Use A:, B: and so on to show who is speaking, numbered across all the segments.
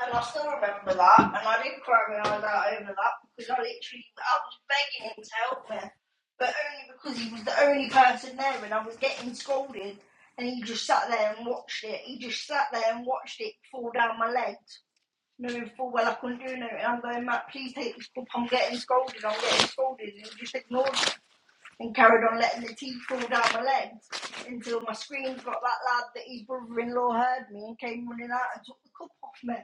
A: And I still remember that, and I did cry my eyes out over that because I literally I was begging him to help me, but only because he was the only person there, and I was getting scolded, and he just sat there and watched it. He just sat there and watched it fall down my legs, knowing full well I couldn't do nothing. I'm going, Matt, please take this cup. I'm getting scolded. I'm getting scolded, and he just ignored me and carried on letting the tea fall down my legs until my screams got that loud that his brother-in-law heard me and came running out and took the cup off me.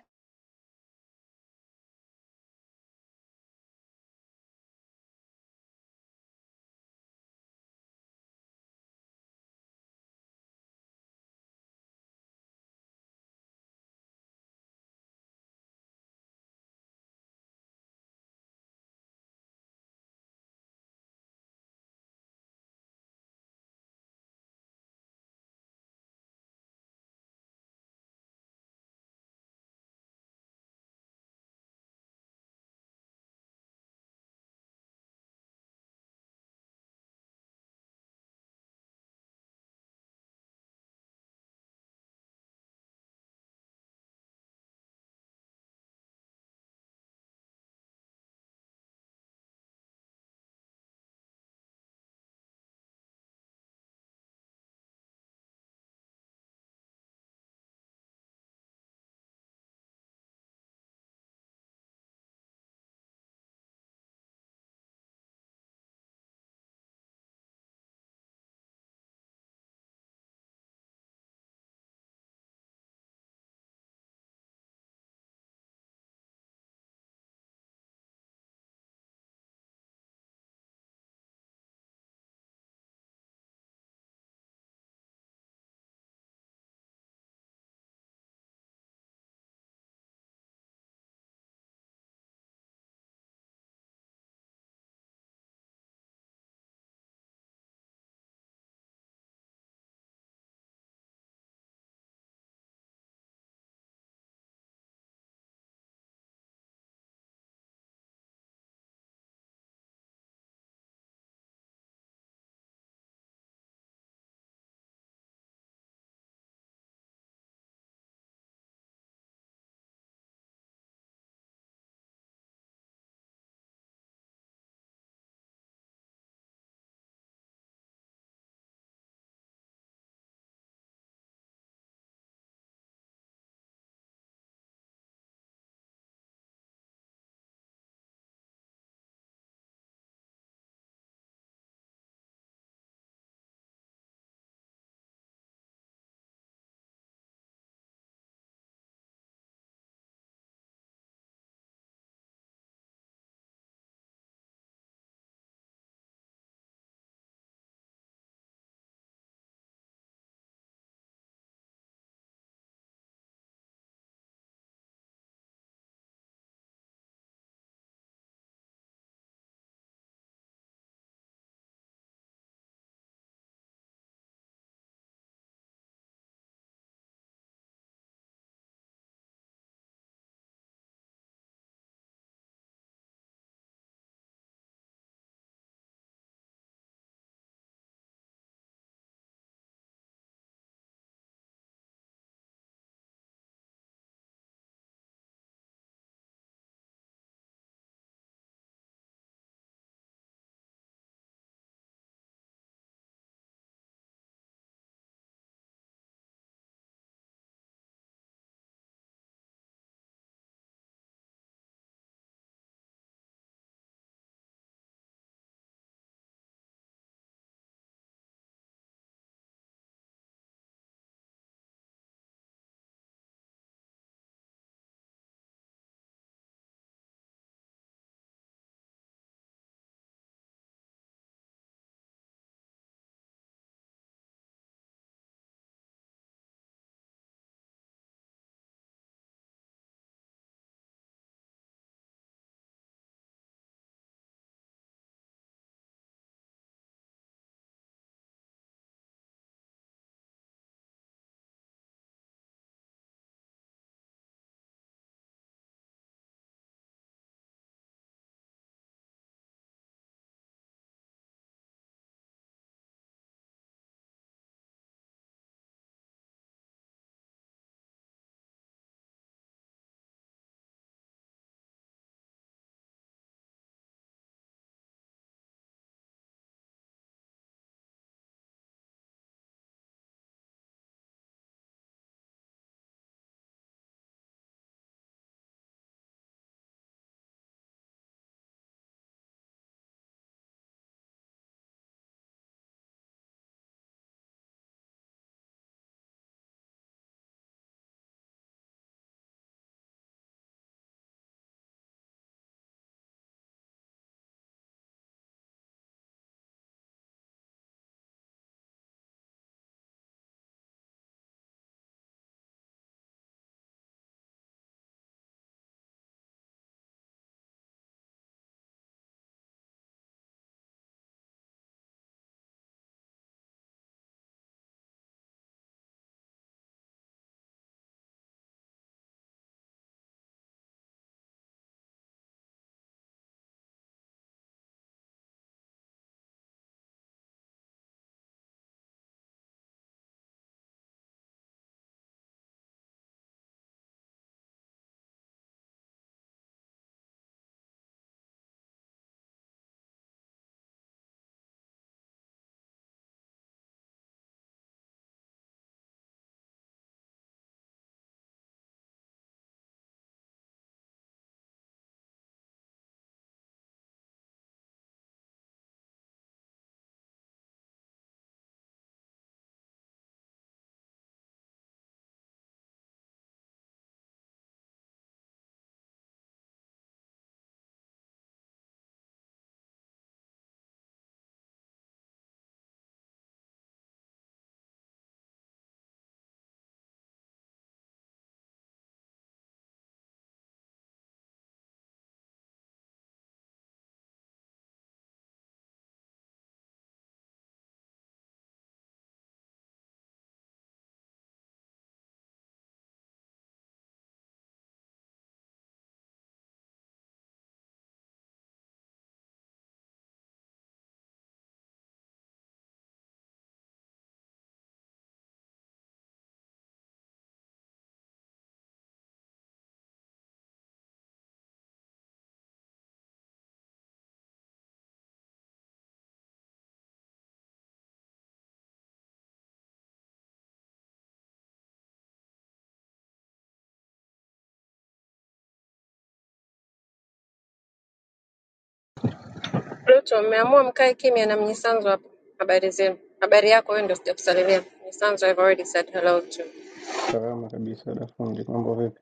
B: Pluto, mmeamua mkae kimya na Mnyisanzu hapa. Habari zenu. Habari yako wewe ndio sijakusalimia. Mnyisanzu I've already said hello to.
C: Salama kabisa dafundi, mambo vipi?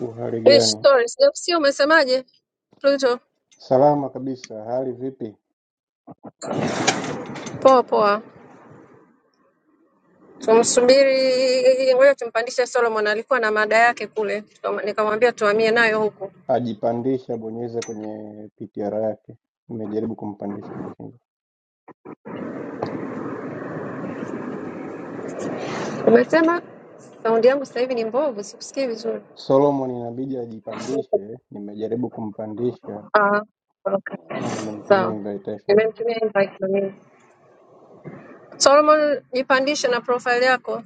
C: Uhali
B: Fish
C: gani?
B: story, sijakusikia umesemaje? Pluto.
C: Salama kabisa, hali vipi?
B: Poa poa. Tumsubiri ngoja tumpandishe Solomon alikuwa na mada yake kule. Tukam- Nikamwambia tuhamie nayo huku.
C: Ajipandisha, bonyeza kwenye PTR yake. Nimejaribu kumpandisha, nashindwa.
B: Umesema saundi yangu sasa hivi ni mbovu, sikusikii vizuri.
C: Solomon inabidi ajipandishe, nimejaribu kumpandisha
B: Ah, okay.
C: na nimemtumia
B: Sawa.
C: invitation,
B: Nimemtumia invite na mimi. Solomon, jipandishe na profile yako.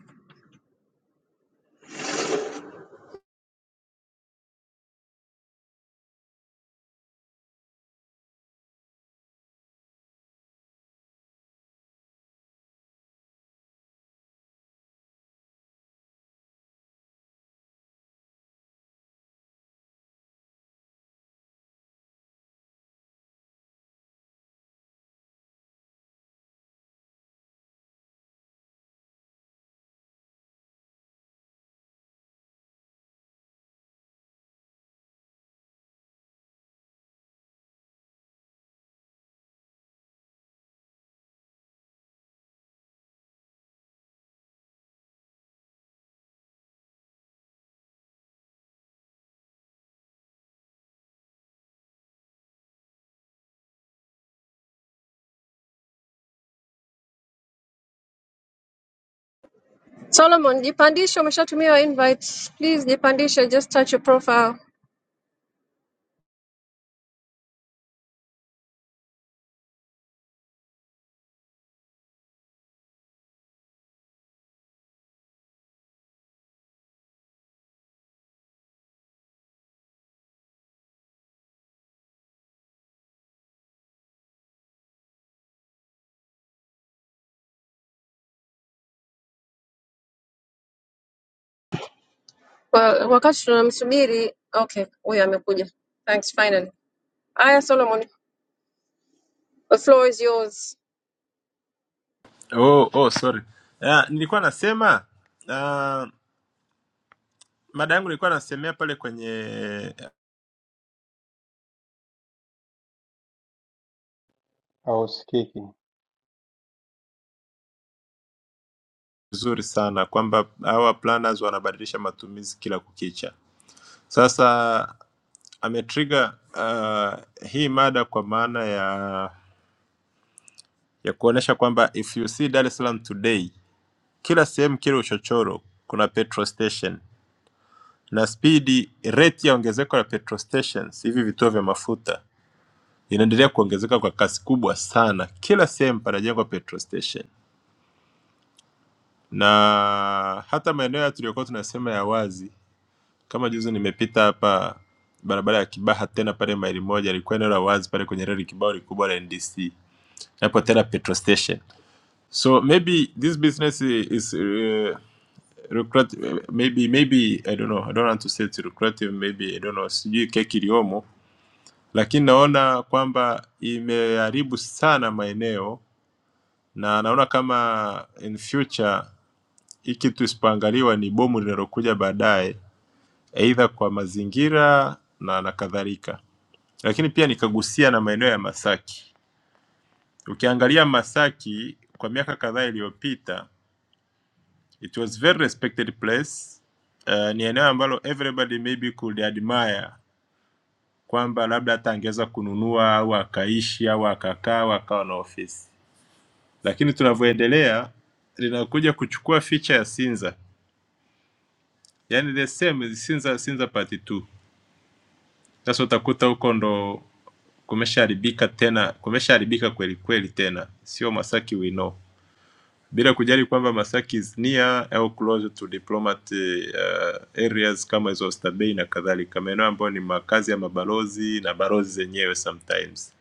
B: Solomon, jipandishe, umeshatumiwa invite. Please jipandishe, just touch your profile. Wa- Wakati tunamsubiri, okay, huyu amekuja. Thanks finally. Aya Solomon, the floor is yours.
D: Oh, oh, sorry. Uh, nilikuwa nasema uh, mada yangu nilikuwa nasemea pale kwenye eh,
C: hausikiki.
D: vizuri sana kwamba hawa planners wanabadilisha matumizi kila kukicha. Sasa ametrigger uh, hii mada kwa maana ya ya kuonesha kwamba if you see Dar es Salaam today, kila sehemu, kila uchochoro kuna petrol station na spidi, rate ya ongezeko la petrol stations, hivi vituo vya mafuta inaendelea kuongezeka kwa kasi kubwa sana. Kila sehemu panajengwa petrol station, na hata maeneo ya tuliyokuwa tunasema ya wazi, kama juzi nimepita hapa barabara ya Kibaha tena pale maili moja, ilikuwa eneo la wazi pale kwenye reli kibao likubwa la NDC, hapo tena petrol station. So maybe this business is uh, lucrative, maybe maybe I don't know, I don't want to say it's lucrative, maybe I don't know, sijui keki iliyomo, lakini naona kwamba imeharibu sana maeneo na naona kama in future hii kitu isipoangaliwa ni bomu linalokuja baadaye, aidha kwa mazingira na na kadhalika. Lakini pia nikagusia na maeneo ya Masaki. Ukiangalia Masaki kwa miaka kadhaa iliyopita, it was very respected place. Uh, ni eneo ambalo everybody maybe could admire kwamba labda hata angeweza kununua au akaishi au akakaa au akawa na ofisi, lakini tunavyoendelea linakuja kuchukua ficha ya Sinza yani the same sinza sinza part 2 sasa utakuta huko ndo kumeshaharibika tena kumeshaharibika kweli kweli tena sio masaki we know bila kujali kwamba masaki is near au close to diplomat uh, areas kama hizo Oysterbay na kadhalika maeneo ambayo ni makazi ya mabalozi na balozi zenyewe sometimes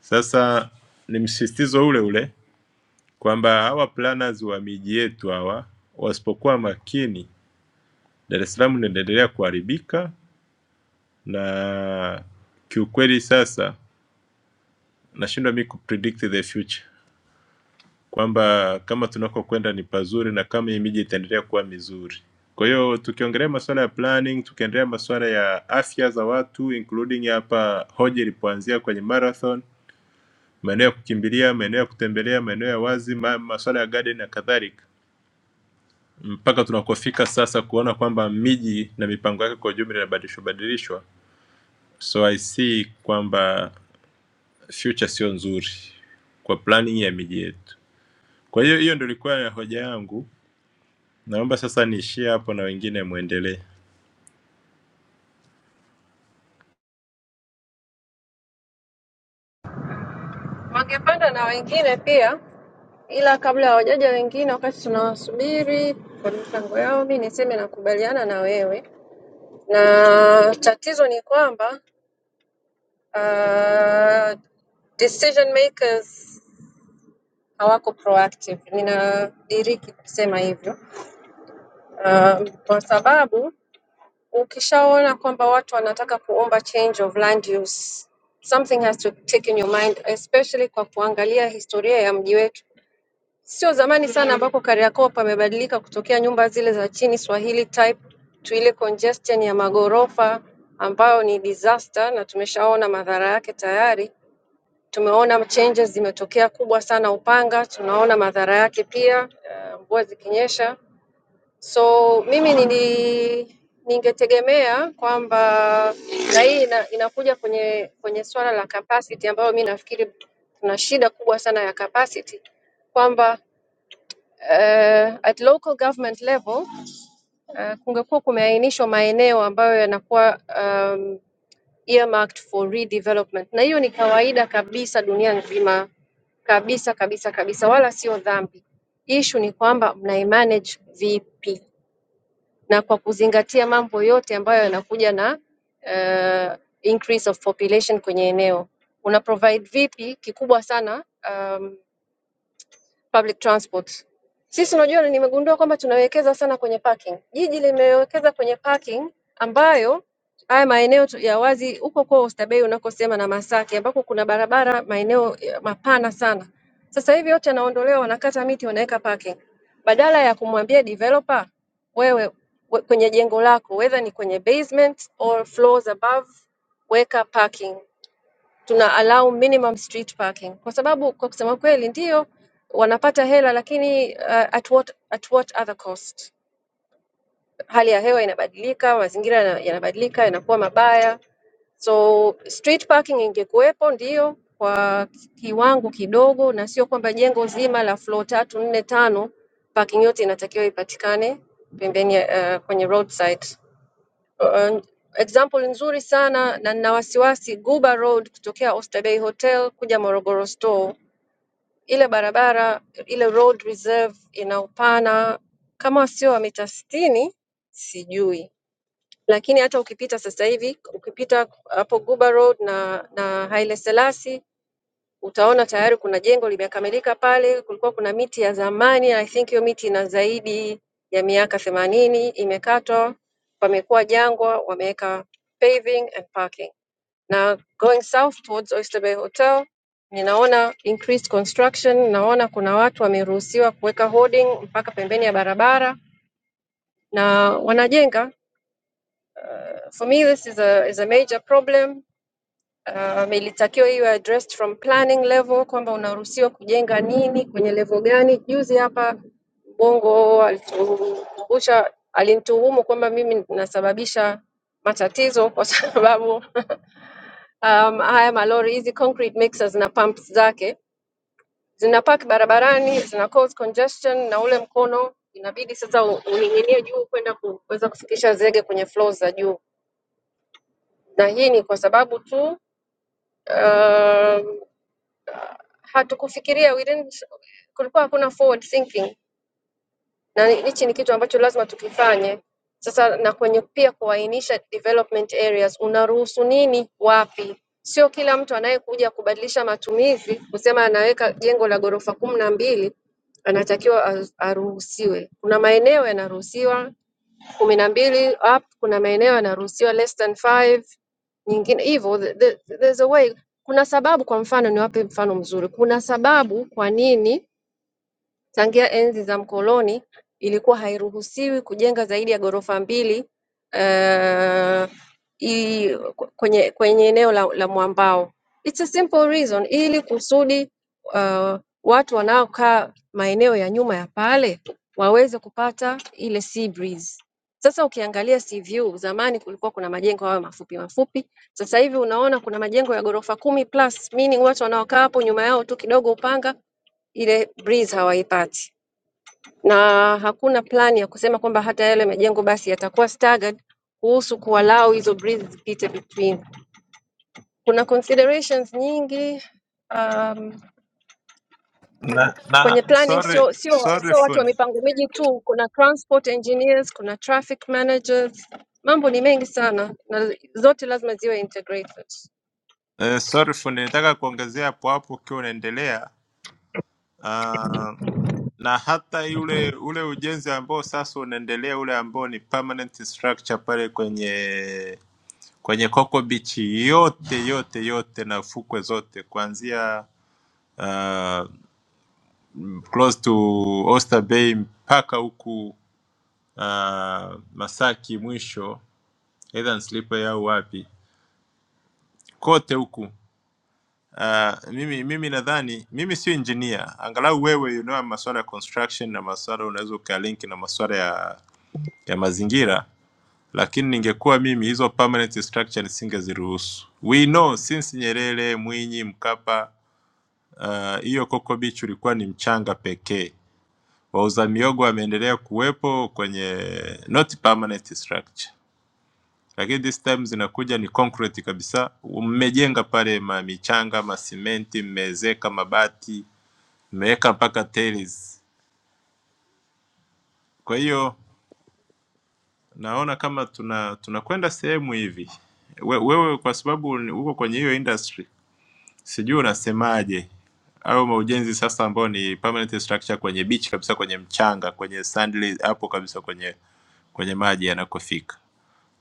D: sasa ni msisitizo ule ule kwamba hawa planners wa miji yetu hawa wasipokuwa makini Dar es Salaam inaendelea kuharibika na kiukweli sasa nashindwa mi kupredict the future kwamba kama tunakokwenda ni pazuri na kama hii miji itaendelea kuwa mizuri. Kwa hiyo tukiongelea masuala ya planning, tukiendelea masuala ya afya za watu including hapa hoja ilipoanzia kwenye marathon, maeneo ya kukimbilia, maeneo ya kutembelea, maeneo ya wazi, ma- masuala ya garden na kadhalika, mpaka tunakofika sasa kuona kwamba miji na mipango yake kwa ujumla inabadilishwa badilishwa. So I see kwamba future sio nzuri kwa planning ya miji yetu. Kwa hiyo hiyo ndio ilikuwa ya hoja yangu. Naomba sasa niishie hapo na wengine muendelee.
B: Wangepanda na wengine pia, ila kabla hawajaja wengine, wakati tunawasubiri kwa michango yao, mi niseme nakubaliana na wewe, na tatizo ni kwamba uh, decision makers hawako proactive. Ninadiriki kusema hivyo Um, kwa sababu ukishaona kwamba watu wanataka kuomba change of land use, something has to take in your mind, especially kwa kuangalia historia ya mji wetu. Sio zamani sana ambako Kariakoo pamebadilika kutokea nyumba zile za chini Swahili type to ile congestion ya magorofa ambayo ni disaster, na tumeshaona madhara yake tayari. Tumeona changes zimetokea kubwa sana Upanga, tunaona madhara yake pia, eh, mvua zikinyesha So mimi nili ningetegemea kwamba na hii ina, inakuja kwenye kwenye swala la capacity ambayo mi nafikiri tuna shida kubwa sana ya capacity kwamba uh, at local government level uh, kungekuwa kumeainishwa maeneo ambayo yanakuwa um, earmarked for redevelopment, na hiyo ni kawaida kabisa dunia nzima kabisa kabisa kabisa, wala sio dhambi. Issue ni kwamba mnaimanage vipi na kwa kuzingatia mambo yote ambayo yanakuja na uh, increase of population kwenye eneo. Una provide vipi? Kikubwa sana um, public transport. Sisi unajua, nimegundua kwamba tunawekeza sana kwenye parking. Jiji limewekeza kwenye parking ambayo haya maeneo tu- ya wazi huko kwa Oysterbay unakosema na Masaki ambako kuna barabara maeneo ya mapana sana. Sasa hivi yote yanaondolewa, wanakata miti, wanaweka parking. Badala ya kumwambia developer wewe we, kwenye jengo lako whether ni kwenye basement or floors above weka parking tuna allow minimum street parking, kwa sababu kwa kusema kweli ndio wanapata hela, lakini uh, at what, at what other cost? Hali ya hewa inabadilika, mazingira yana- yanabadilika, yanakuwa mabaya. So street parking ingekuwepo ndio kwa kiwango kidogo, na sio kwamba jengo zima la floor tatu nne tano parking yote inatakiwa ipatikane pembeni, ya- uh, kwenye roadside Uh, example nzuri sana na nina wasiwasi Guba Road kutokea Oysterbay Hotel kuja Morogoro Store. Ile barabara ile road reserve ina upana kama sio wa mita sitini sijui, lakini hata ukipita sasa hivi ukipita hapo Guba Road na na Haile Selassie utaona tayari kuna jengo limekamilika pale, kulikuwa kuna miti ya zamani, I think hiyo miti ina zaidi ya miaka themanini imekatwa, pamekuwa jangwa, wameweka paving and parking. Na going south towards Oyster Bay Hotel ninaona increased construction, naona kuna watu wameruhusiwa kuweka hoarding mpaka pembeni ya barabara na wanajenga. For me this is a, is a major problem Um, ilitakiwa iwe addressed from planning level kwamba unaruhusiwa kujenga nini kwenye level gani. Juzi hapa Bongo alitukumbusha, alinituhumu kwamba mimi nasababisha matatizo kwa sababu um, haya malori hizi concrete mixers na pumps zake zinapaki barabarani zina cause congestion, na ule mkono inabidi sasa u- uning'inie juu kwenda kuweza kufikisha zege kwenye floors za juu, na hii ni kwa sababu tu um, hatukufikiria we didn't, kulikuwa hakuna forward thinking na ni- hichi ni kitu ambacho lazima tukifanye sasa, na kwenye pia kuainisha development areas, unaruhusu nini wapi. Sio kila mtu anayekuja kubadilisha matumizi kusema anaweka jengo la ghorofa kumi na mbili anatakiwa a- aruhusiwe. Kuna maeneo yanaruhusiwa, kumi na mbili up kuna maeneo yanaruhusiwa less than five nyingine hivyo the, the, there's a way kuna sababu kwa mfano niwape mfano mzuri kuna sababu kwa nini Tangia enzi za mkoloni ilikuwa hairuhusiwi kujenga zaidi ya ghorofa mbili eh, i- kwenye kwenye eneo la, la mwambao. It's a simple reason, ili kusudi uh, watu wanaokaa maeneo ya nyuma ya pale waweze kupata ile sea breeze. Sasa ukiangalia sea view, zamani kulikuwa kuna majengo hayo mafupi mafupi, sasa hivi unaona kuna majengo ya ghorofa kumi plus, meaning watu wanaokaa hapo nyuma yao tu kidogo Upanga ile breeze hawaipati, na hakuna plani ya kusema kwamba hata yale majengo basi yatakuwa staggered kuhusu kuwalau hizo breeze zipite between. Kuna considerations nyingi um,
D: Na,
B: kwenye
D: na
B: planning,
D: sorry
B: sio sio
D: sorry
B: sio watu wa
D: fundi.
B: mipango miji tu, kuna transport engineers, kuna traffic managers, mambo ni mengi sana na zote lazima ziwe integrated.
D: Eh, sorry fundi, nataka kuongezea hapo hapo ukiwa unaendelea. Uh, na hata yule ule ujenzi ambao sasa unaendelea ule ambao ni permanent structure pale kwenye kwenye Coco Beach yote yote yote na fukwe zote kuanzia uh, close to Oyster Bay mpaka huku uh, Masaki mwisho either Nslipe au wapi kote huku. Uh, mimi mimi nadhani mimi sio engineer, angalau wewe you know, masuala ya construction na masuala unaweza ukalinki na masuala ya ya mazingira, lakini ningekuwa mimi hizo permanent structure nisingeziruhusu. We know since Nyerere, Mwinyi, Mkapa, ah, hiyo uh, Coco Beach ulikuwa ni mchanga pekee Wauza miogo wameendelea kuwepo kwenye not permanent structure, lakini this time zinakuja ni concrete kabisa. Mmejenga pale ma michanga, masimenti, mmeezeka mabati, mmeweka mpaka tiles. Kwa hiyo naona kama tuna tunakwenda sehemu hivi. We, wewe kwa sababu ni- uko kwenye hiyo industry, sijui unasemaje au maujenzi sasa ambao ni permanent structure kwenye beach kabisa, kwenye mchanga, kwenye sandli hapo kabisa, kwenye kwenye maji yanakofika.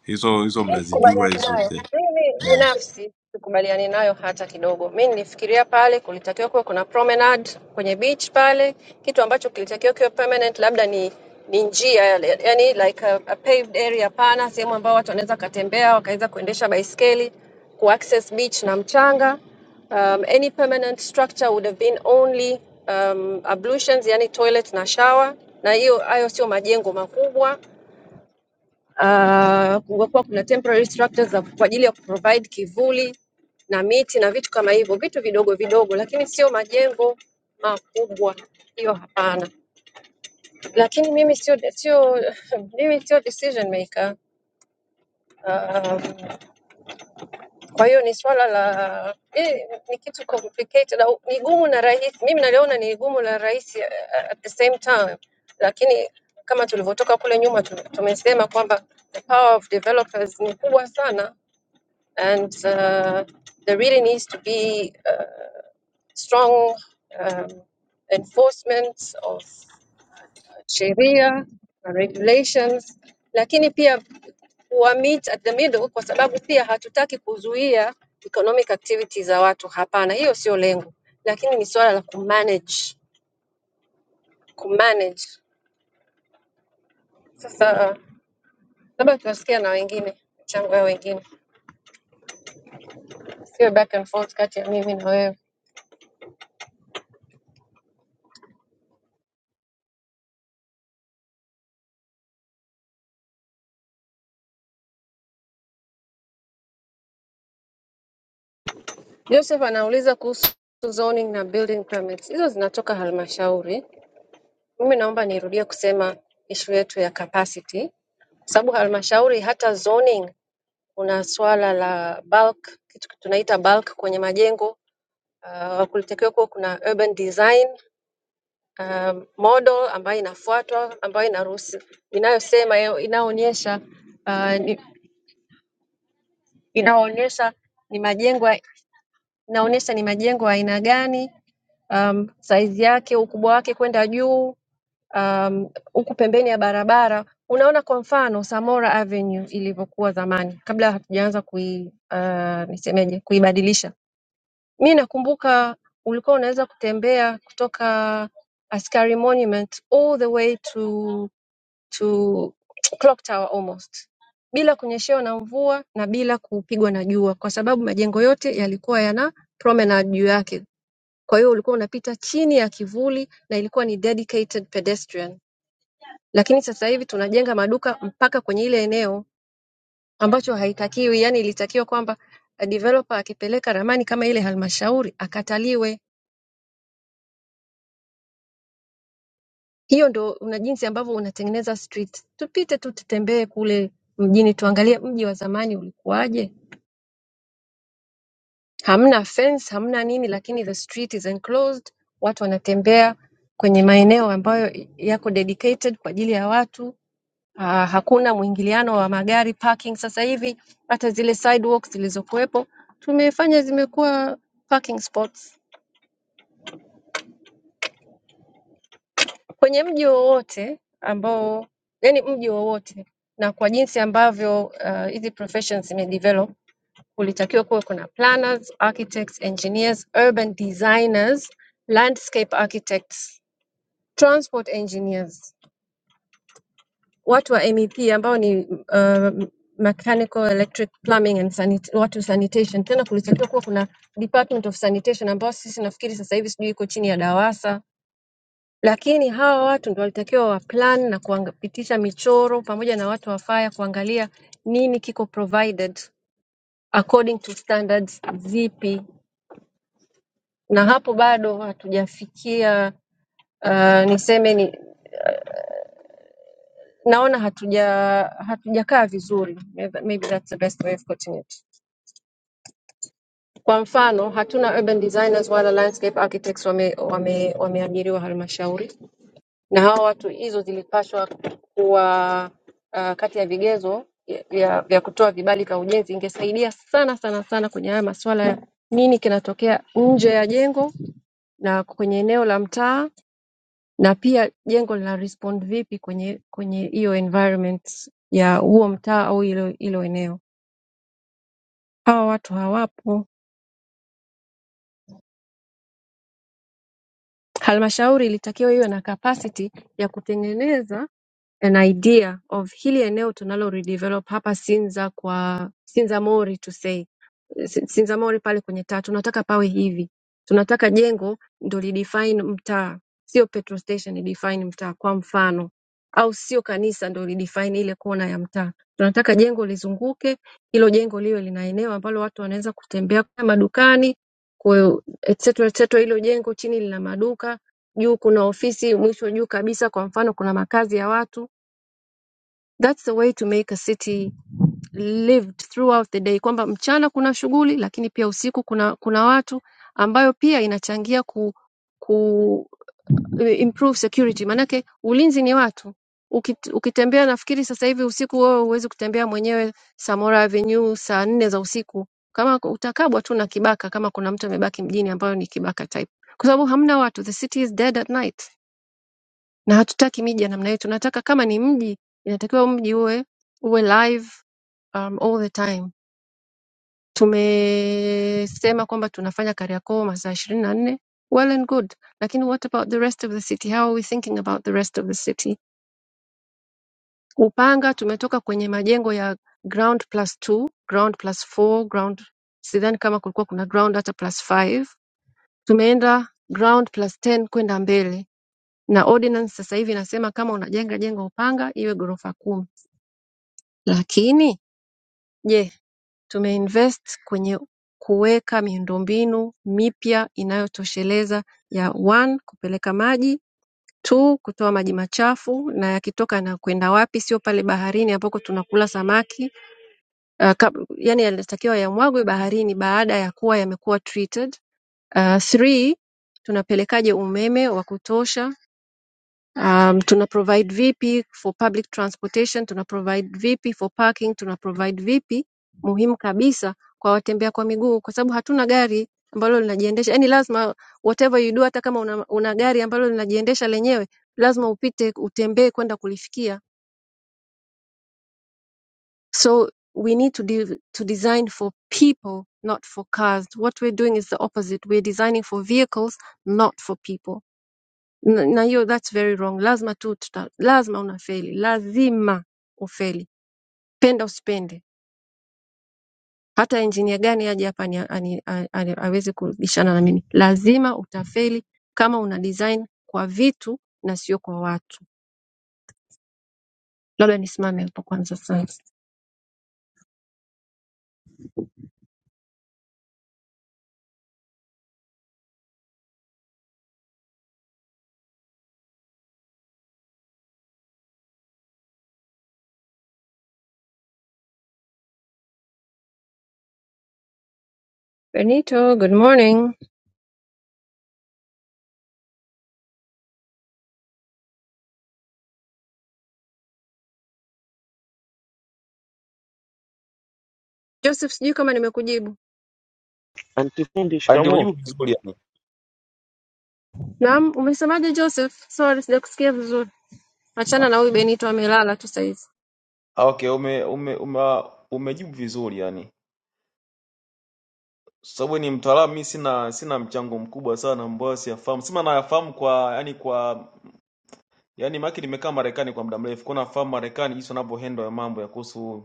D: hizo hizo
B: Mimi
D: mnazijua
B: sikubaliani
D: hizo
B: nayo.
D: zote
B: Mimi
D: yeah.
B: binafsi sikubaliani nayo hata kidogo. Mimi nilifikiria pale kulitakiwa kuwe kuna promenade kwenye beach pale, kitu ambacho kilitakiwa kiwe permanent, labda ni ni njia yale, yani like a, a paved area pana, sehemu ambayo watu wanaweza katembea wakaweza kuendesha baiskeli kuaccess beach na mchanga. Um, any permanent structure would have been only um, ablutions, yani toilet na shower, na hiyo hayo sio majengo makubwa Ah, kungekuwa kuna temporary structures za kwa ajili ya kuprovide kivuli na miti na vitu kama hivyo, vitu vidogo vidogo, lakini sio majengo makubwa, hiyo hapana. Lakini mimi sio sio mimi sio decision maker. Um, kwa hiyo ni swala la eh, ni kitu complicated au ni gumu na rahisi. Mimi naliona ni gumu na rahisi eh, at the same time, lakini kama tulivyotoka kule nyuma tu- tumesema kwamba the power of developers ni kubwa sana and uh, there really needs to be uh, strong um, enforcement of uh, sheria na regulations lakini pia meet at the middle kwa sababu pia hatutaki kuzuia economic activities za watu hapana hiyo sio lengo lakini ni suala la kumanage kumanage sasa labda tutasikia na wengine michango ya wengine sio back and forth kati ya mimi na wewe Joseph anauliza kuhusu zoning na building permits. Hizo zinatoka halmashauri. Mimi naomba nirudie kusema ishu yetu ya capacity, kwa sababu halmashauri hata zoning kuna swala la bulk, kitu tunaita bulk kwenye majengo. Uh, kulitakiwa kuwa kuna urban design um, model ambayo inafuatwa ambayo inaruhusu inayosema yo- inaonyesha uh, ni, inaonyesha ni majengo ya- inaonyesha ni majengo ya aina gani um, size yake, ukubwa wake kwenda juu um, huku pembeni ya barabara. Unaona kwa mfano Samora Avenue ilivyokuwa zamani kabla hatujaanza kui uh, nisemeje kuibadilisha. Mi nakumbuka ulikuwa unaweza kutembea kutoka Askari Monument all the way to to clock tower almost bila kunyeshewa na mvua na bila kupigwa na jua, kwa sababu majengo yote yalikuwa yana promenade juu yake kwa hiyo ulikuwa unapita chini ya kivuli na ilikuwa ni dedicated pedestrian. Lakini sasa hivi tunajenga maduka mpaka kwenye ile eneo ambacho haitakiwi, yani ilitakiwa kwamba eh, developer akipeleka ramani kama ile halmashauri akataliwe. Hiyo ndo una jinsi ambavyo unatengeneza street. Tupite tu tutembee kule mjini tuangalie mji wa zamani ulikuwaje. Hamna fence, hamna nini lakini the street is enclosed. Watu wanatembea kwenye maeneo ambayo yako dedicated kwa ajili ya watu Ah, hakuna mwingiliano wa magari parking. Sasa hivi hata zile sidewalks zilizokuwepo tumefanya zimekuwa parking spots kwenye mji wowote ambao, yani mji wowote, na kwa jinsi ambavyo ah, hizi professions zimedevelop, kulitakiwa kuwe kuna planners, architects, engineers, urban designers, landscape architects, transport engineers watu wa MEP ambao ni uh, mechanical, electric, plumbing and sanit watu sanitation. Tena kulitakiwa kuwa kuna Department of Sanitation ambao sisi nafikiri sasa hivi sijui iko chini ya DAWASA, lakini hawa watu ndio walitakiwa wa plan na kupitisha michoro pamoja na watu wa fire kuangalia nini kiko provided according to standards zipi, na hapo bado hatujafikia uh, niseme ni naona hatuja hatujakaa vizuri. Maybe maybe that's the best way of putting it. Kwa mfano hatuna urban designers wala landscape architects wame, wame, wameajiriwa halmashauri, na hawa watu hizo zilipaswa kuwa uh, kati ya vigezo ya- ya- vya kutoa vibali vya ujenzi. Ingesaidia sana sana sana kwenye haya masuala ya nini kinatokea nje ya jengo na kwenye eneo la mtaa, na pia jengo lina respond vipi kwenye kwenye hiyo environment ya huo mtaa au hilo hilo eneo. Hawa watu hawapo. halmashauri ilitakiwa iwe na kapasiti ya kutengeneza an idea of hili eneo tunalo redevelop hapa Sinza kwa Sinzamori to say Si- Sinzamori pale kwenye taa tunataka pawe hivi, tunataka jengo ndo lidefine mtaa, sio petrol station idefine mtaa kwa mfano, au sio kanisa ndo lidefine ile kona ya mtaa. Tunataka jengo lizunguke hilo jengo liwe lina eneo ambalo watu wanaweza kutembea kwenda madukani ku- et cetera, et cetera. Hilo jengo chini lina maduka, juu kuna ofisi, mwisho juu kabisa, kwa mfano kuna makazi ya watu That's the way to make a city lived throughout the day, kwamba mchana kuna shughuli lakini pia usiku kuna kuna watu ambayo pia inachangia ku, ku improve security. Maanake ulinzi ni watu. Ukit- Ukitembea nafikiri sasa hivi usiku wewe huwezi kutembea mwenyewe Samora Avenue saa nne za usiku, kama utakabwa tu na kibaka, kama kuna mtu amebaki mjini ambayo ni kibaka type, kwa sababu hamna watu. The city is dead at night na hatutaki miji ya namna hiyo. Tunataka kama ni mji, inatakiwa mji uwe uwe live um, all the time. Tumesema kwamba tunafanya Kariakoo masaa ishirini na nne, well and good, lakini what about the rest of the city? How are we thinking about the rest of the city? Upanga tumetoka kwenye majengo ya ground plus two, ground plus four, ground sidhani kama kulikuwa kuna ground hata plus five. Tumeenda ground plus ten kwenda mbele, na ordinance sasa hivi inasema kama unajenga jengo Upanga iwe ghorofa kumi Lakini je tumeinvest kwenye kuweka miundombinu mipya inayotosheleza ya one kupeleka maji two kutoa maji machafu na yakitoka yanakwenda wapi sio pale baharini ambako tunakula samaki uh, kab- yani yanatakiwa yamwagwe baharini baada ya kuwa yamekuwa treated uh, three tunapelekaje umeme wa kutosha Um, tuna provide vipi for public transportation, tuna provide vipi for parking, tuna provide vipi muhimu kabisa kwa watembea kwa miguu, kwa sababu hatuna gari ambalo linajiendesha. Yani lazima whatever you do, hata kama una, una gari ambalo linajiendesha lenyewe, lazima upite, utembee kwenda kulifikia. So we need to, de to design for people not for cars. What we're doing is the opposite. We're designing for vehicles not for people. na na hiyo that's very wrong lazima tu tuta, lazima unafeli lazima ufeli penda usipende hata engineer gani aje hapa ni- ani- a- a- aweze kubishana na mimi lazima utafeli kama una design kwa vitu na sio kwa watu labda nisimame hapo kwanza sasa benito good morning joseph sijui kama nimekujibu
E: Antifundisch,
F: Ah,
E: come
F: Ndio
E: on.
F: umejibu vizuri yani.
B: naam umesemaje joseph sorry sijakusikia vizuri achana na huyu benito amelala tu sahizi
F: Ah, Okay, ume, ume, ume, umejibu vizuri yani. Sababu ni mtaalamu, mimi sina sina mchango mkubwa sana ambao siyafahamu. Sema nayafahamu kwa yani kwa yani maana yake nimekaa Marekani kwa muda mrefu. Kuna nafahamu Marekani jinsi wanavyohandle ya mambo ya kuhusu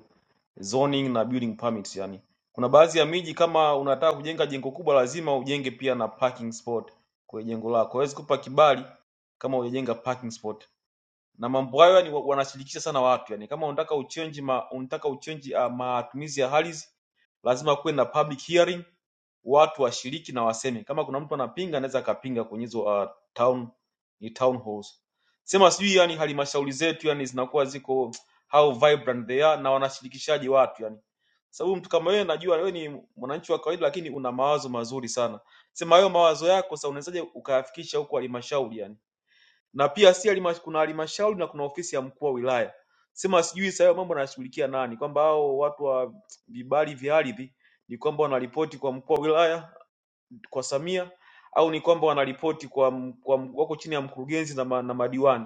F: zoning na building permits yani. Kuna baadhi ya miji kama unataka kujenga jengo kubwa lazima ujenge pia na parking spot kwenye jengo lako. Huwezi kupa kibali kama hujajenga parking spot. na mambo hayo yani wa- wanasilikisha sana watu yani kama unataka uchenji ma, unataka uchenji uh, matumizi ya ardhi lazima kuwe na public hearing watu washiriki na waseme kama kuna mtu anapinga anaweza akapinga kwenye hizo uh, town ni town halls sema sijui yani halmashauri zetu yani zinakuwa ziko how vibrant they are na wanashirikishaji watu yani sababu mtu kama wewe najua wewe ni mwananchi wa kawaida lakini una mawazo mazuri sana sema hayo mawazo yako sasa unawezaje ukayafikisha huko halmashauri yani na pia si halima- kuna halmashauri na kuna ofisi ya mkuu wa wilaya. Sema sijui sasa hayo mambo anashughulikia nani, kwamba hao watu wa vibali vya ardhi ni kwamba wanaripoti kwa mkuu wa wilaya kwa Samia au ni kwamba wanaripoti kwa, m- kwa m- wako chini ya mkurugenzi na, ma, na madiwani.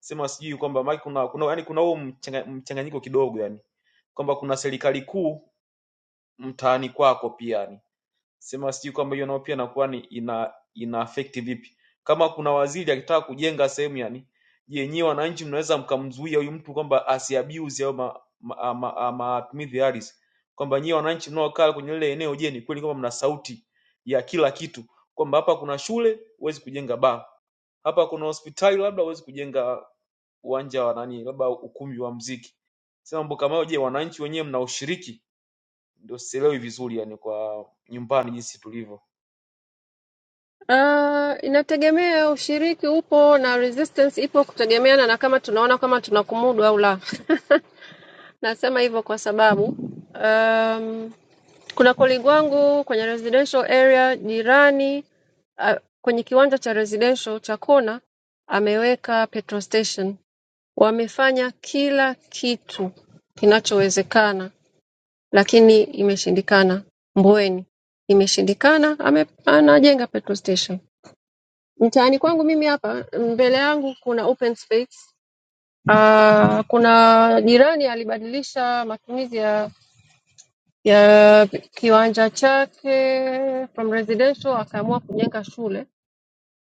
F: Sema sijui kwamba maana kuna kuna yani kuna huo mchanga- mchanganyiko kidogo yani kwamba kuna serikali kuu mtaani kwako pia yani sema sijui kwamba hiyo nao pia inakuwa ni ina ina affect vipi kama kuna waziri akitaka kujenga sehemu yani je nyewe wananchi mnaweza mkamzuia huyu mtu kwamba asiabuse au ma- ma- ma- matumizi ya ardhi kwamba nyewe wananchi mnaokaa kwenye lile eneo je ni kweli kwamba mna sauti ya kila kitu kwamba hapa kuna shule huwezi kujenga baa hapa kuna hospitali labda huwezi kujenga uwanja wa nani labda ukumbi wa mziki sema mambo kama hayo je wananchi wenyewe mna ushiriki ndio sielewi vizuri yani kwa nyumbani jinsi tulivyo
B: Uh, inategemea ushiriki upo na resistance ipo kutegemeana na kama tunaona kama tunakumudu au la. Nasema hivyo kwa sababu um, kuna colleague wangu kwenye residential area jirani uh, kwenye kiwanja cha residential cha kona ameweka petrol station. Wamefanya kila kitu kinachowezekana, lakini imeshindikana. Mbweni imeshindikana, ame, anajenga petrol station. Mtaani kwangu mimi hapa mbele yangu kuna open space. Uh, kuna jirani alibadilisha matumizi ya ya kiwanja chake from residential akaamua kujenga shule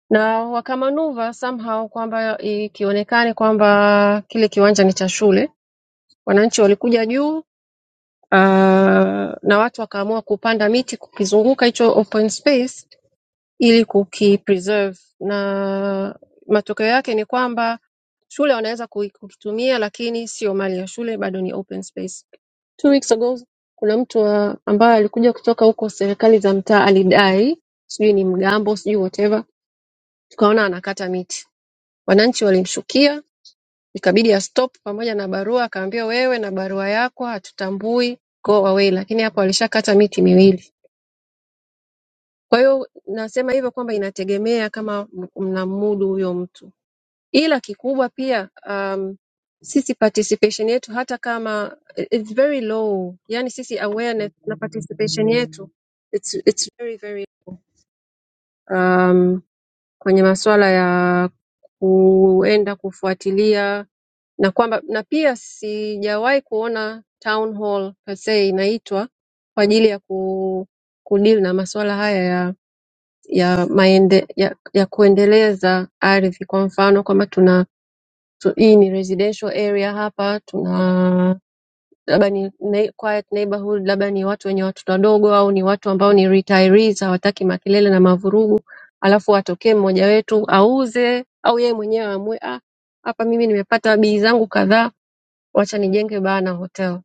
B: na wakamanuva somehow kwamba ikionekane kwamba kile kiwanja ni cha shule. Wananchi walikuja juu uh, na watu wakaamua kupanda miti kukizunguka hicho open space ili kukipreserve na matokeo yake ni kwamba shule wanaweza kui- kukitumia lakini sio mali ya shule bado ni open space two weeks ago kuna mtu wa- ambaye alikuja kutoka huko serikali za mtaa alidai sijui ni mgambo sijui whatever tukaona anakata miti wananchi walimshukia ikabidi ya stop pamoja na barua akaambia wewe na barua yako hatutambui go away lakini hapo alishakata miti miwili kwa hiyo nasema hivyo kwamba inategemea kama m- mnamudu huyo mtu ila kikubwa pia um, sisi participation yetu hata kama it's very low, yani sisi awareness na participation yetu it's, it's very, very um, kwenye masuala ya kuenda kufuatilia na kwamba na pia sijawahi kuona town hall per se inaitwa kwa ajili ya ku, kudeal na masuala haya ya ya, maende, ya ya kuendeleza ardhi kwa mfano kwamba So, hii ni residential area hapa, tuna labda ni ne quiet neighborhood, labda ni watu wenye watoto wadogo au ni watu ambao ni retirees, hawataki makelele na mavurugu, alafu atokee mmoja wetu auze au yeye mwenyewe aamue, ah, hapa mimi nimepata bii zangu kadhaa, wacha nijenge baa na hotel.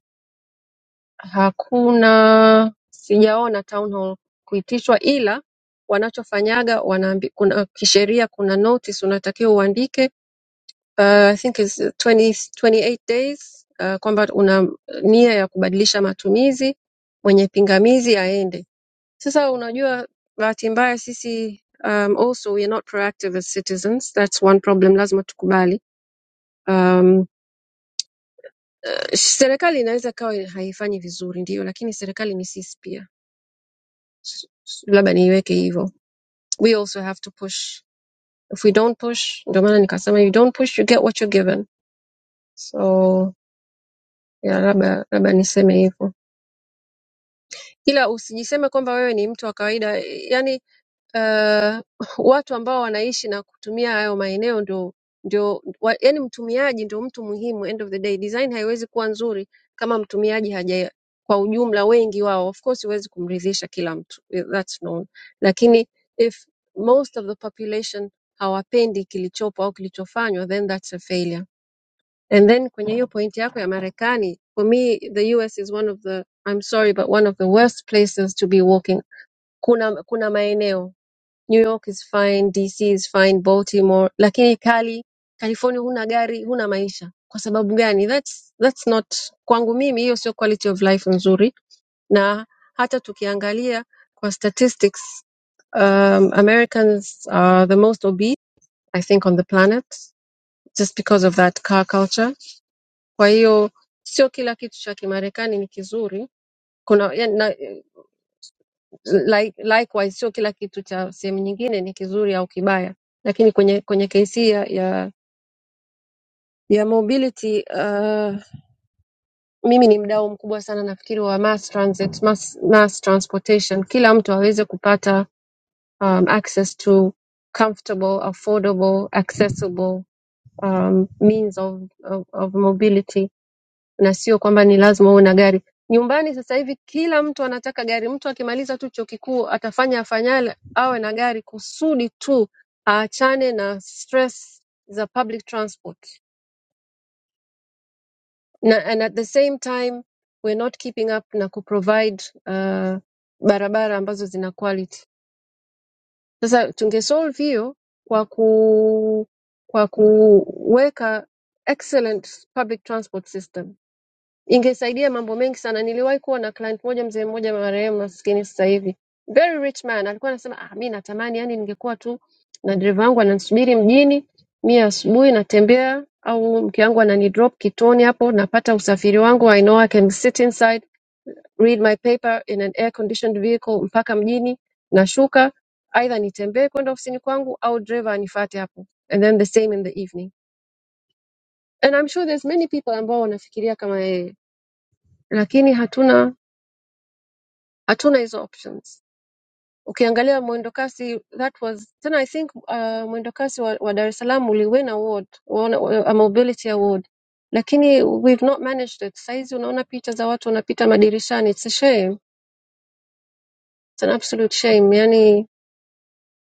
B: Hakuna, sijaona town hall kuitishwa, ila wanachofanyaga wanaambi, kuna kisheria, kuna notice unatakiwa uandike uh, I think is 20, 28 days uh, kwamba una nia ya kubadilisha matumizi, mwenye pingamizi aende. Sasa unajua, bahati mbaya sisi um, also we are not proactive as citizens, that's one problem, lazima tukubali. Um, serikali inaweza ikawa haifanyi vizuri, ndio, lakini serikali ni sisi pia, S- s- labda niiweke hivyo. We also have to push. If we don't push, ndio maana nikasema you don't push you get what you're given. So yeah, labda labda niseme hivyo. ila usijiseme kwamba wewe ni mtu wa kawaida yani uh, watu ambao wanaishi na kutumia hayo maeneo ndio ndio wa, yani mtumiaji ndio mtu muhimu end of the day design haiwezi kuwa nzuri kama mtumiaji haja kwa ujumla wengi wao of course huwezi kumridhisha kila mtu eh, that's known lakini if most of the population hawapendi kilichopo au kilichofanywa then that's a failure And then kwenye hiyo point yako ya Marekani, for me the US is one of the I'm sorry but one of the worst places to be walking. Kuna kuna maeneo New York is fine, DC is fine, Baltimore, lakini kali California huna gari, huna maisha. Kwa sababu gani? That's that's not kwangu mimi hiyo sio quality of life nzuri na hata tukiangalia kwa statistics um, Americans are the most obese I think on the planet just because of that car culture kwa hiyo sio kila kitu cha Kimarekani ni kizuri. Kuna yani, na, like, likewise sio kila kitu cha sehemu nyingine ni kizuri au kibaya, lakini kwenye kwenye kesi ya ya, ya mobility uh, mimi ni mdau mkubwa sana nafikiri wa mass transit, mass, mass transportation, kila mtu aweze kupata um, access to comfortable, affordable, accessible um, means of, of, of mobility na sio kwamba ni lazima uwe na gari. Nyumbani sasa hivi kila mtu anataka gari. Mtu akimaliza tu chuo kikuu atafanya afanyale awe na gari kusudi tu aachane na stress za public transport. Na, and at the same time we're not keeping up na kuprovide uh, barabara ambazo zina quality. Sasa tungesolve hiyo kwa ku kwa kuweka excellent public transport system ingesaidia mambo mengi sana. Niliwahi kuwa na client moja, mzee mmoja marehemu maskini sasa hivi, very rich man, alikuwa anasema ah, mi natamani yani ningekuwa tu na dereva wangu ananisubiri mjini, mi asubuhi natembea au mke wangu ananidrop kituoni hapo, napata usafiri wangu, I know I can sit inside read my paper in an air conditioned vehicle mpaka mjini, nashuka either nitembee kwenda ofisini kwangu au driver anifuate hapo, and then the same in the evening. And I'm sure there's many people ambao wanafikiria kama yeye, lakini hatuna hatuna hizo options. Ukiangalia mwendokasi that was tena I think uh, mwendokasi wa, wa Dar es Salaam uliwin award waona, wa- a mobility award, lakini we've not managed it. Saizi unaona picha za watu wanapita madirishani, it's a shame, it's an absolute shame. Yani,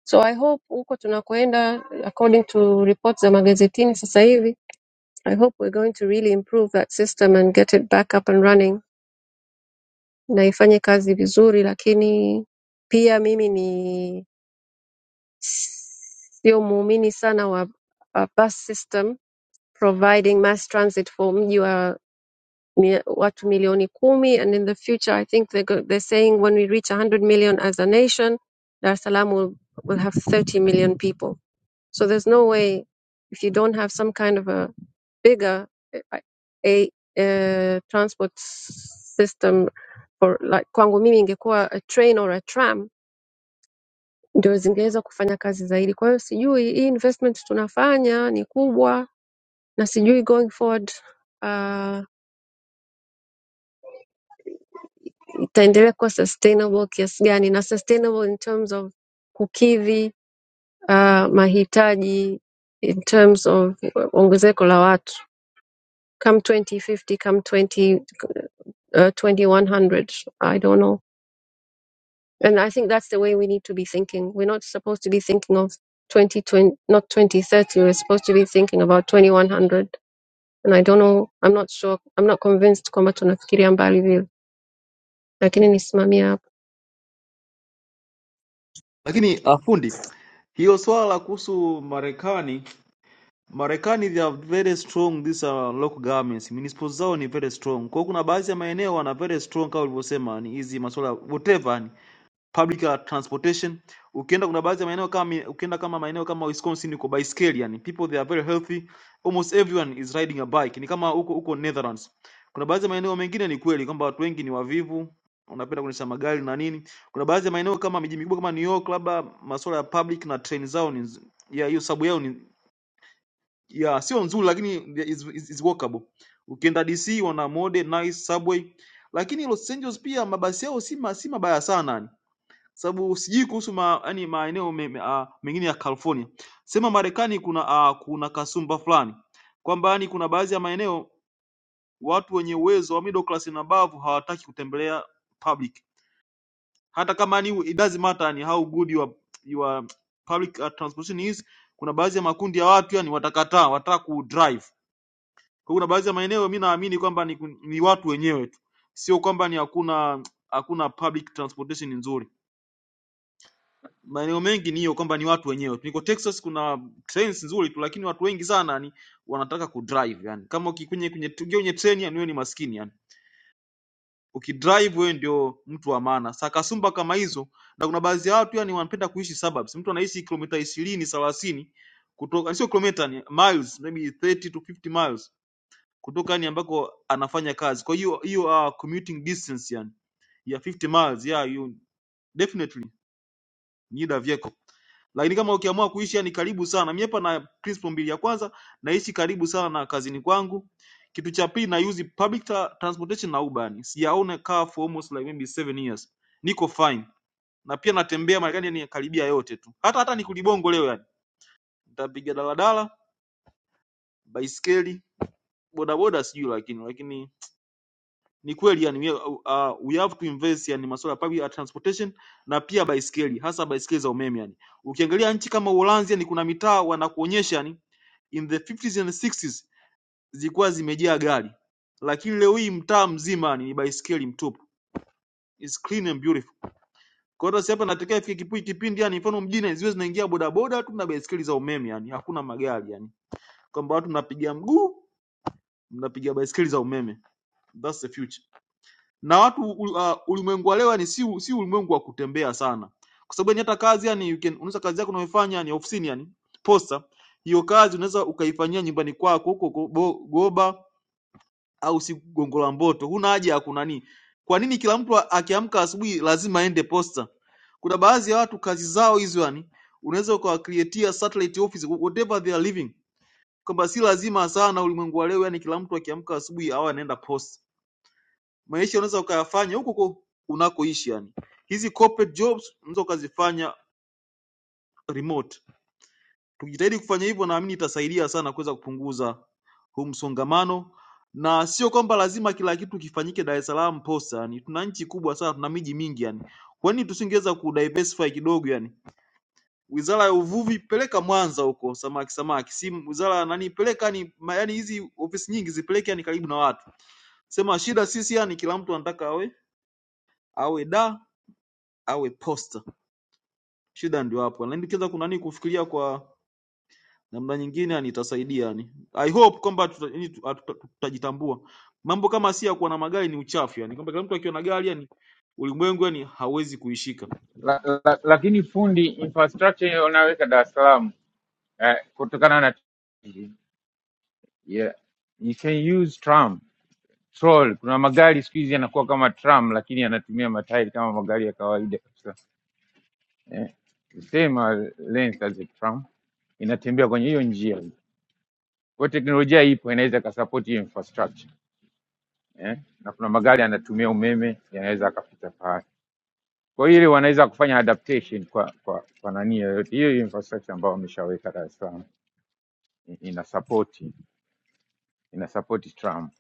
B: so I hope huko tunakoenda according to reports za magazetini sasa hivi, I hope we're going to really improve that system and get it back up and running na ifanye kazi vizuri, lakini pia mimi ni Sio muumini sana wa wa bus system providing mass transit for mji wa mi- watu milioni kumi and in the future I think they're, go, they're saying when we reach 100 million as a nation Dar es Salaam will, will have 30 million people. So there's no way if you don't have some kind of a bigger uh, a, uh, transport system for like kwangu mimi ingekuwa a train or a tram ndio zingeweza kufanya kazi zaidi. Kwa hiyo sijui hii investment tunafanya ni kubwa, na sijui going forward uh, itaendelea kuwa sustainable kiasi gani, na sustainable in terms of kukidhi uh, mahitaji in terms of ongezeko la watu come 2050 come 20, uh, 2100 I don't know and I think that's the way we need to be thinking we're not supposed to be thinking of 2020 not 2030 we're supposed to be thinking about 2100 and I don't know, I'm not sure, I'm not convinced kwamba tunafikiria mbali vile, lakini nisimamia hapo.
F: Lakini ah, fundi, hiyo swala la kuhusu Marekani, Marekani they are very strong these are local governments. Municipal zao ni very strong. Kwa hiyo kuna baadhi ya maeneo wana very strong kama ulivyosema ni hizi masuala whatever ni public uh, transportation. Ukienda kuna baadhi ya maeneo kama mi- ukienda kama maeneo kama Wisconsin uko baiskeli, yani people they are very healthy, almost everyone is riding a bike. Ni kama huko huko Netherlands. Kuna baadhi ya maeneo mengine ni kweli kwamba watu wengi ni wavivu, wanapenda kuendesha magari na nini. Kuna baadhi ya maeneo kama miji mikubwa kama New York, labda masuala ya public na train zao ni nz- ya hiyo sababu yao ni ya sio nzuri, lakini is, is, is workable. Ukienda DC wana mode nice subway, lakini Los Angeles pia mabasi yao si ma- si mabaya sana yani sababu sijui kuhusu ma, yani maeneo me, me, ah, mengine ya California. Sema Marekani kuna ah, kuna kasumba fulani kwamba yani kuna baadhi ya maeneo watu wenye uwezo wa middle class na bavu hawataki kutembelea public, hata kama yani it doesn't matter yani how good your, your public ah, transportation is. Kuna baadhi ya makundi ya watu yani watakataa, wataka kudrive. Kwa hiyo kuna baadhi ya maeneo mimi naamini kwamba ni, ni watu wenyewe tu, sio kwamba ni hakuna hakuna public transportation nzuri. maeneo mengi ni hiyo kwamba ni watu wenyewe. Niko Texas kuna trains nzuri tu, lakini watu wengi sana ni wanataka kudrive yani. Kama uki- kwenye kwenye tuingia kwenye treni yani, wewe ni maskini yani. Ukidrive wewe ndio mtu wa maana. Sasa kasumba kama hizo, na kuna baadhi ya watu yani wanapenda kuishi suburbs. Mtu anaishi kilomita 20 30 kutoka sio kilomita ni miles maybe 30 to 50 miles kutoka yani ambako anafanya kazi. Kwa hiyo hiyo uh, commuting distance yani ya 50 miles yeah you definitely nida vyeko lakini kama ukiamua kuishi yani karibu sana mimi hapa na principle mbili ya kwanza naishi karibu sana na kazini kwangu kitu cha pili na use public tra- transportation na uber yani sijaona car for almost like maybe seven years niko fine na pia natembea Marekani yani karibia yote tu hata hata nikulibongo leo yani nitapiga daladala baiskeli bodaboda sijui lakini lakini ni kweli yani we, uh, uh, we have to invest yani masuala ya public uh, transportation na pia baiskeli hasa baiskeli za umeme yani ukiangalia nchi kama Uholanzi yani kuna mitaa wanakuonyesha yani in the 50s and 60s zilikuwa zimejaa gari lakini leo hii mtaa mzima yani ni baiskeli mtupu It's clean and beautiful kwa hiyo sasa hapa natokea ifike kipu- kipindi yani mfano mjini ziwe zinaingia bodaboda tu na baiskeli za umeme yani hakuna magari yani kwamba watu mnapiga mguu mnapiga baiskeli za umeme that's the future na watu ul- uh, ulimwengu wa leo ni si, si ulimwengu wa kutembea sana, kwa sababu yani hata kazi yani you can unaweza kazi yako unayoifanya yani ofisini yani posta, hiyo kazi unaweza ukaifanyia nyumbani kwako huko go- bo- Goba au si Gongo la Mboto, huna haja ya kunani. Kwa nini kila mtu a- akiamka asubuhi lazima aende posta? Kuna baadhi ya watu kazi zao hizo yani unaweza ukawakreatia satellite office whatever they are living, kwamba si lazima sana ulimwengu wa leo yani kila mtu akiamka asubuhi awe anaenda posta maisha unaweza ukayafanya huko huko unakoishi yani hizi corporate jobs unaweza ukazifanya remote tukijitahidi kufanya hivyo naamini itasaidia sana kuweza kupunguza huu msongamano na sio kwamba lazima kila kitu kifanyike Dar es Salaam posta yani tuna nchi kubwa sana tuna miji mingi yani kwa nini tusingeweza kudiversify kidogo yani wizara ya uvuvi peleka Mwanza huko samaki samaki si wizara ya nani peleka yani ma- yani hizi ofisi nyingi zipeleke yani karibu na watu sema shida sisi yani kila mtu anataka awe awe da awe posta. Shida ndio hapo, lakini kiweza kuna nini kufikiria kwa namna nyingine, yani itasaidia yani. I hope kwamba tuta- yani tu- atu- tutajitambua. Mambo kama si ya kuwa na magari ni uchafu yani, kwamba kila mtu akiwa na gari yani ulimwengu yani hawezi kuishika.
G: la, la, lakini fundi infrastructure unaweka Dar es Salaam eh, kutokana na yeah. You can use tram troll. Kuna magari siku hizi yanakuwa kama tram, lakini yanatumia matairi kama magari ya kawaida kabisa eh. Same length as a tram, inatembea kwenye hiyo njia. Kwa teknolojia ipo, inaweza ikasupport hiyo infrastructure eh. Na kuna magari yanatumia umeme, yanaweza akapita pale. Kwa hiyo ile wanaweza kufanya adaptation kwa kwa, kwa nani yoyote hiyo hiyo infrastructure ambayo wameshaweka Dar es Salaam i- ina support ina support tram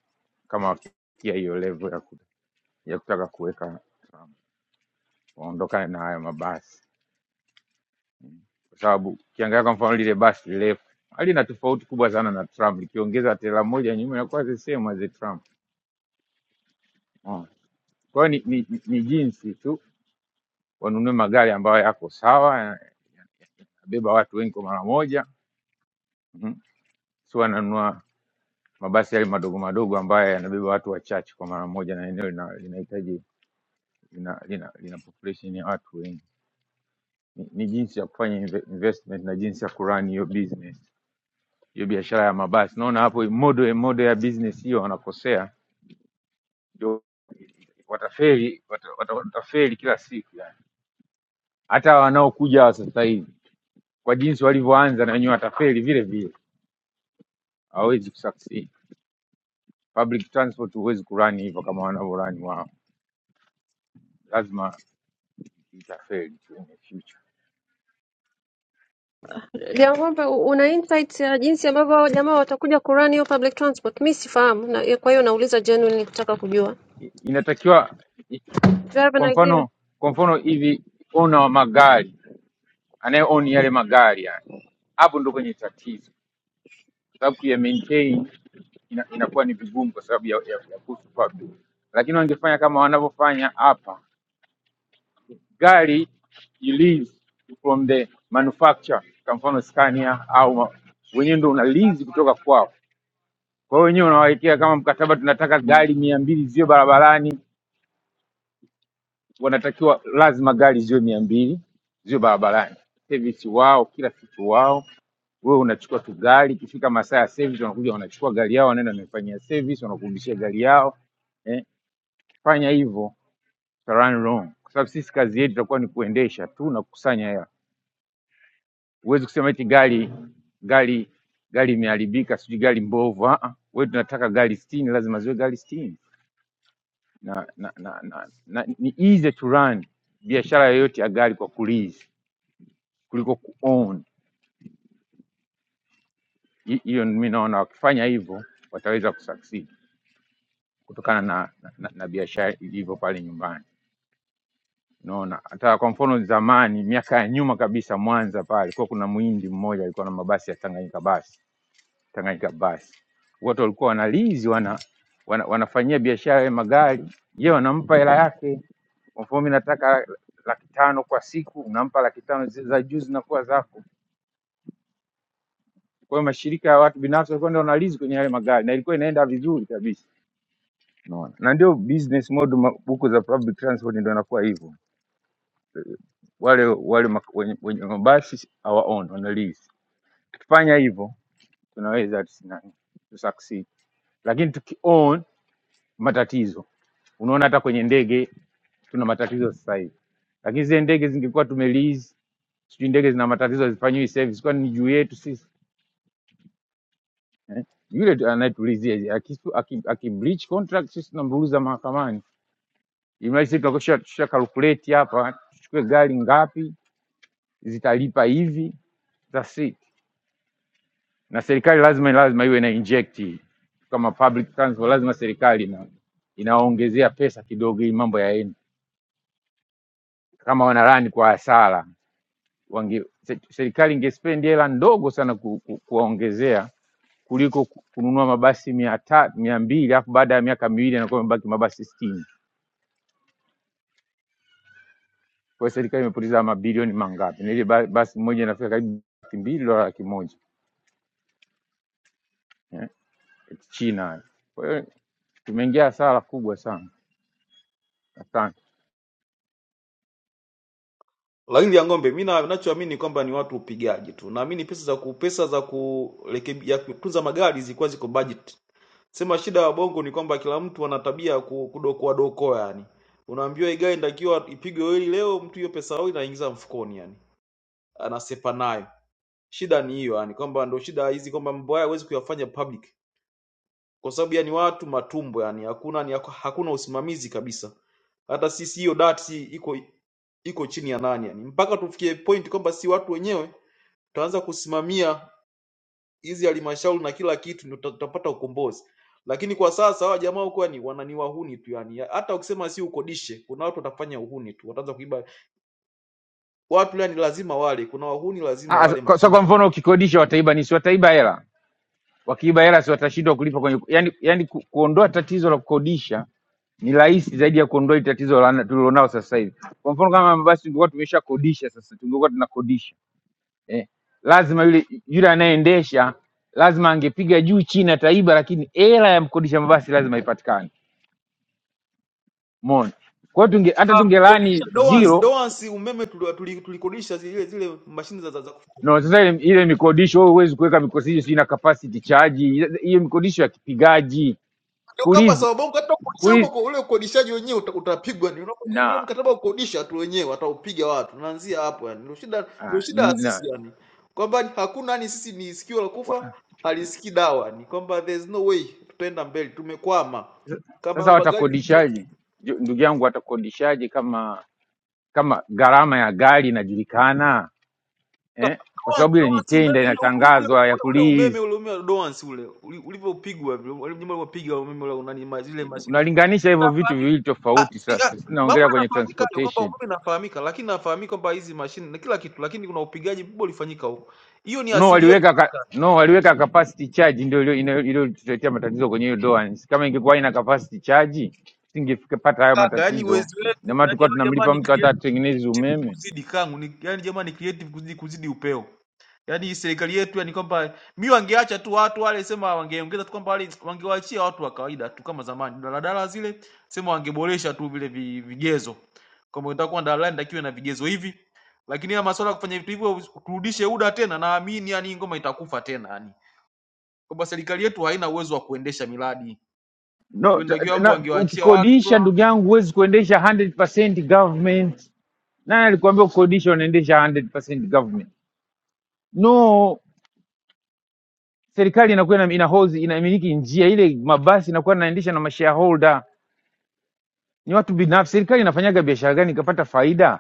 G: kama wafikia hiyo level ya, ku, ya kutaka kuweka tram waondokane na haya mabasi, kwa sababu ukiangalia kwa mfano lile basi refu halina tofauti kubwa sana na tram, likiongeza tela moja nyuma inakuwa the same as a tram. Unaona? Kwa hiyo ni, ni, ni jinsi tu wanunue magari ambayo yako sawa, yanabeba watu wengi kwa mara moja Mhm. sio ananunua mabasi yale madogo madogo ambayo yanabeba watu wachache kwa mara moja, na eneo lina- linahitaji lina, lina, lina population ya watu wengi. Ni, ni jinsi ya kufanya inve- investment na jinsi ya kurun hiyo business hiyo biashara ya mabasi. Naona hapo model model ya business hiyo wanakosea, ndio watafeli wata, wata, watafeli kila siku yani. Hata wanaokuja wa sasa hivi kwa jinsi walivyoanza, na wenyewe watafeli vile vile, hawawezi kusucceed. Public transport huwezi kurani hivyo kama wanavyorani wao, lazima itafeli tu in the future.
B: Liang'ombe, u- una insight ya jinsi ambavyo hao jamaa watakuja kurun hiyo public transport? Mi sifahamu na, ya- kwa hiyo nauliza genuinely kutaka kujua.
G: I- Inatakiwa i-
B: Do you have
G: kwa
B: an idea?
G: mfano, kwa mfano hivi ona wa magari anayeoni yale magari yani, hapo ndo kwenye tatizo, sababu kuya maintain ina, inakuwa ni vigumu kwa sababu ya, ya, ya kuhusu public, lakini wangefanya kama wanavyofanya hapa, gari you lease from the manufacturer, kwa mfano Scania au ma- wenyewe ndo una lease kutoka kwao Kwa hiyo wenyewe unawawekea kama mkataba, tunataka gari mia mbili ziwe barabarani, wanatakiwa lazima gari ziwe mia mbili ziwe barabarani, service wao, kila kitu wao. Wewe unachukua tu gari, ikifika masaa ya service wanakuja wanachukua gari yao, wanaenda wanaifanyia service, wanakurudishia gari yao eh. Fanya hivyo uta run wrong, kwa sababu sisi kazi yetu itakuwa ni kuendesha tu na kukusanya hela. Huwezi kusema eti gari gari gari imeharibika, sijui gari mbovu. ah, ah. Wewe tunataka gari sitini, lazima ziwe gari sitini na, na, na, na, na ni easy to run biashara yoyote ya gari kwa kulease kuliko kuown. Hi- Hiyo mimi naona wakifanya hivyo wataweza kusucceed kutokana na, na, na, na biashara ilivyo pale nyumbani. Unaona, hata kwa mfano zamani, miaka ya nyuma kabisa, Mwanza pale kwa kuna muhindi mmoja alikuwa na mabasi ya Tanganyika basi, Tanganyika basi, watu walikuwa wanalizi wana, wana, wanafanyia biashara ya magari, yeye wanampa hela Kwa mfano mimi nataka laki tano kwa siku, unampa laki tano zi- za juu zinakuwa zako. Kwa hiyo mashirika ya watu binafsi walikuwa ndio wanalizi kwenye yale magari, na ilikuwa inaenda vizuri kabisa, unaona. Na ndio business model ma- huku za public transport ndio inakuwa hivyo, wale wale ma- wenye, wenye mabasi our own wanalizi. Tukifanya hivyo tunaweza tusi- nani, tusucceed, lakini tuki own matatizo. Unaona hata kwenye ndege tuna matatizo sasa hivi lakini zile ndege zingekuwa tumelizi, sijui ndege zina matatizo hazifanyiwi service, kwani ni juu yetu sisi? yule anayetulizia aki- aki- akibreach contract sisi tunamruhuza mahakamani imagine sisi tunakusha tusha calculate hapa tuchukue gari ngapi zitalipa hivi that's it na serikali lazima lazima iwe na inject hii. kama public transport lazima serikali ina, inaongezea pesa kidogo ili mambo yaende kama wanarani kwa hasara wange se- serikali ingespendi hela ndogo sana ku, ku, kuwaongezea kuliko ku- kununua mabasi mia ta mia mbili alafu baada ya miaka miwili anakuwa amebaki mabasi sitini Kwa hiyo serikali imepoteza mabilioni mangapi? Na ile ba- basi moja inafika karibu laki mbili dola laki moja eh, China. Kwa hiyo tumeingia hasara kubwa sana. Asante.
F: Lakini ya ng'ombe, mimi na- ninachoamini kwamba ni watu upigaji tu. Naamini pesa za ku pesa za kurekebisha ya kutunza magari zilikuwa ziko budget. Sema shida ya bongo ni kwamba kila mtu ana tabia ya ku- kudokoa dokoa yani. Unaambiwa hii gari inatakiwa ipigwe oili leo, mtu hiyo pesa oili anaingiza mfukoni yani anasepa nayo. Shida ni hiyo yani, kwamba ndio shida hizi kwamba mambo haya huwezi kuyafanya public kwa sababu yani watu matumbo yani, hakuna ni hakuna usimamizi kabisa. Hata sisi hiyo dati iko iko chini ya nani yani, mpaka tufikie point kwamba si watu wenyewe tutaanza kusimamia hizi halmashauri na kila kitu, ndio tuta- tutapata ukombozi. Lakini kwa sasa hawa jamaa huko yani wanani wahuni tu yani, hata ukisema si ukodishe, kuna watu watafanya uhuni tu, wataanza kuiba watu yani, lazima wale, kuna wahuni lazima
G: Ah,
F: wale
G: kwa- Sasa kwa
F: matumbo.
G: mfano ukikodisha wataiba ni si wataiba hela, wakiiba hela si watashindwa kulipa kwenye yani, yani ku, kuondoa tatizo la kukodisha ni rahisi zaidi ya kuondoa hili tatizo la- tulilonao sasa hivi. Kwa mfano kama basi tungekuwa tumeshakodisha sasa, tungekuwa tunakodisha eh, lazima yule yule anayeendesha lazima angepiga juu chini ataiba, lakini hela ya mkodisha mabasi lazima ipatikane. Umeona? Kwa hiyo tunge hata
F: kukodisha
G: tungelani
F: Doans,
G: zero
F: Doans umeme tulikodisha tuli, tuli tulikodisha zile zile mashine za za za kufua.
G: no, sasa ile, ile mikodisho wewe huwezi kuweka mikodisho sio na capacity charge, hiyo mikodisho ya kipigaji
F: Ndio kama
G: kulizi
F: sababu yangu hata kukodisha huko
G: kulizi
F: kwa ule ukodishaji wenyewe uta, utapigwa ni unapotii ule
G: na,
F: mkataba wa kukodisha tu wenyewe wataupiga watu. Naanzia hapo yani. Ndio shida ndio
G: ah,
F: shida ya
G: na
F: sisi yani. Kwamba hakuna yani sisi ni sikio la kufa
G: wa-
F: halisikii dawa ni kwamba there's no way tutaenda mbele tumekwama. Kama
G: sasa
F: hayo magari yalikuwa
G: watakodishaje? Ju- Ndugu yangu, watakodishaje kama kama gharama ya gari inajulikana eh? Kwa
F: Doans,
G: sababu ile ni
F: Doans umeme
G: tenda
F: ule ule ule
G: inatangazwa ya
F: ule ule umeme
G: kulizi
F: ule umeme wa Doans ule uli- ulivyopigwa vile wale mnyama ulivyopiga umeme ule unani ma- zile mashine
G: unalinganisha hivyo vitu
F: Inafahamika.
G: viwili
F: Ah,
G: tofauti.
F: si ah,
G: Sasa sisi
F: mambo
G: naongelea kwenye
F: yanafahamika hayo kwamba
G: transportation
F: umeme inafahamika, lakini nafahamika kwamba hizi mashine na kila kitu, lakini kuna upigaji mkubwa ulifanyika huko. Hiyo ni
G: no,
F: asili yetu
G: waliweka ka,
F: kaka,
G: no, waliweka capacity charge ndio iliyo- inayo- iliyotuletea matatizo kwenye hiyo doans. Kama ingekuwa ina capacity charge tusingepata hayo
F: kaka, yaani
G: matatizo,
F: uwezo
G: na
F: wetu,
G: maana
F: yaani
G: tulikuwa
F: hao jamaa
G: tunamlipa
F: ni
G: mtu hata
F: creative
G: atengeneze umeme
F: kuzidi kangu, ni yaani jamaa ni creative kuzidi, kuzidi upeo. yaani serikali yetu yani kwamba mi wangeacha tu watu wale sema wangeongeza tu kwamba wale wangewaachia watu wa kawaida tu kama zamani daladala zile sema wangeboresha tu vile vi- vigezo kwamba unataka kuwa na daladala inatakiwa na vigezo hivi lakini ya masuala ya kufanya vitu hivyo turudishe UDA tena naamini yani ngoma itakufa tena yani kwamba serikali yetu haina uwezo wa kuendesha miradi
G: no, ta-
F: kuendakiwa
G: ta-
F: mambo
G: na,
F: wangewaachia watu tu
G: ukikodisha ndugu yangu huwezi kuendesha 100% government. Nani alikwambia kukodisha unaendesha 100% government? No, serikali inakuwa ina, ina, hold- inamiliki njia ile, mabasi inakuwa inaendesha na mashareholder ni watu binafsi. Serikali inafanyaga biashara gani ikapata faida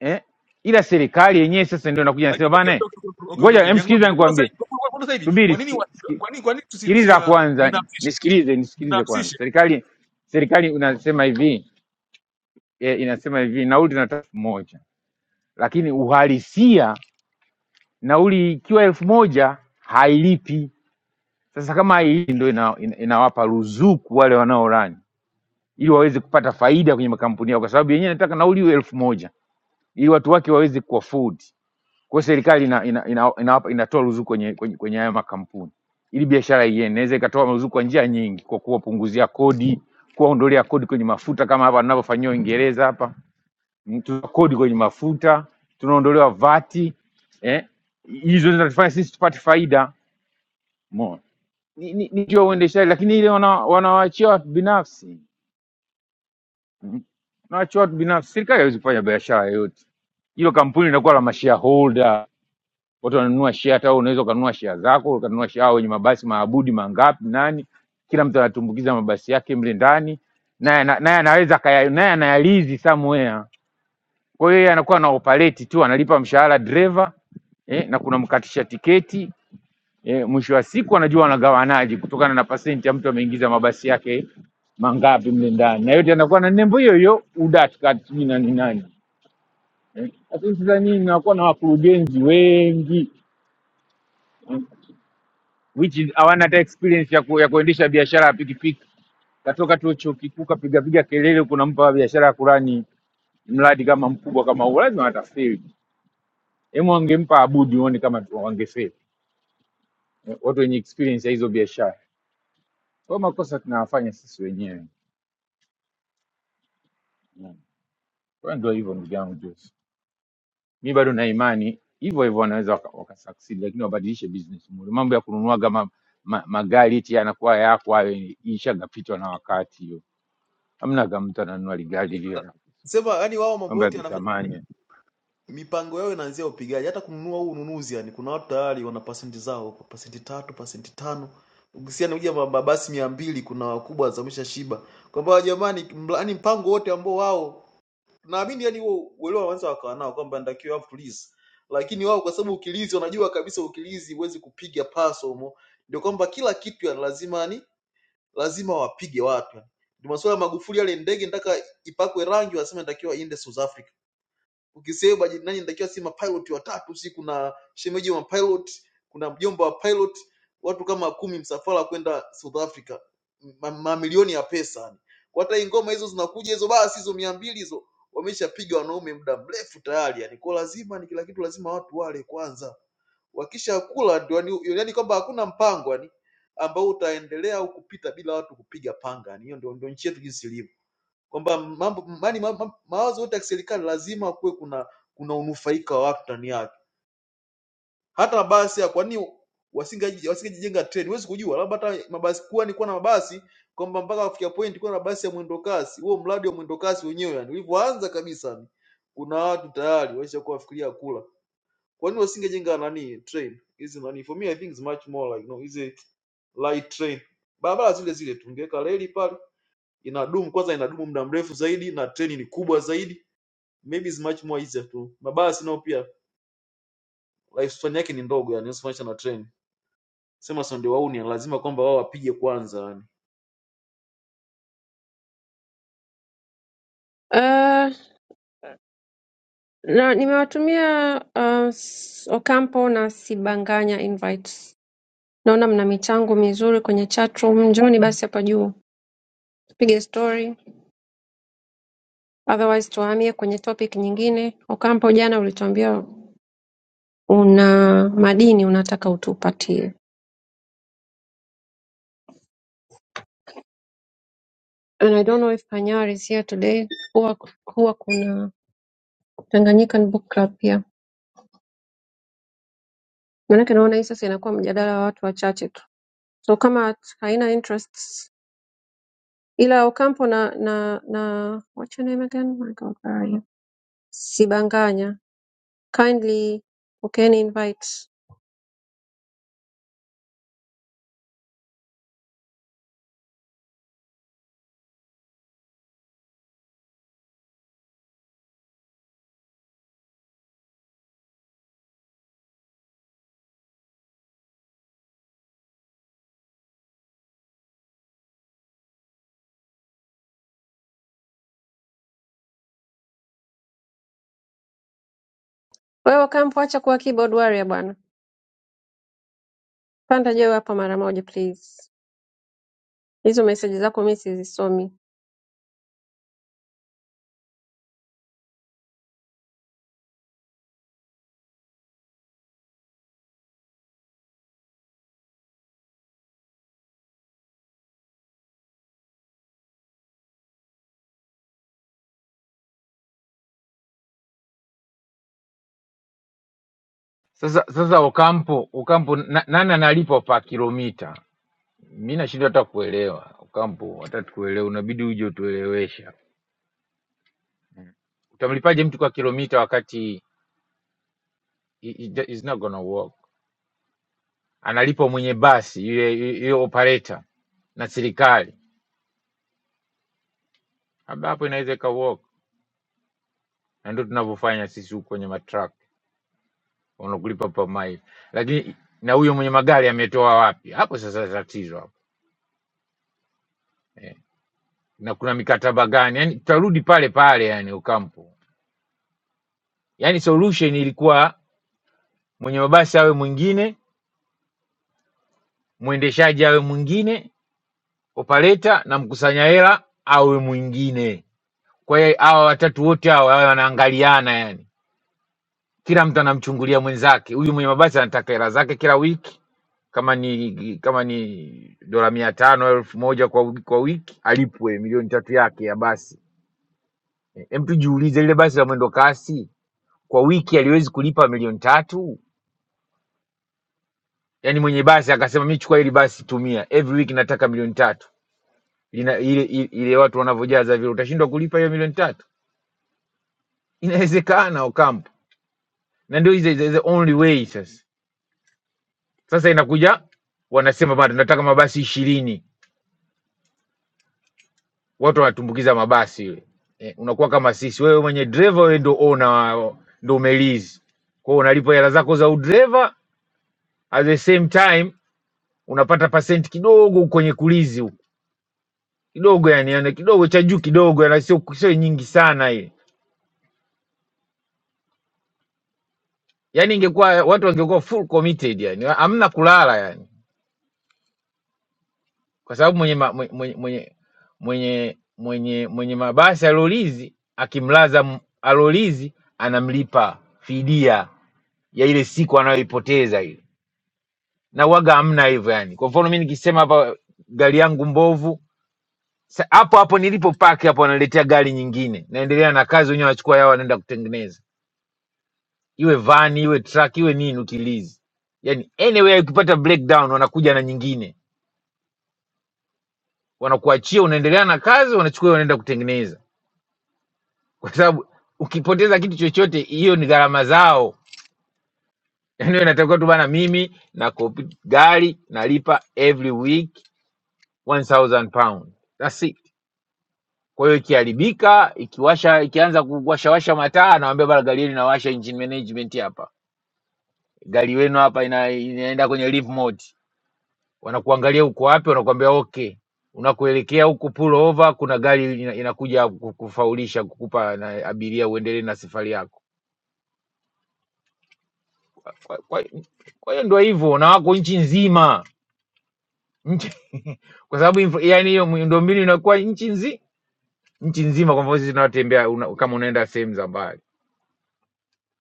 G: eh? Ila serikali yenyewe sasa ndio inakuja nasema
F: lakini okay
G: bana, eh,
F: okay okay okay okay,
G: ngoja
F: okay.
G: em,
F: Liangoni,
G: sikiliza
F: kwa kuna sasa
G: nikwambie,
F: hivi kwa kuna sasa hivi kwa
G: subiri
F: nini
G: siki,
F: wa-
G: siki,
F: kwa nini kwa nini tusi tusi
G: sikiliza
F: ah,
G: kwanza,
F: binafsishe
G: nisikilize nisikilize kwanza.
F: binafsishe
G: Serikali serikali unasema hivi eh, inasema hivi nauli tunataka elfu moja lakini uhalisia nauli ikiwa elfu moja hailipi. Sasa kama hailipi ndio ina, ina, inawapa ruzuku wale wanaorani ili waweze kupata faida kwenye makampuni yao, kwa sababu yenyewe inataka nauli iwe elfu moja ili watu wake waweze kuafford. Kwa hiyo serikali ina, ina, inatoa ina, ina, inatoa ruzuku kwenye, kwenye, kwenye haya makampuni ili biashara iende. Inaweza ikatoa ruzuku kwa njia nyingi, kwa kuwapunguzia kodi, kuwaondolea kodi kwenye mafuta kama hapa wanavyofanyiwa Uingereza hapa, Mm, tuna kodi kwenye mafuta, tunaondolewa vati eh? Hizo zinatufanya sisi tupate faida. Umeona? Ni ni- ni ndio uendeshaji, lakini ile wana, wanawaachia watu binafsi, Mm, wanawaachia watu binafsi. Serikali haiwezi kufanya biashara yoyote, hilo kampuni linakuwa la mashareholder watu wananunua share, hata wewe unaweza ukanunua share zako, ukanunua share "Ah, wenye mabasi maabudi mangapi nani, kila mtu anatumbukiza mabasi yake mle ndani, naye ana- naye anaweza akaya- naye anayalizi somewhere. Kwa hiyo yeye anakuwa na operate tu, analipa mshahara dereva eh, na kuna mkatisha tiketi eh, mwisho wa siku anajua wanagawanaje kutokana na pasenti ya mtu ameingiza mabasi yake mangapi mle ndani, na yote yanakuwa na nembo hiyo hiyo UDART kat sijui nani nani eh. Lakini Tanzania inakuwa na wakurugenzi wengi eh, which is hawana hata experience ya, ku, ya kuendesha biashara ya pikipiki. Katoka tu chuo kikuu kapigapiga kelele, kunampa biashara ya kurani mradi kama mkubwa kama huo, lazima watafeli. Hemu wangempa Abudi, uone kama tu- wangefeli Eh, watu wenye experience ya hizo biashara. Kwa hiyo makosa tunawafanya sisi wenyewe Mm. Kwa hiyo ndio hivyo, ndugu yangu Joseph, mi bado na imani hivyo hivyo wanaweza waka, waka succeed, lakini wabadilishe business model. Mambo ya kununua kama ma, magari eti yanakuwa yako hayo, ishagapitwa na wakati hiyo. Hamna kama mtu ananunua ligari lile
F: Sema yani wao mambo
G: mambo ya
F: yote yanafanyika yani,
G: kisamania
F: mipango yao inaanzia upigaji, hata kununua huu ununuzi yani, kuna watu tayari wana pasenti zao kwa pasenti tatu, pasenti tano. Ukisiana kuja mabasi mia mbili, kuna wakubwa wazamisha shiba kwamba jamani, mla- yani mpango wote ambao wao naamini yani huo uelewa wanaweza wakawa nao kwamba natakiwa have to lease, lakini wao kwa sababu ukilizi wanajua kabisa ukilizi huwezi kupiga paso humo, ndio kwamba kila kitu ya lazima ni lazima wapige watu. Ndio masuala ya Magufuli, yale ndege nataka ipakwe rangi, wanasema inatakiwa iende South Africa. Ukisema bajeti nani inatakiwa, si mapilot watatu, si kuna shemeji wa pilot, kuna mjomba wa pilot, watu kama kumi, msafara kwenda South Africa, Ma- mamilioni ya pesa yani. Kwa hata hii ngoma hizo zinakuja hizo, basi hizo mia mbili hizo wameshapiga wanaume muda mrefu tayari yani. Kwa lazima ni kila kitu, lazima watu wale kwanza wakishakula ndio yani, yani kwamba hakuna mpango yani ambao utaendelea au kupita bila watu kupiga panga yani hiyo ndio, ndio nchi yetu jinsi ilivyo kwamba mambo yani ma- ma- mawazo yote ya kiserikali lazima kuwe kuna kuna unufaika wa watu ndani yake hata basi ya kwani wasingeji- wasingejijenga treni huwezi kujua labda hata mabasi kuwa ni kuwa na mabasi kwamba mpaka kufikia point kuwa na basi ya mwendo kasi huo mradi wa mwendo kasi wenyewe yani ulivyoanza kabisa ni kuna watu tayari waishakuwa wafikiria kula kwa nini wasingejenga nani train hizi nani? For me I think it's much more like no, hizi light train, barabara zile zile tu, ungeweka reli pale, inadumu kwanza, inadumu muda mrefu zaidi, na treni ni kubwa zaidi, maybe it's much more easier tu. Mabasi nao pia lifespan yake ni ndogo, yani usifananisha na treni. Sema sonde wauni, lazima kwamba wao wapige kwanza yani.
B: Uh, na nimewatumia uh, S- Ocampo na Sibanganya invites. Naona mna michango mizuri kwenye chat room, njoni basi hapa juu tupige story, otherwise tuhamie kwenye topic nyingine. Ocampo, jana ulituambia una madini unataka utupatie. And I don't know if Panyar is here today. Huwa huwa kuna Tanganyikan Book Club pia. Maanake naona hii sasa inakuwa mjadala wa watu wachache tu. So kama haina interests ila Ocampo na na na what's your name again? My God, where are you? Sibanganya. Kindly pokeeni invite. Wewe Ocampo acha kuwa keyboard warrior bwana. Panda jeu hapa mara moja please. Hizo message zako mimi sizisomi.
G: sasa sasa ukampo ukampo na, nani analipa pa kilomita mi nashindwa hata kuelewa ukampo watatu kuelewa unabidi uje utuelewesha utamlipaje mtu kwa kilomita wakati i- i- it's not gonna work analipwa mwenye basi yule yule operator na serikali labda hapo inaweza ika work na ndio tunavyofanya sisi huku kwenye matruck wanakulipa per mile lakini na huyo mwenye magari ametoa wapi hapo sasa tatizo hapo Eh. na kuna mikataba gani yani tutarudi pale pale yani ukampo yani solution ilikuwa mwenye mabasi awe mwingine mwendeshaji awe mwingine operator na mkusanya hela awe mwingine kwa hiyo hawa watatu wote hawa wawe wanaangaliana yani kila mtu anamchungulia mwenzake huyu mwenye mabasi anataka hela zake kila wiki kama ni kama ni dola mia tano elfu moja kwa, wi- kwa wiki alipwe milioni tatu yake ya basi Em, tujiulize lile basi la mwendo kasi kwa wiki aliwezi kulipa milioni tatu yaani mwenye basi akasema mi chukua hili basi tumia every week nataka milioni tatu Lina, ile, ile, ile watu wanavyojaza vile utashindwa kulipa hiyo milioni tatu inawezekana Ocampo na ndio is is- is the only way sasa sasa inakuja wanasema bado nataka mabasi ishirini watu wanatumbukiza mabasi yule eh, unakuwa kama sisi wewe mwenye dereva wewe ndo owner wa- ndo umelizi kwa hiyo unalipa hela zako za udereva at the same time unapata pasenti kidogo kwenye kulizi huko. kidogo yani, yani kidogo cha juu kidogo, yani sio sio nyingi sana ile. Yani ingekuwa watu wangekuwa full committed yani, hamna kulala yani, kwa sababu mwenye ma- mwenye mwenye mwenye mwenye, mwenye mabasi alolizi akimlaza m- alolizi anamlipa fidia ya ile siku anayoipoteza ile, na waga hamna hivyo yani. Kwa mfano mimi nikisema hapa gari yangu mbovu sa- hapo hapo nilipo paki hapo wanaletea gari nyingine, naendelea na kazi wenyewe, wachukua yao wanaenda kutengeneza iwe van iwe truck iwe nini utilizi yani anyway ukipata breakdown wanakuja na nyingine wanakuachia unaendelea na kazi wanachukua wanaenda kutengeneza kwa sababu ukipoteza kitu chochote hiyo ni gharama zao yani wewe inatakiwa tu bana mimi na kopi gari nalipa every week 1000 pound that's it kwa hiyo ikiharibika ikiwasha ikianza kuwashawasha mataa anawambia bana gari hili nawasha engine management hapa gari wenu hapa ina, inaenda kwenye leave mode wanakuangalia uko wapi, wanakuambia okay, unakuelekea huku, pull over, kuna gari ina- inakuja ku- kufaulisha kukupa na abiria uendelee na safari yako. Kwa kwa- kwa hiyo ndio hivyo, na wako nchi nzima nchi, kwa sababu infra- yani hiyo miundombinu inakuwa nchi nzi nchi nzima. Kwa mfano sisi tunatembea una, kama unaenda sehemu za mbali,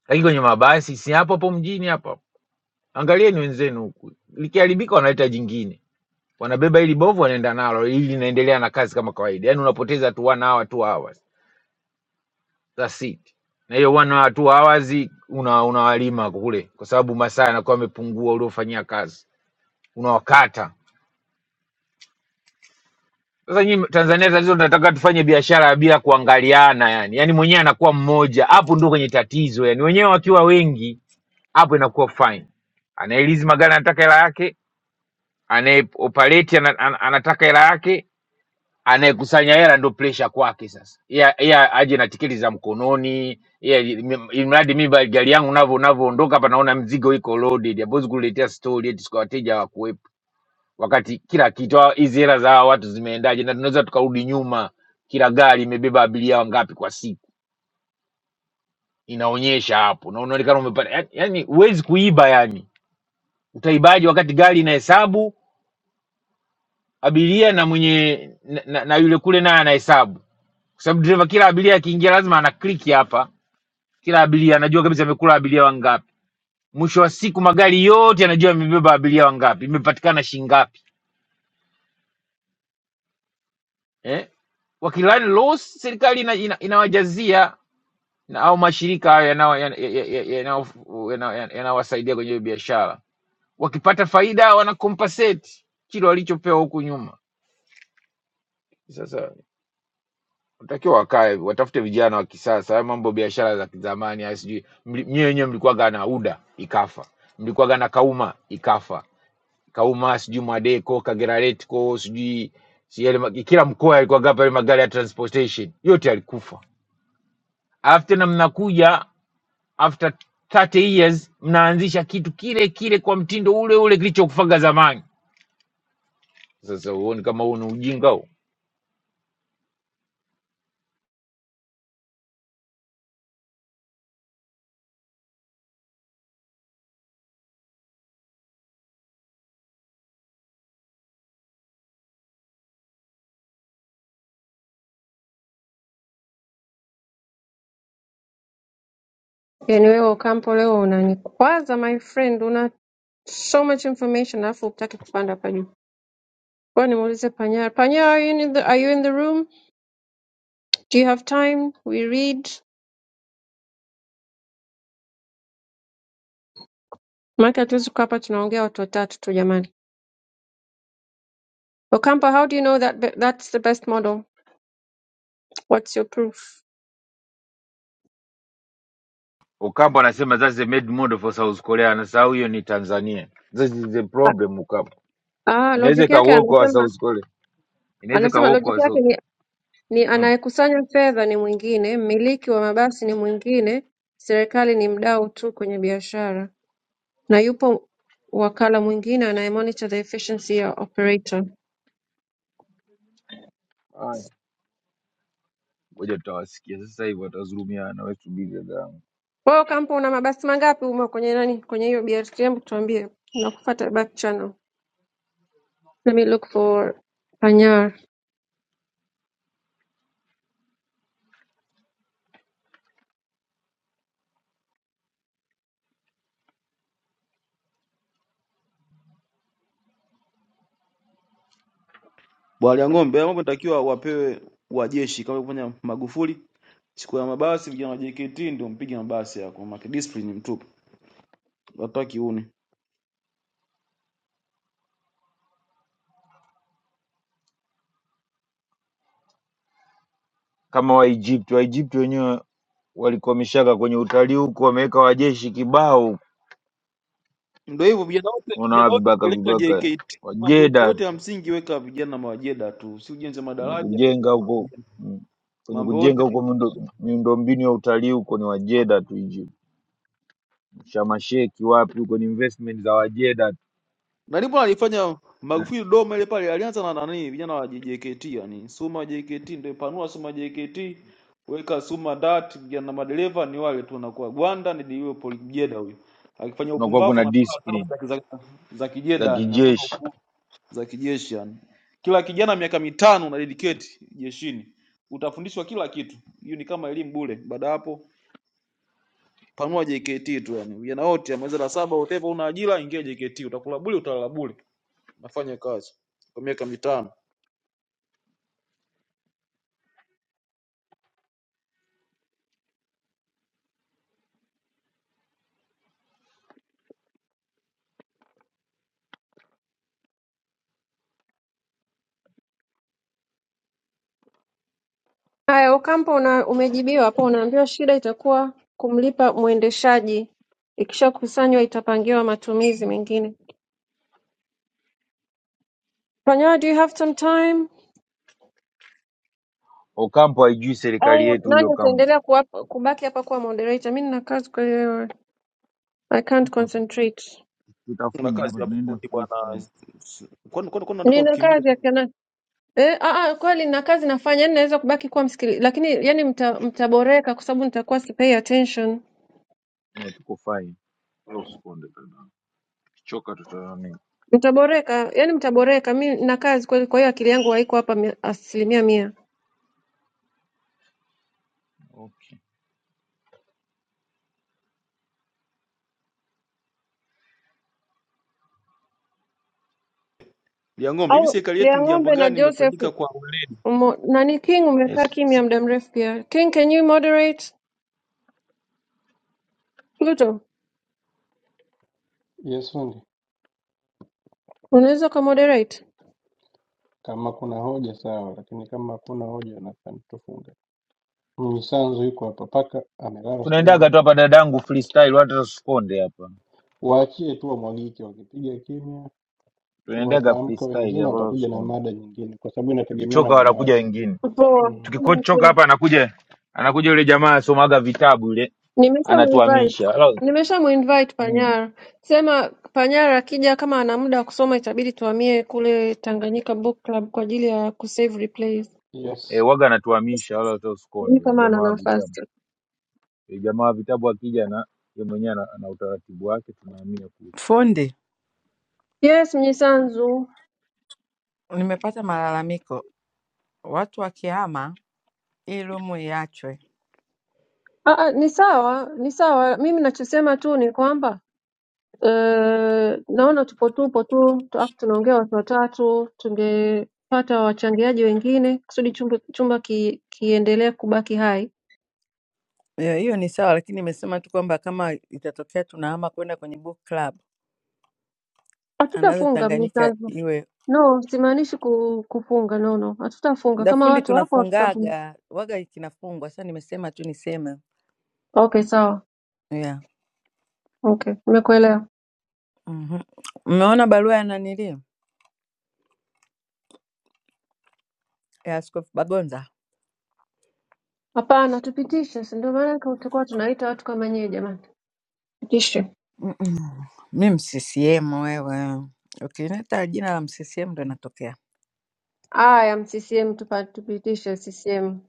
G: lakini kwenye mabasi si hapo hapo mjini hapa. Angalieni wenzenu huku, likiharibika wanaleta jingine wanabeba ili bovu wanaenda nalo ili linaendelea na kazi kama kawaida yani unapoteza tu one hour two hours That's it. Na hiyo one or two hours una unawalima kule, kwa sababu masaa yanakuwa yamepungua uliofanyia kazi, unawakata sasa. Nyinyi Tanzania tatizo, tunataka tufanye biashara bila kuangaliana, yani yani mwenyewe anakuwa mmoja, hapo ndio kwenye tatizo. Yani wenyewe wakiwa wengi, hapo inakuwa fine. Anayelizi magari anataka hela yake, anayeoperate ana, ana, anataka hela yake, anayekusanya hela ndo presha kwake sasa Yeye- yeye aje na tiketi za mkononi yeye- im- imradi mi ba- gari yangu navyo navyoondoka hapa naona mzigo iko loaded hawezi kuletea story eti siku wateja wakuwepo wakati kila kitu hawa- hizi hela za hawa watu zimeendaje na tunaweza tukarudi nyuma kila gari imebeba abiria wangapi kwa siku inaonyesha hapo na unaonekana umepata yani yani huwezi kuiba yani utaibaji wakati gari inahesabu abiria na mwenye na, na, na yule kule naye anahesabu kwa sababu dereva kila abiria akiingia lazima ana kliki hapa, kila abiria anajua kabisa amekula abiria wangapi. Mwisho wa siku magari yote yanajua yamebeba abiria wangapi, imepatikana shilingi ngapi, eh? Wakilani loss serikali inawajazia ina, ina inawajazia na- au mashirika hayo yanao- yana- ya- ya- ya- yanao- yana- yana- yanawasaidia kwenye hiyo biashara. Wakipata faida wana compensate kile walichopewa huku nyuma. Sasa Natakiwa wakae watafute vijana wa kisasa. Haya mambo biashara za kizamani, haya sijui mli- nyie wenyewe mlikuwaga na UDA ikafa, mlikuwaga na Kauma ikafa, Kauma sijui Mwadeco, Kageraletco sijui si yale ma- kila mkoa alikuwaga hapa yale magari ya transportation yote yalikufa, alafu tena mnakuja after 30 years mnaanzisha kitu kile kile kwa mtindo ule ule kilichokufaga zamani. Sasa huoni kama huu ni ujinga huu?
B: Yaani wewe Ocampo leo unanikwaza my friend, una so much information alafu hutaki kupanda hapa juu. Ngoja nimuulize Panyara. Panyara, are you in the, are you in the room? Do you have time? We read. Maana hatuwezi kukaa hapa tunaongea watu watatu tu jamani. Ocampo, how do you know that be- that's the best model? What's your proof?
G: Ocampo anasema that's the made model for South Korea, anasahau hiyo ni Tanzania. This is the
B: Ah,
G: problem Ocampo.
B: ah,
G: Inaweza
B: logic yake
G: ikawoko wa
B: anasema
G: South Korea. Inaweza
B: anasema
G: ikawoko
B: logic
G: wa
B: yake
G: South.
B: ni, ni
G: Mm.
B: anayekusanya fedha ni mwingine, mmiliki wa mabasi ni mwingine, serikali ni mdau tu kwenye biashara. na yupo wakala mwingine anaye monitor the efficiency ya operator
G: Haya. Ngoja tutawasikia sasa hivi watazulumiana wetu dada yangu.
B: kwa hiyo kampo una mabasi mangapi umo kwenye nani kwenye hiyo brtm tuambie nakufuata back channel let me look for panyar
F: Bwalya ng'ombe, haya mambo inatakiwa wapewe wajeshi kama kufanya Magufuli siku ya mabasi, vijana wa JKT ndio mpige mabasi yako, maana discipline mtupu, wataki une.
G: Kama wa Egypt, wa Egypt wenyewe walikomeshaka kwenye utalii huko wameweka wajeshi kibao
F: Ndio hivyo vijana wote,
G: unawa
F: vijana wote
G: vibaka
F: peleka
G: vibaka
F: JKT, mambo
G: wajeda
F: yote ya
G: tu
F: msingi weka vijana mawajeda tu, si ujenzi wa
G: kwenye
F: madaraja,
G: kujenga
F: vijana
G: huko
F: mawajeda,
G: mm. kwenye
F: mambo
G: kujenga
F: yote ni-
G: huko miundo miundombinu ya utalii huko ni wajeda tu Egypt. shamasheki wapi huko ni investment za wajeda
F: na ndipo alifanya
G: eh,
F: Magufuli Dodoma ile pale, alianza na nani, vijana wa JKT, yani Suma wa JKT, ndio panua Suma wa JKT, weka Suma DART, vijana madereva ni wale tu, wanakuwa Gwanda ni yule Paul Kijeda huyo, akifanya
G: kunakuwa
F: upumbavu
G: kuna
F: anapewa
G: discipline
F: adhabu za za za
G: za
F: kijeda, yani hakuna
G: kijeshi
F: ukuu. za kijeshi yani. Kila kijana miaka mitano una dedicate jeshini, utafundishwa kila kitu. Hiyo ni kama elimu bure. Baada ya hapo panua JKT tu yani, vijana wote amaliza la saba, whatever, una ajira, ingia JKT, utakula bure, utalala bure, unafanya kazi kwa miaka mitano.
B: haya ukampo una, umejibiwa hapo unaambiwa shida itakuwa kumlipa mwendeshaji ikishakusanywa itapangiwa matumizi mengine panyar do you have some time
G: okampo haijui serikali
B: au
G: yetu
B: nani
G: hiyo kampo
B: utaendelea kuwapa- kubaki hapa kuwa moderator mi nina kazi kwa hiyo i can't
G: tuko hapa
B: concentrate
F: Una
G: tutafunga hapa
F: kazi hapo
G: tunaenda
F: fundi bwana.
G: freestyle
F: Kwani kwani kwani nataka
B: nina
F: utukimbie
B: kazi ya Eh, ah, ah, kweli na kazi nafanya yani naweza kubaki kuwa msikili lakini yani mta, mtaboreka kwa sababu nitakuwa sipay attention.
G: Eh, tuko fine wala usikonde dada kichoka tutanani
B: Mtaboreka, yani mtaboreka. Mi na kazi kweli, kwa hiyo akili yangu haiko hapa mia- asilimia mia.
G: okay
F: ya ng'ombe? Hivi
B: Au
F: serikali yetu
B: Lia
F: ni jambo
B: ng'ombe na
F: gani
B: Joseph
F: imefaidika kwa ule
B: umo, nani King
G: yes.
B: umekaa kimya muda mrefu pia. King, can you moderate? Pluto,
C: Yes fundi,
B: unaweza ukamoderate?
C: kama kuna hoja sawa, lakini kama hakuna hoja nadhani tufunge. Mnyisanzu yuko hapa, paka amelala,
G: tunaendaga
C: sijui
G: tu hapa dadangu freestyle wala tusikonde hapa
C: waachie tu wamwagike, wakipiga kimya
G: tunaendaga
C: Wataamka
G: freestyle
C: wengine
G: hapa wala
C: watakuja na
G: tusikonde
C: mada nyingine, kwa sababu inategemeana
G: tukichoka
C: na
G: wanakuja
C: mada.
G: wengine
B: Poa.
C: Mm.
G: tukikochoka hapa anakuja anakuja yule jamaa asomaga vitabu yule
B: Nimeshamuinvite.
G: anatuhamisha Wala-
B: Nimeshamuinvite
G: mm.
B: Panyara. Sema Panyara akija kama ana muda wa kusoma itabidi tuhamie kule Tanganyika Book Club kwa ajili ya kusave replays.
G: eh,
C: Yes.
G: waga anatuhamisha wala hata
B: Sijui
G: usikonde
B: kama
G: jamaa
B: ana
G: wa vitabu
B: nafasi.
G: e, jamaa wa vitabu akija na yeye mwenyewe ana, ana utaratibu wake tunahamia kule
H: Fundi,
B: Yes, Mnyisanzu.
H: nimepata malalamiko, watu wakihama hii room iachwe.
B: Ah, ah, ni sawa, ni sawa. Mimi nachosema tu ni kwamba eh, naona tupo tupo tu tu- afu tunaongea watu watatu, tungepata wachangiaji wengine kusudi chumba, chumba ki, kiendelee kubaki hai.
H: Eh, Hiyo ni sawa, lakini imesema tu kwamba kama itatokea tunahama kwenda kwenye book club, anaweza
B: Hatutafunga
H: Tanganyika
B: Mnyisanzu.
H: iwe
B: No, simaanishi ku, kufunga. No, no, hatutafunga kama
H: dafundi,
B: watu wapo hatutafunga.
H: tunafungaga waga kinafungwa. Sasa nimesema tu niseme
B: Okay, sawa.
H: yeah.
B: Okay, nimekuelewa.
H: mm Umeona barua ya nanili ya Askofu Bagonza?
B: Hapana, tupitishe, si ndio maana kwa- tulikuwa tunaita watu kama nyie jamani. Tupitishe.
H: Mm-mm. Mi mccm wewe, ukineta jina la mccm ndo natokea
B: Aya, CCM tupa, tupitishe CCM.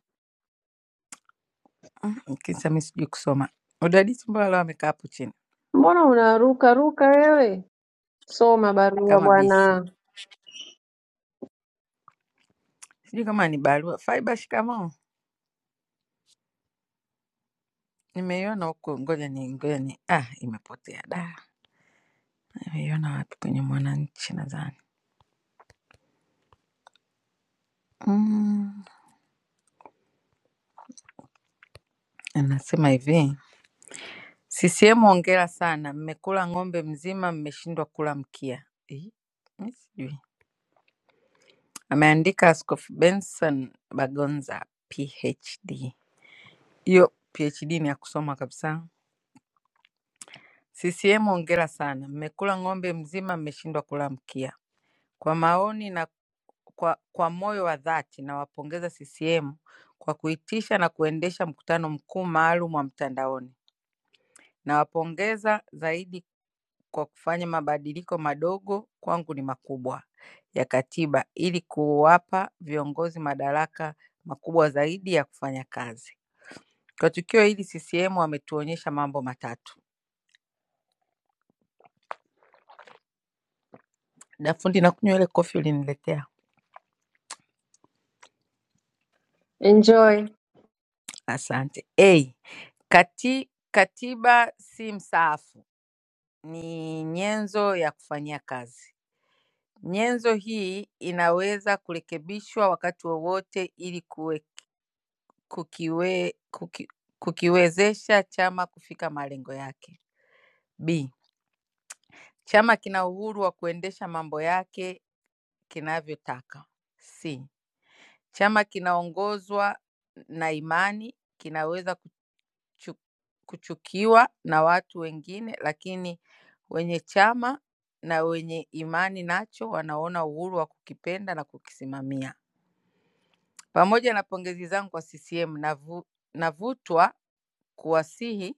H: kisa, mi sijui kusoma udadisi. Mbona leo amekaa hapo chini
B: Mbona unaruka ruka wewe? Soma barua
H: kama bisi?
B: bwana.
H: Sijui kama ni barua. Faiba, shikamoo. Nimeiona huko, ngoja ni ngoja ni ah, imepotea da. Nimeiona wapi? Kwenye Mwananchi nadhani. Mm, anasema hivi CCM hongera sana, mmekula ng'ombe mzima, mmeshindwa kula mkia. Eh, mi sijui. Ameandika Askofu Benson Bagonza PhD. Hiyo PhD ni ya kusoma kabisa. CCM hongera sana, mmekula ng'ombe mzima, mmeshindwa kula mkia. Kwa maoni na kwa, kwa moyo wa dhati nawapongeza CCM kwa kuitisha na kuendesha mkutano mkuu maalum wa mtandaoni. Nawapongeza zaidi kwa kufanya mabadiliko madogo, kwangu ni makubwa, ya katiba ili kuwapa viongozi madaraka makubwa zaidi ya kufanya kazi. Kwa tukio hili CCM wametuonyesha mambo matatu. Dafundi, nakunywa ile kofi uliniletea.
B: Enjoy.
H: Asante. A, kati, katiba si msaafu ni nyenzo ya kufanyia kazi. Nyenzo hii inaweza kurekebishwa wakati wowote ili kuwe, kukiwe, kuki, kukiwezesha chama kufika malengo yake. B. Chama kina uhuru wa kuendesha mambo yake kinavyotaka. C. Chama kinaongozwa na imani kinaweza kuchu- kuchukiwa na watu wengine lakini wenye chama na wenye imani nacho wanaona uhuru wa kukipenda na kukisimamia. Pamoja na pongezi zangu kwa CCM navu, navutwa kuwasihi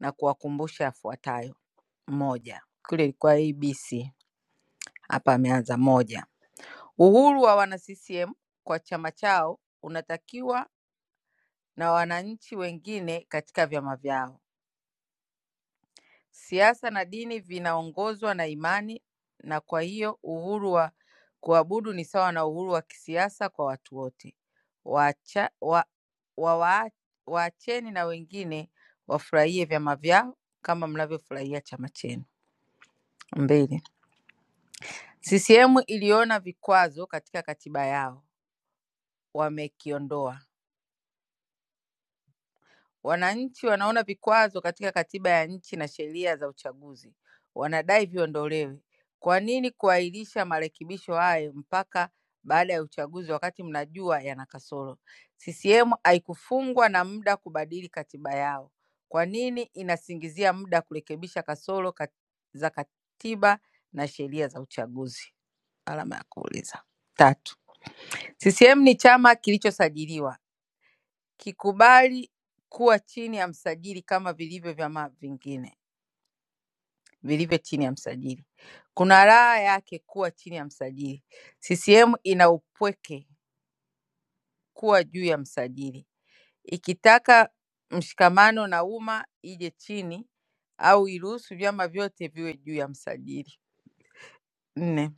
H: na kuwakumbusha yafuatayo. Moja, kule ilikuwa ABC, hapa ameanza moja. Uhuru wa wana CCM kwa chama chao unatakiwa na wananchi wengine katika vyama vyao. Siasa na dini vinaongozwa na imani na kwa hiyo uhuru wa kuabudu ni sawa na uhuru wa kisiasa kwa watu wote. Waacha, wa, wa, wa, waacheni na wengine wafurahie vyama vyao kama mnavyofurahia chama chenu. Mbili, CCM iliona vikwazo katika katiba yao, wamekiondoa. Wananchi wanaona vikwazo katika katiba ya nchi na sheria za uchaguzi, wanadai viondolewe. Kwa nini kuahirisha marekebisho hayo mpaka baada ya uchaguzi wakati mnajua yana kasoro? CCM haikufungwa na muda kubadili katiba yao. Kwa nini inasingizia muda kurekebisha kasoro kat- za katiba na sheria za uchaguzi? Alama ya kuuliza. Tatu. CCM ni chama kilichosajiliwa kikubali kuwa chini ya msajili kama vilivyo vyama vingine vilivyo chini ya msajili. Kuna raha yake kuwa chini ya msajili. CCM ina upweke kuwa juu ya msajili, ikitaka mshikamano na umma ije chini au iruhusu vyama vyote viwe juu ya msajili. Nne.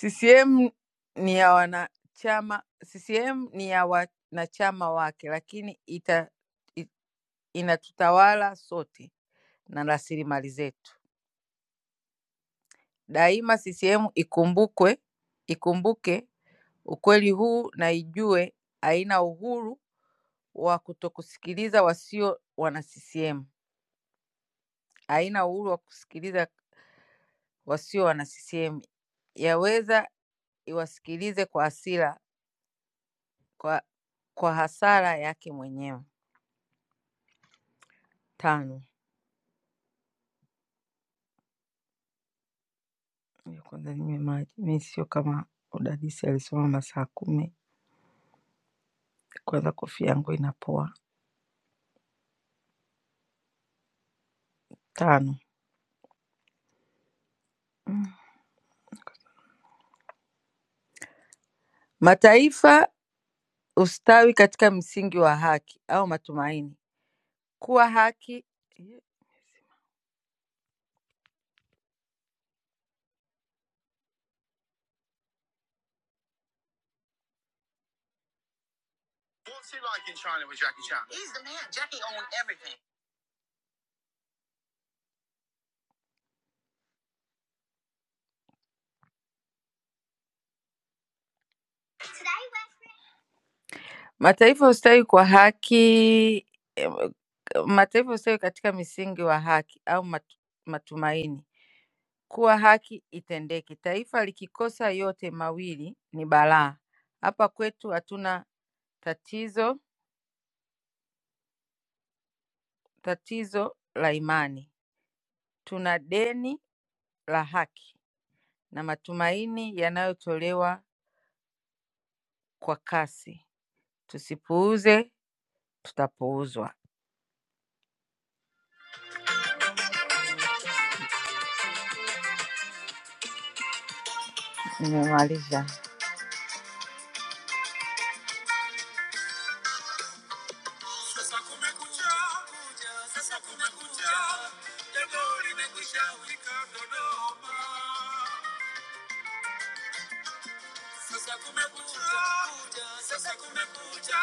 H: CCM ni ya wanachama, CCM ni ya wanachama wake, lakini ita, i- inatutawala sote na rasilimali zetu. Daima CCM ikumbukwe, ikumbuke ukweli huu na ijue haina uhuru wa kutokusikiliza wasio wana CCM, haina uhuru wa kusikiliza wasio wana CCM. Yaweza iwasikilize kwa hasira, kwa, kwa hasara yake mwenyewe. Tano, Ngoja kwanza ninywe maji. Mi sio kama udadisi alisoma masaa kumi, kwanza kofia yangu inapoa. Tano, Mm. mataifa ustawi katika msingi wa haki au matumaini kuwa haki mataifa ustawi kwa haki em, mataifa ustawi katika misingi wa haki au matu- matumaini kuwa haki itendeke. Taifa likikosa yote mawili ni balaa. Hapa kwetu hatuna tatizo tatizo la imani, tuna deni la haki. na matumaini yanayotolewa kwa kasi. Tusipuuze, tutapuuzwa. Nimemaliza. Sasa kumekucha, sasa kumekucha, jambo limekwisha fika Dodoma. Sasa kumekucha, sasa kumekucha,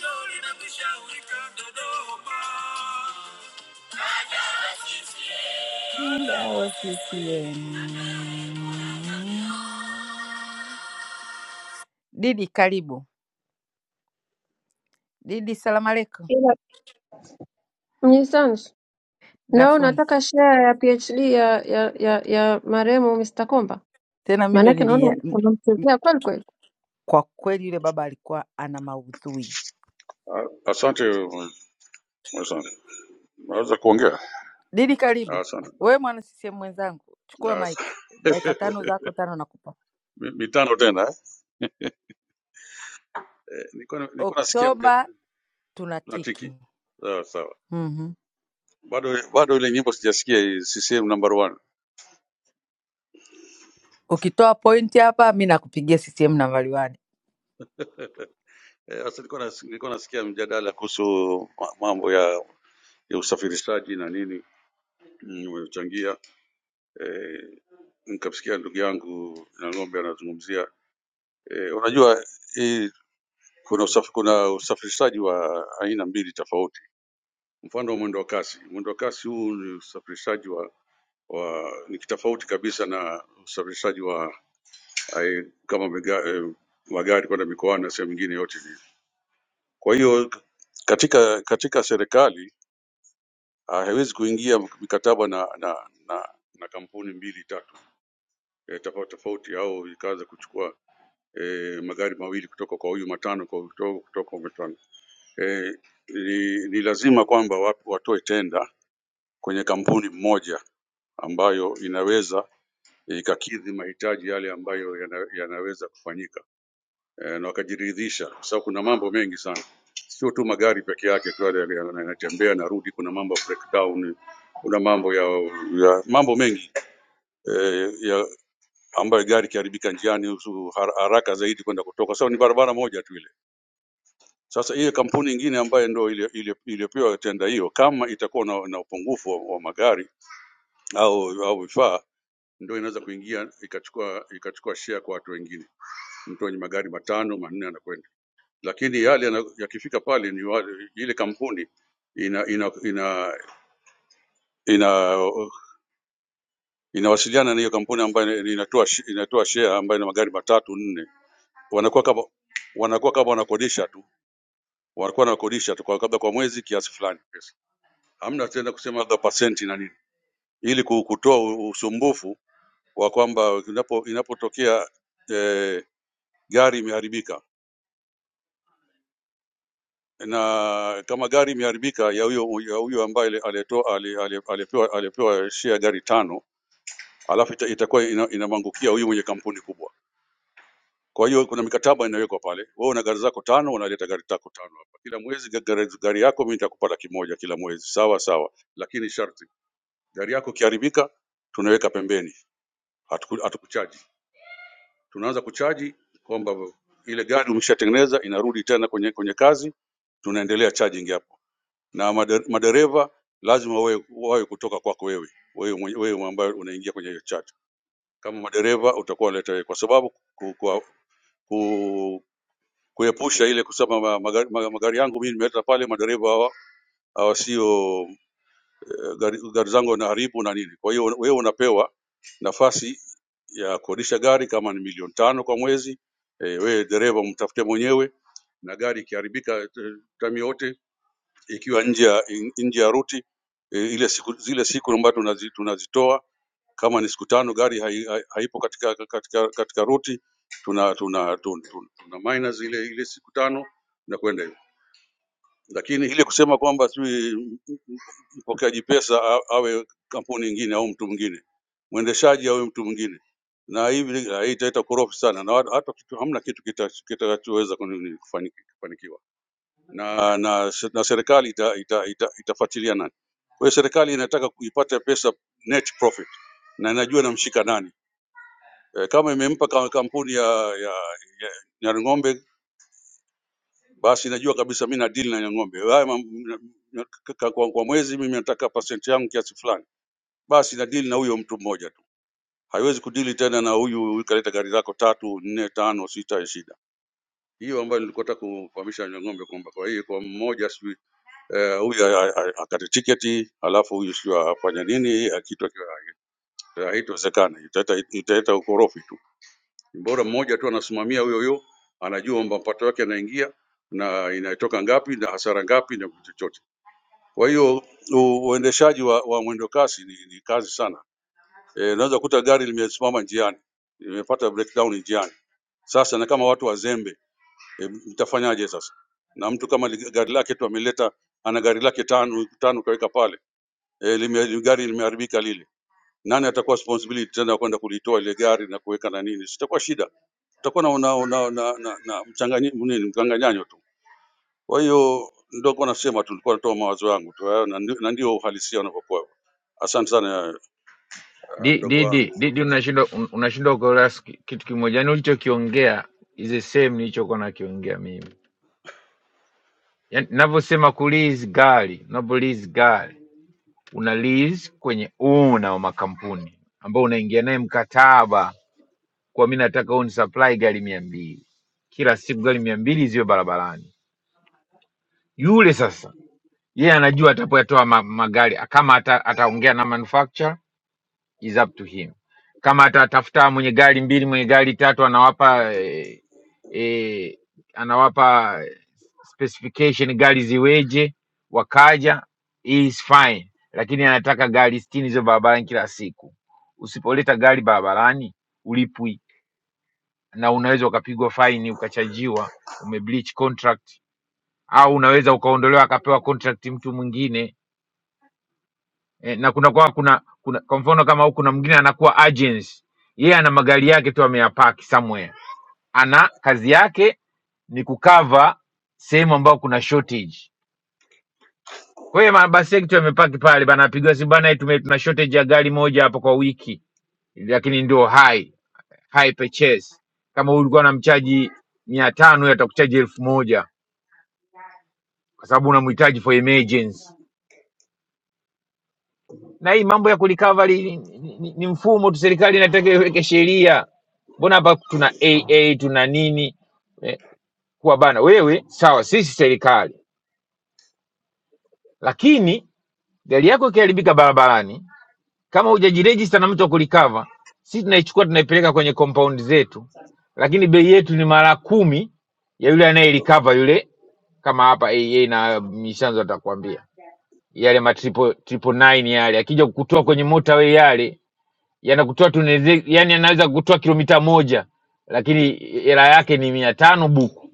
H: jambo limekwisha fika Dodoma. Didi, karibu. Didi, salamu aleikum.
B: Ila Mnyisanzu, nawe
H: Dafuni.
B: unataka share ya PhD ya ya ya, ya marehemu Mr. Komba?
H: Tena mi ndo
B: Maanake naona
H: nilia, m-
B: unamchezea kweli kweli.
H: kwa kweli yule baba alikuwa ana maudhui.
I: Ah, Asante asante, naweza kuongea?
H: Didi,
I: Ah,
H: karibu
I: Asante sana.
H: wewe mwana CCM mwenzangu, chukua
I: Ah, asante.
H: maiki, dakika tano zako, tano nakupa.
I: Mi- mitano tena eh? Eh, nilikuwa nilikuwa nasikia mjadala
H: Oktoba
I: na tiki,
H: tunatiki.
I: sawa sawa,
H: mm
I: bado bado ile nyimbo sijasikia, hii CCM number one.
H: Ukitoa pointi hapa, mi nakupigia CCM nambari wani.
I: Eh, Sasa nilikuwa nas- nilikuwa nasikia mjadala kuhusu ma- mambo ya ya usafirishaji na nini mm, umechangia eh, nikamsikia ndugu yangu na ng'ombe anazungumzia eh, unajua hii kuna usaf, kuna usafirishaji wa aina mbili tofauti Mfano wa mwendo kasi. Mwendo kasi huu ni usafirishaji wa, wa ni kitofauti kabisa na usafirishaji wa eh, kama mega, eh, magari kwenda mikoani na sehemu nyingine yote hii. Kwa hiyo katika katika serikali ah, haiwezi kuingia mikataba na na, na, na kampuni mbili tatu eh, tofauti tofauti, au ikaanza kuchukua eh, magari mawili kutoka kwa huyu matano kwa kutoka, kutoka kwa matano eh, ni, ni lazima kwamba wa- watoe tenda kwenye kampuni moja ambayo inaweza ikakidhi mahitaji yale ambayo yana- yanaweza kufanyika e, na wakajiridhisha, kwa sababu kuna mambo mengi sana, sio tu magari peke yake tu yale yale yanatembea na rudi, kuna mambo ya breakdown, kuna mambo ya, ya mambo mengi e, ya ambayo gari ikiharibika njiani husu- har- haraka zaidi kwenda kutoka, kwa sababu ni barabara moja tu ile. Sasa hiyo kampuni ingine ambayo ndio ile- ile- iliyopewa tenda hiyo, kama itakuwa na, na upungufu wa, wa magari au au vifaa ndio inaweza kuingia ikachukua ikachukua share kwa watu wengine. Mtu mwenye magari matano manne anakwenda, lakini yale yana- yakifika pale ni wale, ile kampuni ina ina ina ina inawasiliana na hiyo kampuni ambayo ina- inatoa shi- inatoa share ambayo ina magari matatu nne, wanakuwa kama wanakuwa kama wanakodisha tu, wanakuwa wanakodisha tu kwa kabla kwa mwezi kiasi fulani pesa. Hamna tena kusema labda pasenti na nini, ili ku- kutoa u- usumbufu wa kwamba inapo inapotokea eh, gari imeharibika na kama gari imeharibika ya huyo ya huyo ambaye ali- alitoa ali- ali- alipewa alipewa share gari tano, alafu ita, itakuwa ina- inamwangukia ina huyu mwenye kampuni kubwa. Kwa hiyo kuna mikataba inawekwa pale, wewe una gari zako tano, unaleta gari zako tano hapa kila mwezi. ga- Gari, gari yako mimi nitakupa laki moja kila mwezi, sawa sawa, lakini sharti gari yako ikiharibika, tunaweka pembeni, hatuku- hatukuchaji. Tunaanza kuchaji kwamba ile gari umeshatengeneza, inarudi tena kwenye kwenye kazi, tunaendelea charging hapo na madere- madereva lazima wawe wawe kutoka kwako wewe wewe mwenye- wewe ambaye unaingia kwenye hiyo chat. Kama madereva utakuwa unaleta wewe, kwa sababu ku, ku, ku, kuepusha ile kusema ma- magari, ma- magari yangu mimi nimeleta pale, madereva hawa hawa sio eh, gari, gari zangu wanaharibu na nini. Kwa hiyo wewe unapewa nafasi ya kukodisha gari kama ni milioni tano kwa mwezi. E, wewe dereva mtafute mwenyewe na gari ikiharibika eh, tamiote ikiwa nje ya in- nje ya ruti eh, ile siku, zile siku ambazo tunazi, tunazitoa kama ni siku tano gari haipo hai, hai, haipo katika katika katika ruti tuna tuna tuna, tuna, tuna minus ile ile siku tano na kwenda hivyo, lakini ile kusema kwamba sijui m- m- mpokeaji pesa a- awe kampuni nyingine au mtu mwingine, mwendeshaji awe mtu mwingine, na hivi haitaleta korofi sana, na wala hata kitu- hamna kitu kita- kitakachoweza kuni- kufani- kufanikiwa na na se- na serikali ita, ita, ita, itafuatilia nani. Kwa hiyo serikali inataka kuipata pesa net profit na inajua inamshika nani. E, kama imempa ka- kampuni ya, ya, ya Nyarang'ombe basi inajua kabisa mimi na deal na Nyarang'ombe. Haya mam- na- na- ka- ka- kwa, kwa mwezi mimi nataka percent yangu kiasi fulani, basi na deal na huyo mtu mmoja tu. Haiwezi kudili tena na huyu huyu kaleta gari zako tatu nne tano sita, ni shida hiyo ambayo nilikuwa nataka kufahamisha Nyang'ombe kwamba kwa hiyo kwa mmoja sijui eh, huyu a- a- a- akate tiketi alafu huyu sio afanye nini akitwa haitowezekana, italeta italeta ukorofi tu. Bora mmoja tu anasimamia huyo huyo, anajua kwamba mapato yake yanaingia na inatoka ngapi na hasara ngapi na kitu chochote. Kwa hiyo u- uendeshaji wa, wa mwendo kasi ni, ni kazi sana. Eh, unaweza kukuta gari limesimama njiani, limepata breakdown njiani. Sasa na kama watu wazembe, e, mtafanyaje sasa? Na mtu kama li- gari lake tu ameleta ana gari lake tano tano kaweka pale eh, lime, li- gari limeharibika lile, nani atakuwa responsibility tena kwenda kulitoa ile gari na kuweka na nini? Sitakuwa shida, tutakuwa na, na, na, na, na, na mchanganyi- nini, mkanganyanyo tu. Kwa hiyo ndio kwa nasema tu, nilikuwa natoa mawazo yangu tu hayo, na ndi- na ndio uhalisia unavyokuwa. Asante sana eh,
G: Di-
I: mdogo
G: Didi,
I: wangu.
G: Didi, unashindwa un- unashindwa kuelewa sk- kitu kimoja, yani ulichokiongea is the same nilichokuwa nakiongea mimi. Yani navyosema ku lease gari, unapo lease gari una lease kwenye una wa makampuni ambao unaingia naye mkataba, kwa mimi nataka uni supply gari mia mbili kila siku, gari mia mbili ziwe barabarani. Yule sasa yeye anajua atapoyatoa ma magari kama ata, ataongea na manufacturer is up to him kama atatafuta mwenye gari mbili mwenye gari tatu anawapa eh, eh, anawapa specification gari ziweje wakaja is fine lakini anataka gari sitini hizo barabarani kila siku usipoleta gari barabarani ulipwi na unaweza ukapigwa faini ukachajiwa umebleach contract au unaweza ukaondolewa akapewa contract mtu mwingine e, na kuna kwa kuna, kuna kwa mfano kama huku kuna mwingine anakuwa agency yeye ana magari yake tu ameyapaki somewhere ana kazi yake ni kukava sehemu ambayo kuna shortage kwa hiyo mabasi yake tu yamepaki pale bana apigwa si bana tume- tuna shortage ya gari moja hapa kwa wiki lakini ndio high high purchase kama ulikuwa unamchaji mia tano atakuchaji elfu moja kwa sababu unamhitaji for emergency na hii mambo ya kulikavali ni, ni, ni ni mfumo tu, serikali inataka iweke sheria. Mbona hapa tuna AA tuna nini eh, kuwa bana wewe sawa, sisi serikali, lakini gari yako ikiharibika barabarani, kama hujajirejista na mtu wa kulikava, sisi tunaichukua tunaipeleka kwenye compound zetu, lakini bei yetu ni mara kumi ya yule anayelikava yule, kama hapa AA na Mishanzo atakwambia yale ma triple, triple nine yale akija kukutoa kwenye motorway yale yanakutoa tuneze, yani anaweza kutoa kilomita moja lakini hela yake ni mia tano buku,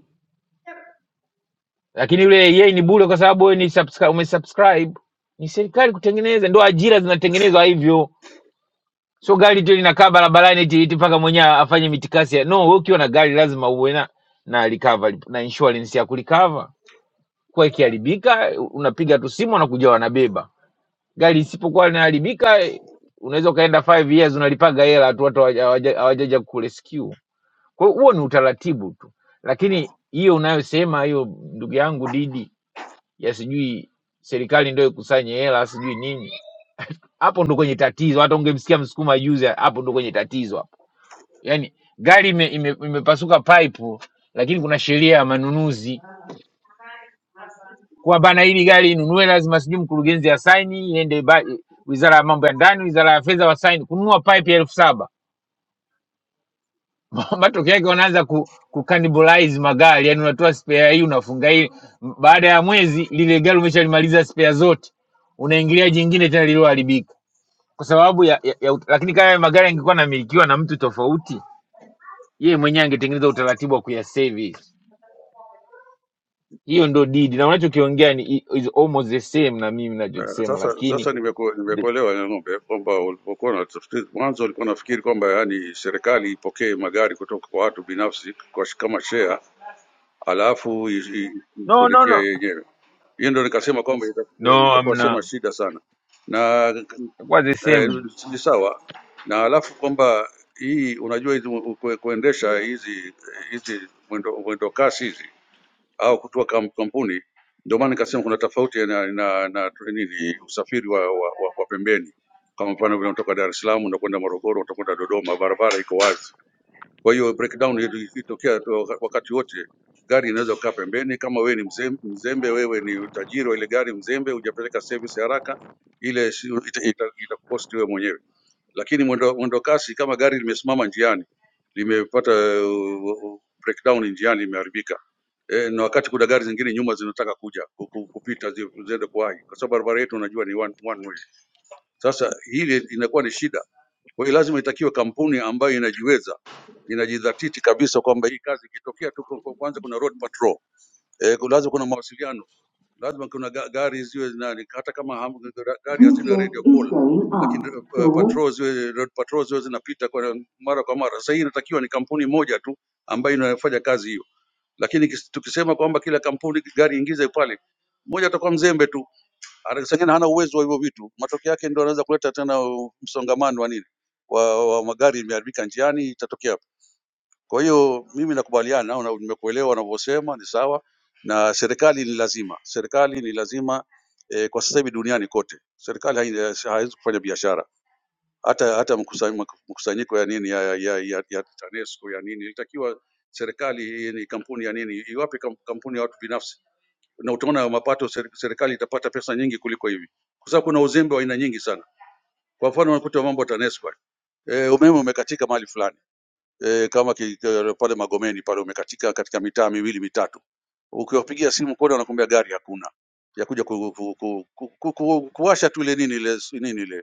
G: lakini yule yeye ni bure kwa sababu wewe ni subscribe, umesubscribe. Ni serikali kutengeneza, ndo ajira zinatengenezwa hivyo, sio gari tu linakaa barabarani eti eti mpaka mwenyewe afanye mitikasi ya no. Wewe ukiwa na gari lazima uwe na na recovery na insurance ya kulikava kwa ikiharibika, unapiga tu simu wanakuja wanabeba. Gari isipokuwa linaharibika, unaweza ukaenda 5 years unalipaga hela tu, watu hawaja- hawajaja kurescue Kwa hiyo huo ni utaratibu tu, lakini hiyo unayosema hiyo, ndugu yangu Didi, ya sijui serikali ndio ikusanye hela sijui nini, hapo ndo kwenye tatizo. Hata ungemsikia Msukuma juzi, hapo ndo kwenye tatizo hapo. Yani gari ime, ime, imepasuka pipe, lakini kuna sheria ya manunuzi kuwa bana, hili gari inunue lazima sijui mkurugenzi asaini, iende ba- wizara ya mambo ya ndani, wizara ya fedha wasaini kununua pipe ya elfu saba matokeo yake wanaanza ku, kucannibalize magari, yani unatoa spare hii unafunga hii, M- baada ya mwezi lile gari umeshalimaliza spare zote, unaingilia jingine tena lililoharibika kwa sababu ya, ya, ya, ut- lakini kama haya magari yangekuwa yanamilikiwa na mtu tofauti, yeye mwenyewe angetengeneza utaratibu wa kuyaservice. Hiyo ndo didi, na unachokiongea ni i- is almost the same na mimi
I: Eh,
G: ninachokisema,
I: Sasa sasa
G: lakini
I: nimeku-
G: the,
I: nimekuelewa ya ng'ombe eh, kwamba ulipokuwa na tafsiri mwanzo ulikuwa nafikiri kwamba yani serikali ipokee magari kutoka kwa watu binafsi kwa, sh- kama share alafu
G: no no
I: ishughulikia
G: no
I: yenyewe. hiyo ndio nikasema kwamba ita- eh,
G: no,
I: itakuwa sema
G: amna
I: shida sana na
G: kwa the
I: eh,
G: same.
I: ni sawa na alafu kwamba hii unajua hizi mu- kue- kuendesha hizi hizi mwendo, mwendo kasi hizi au kutoa kam- kampuni ndio maana nikasema kuna tofauti na, na, na, tu- nini usafiri wa, wa, wa, wa pembeni kama mfano vile unatoka Dar es Salaam unakwenda Morogoro utakwenda Dodoma barabara iko wazi kwa hiyo breakdown yetu ikitokea tu waka- wakati wote gari inaweza kukaa pembeni, kama wewe ni mzembe, mzembe wewe ni utajiri wa ile gari mzembe, hujapeleka service haraka, ile si- ita- ita- itakukosti wewe mwenyewe. Lakini mwendo, mwendo kasi kama gari limesimama njiani limepata uh, uh, breakdown njiani, limeharibika e, na wakati kuna gari zingine nyuma zinataka kuja ku- ku- kupita zi- ziende kuwahi, kwa sababu barabara yetu unajua ni one, one way. Sasa hili inakuwa ni shida kwa hiyo lazima itakiwe kampuni ambayo inajiweza inajidhatiti kabisa kwamba hii kazi ikitokea tu, kwa- kwa- kwanza kuna road patrol eh, ku- lazima kuna mawasiliano, lazima kuna ga- gari ziwe na, hata kama ham,
G: This
I: gari hazina radio
G: lift is
I: call
G: going up.
I: lakini uh,
G: Doors
I: patrol ziwe road patrol ziwe zinapita kwa mara kwa mara. Sasa hii inatakiwa ni kampuni moja tu ambayo inafanya kazi hiyo, lakini kis- tukisema kwamba kila kampuni gari ingize pale, moja atakuwa mzembe tu. Arasangani hana uwezo wa hivyo vitu, matokeo yake ndio anaweza kuleta tena u- msongamano wa nini wa, wa magari imeharibika njiani, itatokea hapo. Kwa hiyo mimi nakubaliana na nimekuelewa unavyosema, ni sawa, na serikali ni lazima, serikali ni lazima eh, kwa sasa hivi duniani kote serikali hai- e, haiwezi hai kufanya biashara hata hata mkusa- mkusanyiko ya nini ya, ya, ya, ya, ya TANESCO ya nini ilitakiwa serikali hii ni kampuni ya nini iwape kam- kampuni ya watu binafsi na utaona mapato ser- serikali itapata pesa nyingi kuliko hivi, kwa sababu kuna uzembe wa aina nyingi sana. Kwa mfano unakuta mambo ya TANESCO, eh, umeme umekatika mahali fulani e, kama ki, ke- pale Magomeni pale umekatika katika mitaa miwili mitatu, ukiwapigia simu kodi wanakuambia gari hakuna, ya kuja ku, ku, ku, ku, ku, ku, kuwasha tu ile nini ile nini ile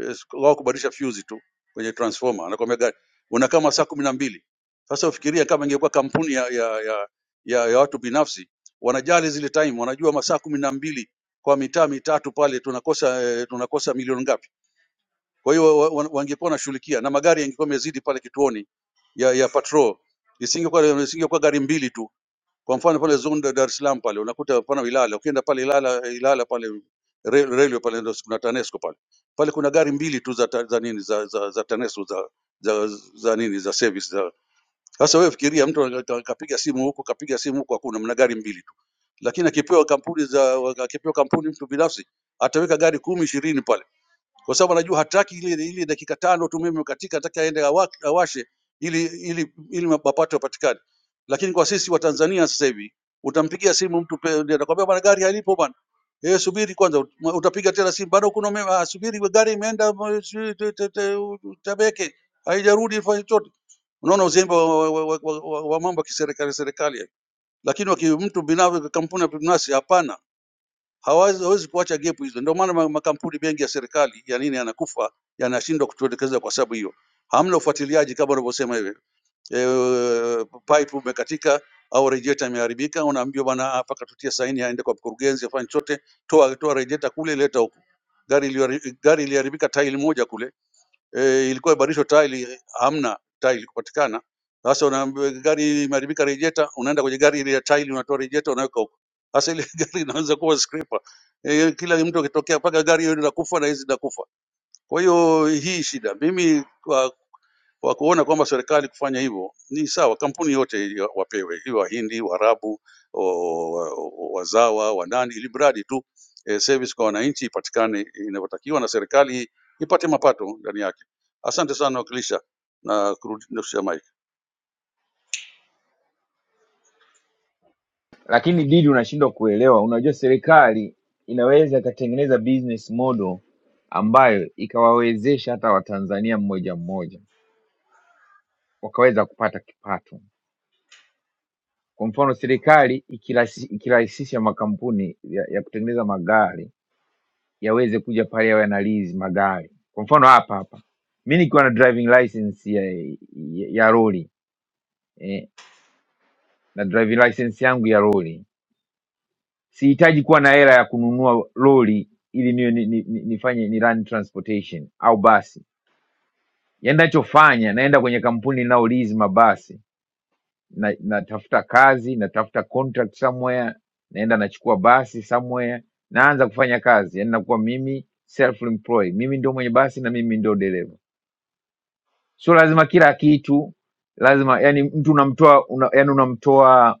I: eh, wao kubadilisha fuse tu kwenye transformer, anakuambia gari una kama saa kumi na mbili. Sasa ufikiria kama ingekuwa kampuni ya, ya, ya, ya, ya watu binafsi wanajali zile time, wanajua masaa kumi na mbili kwa mitaa mitatu pale tunakosa eh, tunakosa milioni ngapi? Kwa hiyo wa- wa- wangekuwa wanashughulikia na magari yangekuwa yamezidi pale kituoni ya, ya patrol, isingekuwa isingekuwa gari mbili tu. Kwa mfano pale zone ya Dar es Salaam pale unakuta pana Ilala, ukienda pale Ilala, Ilala pale re- railway pale ndio kuna TANESCO pale pale kuna gari mbili tu za, ta- za nini za, za, za TANESCO za, za, za nini za service za. Sasa wewe fikiria mtu aka- kapiga simu huko kapiga simu huko, hakuna mna gari mbili tu, lakini akipewa kampuni za akipewa kampuni mtu binafsi ataweka gari kumi ishirini pale kwa sababu anajua hataki ile ile dakika tano tu umeme umekatika, anataka aende awa- awashe ili ili ili mapato yapatikane. Lakini kwa sisi wa Tanzania sasa hivi utampigia simu mtu pe- ndiye atakwambia bwana, gari halipo bwana, eh, subiri kwanza. Ut- ma- Utapiga tena simu, bado kuna umeme, ah, subiri we gari imeenda ma- sijui te- te- te- u- u- Tabeke haijarudi, ifanye chochote. Unaona uzembe wa, wa, wa, wa, wa, wa mambo ya kiserikali serikali, lakini waki- mtu binafsi, kampuni ya binafsi hapana hawawezi hawezi kuacha gap hizo. Ndio maana ma- makampuni mengi ya serikali ya nini yanakufa yanashindwa kutuelekeza kwa sababu hiyo, hamna ufuatiliaji kama unavyosema hivi e, pipe umekatika au rejeta imeharibika, unaambiwa bwana, mpaka tutie saini aende kwa mkurugenzi afanye chote, toa toa rejeta kule, leta huku. Gari ilihari- gari iliharibika tairi moja kule eh, ilikuwa ibadilishwe taa, ili hamna taa ilikupatikana. Sasa unaambiwa gari imeharibika, rejeta, unaenda kwenye gari ile ya taa ile, unatoa rejeta, unaweka huko. Sasa ile gari inaweza kuwa scraper eh, kila mtu akitokea, mpaka gari hiyo inakufa na hizi zinakufa. Kwa hiyo hii shida mimi kwa kuona kwamba serikali kufanya hivyo ni sawa. Kampuni yote ili wa- wapewe, iwe Wahindi, Waarabu, o- wa- wa- wazawa, wanani, ili mradi tu eh, service kwa wananchi ipatikane inavyotakiwa na serikali ipate mapato ndani yake. Asante sana wakilisha na kurudisha mic.
G: lakini didi unashindwa kuelewa unajua serikali inaweza ikatengeneza business model ambayo ikawawezesha hata watanzania mmoja mmoja wakaweza kupata kipato kwa mfano serikali ikirahisi- ikirahisisha makampuni ya, ya kutengeneza magari yaweze kuja pale yawe yanalizi magari kwa mfano hapa hapa mi nikiwa na driving license ya, ya, ya lori eh, na driving license yangu ya lori sihitaji kuwa na hela ya kununua lori ili niwe ni, ni, ni, nifanye ni run transportation au basi yaani nachofanya naenda kwenye kampuni inayolizi mabasi na, natafuta kazi natafuta contract somewhere naenda nachukua basi somewhere naanza kufanya kazi yaani nakuwa mimi self employed mimi ndio mwenye basi na mimi ndio dereva sio lazima kila kitu lazima yani mtu unamtoa una, yani unamtoa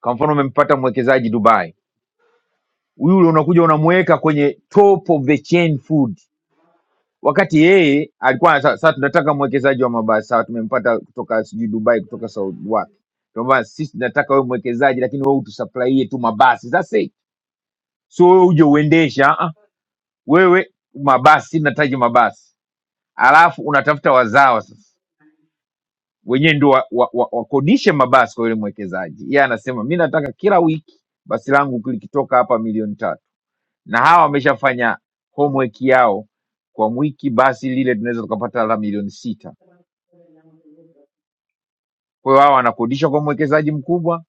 G: kwa mfano umempata mwekezaji dubai yule unakuja unamweka kwenye top of the chain food wakati yeye alikuwa sa- sasa tunataka mwekezaji wa mabasi sawa tumempata kutoka sijui dubai kutoka saudi wapi kwamba sisi tunataka wewe mwekezaji lakini wewe utusuplaie tu mabasi that's it so wewe uje uendesha ah, ah, wewe mabasi nataji mabasi alafu unatafuta wazawa sasa wenyewe ndio wakodishe wa, wa, wa wakodishe mabasi kwa yule mwekezaji yeye anasema mi nataka kila wiki basi langu likitoka hapa milioni tatu na hawa wameshafanya homework yao kwa wiki, basi lile tunaweza tukapata labda milioni sita. Kwa hiyo hawa wanakodishwa kwa mwekezaji mkubwa,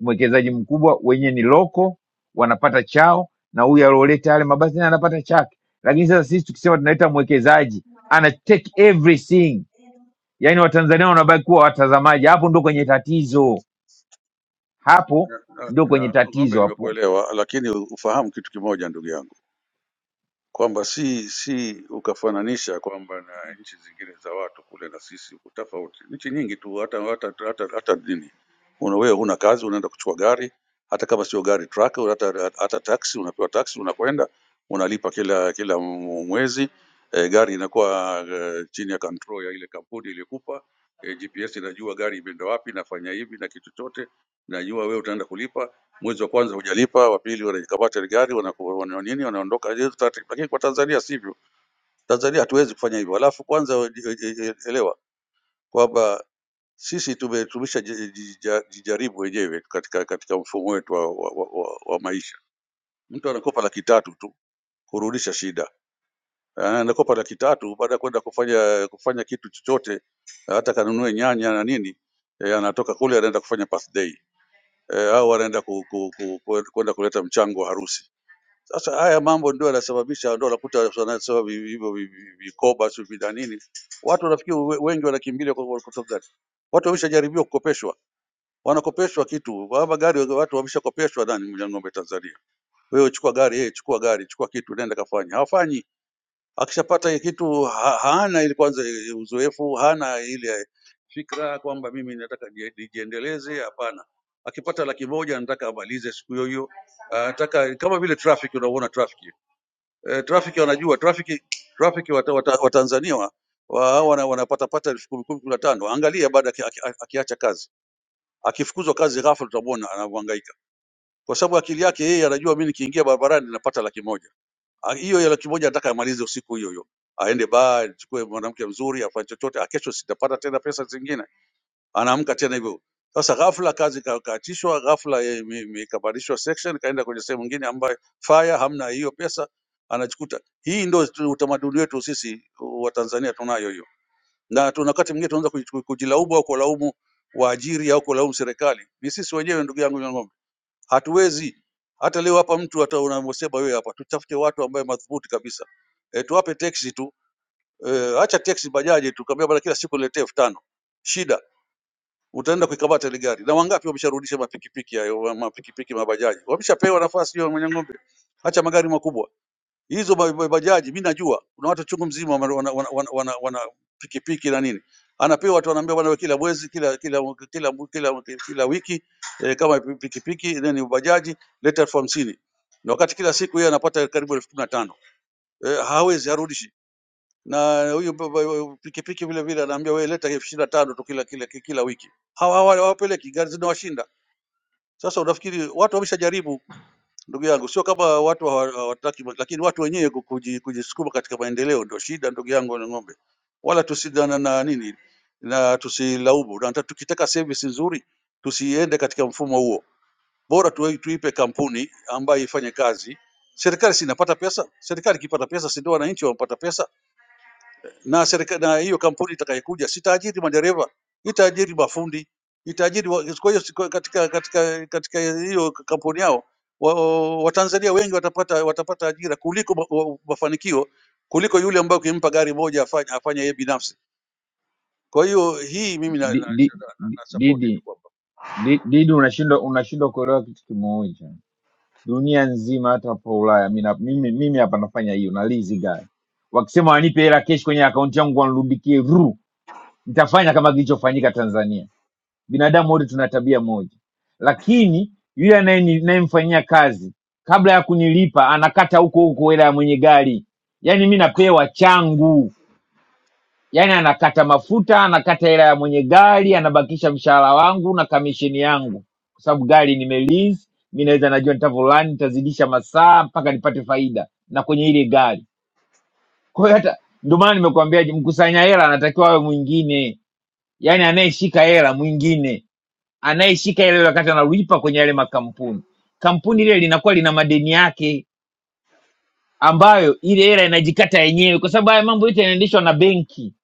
G: mwekezaji mkubwa wenyewe ni loko, wanapata chao, na huyu alioleta yale mabasi naye anapata chake. Lakini sasa sisi tukisema tunaleta mwekezaji ana take everything, yaani Watanzania wanabaki kuwa watazamaji. Hapo ndo kwenye tatizo, hapo
I: Na- na-
G: ndo kwenye
I: na- Ng'ombe,
G: tatizo hapo.
I: nimekuelewa, lakini ufahamu kitu kimoja ndugu yangu kwamba si si ukafananisha kwamba na nchi zingine za watu kule na sisi huku tofauti. Nchi nyingi tu hata hata hata, hata nini una wewe huna kazi, unaenda kuchukua gari, hata kama sio gari truck, au hata, hata taxi, unapewa taxi, unakwenda unalipa kila kila mwezi e, gari inakuwa e, chini ya control ya ile kampuni ilikupa e, GPS inajua gari imeenda wapi, inafanya hivi na kitu chote, najua wewe utaenda kulipa mwezi wa kwanza hujalipa, wa pili wanaikamata ile gari wanaku- wana nini, wanaondoka. Hizo taratibu. Lakini kwa Tanzania sivyo, Tanzania hatuwezi kufanya hivyo. Alafu kwanza we- e- e- e, elewa kwamba sisi tume- tumeshajijaribu wenyewe katika katika mfumo wetu wa, wa, wa, wa, wa maisha. Mtu anakopa laki tatu tu kurudisha shida, Ah, anakopa laki tatu baada ya kwenda kufanya kufanya kitu chochote, hata kanunue nyanya na nini eh, anatoka kule anaenda kufanya birthday eh, au anaenda ku- ku- ku- ku- kwenda kuleta mchango wa harusi Sasa haya mambo ndio yanasababisha, ndio unakuta wanasema vi- hivyo vi- vi- vikoba sijui na nini, watu wanafikiri we- wengi wanakimbilia kwa kwa sababu gani? Watu wameshajaribiwa kukopeshwa, wanakopeshwa kitu hapa gari, watu wameshakopeshwa. Nani mja ng'ombe Tanzania? Wewe chukua gari, yeye chukua gari, chukua kitu, nenda kafanya. Hawafanyi, akishapata hii kitu ha, haana ile kwanza eh, uzoefu, hana ile fikra kwamba mimi nataka nijie- nijiendeleze. Hapana, akipata laki moja anataka amalize siku hiyo hiyo, Ah, anataka kama vile traffic, unaona traffic eh, traffic wanajua traffic traffic wa, wa, wa Tanzania wa, wa, wana, wanapata pata elfu kumi kumi kumi na tano. Angalia baada aki, aki, akiacha kazi akifukuzwa kazi ghafla, utamwona anavyohangaika kwa sababu akili yake yeye anajua mimi nikiingia barabarani napata laki moja. Ah, Hiyo ya laki moja nataka amalize usiku hiyo hiyo, aende baa, achukue mwanamke mzuri, afanye chochote, ah, kesho sitapata tena pesa zingine anaamka tena hivyo. Sasa ghafla kazi ika- ikaachishwa, ghafla eh, ime- ime- ikabadilishwa section, ikaenda kwenye sehemu nyingine ambayo fire hamna hiyo pesa anachukuta. Hii ndio tu- utamaduni wetu sisi uh, wa Tanzania tunayo hiyo, na tuna wakati mwingine tunaanza kuji- ku- kujilaumu au kulaumu waajiri au kulaumu serikali. Ni sisi wenyewe, ndugu yangu Nyang'ombe, hatuwezi hata leo hapa mtu hata unamosema wewe hapa, tutafute watu ambaye madhubuti kabisa e, tuwape teksi tu e, acha teksi bajaji tu, kaambia bwana, kila siku niletee elfu tano shida utaenda kuikamata ile gari. Na wangapi wamesharudisha mapikipiki hayo, wa- mapikipiki mabajaji, wameshapewa nafasi hiyo mwenye ng'ombe, hacha magari makubwa hizo ba- ba- bajaji. Mi najua kuna watu chungu mzima wana, wana, wana, wana, wana, wana pikipiki na nini anapewa watu wanaambia bwana, wewe kila mwezi kila kila kila kila, kila wiki eh, kama pi- pikipiki then bajaji leta elfu hamsini na wakati kila siku yeye anapata karibu elfu kumi na tano eh, hawezi harudishi na huyu ba- ba- pikipiki vile vile anaambia wewe leta elfu ishirini na tano tu kila kila kila wiki. Hawa hawa- hawapeleki, gari zinawashinda. Sasa unafikiri watu wameshajaribu, ndugu yangu, sio kama watu hawa- hawataki, lakini watu wenyewe ku- kuji- kujisukuma katika maendeleo ndio shida, ndugu yangu na ng'ombe, wala tusidana na nini na tusilaumu, na hata tukitaka service nzuri tusiende katika mfumo huo, bora tu, tuipe kampuni ambayo ifanye kazi. Serikali si inapata pesa? Serikali ikipata pesa, si ndio wananchi wanapata pesa? na serikali na hiyo kampuni itakayekuja sitaajiri madereva, itaajiri mafundi, itaajiri wa- kwa hiyo siku- katika katika katika hiyo kampuni yao wa- Watanzania wa wengi watapata watapata ajira kuliko ma- wa- mafanikio kuliko yule ambaye ukimpa gari moja afanye afanye yeye binafsi. Kwa hiyo hii mimi na, na,
G: Di- di-
I: na,
G: di-
I: na support tu
G: Didi,
I: kwamba
G: di- Didi, unashindwa unashindwa kuelewa kitu kimoja dunia nzima, hata hapo Ulaya. Mimi na- mimi mimi hapa nafanya hiyo na lizi guy, wakisema wanipe hela kesh kwenye akaunti yangu wanirudie ru, nitafanya kama kilichofanyika Tanzania. Binadamu wote tuna tabia moja, lakini yule anayeni- ninayemfanyia kazi kabla ya kunilipa anakata huko huko hela ya mwenye gari, yaani mi napewa changu yaani anakata mafuta anakata hela ya mwenye gari anabakisha mshahara wangu na kamisheni yangu kwa sababu gari nimelease mi naweza najua nitavolani nitazidisha masaa mpaka nipate faida na kwenye ile gari kwa hiyo hata ndio maana nimekuambia mkusanya hela anatakiwa awe mwingine yaani anayeshika hela mwingine anayeshika hela ile wakati analipa kwenye yale makampuni kampuni ile linakuwa lina madeni yake ambayo ile hela inajikata yenyewe kwa sababu haya mambo yote yanaendeshwa na benki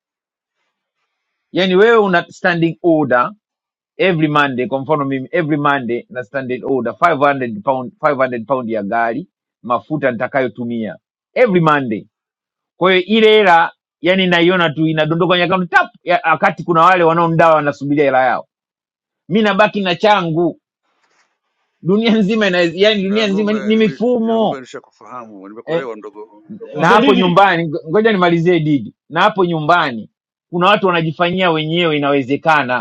G: yaani wewe una standing order every monday kwa mfano mimi every monday na standard order 500 pound 500 pound ya gari mafuta nitakayotumia every monday kwa hiyo ile hela yani naiona tu inadondoka kwenye akaunti tap ya- wakati kuna wale wanaomdawa wanasubiria hela yao mi nabaki na changu dunia nzima ina, yani dunia
I: Ya
G: nzima
I: ng'ombe
G: ni, ni
I: nime- ya ng'ombe
G: mifumo
I: nishakufahamu,
G: eh,
I: nimekuelewa mdogo mdogo
G: na
J: Mzee
I: wangu,
G: hapo
J: Didi,
G: nyumbani ngo- ngoja nimalizie didi na hapo nyumbani kuna watu wanajifanyia wenyewe inawezekana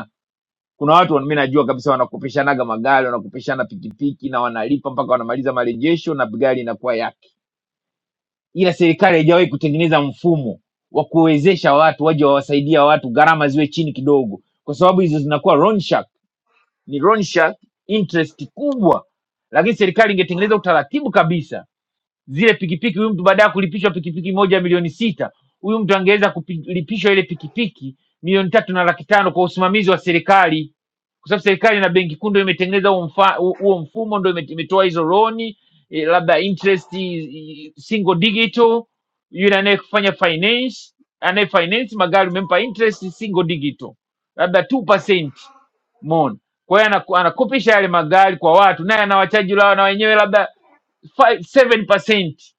G: kuna watu mi najua kabisa wanakopeshanaga magari wanakopeshana pikipiki na wanalipa mpaka wanamaliza marejesho na gari inakuwa yake ila serikali haijawahi kutengeneza mfumo wa kuwezesha watu waje wawasaidia watu gharama ziwe chini kidogo kwa sababu hizo zinakuwa loan shark ni loan shark interest kubwa lakini serikali ingetengeneza utaratibu kabisa zile pikipiki huyu mtu baadaye kulipishwa pikipiki moja milioni sita huyu mtu angeweza kulipishwa ile pikipiki milioni tatu na laki tano kwa usimamizi wa serikali kwa sababu serikali na benki kuu ndo imetengeneza huo mfa- huo mfumo ndo ime- imetoa hizo loni eh, labda interest eh, single digital yule anayefanya finance anaye finance magari umempa interest single digital labda 2% mon kwa hiyo anaku- anakopisha yale magari kwa watu naye anawachaji lao na wenyewe labda fi- 7%.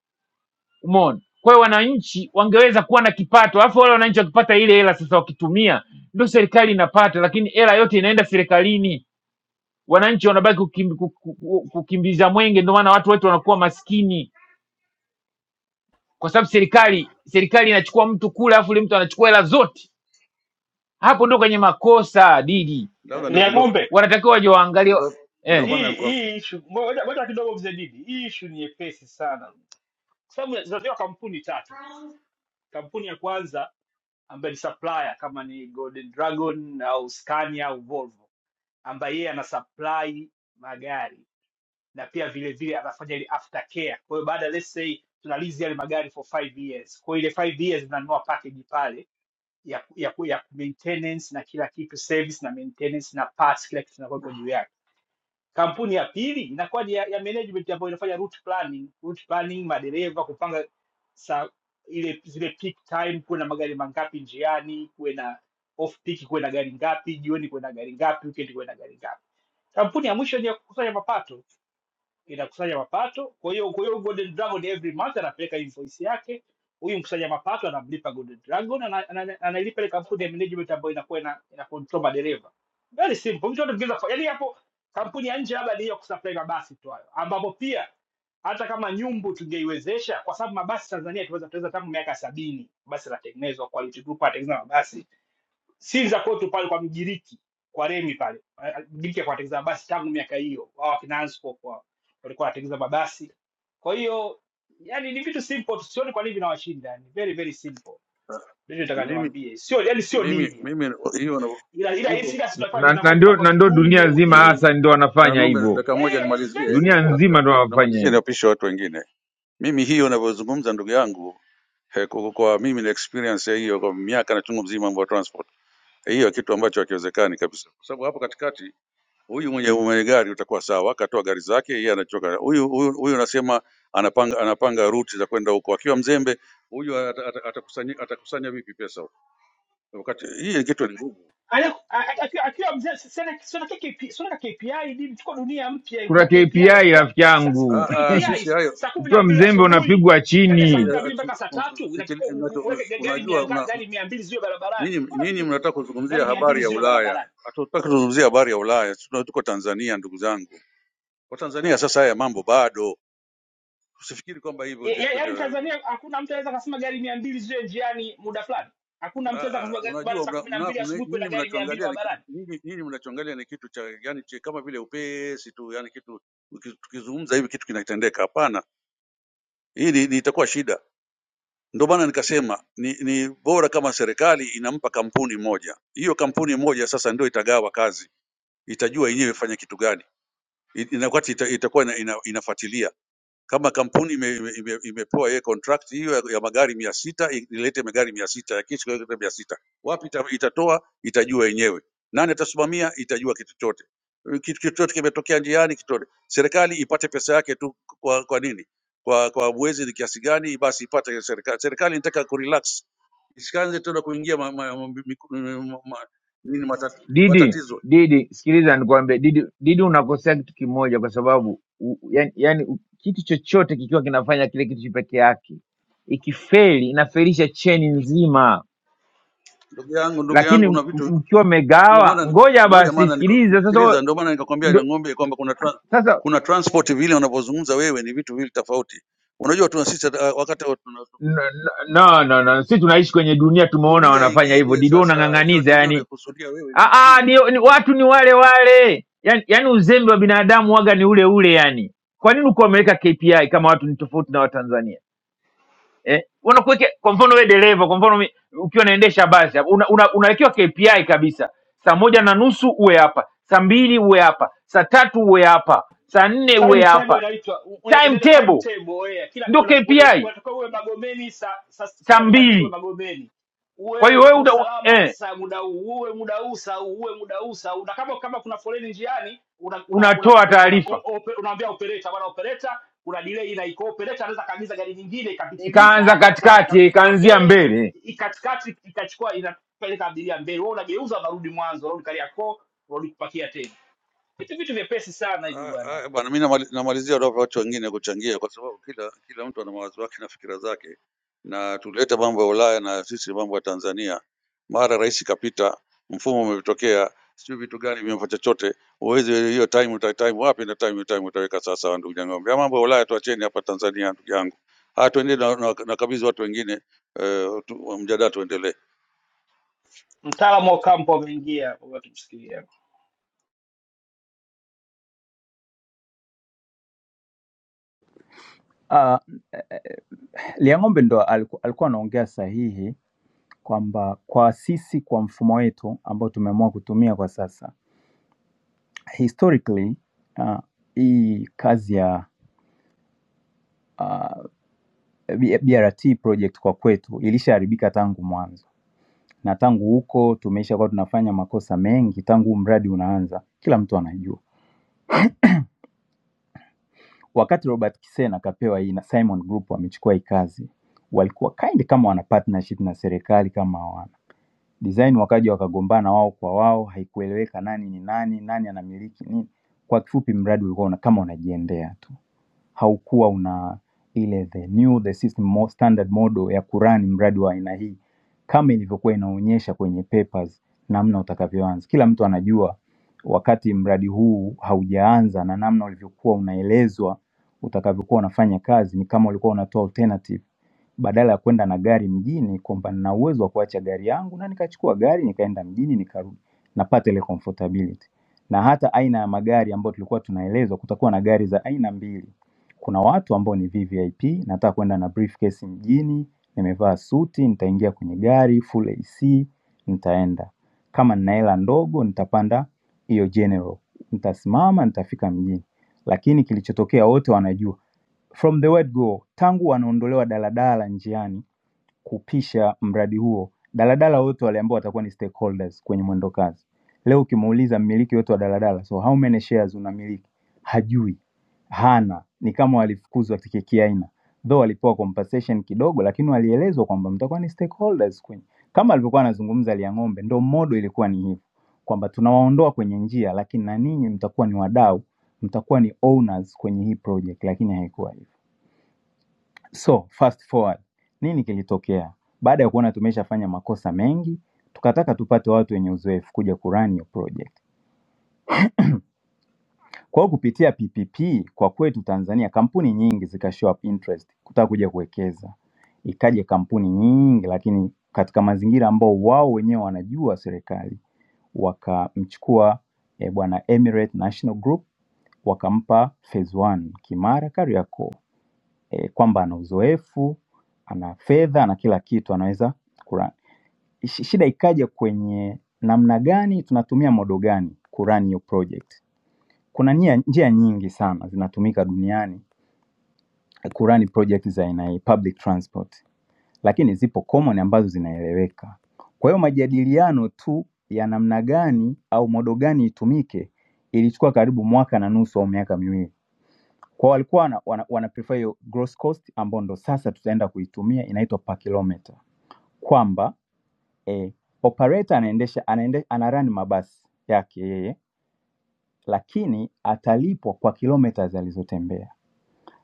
G: Umeona? Kwa hiyo wananchi wangeweza kuwa na kipato, alafu wale wananchi wakipata ile hela sasa wakitumia, ndio serikali inapata, lakini hela yote inaenda serikalini, wananchi wanabaki kukim, ku- ku- ku- kukimbiza mwenge. Ndio maana watu wetu wanakuwa maskini, kwa sababu serikali serikali inachukua mtu kule, alafu yule mtu anachukua hela zote. Hapo ndio kwenye makosa Didi,
I: labda
J: ni
I: ndio ndio
J: akombe
G: wanatakiwa waje waangalie
I: ndio ndio
G: eh.
I: maana
J: hii
I: nilikuwa-
J: hii issue ngoja ngoja kidogo, mzee Didi, hii issue ni nyepesi sana, kwa sababu zinatoka kampuni tatu tu. Kampuni ya kwanza ambaye ni supplier kama ni Golden Dragon au Scania au Volvo, ambaye yeye ana supply magari na pia vile vile anafanya ile aftercare. Kwa hiyo baada let's say tunalizi yale magari for five years, kwa hiyo ile five years mnanunua package pale ya, ya, ya maintenance na kila kitu service na maintenance na parts, kila kitu kinakuwa juu yake kampuni ya pili inakuwa ni ya, ya management ambayo inafanya route planning route planning madereva kupanga saa ile zile peak time kuwe na magari mangapi njiani kuwe na off peak kuwe na gari ngapi jioni kuwe na gari ngapi weekend kuwe na gari ngapi kampuni ya mwisho ni ya kukusanya mapato inakusanya mapato. Kwa hiyo kwa hiyo Golden Dragon every month anapeleka invoice yake, huyu mkusanya mapato anamlipa Golden Dragon, ana- ana- anailipa ile kampuni ya management ambayo inakuwa ina, ina control madereva. Very simple, mtu anaweza kufanya yani hapo. Kampuni ya nje labda ni ya kusupply mabasi tu hayo, ambapo pia hata kama nyumbu tungeiwezesha, kwa sababu mabasi Tanzania tunaweza tunaweza tangu miaka sabini basi latengenezwa, Quality Group anatengeneza mabasi siri za kwetu pale kwa Mgiriki kwa Remi pale. Ah, Mgiriki alikuwa anatengeneza mabasi tangu miaka hiyo, wao wakina Anspop wao walikuwa wanatengeneza mabasi. Kwa hiyo yani ni vitu simple, tu, sioni kwa nini vinawashinda, ni very very simple. Ndio nataka
I: mimi
J: niwaambie, sio yani sio
I: mimi
J: deal yani,
I: mimi hiyo na-
J: ila ila ila
I: hivyo
J: sisi tunafanya
G: na, na, na
J: vinakuwa
G: ndio
J: vinakuwa
G: na ndio dunia
I: Eh,
J: vigumu
G: nzima
J: ili
I: Mimi
G: hasa ndio
I: na
G: wanafanya
I: ng'ombe,
G: hivyo
I: dakika
J: eh,
I: moja
J: eh, it's very
I: nimalizie,
G: dunia
J: simple
G: nzima ndio wanafanya
I: namalizie
G: hivyo
I: niwapishe watu wengine. Mimi hiyo navyozungumza, ndugu yangu eh, kwa, kwa mimi na experience ya hiyo kwa miaka na chungu mzima mambo ya transport, Eh, hiyo kitu ambacho hakiwezekani kabisa, kwa sababu hapo katikati huyu mwenye mwenye gari utakuwa sawa, akatoa gari zake, yeye anachoka huyu huyu huyu, anasema anapanga anapanga ruti za kwenda huko, akiwa mzembe huyu ata- ata- atakusanya atakusanya vipi pesa huko? Wakati hii kitu ni ngumu.
J: Ana- a- a- akiwa akiwa mzee si- sina sina tu KP sio na KPI nini tuko dunia mpya kuna
G: kuna
J: KPI
G: KPI
J: atakuwa
G: rafiki
I: Ah,
G: yangu.
I: ah,
J: KPI
I: sisi hayo
J: saa kumi na
G: Ukiwa
J: mbili
G: mzembe
J: asubuhi
G: unapigwa
J: kati ya saa
I: Sikili-
J: kumi
G: chini.
J: na
I: eh, eh,
J: mbili
I: tu-
J: mpaka saa
I: um,
J: tatu
I: sikili-
J: unatakiwa u- u-
I: mnacho-
J: uweke ga- gari mia
I: Unajua
J: nga-
I: una,
J: gari mia mbili ziwe barabarani
I: nini
J: mbona
I: nini
J: vitu
I: mnataka kuzungumzia
J: gari mia mbili
I: habari ya
J: ziwe
I: Ulaya?
J: barabarani
I: Hatutaki kuzungumzia habari ya Ulaya, tuna- tuko Tanzania ndugu zangu. Kwa Tanzania sasa haya mambo bado, usifikiri kwamba
J: e,
I: hivyo kitu
J: ya,
I: kitu.
J: yaani
I: eh,
J: Tanzania hakuna mtu anaweza akasema gari mia mbili ziwe njiani muda fulani hakuna mtu
I: ah,
J: anaweza akasema
I: ah,
J: ga- bwana
I: Unajua
J: saa
I: mna,
J: kumi na
I: mna,
J: mbili
I: mna,
J: asubuhi kuna
I: nini
J: gari mia mbili
I: mnachoangalia ni ki-
J: barabarani
I: nini, nini mnachoangalia ni kitu cha yani cha, kama vile upesi tu yani kitu uki- tukizungumza hivi kitu kinatendeka. Hapana, hii ni- ni- itakuwa shida. Ndio maana nikasema ni, ni bora kama serikali inampa kampuni moja, hiyo kampuni moja sasa ndio itagawa kazi, itajua yenyewe ifanye kitu gani, I- ina- wakati ita- itakuwa ina, ina, inafuatilia kama kampuni imepewa ime, ime, ime, imepewa yeye contract hiyo ya, ya magari mia sita ilete magari mia sita yakisha ilete mia sita wapi ita, itatoa itajua yenyewe nani atasimamia itajua kitu chote kitu chochote kimetokea njiani kitote serikali ipate pesa yake tu kwa, kwa nini kwa kwa mwezi ni kiasi gani basi ipate serikali serikali inataka kurelax isianze tena kuingia ma, ma, ma, ma, ma, ma, nini mata-
G: Didi,
I: matatizo
G: Didi, sikiliza nikwambie, Didi, Didi unakosea kitu kimoja, kwa sababu u, yani, yani u- kitu chochote kikiwa kinafanya kile kitu peke yake, ikifeli inafelisha cheni nzima,
I: ndugu yangu ndugu
G: lakini
I: yangu
G: m-
I: una vitu
G: mkiwa
I: Ndio
G: mmegawa,
I: maana
G: ngoja
I: ngoja
G: basi,
I: maana niko-
G: sikiliza sasa. wewe-
I: sikiliza, ndio maana nikakwambia
G: Ndo,
I: ya ng'ombe kwamba kuna tra,
G: sasa
I: kuna transport vile unavyozungumza wewe ni vitu vili tofauti. Unajua tuna sisi hata- uh, wakati wa tuna
G: no, no, no, no. Sisi tunaishi kwenye dunia, tumeona
I: dunia
G: wanafanya hivyo.
I: ingine
G: Didi wewe
I: sasa, hiyo
G: unang'ang'aniza
I: dunia
G: yani
I: unayokusudia wewe ni
G: Ah,
I: ingine.
G: ah, ni, ni, watu ni wale wale yani, yani uzembe wa binadamu waga ni ule ule yani. Kwa nini uko wameweka KPI kama watu ni tofauti na Watanzania eh? Wanakuweka kwa mfano wewe dereva, kwa mfano mi- ukiwa unaendesha basi hapo, una, una, unawekewa KPI kabisa, saa moja na nusu uwe hapa, saa mbili uwe hapa, saa tatu uwe hapa, saa nne uwe
J: timetable
G: hapa,
J: inaitwa u- u- inaitwa
G: timetable
J: timetable yeah. Kila
G: ndio
J: una- wale-
G: KPI
J: unatakiwa uwe Magomeni saa saa kumi
G: saa
J: na mbili kamili uwe
G: mbili.
J: Magomeni,
G: Kwa
J: uwe
G: hiyo wewe una,
J: usalama
G: eh,
J: saa muda huu, uwe muda huu saa huu, uwe muda huu saa huu. Na kama kama kuna foleni njiani, una una una
G: unatoa
J: una- o-
G: taarifa
J: ope- unaambia operator, bwana operator, kuna delay na iko operator anaweza kaagiza gari nyingine ikapitiliza
G: ikaanza
J: ikaenda kwa
G: katikati,
J: ikakuta kwa
G: ikaanzia
J: mbele
G: mbele
J: ikatikati ikachukua inapeleka abiria mbele, wewe unageuza unarudi mwanzo, unarudi Kariakoo, unarudi kupakia tena. Vitu vitu vyepesi sana hivyo
I: Ah,
J: bwana.
I: ah, Bwana, mi namali- namalizia roho watu wengine kuchangia, kwa sababu kila kila mtu ana mawazo yake na fikira zake, na tulileta mambo ya Ulaya na sisi mambo ya Tanzania. Mara rais kapita, mfumo umetokea, sijui vitu gani vimefanya chochote. Uwezi hiyo time uta time wapi na time time utaweka sasa, ndugu yangu. Ya mambo ya Ulaya tuacheni hapa Tanzania, ndugu yangu. Haya, tuende na, na, na kabidhi watu wengine eh, tu, mjadala tuendelee.
J: Mtaalamu wa kampo ameingia, kwa tumsikilia
K: Uh, Liang'ombe ndo aliku- alikuwa anaongea sahihi kwamba kwa sisi kwa mfumo wetu ambao tumeamua kutumia kwa sasa historically uh, hii kazi ya B- BRT project kwa kwetu ilishaharibika tangu mwanzo, na tangu huko tumeisha kuwa tunafanya makosa mengi tangu huu mradi unaanza, kila mtu anajua. Wakati Robert Kisena akapewa hii na Simon Group wamechukua hii kazi, walikuwa kind kama wana partnership na serikali kama design wakaja wakagombana wao kwa wao, haikueleweka nani ni nani, nani anamiliki nini. Kwa kifupi, mradi ulikuwa una, kama unajiendea tu, haukuwa una ile the new the system mo- standard model ya kurani mradi wa aina hii kama ilivyokuwa inaonyesha kwenye papers namna utakavyoanza. Kila mtu anajua wakati mradi huu haujaanza na namna ulivyokuwa unaelezwa utakavyokuwa unafanya kazi, ni kama ulikuwa unatoa alternative badala ya kwenda na gari mjini kwamba nina uwezo wa kuacha gari yangu na nikachukua gari nikaenda mjini nikarudi napata ile comfortability na hata aina ya magari ambayo tulikuwa tunaelezwa kutakuwa na gari za aina mbili kuna watu ambao ni vvip nataka kwenda na briefcase mjini nimevaa suti nitaingia kwenye gari full ac nitaenda kama nina hela ndogo nitapanda hiyo general nitasimama nitafika mjini lakini kilichotokea wote wanajua From the word go, tangu wanaondolewa daladala njiani kupisha mradi huo, daladala wote waliambiwa watakuwa ni stakeholders kwenye mwendo kasi. Leo ukimuuliza mmiliki wote wa daladala, so how many shares unamiliki, hajui, hana, ni kama walifukuzwa kikiaina, though walipewa compensation kidogo, lakini walielezwa kwamba mtakuwa ni stakeholders kwenye. Kama alivyokuwa anazungumza Liang'ombe, ndo modo ilikuwa ni hivyo kwamba tunawaondoa kwenye njia, lakini na ninyi mtakuwa ni wadau, mtakuwa ni owners kwenye hii project, lakini haikuwa hivyo. So fast forward, nini kilitokea? Baada ya kuona tumeshafanya makosa mengi, tukataka tupate watu wenye uzoefu kuja kurun your project. Kwa hiyo kupitia PPP kwa kwetu Tanzania, kampuni nyingi zika show up interest kutaka kuja kuwekeza, ikaja kampuni nyingi, lakini katika mazingira ambao wao wenyewe wanajua serikali, wakamchukua eh, bwana Emirate National Group wakampa phase one Kimara Kariakoo e, kwamba ana uzoefu, ana fedha, ana kila kitu anaweza kurun. Shi- Shida ikaja kwenye namna gani tunatumia modo gani kurun hiyo project. Kuna nia, njia nyingi sana zinatumika duniani kurun project za aina hii, public transport, lakini zipo common ambazo zinaeleweka. Kwa hiyo majadiliano tu ya namna gani au modo gani itumike ilichukua karibu mwaka na nusu au miaka miwili kwa walikuwa wana, wana, wana prefer hiyo gross cost ambayo ndo sasa tutaenda kuitumia inaitwa per kilometer, kwamba eh, operator anaendesha anaende, ana run mabasi yake yeye, lakini atalipwa kwa kilometers alizotembea.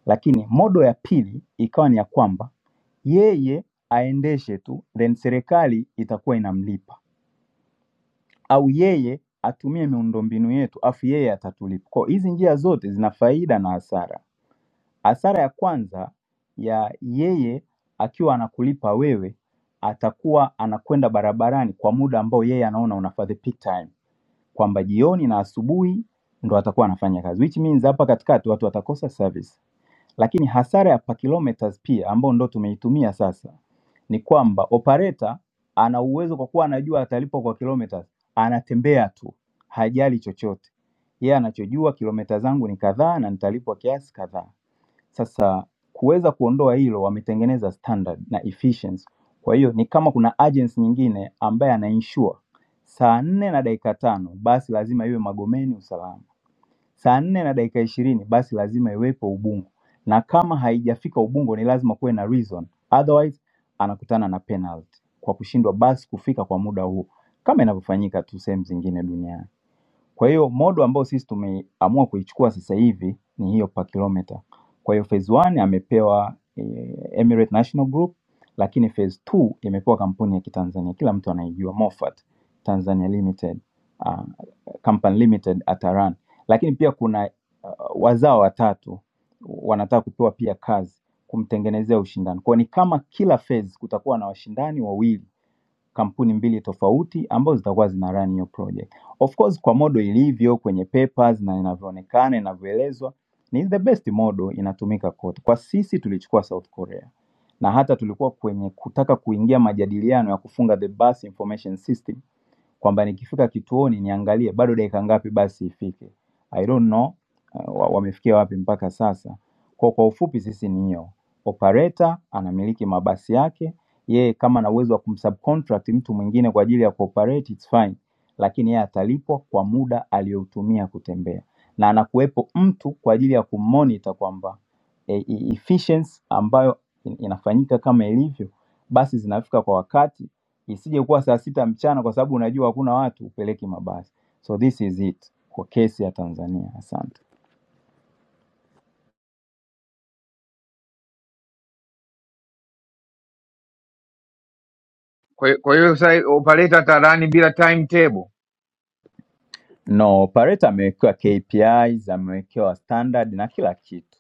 K: Lakini modo ya pili ikawa ni ya kwamba yeye aendeshe tu, then serikali itakuwa inamlipa au yeye atumie miundombinu yetu afu yeye atatulipa. Kwa hiyo hizi njia zote zina faida na hasara. Hasara ya kwanza ya yeye akiwa anakulipa wewe, atakuwa anakwenda barabarani kwa muda ambao yeye anaona una for the peak time, kwamba jioni na asubuhi ndo atakuwa anafanya kazi, which means hapa katikati watu watakosa service. Lakini hasara ya per kilometers pia ambao ndo tumeitumia sasa ni kwamba operator ana uwezo kwa kuwa anajua atalipwa kwa kilometers, anatembea tu, hajali chochote. Yeye anachojua kilomita zangu ni kadhaa na nitalipwa kiasi kadhaa. Sasa kuweza kuondoa hilo wametengeneza standard na efficiency. Kwa hiyo ni kama kuna agency nyingine ambaye ana ensure saa nne na dakika tano basi lazima iwe Magomeni usalama, saa nne na dakika ishirini basi lazima iwepo Ubungo, na kama haijafika Ubungo ni lazima kuwe na reason, otherwise anakutana na penalty kwa kushindwa basi kufika kwa muda huo, kama inavyofanyika tu sehemu zingine duniani. Kwa hiyo modo ambayo sisi tumeamua kuichukua sasa hivi ni hiyo per kilometer. Kwa hiyo phase 1 amepewa eh, Emirates National Group, lakini phase 2 imepewa kampuni ya Kitanzania, kila mtu anaijua Moffat Tanzania Limited, uh, Company Limited Ataran. Lakini pia kuna uh, wazao watatu wanataka kupewa pia kazi kumtengenezea ushindani. Kwa hiyo ni kama kila phase kutakuwa na washindani wawili kampuni mbili tofauti ambazo zitakuwa zina run hiyo project. Of course kwa model ilivyo kwenye papers na inavyoonekana inavyoelezwa ni the best model inatumika kote. Kwa sisi tulichukua South Korea na hata tulikuwa kwenye kutaka kuingia majadiliano ya kufunga the bus information system kwamba nikifika kituoni niangalie bado dakika ngapi basi ifike. I don't know uh, wamefikia wapi mpaka sasa. Kwa, kwa ufupi sisi ni hiyo, operator anamiliki mabasi yake yeye, kama ana uwezo wa kumsubcontract mtu mwingine kwa ajili ya kuoperate it's fine, lakini yeye atalipwa kwa muda aliyoutumia kutembea, na anakuwepo mtu kwa ajili ya kumonitor kwamba e, e- efficiency ambayo in- inafanyika kama ilivyo, basi zinafika kwa wakati isije kuwa saa sita mchana kwa sababu unajua hakuna watu upeleke mabasi so this is it kwa kesi ya tanzania asante
G: Kwa hiyo kwa hiyo sasa upaleta Tarani bila timetable
K: no operator amewekewa kpis amewekewa standard na kila kitu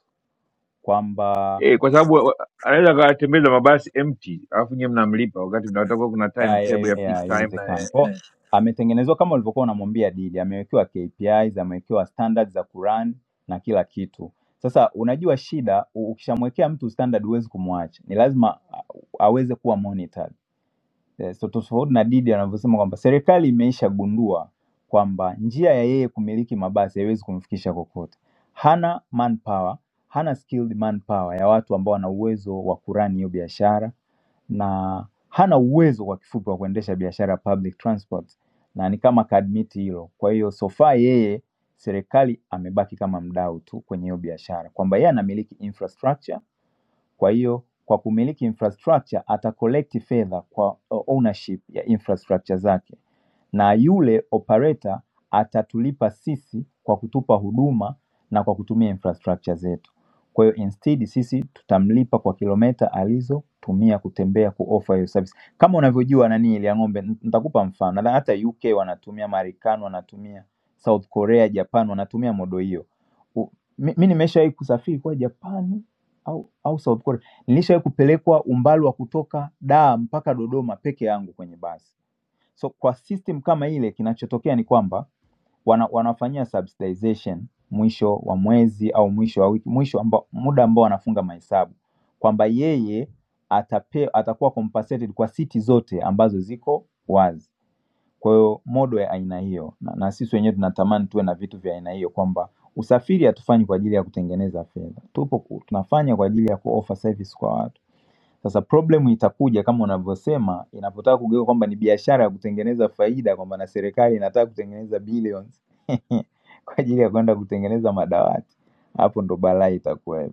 K: kwamba
G: eh, kwa sababu wa- wa- anaweza akatembeza mabasi empty alafu nyie mnamlipa wakati mnatakuwa kuna timetable ya peak time na
K: haiwezekani
G: eh,
K: kwao
G: eh.
K: ametengenezwa kama ulivyokuwa unamwambia didi amewekewa kpis amewekewa standard za kuran na kila kitu sasa unajua shida u- ukishamwekea mtu standard huwezi kumwacha ni lazima a- aweze kuwa monitored eh, So tofauti na Didi anavyosema kwamba serikali imeishagundua kwamba njia ya yeye kumiliki mabasi haiwezi kumfikisha kokote. Hana manpower, hana skilled manpower ya watu ambao wana uwezo wa kurani hiyo biashara na hana uwezo kwa kifupi wa kuendesha biashara ya public transport, na ni kama kaadmiti hilo. Kwa hiyo so far yeye serikali amebaki kama mdau tu kwenye hiyo biashara, kwamba yeye anamiliki infrastructure kwa hiyo kwa kumiliki infrastructure ata collect fedha kwa uh, ownership ya infrastructure zake, na yule operator atatulipa sisi kwa kutupa huduma na kwa kutumia infrastructure zetu. Kwa hiyo instead sisi tutamlipa kwa kilomita alizotumia kutembea kuoffer hiyo service. Kama unavyojua nani ile ya ng'ombe, n- nitakupa mfano na hata UK wanatumia, Marekani wanatumia, South Korea, Japan wanatumia modo hiyo. U- Mi mi nimeshawahi kusafiri kwa Japani au, au South Korea. Nilishawahi kupelekwa umbali wa kutoka Dar mpaka Dodoma peke yangu kwenye basi. So kwa system kama ile, kinachotokea ni kwamba wana, wanafanyia subsidization mwisho wa mwezi au mwisho wa wiki, mwisho ambao muda ambao wanafunga mahesabu kwamba yeye atape, atakuwa compensated kwa siti zote ambazo ziko wazi. Kwa hiyo modo ya aina hiyo na, na sisi wenyewe tunatamani tuwe na vitu vya aina hiyo kwamba usafiri hatufanyi kwa ajili ya kutengeneza fedha. Tupo ku- tunafanya kwa ajili ya kuoffer service kwa watu. Sasa problem itakuja kama unavyosema inapotaka kugeuka kwamba ni biashara ya kutengeneza faida kwamba na serikali inataka kutengeneza billions kwa ajili ya kwenda kutengeneza madawati. Hapo ndo balaa itakuwa.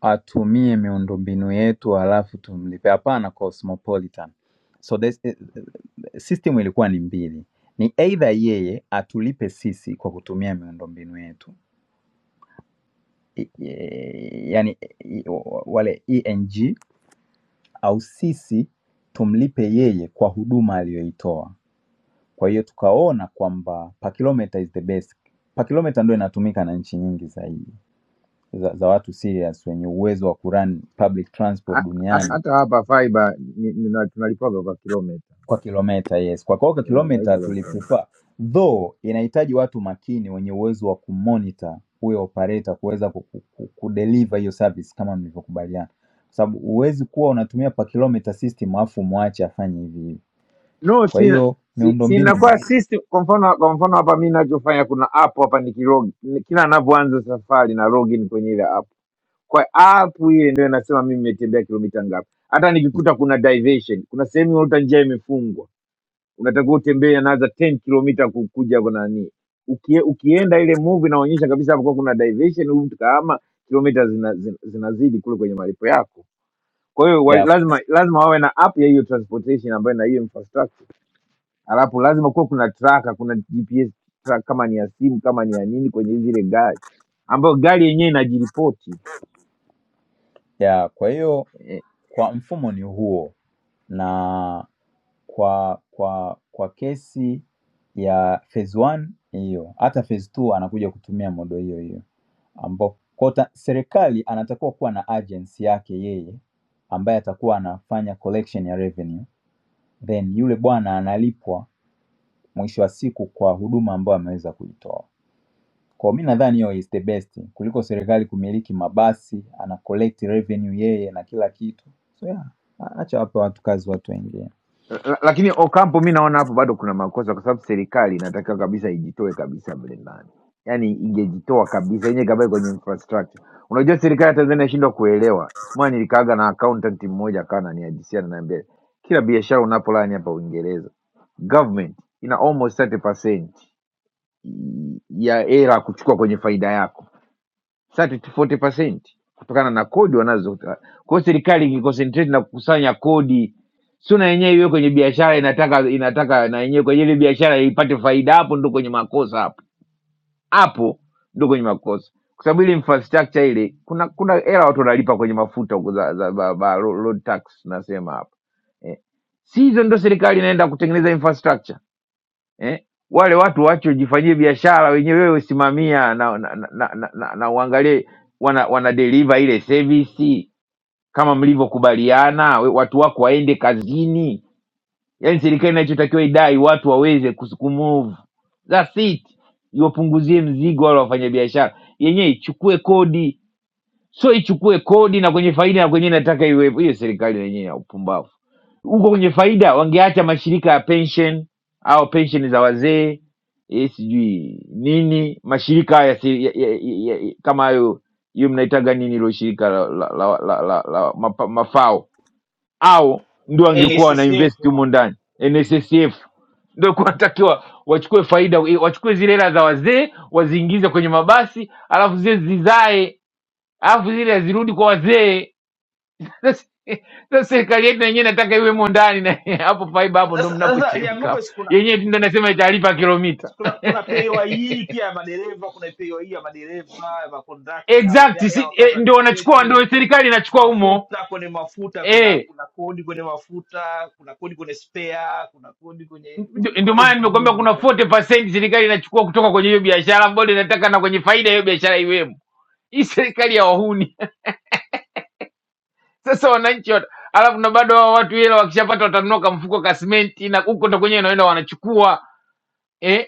K: atumie miundombinu yetu halafu tumlipe. Hapana Cosmopolitan. So this, eh, system ilikuwa ni mbili, ni either yeye atulipe sisi kwa kutumia miundombinu yetu I- i- yani i- i- wale ENG au sisi tumlipe yeye kwa huduma aliyoitoa. Kwa hiyo tukaona kwamba per kilometer is the best. Per kilometer ndio inatumika na nchi nyingi zaidi za, za watu serious wenye uwezo wa kurun public transport
G: Ha- ha-
K: duniani
G: hata hapa fiber ni- nina- tunalipaga kwa kilomita
K: Kwa kilomita, yes. Kwa kwa
G: eh,
K: kilomita
G: nalipa kwa kilomita
K: tuliprefer, though inahitaji watu makini wenye uwezo wa kumonitor huyo operator kuweza ku- ku- ku- kudeliver hiyo service kama mlivyokubaliana, kwa sababu huwezi kuwa unatumia per kilometer system alafu muache afanye hivi hivi.
G: no
K: Kwa
G: sina
K: hiyo
G: si, si
K: miundombinu
G: inakuwa system kwa mfano kwa mfano hapa mi nachofanya kuna app hapa nikilog ni- kila ninavyoanza safari na login kwenye ile app kwa app ile ndio inasema mimi nimetembea kilomita ngapi hata nikikuta kuna diversion kuna sehemu unakuta njia imefungwa unatakiwa utembee another 10 kilomita ku- kuja kwa nani Ukie, ukienda ile movie inaonyesha kabisa hapo kwa kuna diversion huyu mtu kahama kilomita zinazidi zina, zina- zinazidi kule kwenye malipo yako kwa hiyo wa- lazima lazima wawe na app ya hiyo transportation ambayo na hiyo infrastructure alafu lazima kuwa kuna tracker kuna gps track kama ni ya simu kama ni ya nini kwenye zile gari ambayo gari yenyewe inajiripoti
K: Yeah, kwa hiyo kwa mfumo ni huo na kwa kwa kwa kesi ya phase 1 ni hiyo, hata phase 2 anakuja kutumia modo hiyo hiyo, ambao kwa ta- serikali anatakiwa kuwa na agency yake yeye ambaye atakuwa anafanya collection ya revenue then yule bwana analipwa mwisho wa siku kwa huduma ambayo ameweza kuitoa. Kwa mi nadhani hiyo is the best kuliko serikali kumiliki mabasi, ana collect revenue yeye na kila kitu. So yeah, a- acha wape watu kazi watu wengine.
G: Eh, La- lakini Ocampo mi naona hapo bado kuna makosa, kwa sababu serikali inatakiwa kabisa ijitoe kabisa mle ndani, yaani ingejitoa kabisa yenyewe kabisa kwenye infrastructure. Unajua serikali ya Tanzania inashindwa kuelewa. Siku moja nilikaaga na accountant mmoja akawa ananihadisia, ananiambia kila biashara unapolani hapa Uingereza, government ina almost 30% ya hela kuchukua kwenye faida yako 30 to 40 percent kutokana na kodi wanazo. Kwa hiyo serikali ikiconcentrate na kukusanya kodi, sio na yenyewe iwe kwenye biashara, inataka inataka na yenyewe kwenye ile biashara ipate faida. Hapo ndo kwenye makosa, hapo hapo ndo kwenye makosa, kwa sababu ile infrastructure ile, kuna kuna hela watu wanalipa kwenye mafuta huko za, za ba, ba, road tax nasema hapo eh. Si hizo ndo serikali inaenda kutengeneza infrastructure eh? wale watu waache wajifanyie biashara wenyewe, wewe usimamia na, na, na, na, na, na, na uangalie wana, wana deliver ile service kama mlivyokubaliana, we- watu wako waende kazini. Yani serikali inachotakiwa idai watu waweze kus- kumove, that's it. Iwapunguzie mzigo wale wafanyabiashara, yenyewe ichukue kodi sio ichukue kodi na kwenye faida na kwenye nataka iwepo hiyo serikali yenyewe ya upumbavu huko kwenye faida wangeacha mashirika ya pension au pensheni za wazee eh, sijui nini mashirika haya si, ya, ya, ya, ya, kama hayo hiyo mnaitaga nini hilo shirika la, la, la, la, la, la mapa, mafao au ndio wangekuwa wana
J: NSSF.
G: invest humo ndani nssf ndio kunatakiwa wachukue faida eh, wachukue zile hela za wazee waziingize kwenye mabasi alafu zile zizae alafu zile zirudi kwa wazee. Sasa sasa serikali yetu na yenyewe nataka iwemo ndani na hapo faiba, hapo ndo
J: Sasa sasa ya
G: mnapochemka
J: ng'ombe,
G: hapo,
J: si kuna
G: yenyewe tu ndo nasema italipa
J: si
G: kilomita
J: kuna kuna PAYE pia ya madereva, kuna PAYE ya madereva, ya makondakta, ya,
G: exact
J: ya
G: si, eh,
J: wakata
G: ndio wanachukua ndio
J: tiketi,
G: serikali inachukua humo
J: mafuta kwenye mafuta, kuna
G: eh
J: kuna kodi kwenye mafuta, kuna kodi kwenye spare, kuna kodi kwenye
G: ndio
J: vitu,
G: ndio
J: kodi
G: maana
J: ziko
G: nimekwambia
J: nyingi.
G: kuna
J: sana.
G: 40% serikali inachukua kutoka kwenye hiyo biashara ambayo inataka na kwenye faida ya hiyo biashara iwemo. Hii serikali ya wahuni. Sasa wananchi wat... alafu na bado hao watu hela wakishapata watanunua kamfuko ka simenti na huko ndo kwenye inaenda wanachukua. eh,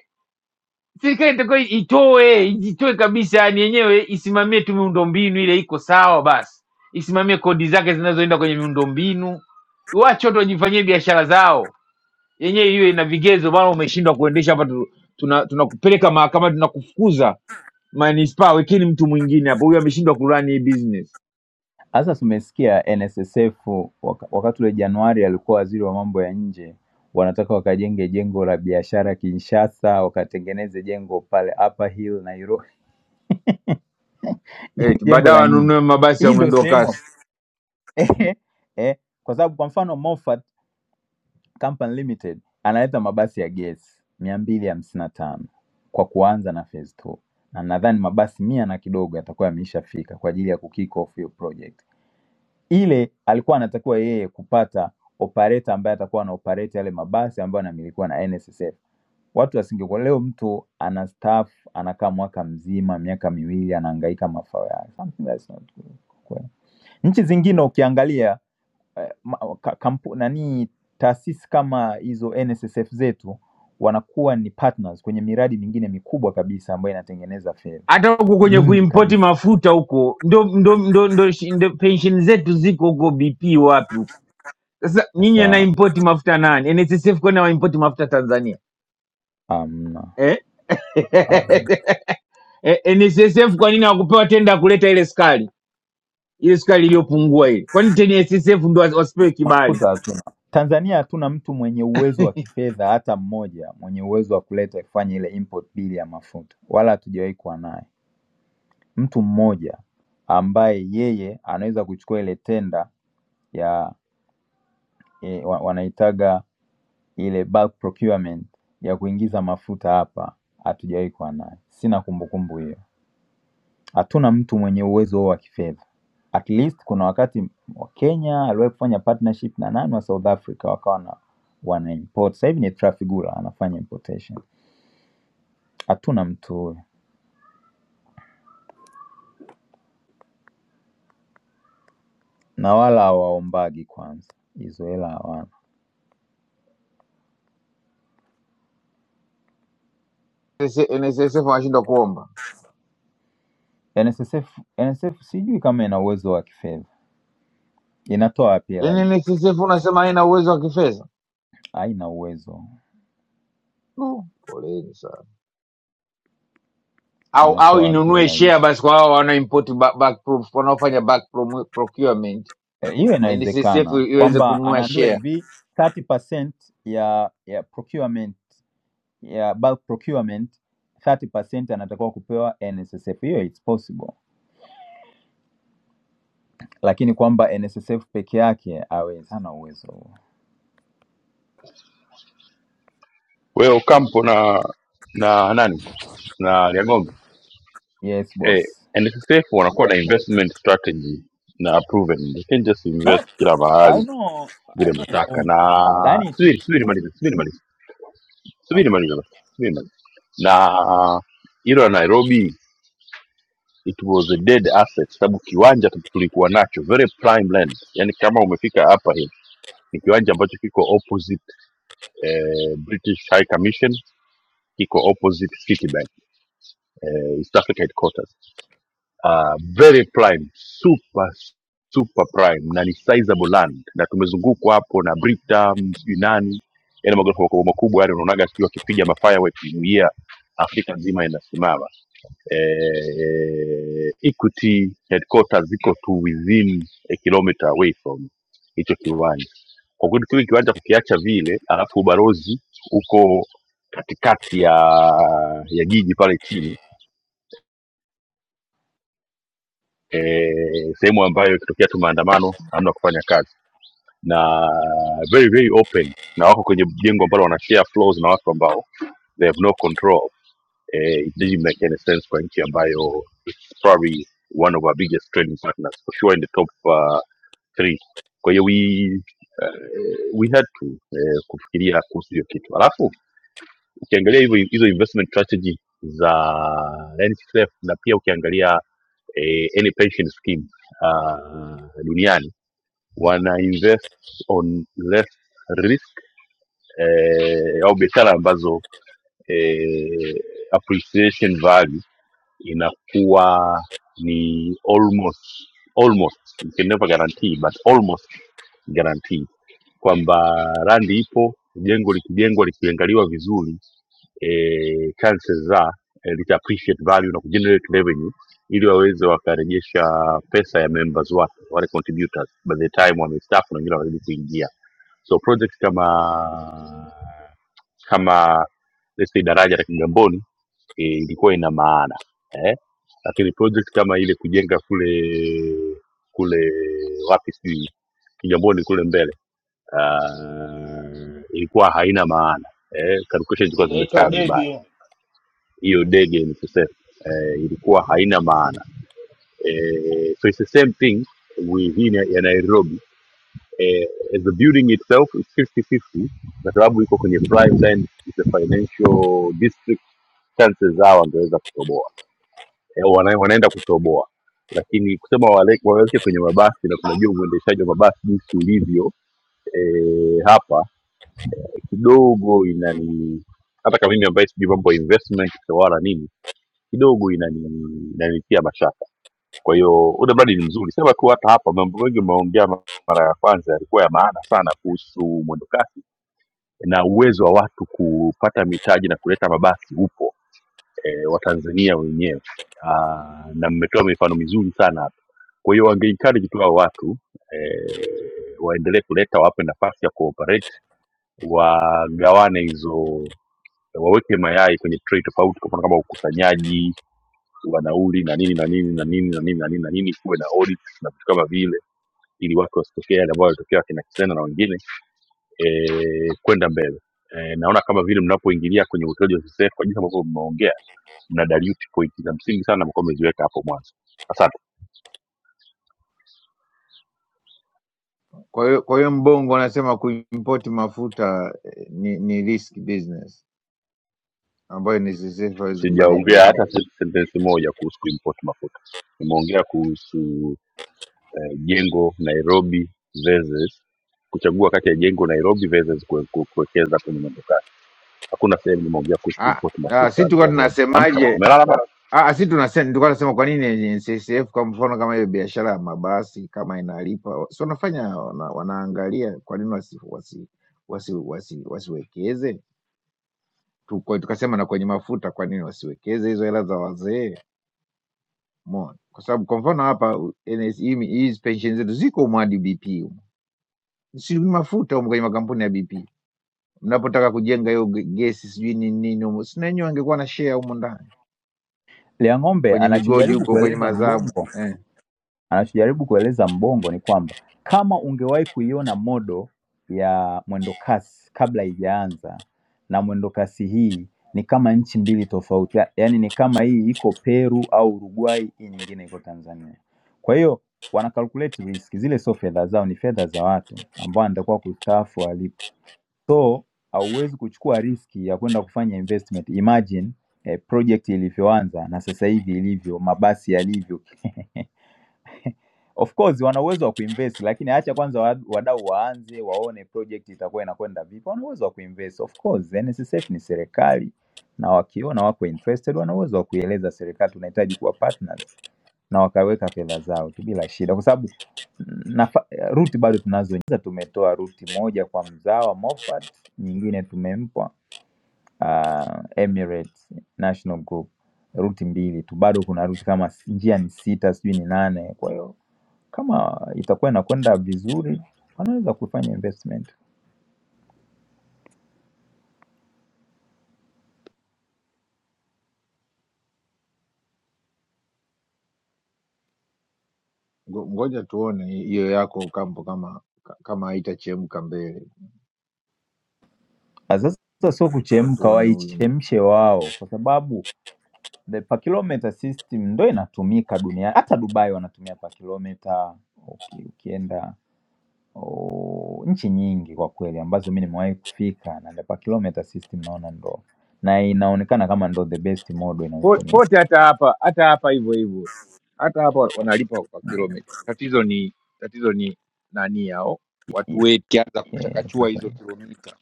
G: serikali itakuwa itoe ijitoe kabisa yani yenyewe isimamie tu miundombinu ile iko sawa basi isimamie kodi zake zinazoenda kwenye miundombinu wache watu wajifanyie biashara zao yenyewe iwe ina vigezo bana umeshindwa kuendesha hapa tu- tuna- tunakupeleka mahakamani tunakufukuza manispaa wekeni mtu mwingine hapo huyu ameshindwa kurani hii business
K: Sasa tumesikia NSSF waka- wakati ule Januari alikuwa waziri wa mambo ya nje, wanataka wakajenge jengo la biashara Kinshasa, wakatengeneze jengo pale Upper Hill Nairobi.
G: Eti,
K: jengo
G: baadaye
K: la nini
G: wanunue mabasi ya
K: hii ndo
G: mwendo wa
K: sehemu
G: kasi
K: eh, eh, kwa sababu kwa mfano Moffat Company Limited analeta mabasi ya gesi mia mbili hamsini na tano kwa kuanza na phase two na nadhani mabasi mia na kidogo yatakuwa yameishafika kwa ajili ya kukick off hiyo project. Ile alikuwa anatakiwa yeye kupata operator ambaye atakuwa ana operate yale mabasi ambayo yanamilikiwa na NSSF watu wasingekuwa leo mtu ana staff anakaa mwaka mzima miaka miwili anahangaika mafao yake something that's not good Nchi zingine ukiangalia eh, ma- ka- kampu nani taasisi kama hizo NSSF zetu wanakuwa ni partners kwenye miradi mingine mikubwa kabisa ambayo inatengeneza fedha
G: hata huku kwenye
K: nyingi
G: kuimpoti
K: kabisa.
G: mafuta huko ndo, ndo, ndo, ndo, ndo, ndo pensheni zetu ziko huko bp wapi huko Sasa nyinyi
K: Sasa
G: anaimpoti mafuta nani? NSSF kwani hawaimpoti mafuta Tanzania
K: um,
G: eh? Eh, NSSF kwa nini hawakupewa tenda ya kuleta ile sukari ile sukari iliyopungua ile? Kwani tena NSSF ndo wasi- wasipewe kibali?
K: futa hatuna. Tanzania hatuna mtu mwenye uwezo wa kifedha hata mmoja mwenye uwezo wa kuleta kufanya ile import bill ya mafuta, wala hatujawahi kuwa naye mtu mmoja ambaye yeye anaweza kuchukua ile tenda ya e, wanaitaga ile bulk procurement ya kuingiza mafuta hapa hatujawahi kuwa nayo, sina kumbukumbu hiyo. Hatuna mtu mwenye uwezo huo wa kifedha. At least kuna wakati wa Kenya aliwahi kufanya partnership na nani wa South Africa wakawa na wana import. Sasa hivi ni Trafigura anafanya importation. Hatuna mtu huyo na wala hawaombagi kwanza, hizo hela hawana.
G: NSS NSSF wanashindwa kuomba,
K: NSSF, NSSF sijui kama ina uwezo wa kifedha, inatoa wapi hela
G: yaani
K: hizo?
G: NSSF unasema haina uwezo wa kifedha
K: Haina uwezo,
G: no. Poleni sana. Au
K: inatoa
G: au
K: wapi
G: inunue
K: hela
G: share
K: hizo?
G: basi kwa hao wanaoimport ba- back proof wanaofanya back pro- procurement,
K: Eh, hiyo
G: NSSF
K: inawezekana
G: iweze
K: kwamba
G: kununua
K: anaambiwa
G: share
K: hivi 30% ya ya procurement ya bulk procurement 30% anatakiwa kupewa NSSF. Hiyo it's possible, lakini kwamba NSSF peke yake hawezi, hana uwezo huo.
L: wewe Ocampo na na nani na Liang'ombe
K: Yes
L: eh,
K: boss.
L: NSSF wanakuwa na investment strategy na proven they can just
K: No,
L: invest kila
K: I
L: mahali
K: know, I
L: vile
K: know
L: mnataka
K: Mbongo.
L: na
K: Yaani tuli-
L: subiri subiri maliza subiri maliza subiri maliza basi, subiri maliza na hilo la Nairobi it was a dead asset sababu kiwanja tu- tulikuwa nacho very prime land yani kama umefika hapa hivi ni kiwanja ambacho kiko opposite eh, British High Commission kiko opposite Citibank eh, East Africa headquarters uh, very prime super super prime na ni sizable land na tumezungukwa hapo na Britam sijui nani yani magorofa makubwa makubwa yani unaonaga sijui wakipiga mafirework kuingia Afrika nzima inasimama eh, Equity headquarters ziko tu within a kilometer away from hicho kiwanja kwa kweli kile kiwanja kukiacha vile alafu ubalozi uko katikati ya ya jiji pale chini eh, sehemu ambayo ikitokea tu maandamano hamna kufanya kazi na very very open na wako kwenye jengo ambalo wana share floors na watu ambao they have no control eh, it doesn't make any sense kwa nchi ambayo it's probably one of our biggest trading partners for sure in the top uh, three kwa hiyo we, uh, we had to eh, kufikiria kuhusu hiyo kitu alafu ukiangalia hivyo hizo investment strategy za NSSF na pia ukiangalia eh, any pension scheme uh, duniani wana invest on less risk eh, au biashara ambazo eh, appreciation value inakuwa ni almost almost you can never guarantee but almost guarantee kwamba randi ipo jengo likijengwa likiangaliwa vizuri eh, chances za eh, lita appreciate value na kugenerate revenue ili waweze wakarejesha pesa ya members wake wale contributors by the time wamestaafu na wengine wanazidi kuingia so project kama kama let's say daraja la kigamboni eh, ilikuwa ina maana eh? lakini project kama ile kujenga kule kule wapi sijui kigamboni kule mbele uh, ilikuwa haina maana eh, calculations zilikuwa
J: Inaitwa
L: zimekaa vibaya
J: dege,
L: hiyo dege nikusema eh, ilikuwa haina maana eh, so it's the same thing with hii na- ya nairobi eh, as the building itself is 50-50 kwa sababu iko kwenye prime land is a financial district chances zao wangeweza kutoboa eh, wana, wanaenda kutoboa lakini kusema wale- waweke kwenye mabasi na tunajua uendeshaji wa mabasi jinsi ulivyo eh, hapa kidogo inani hata kama mimi ambaye sijui mambo ya investment wala nini kidogo inani inanitia mashaka kwa hiyo ule mradi ni mzuri sema tu hata hapa mambo mengi umeongea ma- mara ya kwanza yalikuwa ya maana sana kuhusu mwendokasi na uwezo wa watu kupata mitaji na kuleta mabasi upo e, watanzania wenyewe Ah, na mmetoa mifano mizuri sana hapa kwa hiyo wangeikariji tu hao watu e, waendelee kuleta wape nafasi ya kuoperate wagawane hizo waweke mayai kwenye tray tofauti kwa mfano kama ukusanyaji wa nauli na nini na nini na nini na nini na nini na nini kuwe na audit na vitu kama vile ili watu wasitokee yale ambayo yalitokea wakina kisena na wengine eh, kwenda mbele eh, naona kama vile mnapoingilia kwenye utoaji wa visa kwa jinsi ambavyo mmeongea mna dilute point za msingi sana mlikuwa mmeziweka hapo mwanzo asante
G: Kwa hiyo kwa hiyo mbongo anasema kuimport mafuta eh, ni, ni risk business ambayo ni sisi hawezi kufanya
L: sijaongea hata
G: investment.
L: sen- sentensi moja kuhusu kuimport mafuta nimeongea kuhusu eh, jengo nairobi versus kuchagua kati ya jengo nairobi versus kue- kue- kuwekeza kwenye mwendokasi hakuna sehemu nimeongea kuhusu
G: Ah,
L: kuripoti
G: ah,
L: mafuta
G: si tulikuwa
L: ya ng'ombe amka bana,
G: tunasemaje?
L: umelala bana
G: Ah, si tunasema tulikuwa tunasema kwa nini NCCF kwa mfano kama hiyo biashara ya mabasi kama inalipa, si wanafanya wana, wanaangalia kwa nini wasi, wasi, wasi, wasi, wasiwekeze Tu- kwa- tukasema na kwenye mafuta, kwa nini wasiwekeze hizo hela za wazee? Umeona, kwa sababu kwa mfano hapa NS, hizi pension zetu ziko umwadi B P si mafuta humu kwenye makampuni ya BP mnapotaka kujenga hiyo ge- gesi sijui nini nini humu, si na nyinyi angekuwa na share humu ndani
K: Liang'ombe
G: kwenye migodi
K: anachojaribu
G: huko kwenye
K: kueleza
G: mazabu
K: Mbongo
G: eh.
K: Anachojaribu kueleza Mbongo ni kwamba kama ungewahi kuiona modo ya mwendokasi kabla haijaanza na mwendokasi hii ni kama nchi mbili tofauti, ya- yaani ni kama hii iko Peru au Uruguay, hii nyingine iko Tanzania. Kwa hiyo wana calculate risk, zile sio fedha zao, ni fedha za watu ambao wanatakiwa kustaafu walipo. So hauwezi kuchukua riski ya kwenda kufanya investment. Imagine eh, project ilivyoanza na sasa hivi ilivyo, mabasi yalivyo Of course wana uwezo wa kuinvest lakini acha kwanza wa- wadau waanze waone project itakuwa inakwenda vipi. Wana uwezo wa kuinvest of course, NSSF ni serikali na wakiona wako interested wana uwezo wa kuieleza serikali tunahitaji kuwa partners na wakaweka fedha zao tu bila shida, kwa sababu mm, nafa- ruti bado tunazo. Kwanza Tumetoa ruti moja kwa mzawa Moffat, nyingine tumempa uh, Emirates National Group, ruti mbili tu, bado kuna ruti kama s- njia ni sita sijui ni nane, kwa hiyo kama itakuwa inakwenda vizuri, wanaweza kufanya investment.
G: Ngo- Ngoja tuone hiyo yako kampo kama ka- kama haitachemka mbele,
K: Ah, Sasa sio
G: Ngoja
K: kuchemka,
G: tuone huyu
K: waichemshe wao, kwa sababu the per kilometer system ndo inatumika duniani. Hata Dubai wanatumia per kilometer. Uki, ukienda u- nchi nyingi kwa kweli ambazo mi nimewahi kufika, na the per kilometer system naona ndo na inaonekana kama ndo the best model
G: Po-
K: inayotumika.
G: pote hata hapa hata hapa hivyo hivyo hata hapa wanalipa kwa kilomita. Tatizo ni tatizo ni nani yao watu wetu kianza
K: Yes.
G: kuchakachua hizo kilomita,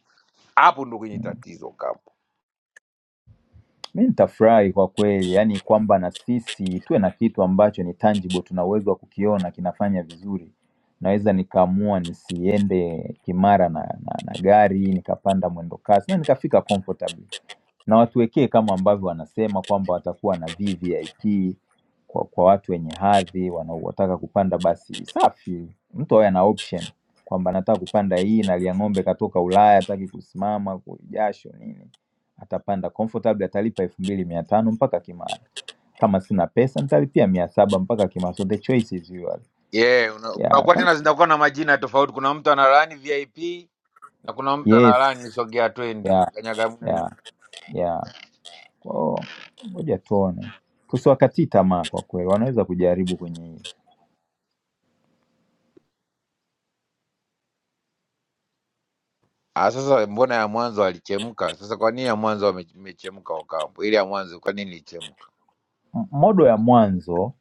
G: hapo ndo kwenye tatizo kampo.
K: Mi nitafurahi kwa kweli, yaani kwamba na sisi tuwe na kitu ambacho ni tangible, tuna uwezo wa kukiona kinafanya vizuri. Naweza nikaamua nisiende Kimara na, na, na gari, nikapanda mwendo kasi na nikafika comfortably na watuwekee kama ambavyo wanasema kwamba watakuwa na VVIP kwa, kwa watu wenye hadhi wanaotaka kupanda basi safi, mtu awe na option kwamba nataka kupanda hii na Liang'ombe katoka Ulaya, hataki kusimama kwa jasho nini, atapanda comfortable, atalipa elfu mbili mia tano mpaka Kimara. Kama sina pesa nitalipia mia saba mpaka Kimara, so the choice is yours.
G: yeah, una-
K: Yeah,
G: kunakuwa
K: kama,
G: tena zinakuwa na majina tofauti. Kuna mtu analaani VIP na kuna mtu
K: yes,
G: analaani sogea twendi
K: yeah,
G: kanyaga mwendo.
K: yeah, yeah. Oh, ngoja tuone, tusiwakatii tamaa kwa kweli, wanaweza kujaribu kwenye hiyo
G: Ah, sasa mbona ya mwanzo alichemka? Sasa kwa nini ya mwanzo wame- imechemka Wakambo? Ile ya mwanzo kwa nini ilichemka?
K: M- modo ya mwanzo.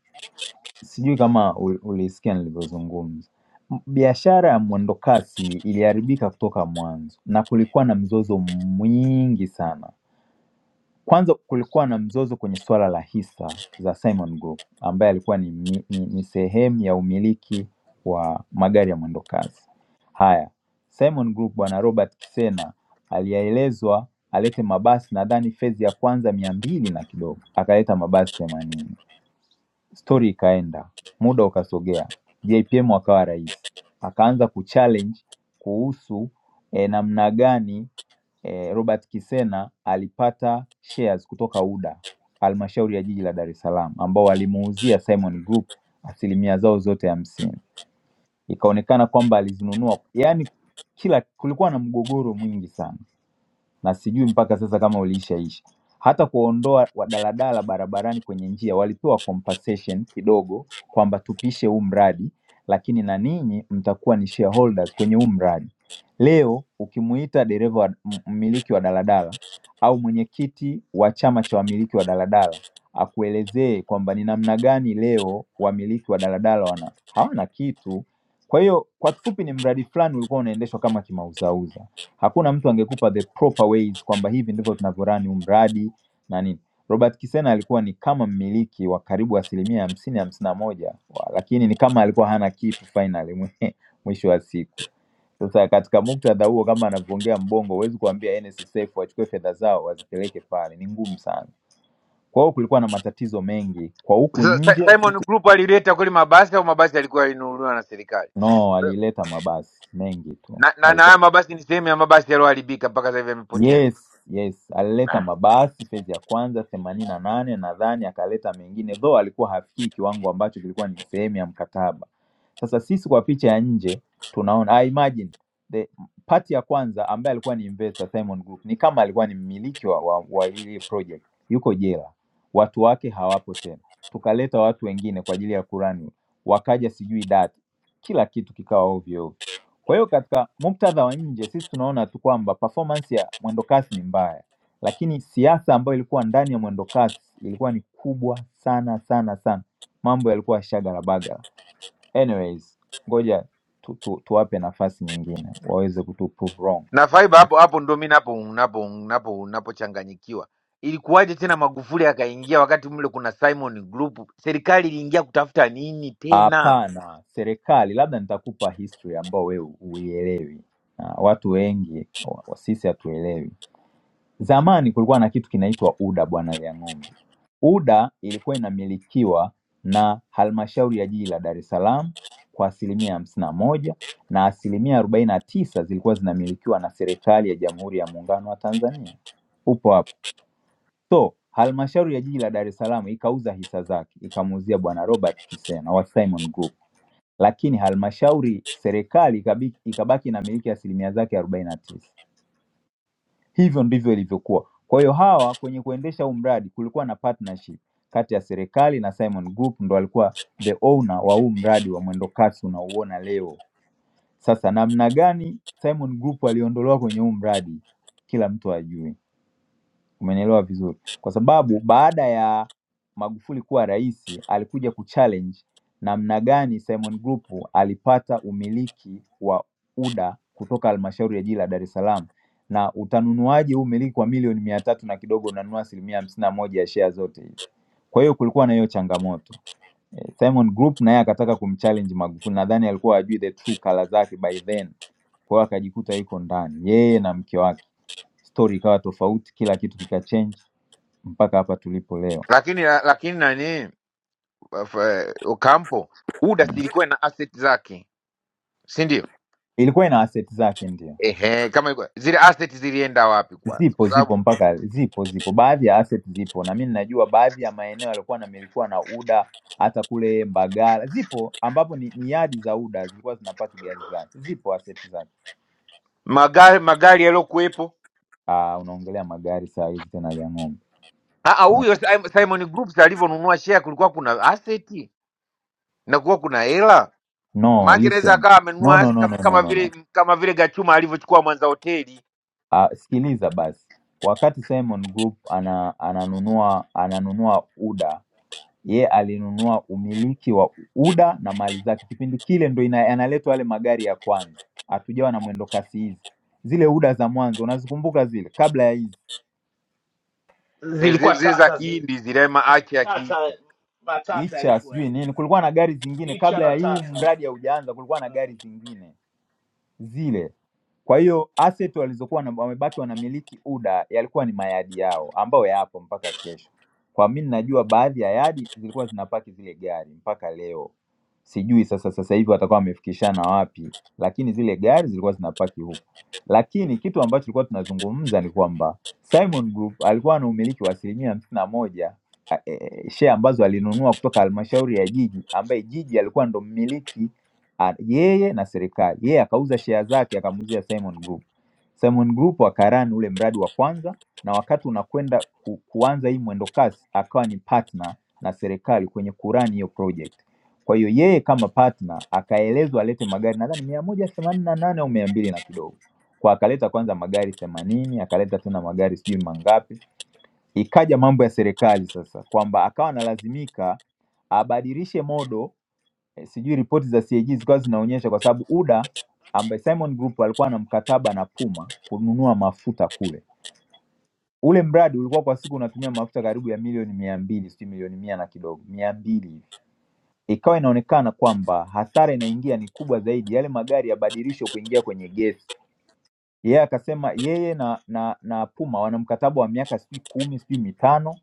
K: Sijui kama ul- ulisikia nilivyozungumza, M- biashara ya mwendokasi iliharibika kutoka mwanzo na kulikuwa na mzozo mwingi sana. Kwanza kulikuwa na mzozo kwenye suala la hisa za Simon Group ambaye alikuwa ni, mi- ni, ni sehemu ya umiliki wa magari ya mwendo kasi. Haya, Simon Group bwana Robert Kisena aliyeelezwa alete mabasi nadhani fezi ya kwanza mia mbili na kidogo, akaleta mabasi themanini. Stori ikaenda, muda ukasogea, JPM akawa rais, akaanza kuchallenge kuhusu eh, namna gani eh, Robert Kisena alipata shares kutoka UDA halmashauri ya jiji la Dar es Salaam ambao walimuuzia Simon Group asilimia zao zote hamsini. Ikaonekana kwamba alizinunua, yaani kila kulikuwa na mgogoro mwingi sana na sijui mpaka sasa kama uliishaisha. Hata kuondoa wadaladala barabarani kwenye njia, walipewa compensation kidogo kwamba tupishe huu mradi, lakini na ninyi mtakuwa ni shareholders kwenye huu mradi. Leo ukimuita dereva wa- m- mmiliki wa daladala au mwenyekiti wa chama cha wamiliki wa daladala akuelezee kwamba ni namna gani leo wamiliki wa daladala wana hawana kitu. Kwa hiyo kwa kifupi, ni mradi fulani ulikuwa unaendeshwa kama kimauzauza hakuna mtu angekupa the proper ways kwamba hivi ndivyo tunavyorani huu mradi na nini. Robert Kisena alikuwa ni kama mmiliki wa karibu asilimia hamsini hamsini na moja, wa- lakini ni kama alikuwa hana kitu finally mwe- mwisho wa siku. Sasa katika muktadha huo, kama anavyoongea Mbongo, huwezi kuambia NSSF wachukue fedha zao wazipeleke pale, ni ngumu sana. Kwa hiyo kulikuwa na matatizo mengi kwa huku
G: Sasa Si-
K: nje,
G: Simon Group alileta kweli mabasi au mabasi alikuwa alinunuliwa na serikali?
K: no,
G: Kwa hiyo-
K: alileta mabasi mengi tu.
G: Na na na haya mabasi ni sehemu ya mabasi yaliyoharibika mpaka sasa hivi yamepotea.
K: Yes, yes, alileta mabasi fezi ya kwanza themanini na nane nadhani, akaleta mengine though alikuwa hafikii kiwango ambacho kilikuwa ni sehemu ya mkataba. Sasa sisi kwa picha ya nje tunaona I imagine the part ya kwanza ambaye alikuwa ni investor Simon Group ni kama alikuwa ni mmiliki wa, wa, wa ile project, yuko jela, watu wake hawapo tena, tukaleta watu wengine kwa ajili ya kurani, wakaja sijui dati, kila kitu kikawa ovyo ovyo. Kwa hiyo katika muktadha wa nje, sisi tunaona tu kwamba performance ya mwendokasi ni mbaya, lakini siasa ambayo ilikuwa ndani ya mwendokasi ilikuwa ni kubwa sana sana sana, mambo yalikuwa shagala bagala. Anyways, ngoja tu, tu, tuwape nafasi nyingine waweze kutu prove wrong.
G: na Faiba hapo hapo ndo mi napo napo napo napochanganyikiwa. Ilikuwaje tena Magufuli akaingia wakati mle kuna Simon Group? Serikali iliingia kutafuta nini tena?
K: Hapana, serikali, labda nitakupa history ambao wewe huielewi, na watu wengi wa, wa- sisi hatuelewi. Zamani kulikuwa na kitu kinaitwa UDA bwana Liang'ombe. UDA ilikuwa inamilikiwa na halmashauri ya jiji la Dar es Salaam kwa asilimia hamsini na moja na asilimia arobaini na tisa zilikuwa zinamilikiwa na serikali ya Jamhuri ya Muungano wa Tanzania. Upo hapo. So halmashauri ya jiji la Dar es Salaam ikauza hisa zake ikamuuzia bwana Robert Kisena wa Simon Group, lakini halmashauri serikali ikabaki, ikabaki na miliki asilimia zake arobaini na tisa Hivyo ndivyo ilivyokuwa. Kwa hiyo hawa kwenye kuendesha huu mradi kulikuwa na partnership kati ya serikali na Simon Group ndo alikuwa the owner wa huu mradi wa mwendokasi unaouona leo. Sasa namna gani Simon Group aliondolewa kwenye huu mradi, kila mtu ajue. Umenielewa vizuri. Kwa sababu baada ya Magufuli kuwa rais, alikuja kuchallenge namna gani Simon Group alipata umiliki wa UDA kutoka halmashauri ya jiji la Dar es Salaam, na utanunuaje huu umiliki kwa milioni mia tatu na kidogo unanunua asilimia hamsini na moja ya shea zote hizi. Kwa hiyo kulikuwa na hiyo changamoto. Simon Group naye akataka kumchallenge Magufuli, nadhani alikuwa ajui the true color zake by then, kwa hiyo akajikuta yuko ndani yeye na mke wake. Story ikawa tofauti, kila kitu kikachange mpaka hapa tulipo leo.
G: Lakini lakini nani of, eh, Ocampo UDA silikuwa na asset zake, si ndio?
K: Ilikuwa ina asset zake, ndio
G: Ehe, kama ilikuwa- zile asset zilienda wapi kwanza?
K: zipo
G: Kwa
K: zipo
G: sababu
K: mpaka zipo zipo, baadhi ya asset zipo, na mimi ninajua baadhi ya maeneo yalikuwa namilikiwa na UDA hata kule Mbagala zipo, ambapo ni, ni yadi za UDA zilikuwa zinapaki gari zake, zipo asset zake.
G: magari magari yaliyokuwepo
K: Ah, unaongelea magari saa hizi tena Liang'ombe.
G: Ah, ah, huyo Sim- Simon Groups alivyonunua share kulikuwa kuna asset na kulikuwa kuna hela
K: No,
G: Maana anaweza
K: listen.
G: akawa
K: No,
G: amenunua
K: no, no, no,
G: kama,
K: no,
G: kama
K: no, no.
G: vile kama vile Gachuma alivyochukua Mwanza hoteli
K: Uh, sikiliza basi. Wakati Simon Group ana, ananunua ananunua UDA, ye alinunua umiliki wa UDA na mali zake. Kipindi kile ndo ina- yanaletwa yale magari ya kwanza, hatujawa na mwendo kasi hizi. Zile UDA za mwanzo unazikumbuka zile, kabla ya hizi
G: eh, zile
J: zilikuwa
G: zile za
J: tata zi,
G: Kihindi zile maache ya
J: tata
G: Kihindi.
J: matata
K: icha
J: yalikuwa
K: sijui nini, kulikuwa na gari zingine
J: icha
K: kabla
J: na
K: ya huu
J: tata
K: mradi haujaanza, kulikuwa na gari
J: Ah.
K: zingine. zile. Kwa hiyo asset walizokuwa wana- wamebaki wanamiliki UDA yalikuwa ni mayadi yao ambayo yapo mpaka kesho. Kwa mimi najua baadhi ya yadi zilikuwa zinapaki zile gari mpaka leo. Sijui sasa sasa hivi watakuwa wamefikishana wapi, lakini zile gari zilikuwa zinapaki huko. Lakini kitu ambacho tulikuwa tunazungumza ni kwamba Simon Group alikuwa na umiliki wa asilimia hamsini na moja share ambazo alinunua kutoka halmashauri ya jiji ambaye jiji alikuwa ndo mmiliki ah, yeye na serikali. Yeye akauza share zake akamuuzia Simon Group. Simon Group wakarani ule mradi wa kwanza, na wakati unakwenda ku, kuanza hii mwendo kasi akawa ni partner na serikali kwenye kurani hiyo project. Kwa hiyo yeye kama partner akaelezwa alete magari nadhani mia moja themanini na nane au mia mbili na kidogo, kwa akaleta kwanza magari themanini akaleta tena magari sijui mangapi Ikaja mambo ya serikali sasa kwamba akawa analazimika abadilishe modo eh, sijui ripoti za CAG zikawa zinaonyesha kwa sababu UDA ambaye Simon Group alikuwa na mkataba na Puma kununua mafuta kule. Ule mradi ulikuwa kwa siku unatumia mafuta karibu ya milioni mia mbili sijui milioni mia na kidogo mia mbili hivi, ikawa inaonekana kwamba hasara inaingia ni kubwa zaidi, yale magari yabadilishwe kuingia kwenye gesi. Yeye akasema yeye na, na, na Puma wana mkataba wa miaka sijui kumi sijui mitano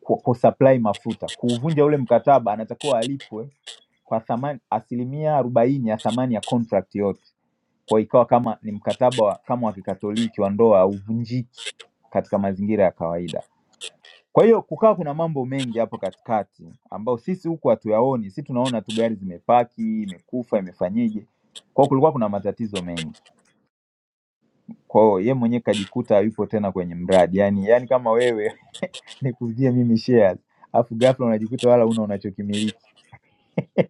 K: ku, kusupply mafuta. Kuuvunja ule mkataba, anatakiwa alipwe kwa thamani asilimia arobaini ya thamani ya contract yote. Kwa hiyo ikawa kama ni mkataba wa, kama wa Kikatoliki wa ndoa hauvunjiki katika mazingira ya kawaida. Kwa hiyo kukawa kuna mambo mengi hapo katikati ambayo sisi huku hatuyaoni, sisi tunaona tu gari zimepaki, imekufa, imefanyeje. Kwa hiyo kulikuwa kuna matatizo mengi. Kwa hiyo yeye mwenyewe kajikuta yupo tena kwenye mradi. Yaani yaani kama wewe ni kuuzia mimi shares afu ghafla unajikuta wala una unachokimiliki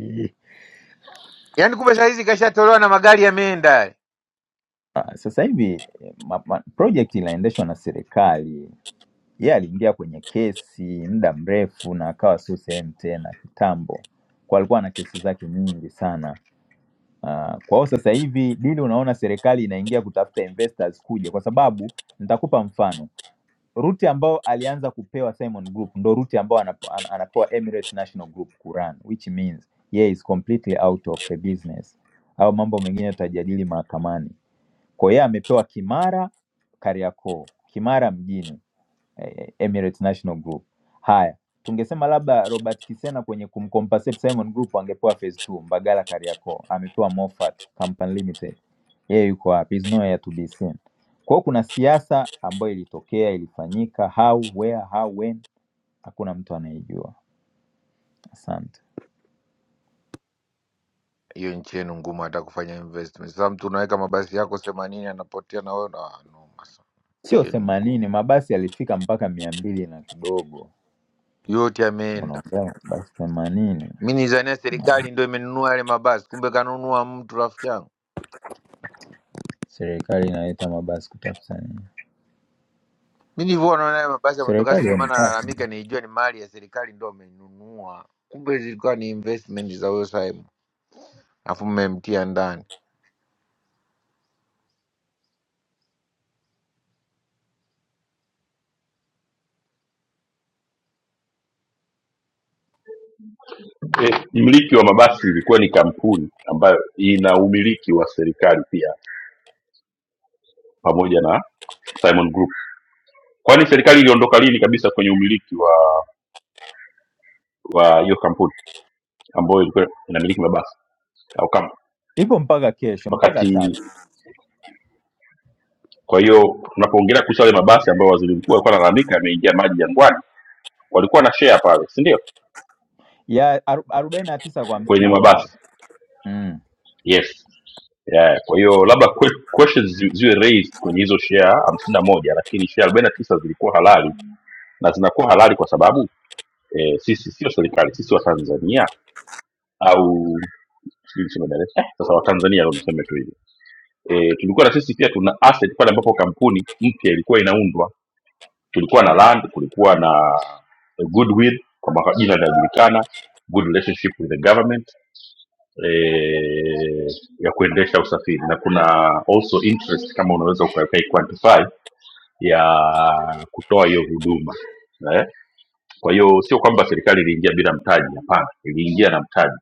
K: Eh,
G: Yaani kumbe saa hizi kashatolewa na magari yameenda.
K: Ah, sasa hivi ma- ma- project inaendeshwa na serikali yeye aliingia kwenye kesi muda mrefu na akawa sio sehemu tena kitambo kwa alikuwa na kesi zake nyingi sana Ah, kwa hiyo sasa hivi dili unaona serikali inaingia kutafuta investors kuja kwa sababu nitakupa mfano Ruti ambayo alianza kupewa Simon Group ndo ruti ambayo anapo- ana- anapewa Emirates National Group kuran which means yeye is completely out of the business, au mambo mengine tutajadili mahakamani. Kwa hiyo amepewa Kimara Kariakoo, Kimara mjini eh, eh, Emirates National Group. Haya, tungesema labda Robert Kisena kwenye kumcompensate Simon Group angepewa phase 2 Mbagala Kariakoo, amepewa Moffat Company Limited, yeye yuko wapi? Is nowhere to be seen. Kwa hiyo kuna siasa ambayo ilitokea, ilifanyika, how, where, how, when, hakuna mtu anayejua. Asante.
G: Hiyo nchi yenu ngumu hata kufanya investment. Sasa mtu unaweka mabasi yako 80 anapotea na wewe na noma sana.
K: Sio
G: Nchi yenu
K: themanini,
G: ngumu.
K: mabasi yalifika mpaka mia mbili na kidogo.
G: Yote yameenda.
K: Unaongea mabasi themanini,
G: Mimi nizania serikali ndio imenunua yale mabasi, kumbe kanunua mtu rafiki yangu.
K: serikali inaleta mabasi kutoka Tanzania.
G: Mimi nilivyoona yale mabasi ya mwendokasi
K: Serikali
G: ndio maana
K: haionekani.
G: nalalamika, nilijua ni mali ya serikali ndio amenunua. Kumbe zilikuwa ni investment za huyo Simon. afu mmemtia ndani.
L: eh, mmiliki wa mabasi ilikuwa ni kampuni ambayo ina umiliki wa serikali pia pamoja na Simon Group. Kwani serikali iliondoka lini kabisa kwenye umiliki wa wa hiyo kampuni ambayo ilikuwa inamiliki mabasi au kama
K: ipo mpaka kesho, mpaka
L: wakati?
K: sasa
L: Kwa hiyo tunapoongelea kuhusu yale mabasi ambayo waziri mkuu alikuwa analalamika yameingia maji jangwani walikuwa na share pale si ndio
K: ya aru- arobaini na tisa kwa hamsini
L: kwenye
K: na moja
L: mabasi
K: mm.
L: yes yeah. kwa hiyo labda que- questions zi- ziwe raised kwenye hizo share hamsini na moja lakini share arobaini na tisa zilikuwa halali na zinakuwa halali kwa sababu eh, sisi sio serikali sisi watanzania au sijui niseme Dar es- Salaam, eh, sasa watanzania ndo niseme tu hivyo eh, tulikuwa na sisi pia tuna asset pale ambapo kampuni mpya ilikuwa inaundwa tulikuwa na land kulikuwa na a goodwill kwamba kwa jina linajulikana good relationship with the government eh, ya kuendesha usafiri na kuna also interest kama unaweza ukai quantify ya kutoa hiyo huduma eh? kwa hiyo sio kwamba serikali iliingia bila mtaji hapana iliingia na mtaji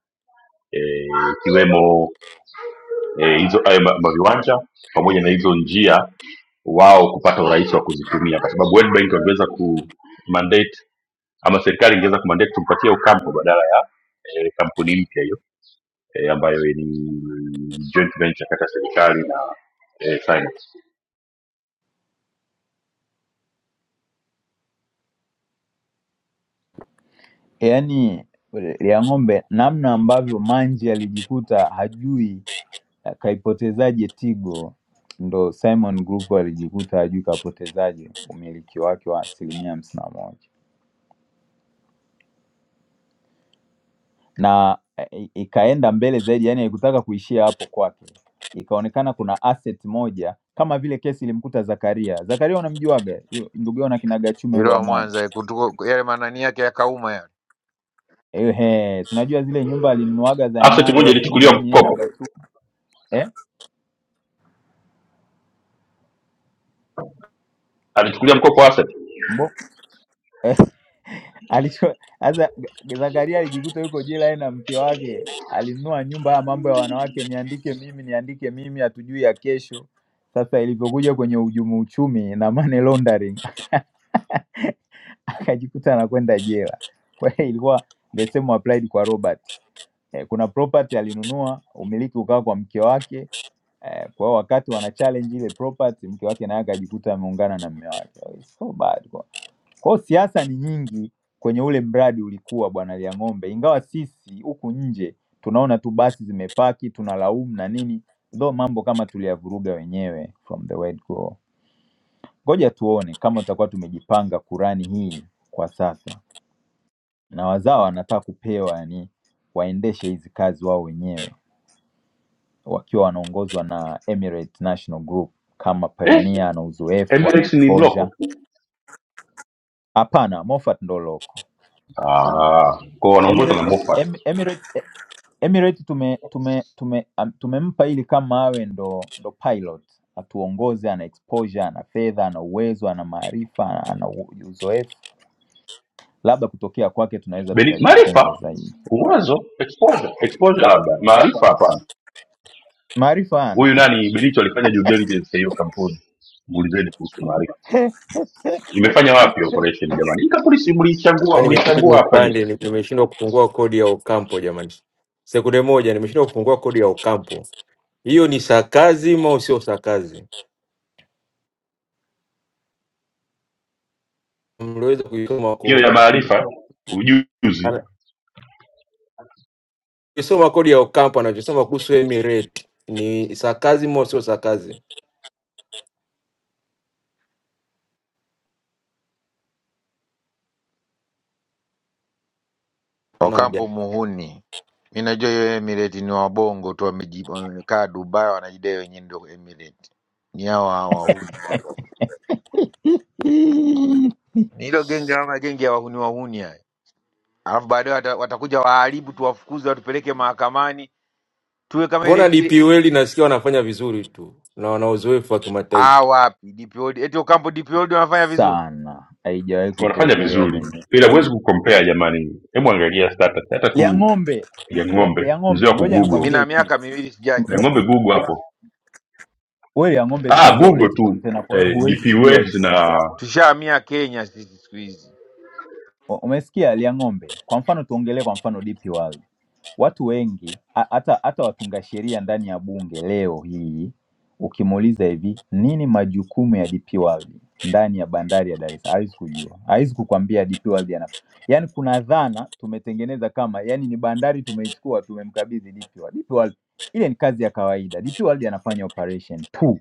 L: eh, ikiwemo eh, hizo hayo ma- maviwanja pamoja na hizo njia wao kupata urahisi wa kuzitumia kwa sababu World Bank wangeweza ku mandate ama serikali ingeweza kumandate tumpatie Ukampo badala ya eh, kampuni mpya hiyo eh, ambayo ni joint venture kati ya serikali na eh, Sinopec.
K: Yaani ya ng'ombe, namna ambavyo Manji alijikuta hajui eh, kaipotezaje Tigo, ndo Simon Group alijikuta hajui kapotezaje umiliki wake wa asilimia hamsini na moja na eh, ikaenda mbele zaidi, yaani haikutaka kuishia hapo kwake, ikaonekana kuna asset moja kama vile kesi ilimkuta Zakaria. Zakaria unamjuaga Yu- ndugu yao na kina Gachume
G: Yule
K: yule wa
G: wa
K: Mwanza
G: Mwanza kutuko, yale manani yake yakauma yale.
K: Ehe, si unajua zile nyumba alinunuaga za
L: Asset moja
K: Nyanza sijui
L: ilichukuliwa
K: nini yeye na
L: mkopo,
K: Gatu eh?
L: alichukulia mkopo asset
K: Mbo alicho sasa G- Zakaria alijikuta yuko jela yeye na mke wake, alinunua nyumba. Haya mambo ya wanawake, niandike mimi, niandike mimi, hatujui ya kesho. Sasa ilivyokuja kwenye uhujumu uchumi na money laundering akajikuta anakwenda jela. Kwa hiyo ilikuwa the same applied kwa Robert. Eh, kuna property alinunua, umiliki ukawa kwa mke wake. Eh, kwa hiyo wakati wana challenge ile property, mke wake naye akajikuta ameungana na mume wake. Oh, It's so bad. Kwa kwa hiyo siasa ni nyingi kwenye ule mradi ulikuwa bwana Liang'ombe, ingawa sisi huku nje tunaona tu basi zimepaki, tunalaumu na nini, though mambo kama tuliyavuruga wenyewe from the word go. Ngoja tuone kama tutakuwa tumejipanga Kurani hii kwa sasa, na wazawa wanataka kupewa yani waendeshe hizi kazi wao wenyewe wakiwa wanaongozwa na Emirates National Group kama
L: eh,
K: pioneer na uzoefu wa
L: Emirates ni
K: exposure.
L: mloko
K: Hapana, Moffat ndo loko
L: ah, kwa wanaongozwa
K: Emirates,
L: na Moffat.
K: em, Emirates, eh, Emirates tume, tume, tume, am- tumempa ili kama awe ndo, ndo pilot atuongoze, ana exposure, ana fedha, ana uwezo, ana maarifa, ana u- uzoefu labda kutokea kwake tunaweza
L: Beni-
K: tukajifunza
L: Maarifa,
K: zaidi.
L: uwezo, exposure, exposure labda maarifa hapana
K: Maarifa hana
L: huyu nani Bilicho alifanya due diligence ya hiyo kampuni, muulizeni kuhusu Maarifa imefanya wapi operation jamani. Hii kampuni si mliichagua,
M: Yaani imebidi
L: mliichagua hapa ni
M: nipande, ni- nimeshindwa kufungua kodi ya Ocampo jamani, sekunde moja, nimeshindwa kufungua kodi ya Ocampo. Hiyo ni sakazi au sio sakazi? Mliweza kuisoma
L: hiyo ya
M: kodi,
L: Maarifa ujuzi,
M: Ana- kisoma kodi ya Ocampo, anachosoma kuhusu Emirate ni sakazi au sio sakazi? Mbona
G: Ocampo
M: mjani,
G: muhuni. Mi najua hiyo Emirate ni wabongo tu wameji- wamekaa Dubai wanajidai wenyewe ndio Emirate. Ni hao hao wahuni hapo. Ni Hilo genge ama genge ya wahuni wahuni haya. Alafu baadaye wata, watakuja waharibu tuwafukuze watupeleke mahakamani tuwe kama ile
M: mbona
G: ile
M: DPWL nasikia wanafanya vizuri tu na wana uzoefu wa kimataifa.
G: ah wapi DPOD eti Ocampo DPOD wanafanya vizuri.
K: sana, haijawahi
L: wanafanya
K: kutokea
L: vizuri,
K: kwenye
L: ila huwezi kukompea jamani. Hebu angalia status hata
K: lia
L: tu
K: ng'ombe
L: ya
K: lia,
L: ng'ombe,
K: lia
L: mzee wa
K: ng'ombe. Ngoja
G: Mi
L: kugoogle
G: na
K: nikwambie kitu,
G: miaka miwili sijaja.
L: na
K: Ngo-
G: huku.
L: ng'ombe google hapo,
K: we lia ng'ombe siku
L: ah,
K: hizi
L: google
K: hauleti
L: tu
K: kontena, kwa hiyo
L: eh,
K: huwezi
L: DP
K: kujua
L: World
K: hivyo.
L: na
G: Tushahamia Kenya sisi siku hizi.
K: U- Umesikia lia ng'ombe. Kwa mfano tuongelee kwa mfano DP World. Watu wengi ha- hata hata watunga sheria ndani ya bunge leo hii ukimuuliza hivi nini majukumu ya DP World ndani ya bandari ya Dar es Salaam hawezi kujua. Hawezi kukwambia DP World yana. Yaani kuna dhana tumetengeneza kama yani ni bandari tumeichukua tumemkabidhi DP World. DP World ile ni kazi ya kawaida. DP World anafanya operation tu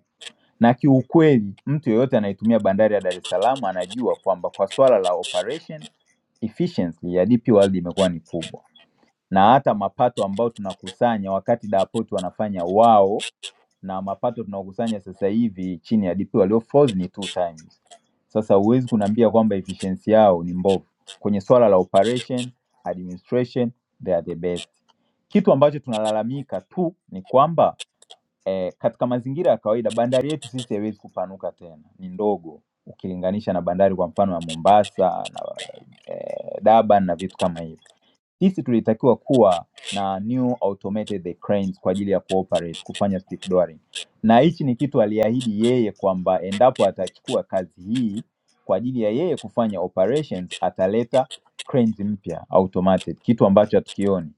K: na kiukweli mtu yeyote anayetumia bandari ya Dar es Salaam anajua kwamba kwa swala la operation efficiency ya DP World imekuwa ni kubwa, na hata mapato ambayo tunakusanya wakati Dapoti wanafanya wao na mapato tunaokusanya sasa hivi chini ya DP walio frozen ni two times. Sasa huwezi kuniambia kwamba efficiency yao ni mbovu kwenye swala la operation, administration, they are the best. Kitu ambacho tunalalamika tu ni kwamba eh, katika mazingira ya kawaida bandari yetu sisi haiwezi kupanuka tena, ni ndogo ukilinganisha na bandari kwa mfano ya Mombasa na eh, Durban na vitu kama hivyo. Sisi tulitakiwa kuwa na new automated cranes kwa ajili ya kuoperate kufanya stiff drawing, na hichi ni kitu aliahidi yeye kwamba endapo atachukua kazi hii kwa ajili ya yeye kufanya operations, ataleta cranes mpya automated, kitu ambacho hatukioni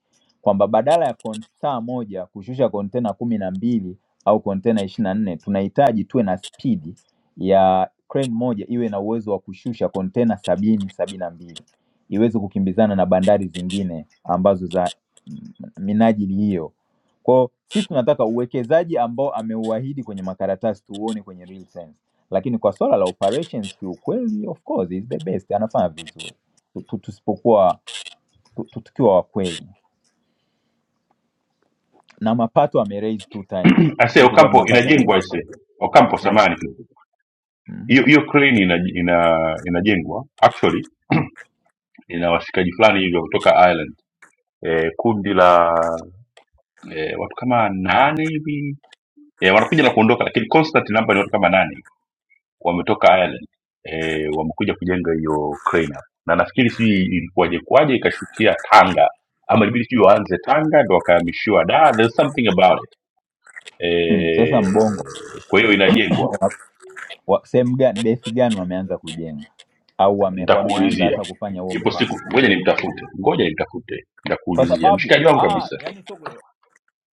K: kwamba badala ya kon- saa moja kushusha kontena kumi na mbili au kontena ishirini na nne tunahitaji tuwe na spidi ya crane moja iwe na uwezo wa kushusha kontena sabini sabini na mbili iweze kukimbizana na bandari zingine ambazo za minajili hiyo. Kwao sisi tunataka uwekezaji ambao ameuahidi kwenye makaratasi tuuone kwenye real sense, lakini kwa swala la operations kiukweli, of course is the best, anafanya vizuri Tu- tu- tusipokuwa tu- tu- tukiwa wakweli na mapato ame raise two times,
L: ase
K: sisi tulikuwa
L: Ocampo
K: tunapata
L: inajengwa ase Ocampo samani tu.
K: mm.
L: hiyo hiyo crane ina, ina, inajengwa actually ina washikaji fulani hivyo kutoka Ireland eh, kundi la eh, watu kama nane hivi eh, wanakuja na kuondoka, lakini constant number ni watu kama nane wametoka Ireland eh, wamekuja kujenga hiyo crane hapa. na nafikiri sijui ilikuwaje kwaje ikashukia Tanga ama ilibidi sijui waanze Tanga ndo wakahamishiwa da there's something about it
K: Mm. Sasa
L: eh,
K: mbongo
L: kwa hiyo inajengwa,
K: wa- wa- sehemu gani, bethi gani wameanza kujenga au wame, wameanza
L: nitakuulizia
K: hata kufanya huo
L: ipo
K: mpango
L: siku, ngoja nimtafute, ngoja nimtafute,
K: kwa
L: nitakuulizia
K: sababu
L: mshikaji wangu
K: ah,
L: kabisa.
K: yani soko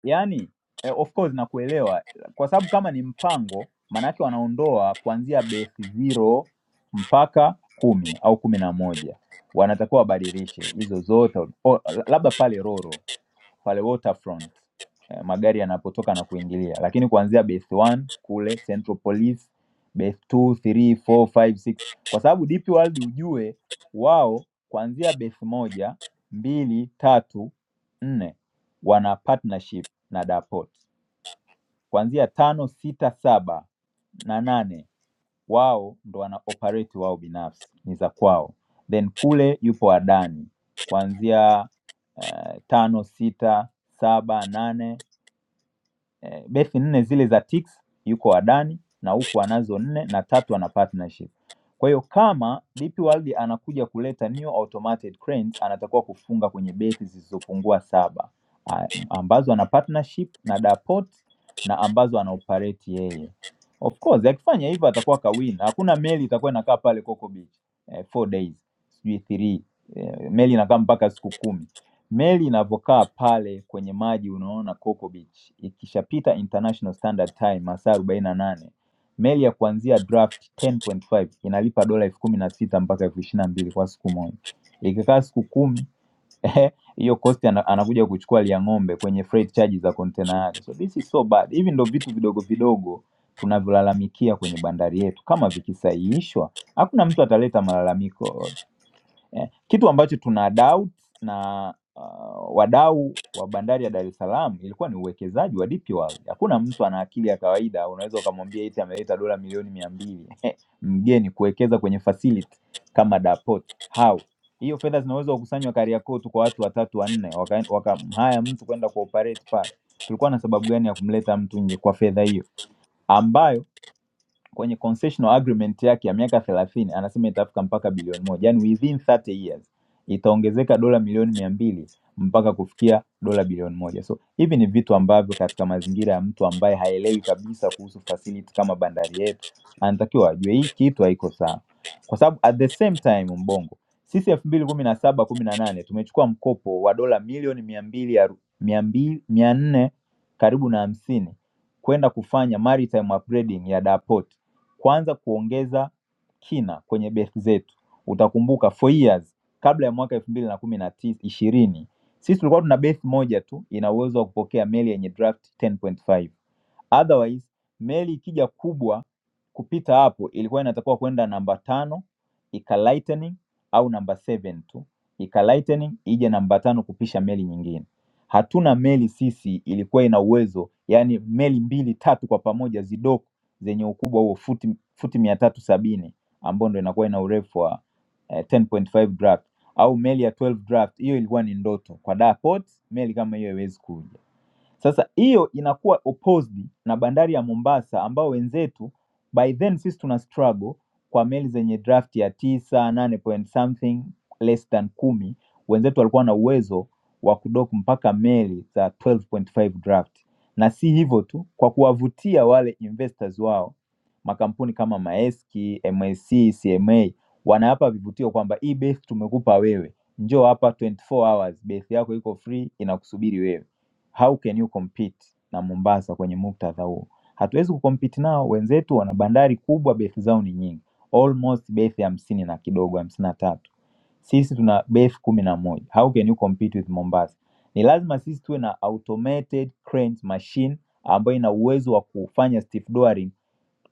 K: Yaani eh, of course nakuelewa kwa sababu kama ni mpango maanake wanaondoa kuanzia base zero mpaka kumi au kumi na moja wanatakiwa wabadilishe hizo zote o, labda pale Roro pale Waterfront eh, magari yanapotoka na kuingilia, lakini kuanzia base 1 kule Central Police, base 2, 3, 4, 5, 6, kwa sababu DP World ujue wao kuanzia base moja, mbili, tatu, nne wana partnership na Dapot kuanzia tano, sita, saba na nane wao ndo wana operate wao binafsi, ni za kwao. Then kule yupo Adani kuanzia eh, tano, sita, saba, nane eh, beti nne zile za Tix yuko Adani na huku anazo nne na tatu ana partnership. Kwa hiyo kama DP World anakuja kuleta new automated cranes, anatakiwa kufunga kwenye beti zisizopungua saba ah, ambazo ana partnership na Dapot na ambazo ana operate yeye. Of course akifanya hivyo atakuwa kawina. Hakuna meli itakuwa inakaa pale Coco Beach eh, four days sijui three eh, meli inakaa mpaka siku kumi Meli inavyokaa pale kwenye maji unaona Coco Beach ikishapita International Standard Time masaa arobaini na nane, meli ya kuanzia draft 10.5 inalipa dola elfu kumi na sita mpaka elfu ishirini na mbili kwa siku moja. Ikikaa siku kumi hiyo cost ana- anakuja kuchukua lia ng'ombe kwenye freight charges za container yake. So this is so bad. Hivi ndo vitu vidogo vidogo tunavyolalamikia kwenye bandari yetu, kama vikisahihishwa hakuna mtu ataleta malalamiko eh, kitu ambacho tuna doubt na uh, wadau wa bandari ya Dar es Salaam ilikuwa ni uwekezaji wa DP World. Hakuna mtu ana akili ya kawaida, unaweza ukamwambia eti ameleta dola milioni mia mbili mgeni kuwekeza kwenye facility kama Dapot. How? Hiyo fedha zinaweza kukusanywa Kariakoo tu kwa watu watatu wanne, wakamhaya waka wakamhaya mtu kwenda kuoperate pale. Tulikuwa na sababu gani ya kumleta mtu nje kwa fedha hiyo ambayo kwenye concessional agreement yake ya miaka 30 anasema itafika mpaka bilioni moja, yani within 30 years itaongezeka dola milioni mia mbili mpaka kufikia dola bilioni moja. So hivi ni vitu ambavyo katika mazingira ya mtu ambaye haelewi kabisa kuhusu facility kama bandari yetu, anatakiwa ajue hii kitu haiko sawa, kwa sababu at the same time Mbongo, sisi elfu mbili kumi na saba kumi na nane tumechukua mkopo wa dola milioni mia mbili aru- mia mbili- mia nne karibu na hamsini kwenda kufanya maritime upgrading ya Dar Port kuanza kuongeza kina kwenye beti zetu. Utakumbuka for years kabla ya mwaka elfu mbili na kumi na tisa ishirini sisi tulikuwa tuna beti moja tu ina uwezo wa kupokea meli yenye draft 10.5 otherwise meli ikija kubwa kupita hapo ilikuwa inatakiwa kwenda namba tano ika lightening au namba seven tu ika lightening ije namba tano kupisha meli nyingine. Hatuna meli sisi ilikuwa ina uwezo yani meli mbili tatu kwa pamoja zidoku zenye ukubwa huo futi, futi mia tatu sabini ambao ndo inakuwa ina urefu wa eh, 10.5 draft au meli ya 12 draft. Hiyo ilikuwa ni ndoto kwa Dar Port, meli kama hiyo haiwezi kuja. Sasa hiyo inakuwa opposed na bandari ya Mombasa ambao wenzetu by then sisi tuna struggle kwa meli zenye draft ya tisa nane point something less than kumi. Wenzetu walikuwa na uwezo wa kudock mpaka meli za 12.5 draft, na si hivyo tu, kwa kuwavutia wale investors wao makampuni kama Maersk, MSC, CMA wanawapa vivutio kwamba hii berth tumekupa wewe, njoo hapa 24 hours, berth yako iko free inakusubiri wewe how can you compete na Mombasa kwenye muktadha huo? Hatuwezi kucompete nao, wenzetu wana bandari kubwa, bethi zao ni nyingi, almost bethi hamsini na kidogo, hamsini na tatu. Sisi tuna bethi kumi na moja. How can you compete with Mombasa? Ni lazima sisi tuwe na automated cranes machine ambayo ina uwezo wa kufanya stiff drawing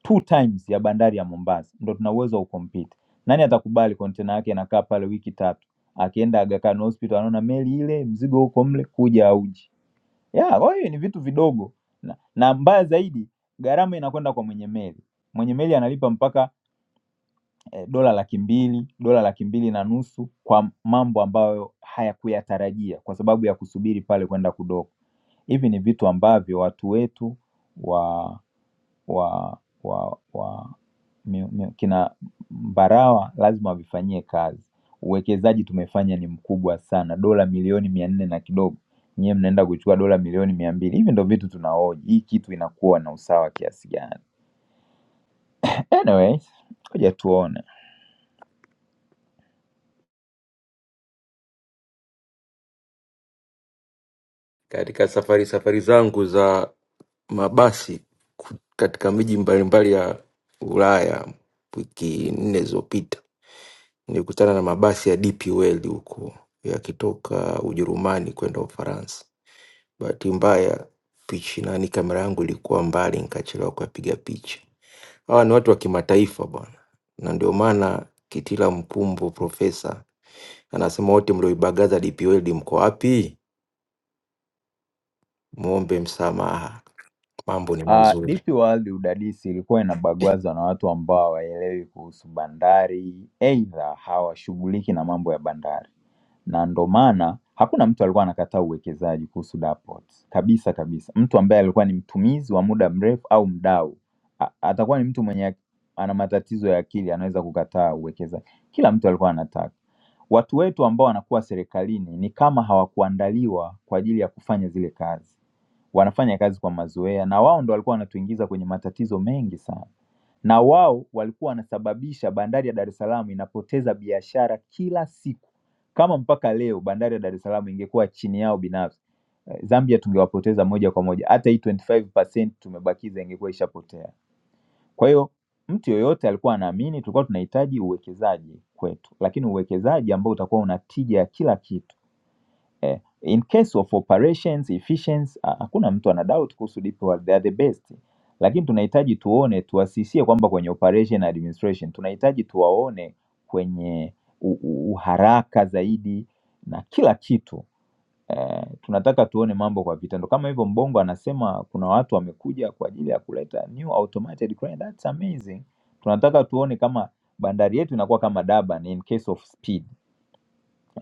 K: two times ya bandari ya Mombasa, ndo tuna uwezo wa kucompete. Nani atakubali kontena yake inakaa pale wiki tatu, akienda Aga Khan Hospital anaona meli ile, mzigo huko mle, kuja auji Yeah, kwa hiyo ni vitu vidogo na, na mbaya zaidi gharama inakwenda kwa mwenye meli. Mwenye meli analipa mpaka eh, dola laki mbili dola laki mbili na nusu kwa mambo ambayo hayakuyatarajia kwa sababu ya kusubiri pale kwenda kudock. Hivi ni vitu ambavyo watu wetu wa wa wa wa miu- miu- kina Mbarawa lazima wavifanyie kazi. Uwekezaji tumefanya ni mkubwa sana, dola milioni mia nne na kidogo, nyiwe mnaenda kuchukua dola milioni mia mbili. Hivi ndo vitu tunahoji, hii kitu inakuwa na usawa kiasi gani? Anyways, ngoja tuone.
M: Katika safari safari zangu za mabasi ku- katika miji mbalimbali ya Ulaya wiki nne zilizopita, nilikutana na mabasi ya DP World huko yakitoka Ujerumani kwenda Ufaransa. Bahati mbaya pichi nani, kamera yangu ilikuwa mbali, nikachelewa kuyapiga picha. Hawa ni watu wa kimataifa bwana, na ndio maana Kitila Mkumbo profesa anasema wote mlioibagaza DP World mko wapi? Muombe msamaha, mambo ni
K: Uh,
M: mazuri.
K: DP World udadisi ilikuwa inabagwazwa na watu ambao hawaelewi kuhusu bandari, aidha hawashughuliki na mambo ya bandari. na ndo maana hakuna mtu alikuwa anakataa uwekezaji kuhusu Dapot kabisa kabisa. Mtu ambaye alikuwa ni mtumizi wa muda mrefu au mdau a- atakuwa ni mtu mwenye ana matatizo ya akili, anaweza kukataa uwekezaji. Kila mtu alikuwa anataka watu wetu ambao wanakuwa serikalini ni kama hawakuandaliwa kwa ajili ya kufanya zile kazi, wanafanya kazi kwa mazoea, na wao ndo walikuwa wanatuingiza kwenye matatizo mengi sana na wao walikuwa wanasababisha bandari ya Dar es Salaam inapoteza biashara kila siku. Kama mpaka leo bandari ya Dar es Salaam ingekuwa chini yao binafsi, eh, Zambia tungewapoteza moja kwa moja, hata hii 25% tumebakiza ingekuwa ishapotea. Kwa hiyo mtu yoyote alikuwa anaamini tulikuwa tunahitaji uwekezaji kwetu, lakini uwekezaji ambao utakuwa una tija ya kila kitu eh, in case of operations efficiency, ha- hakuna mtu ana doubt kuhusu DeepL, they are the best, lakini tunahitaji tuone, tuwasisie kwamba kwenye operation na administration, tunahitaji tuwaone kwenye u- u- uharaka zaidi na kila kitu eh, tunataka tuone mambo kwa vitendo. Kama hivyo Mbongo anasema kuna watu wamekuja kwa ajili ya kuleta new automated crane, that's amazing. Tunataka tuone kama bandari yetu inakuwa kama Durban in case of speed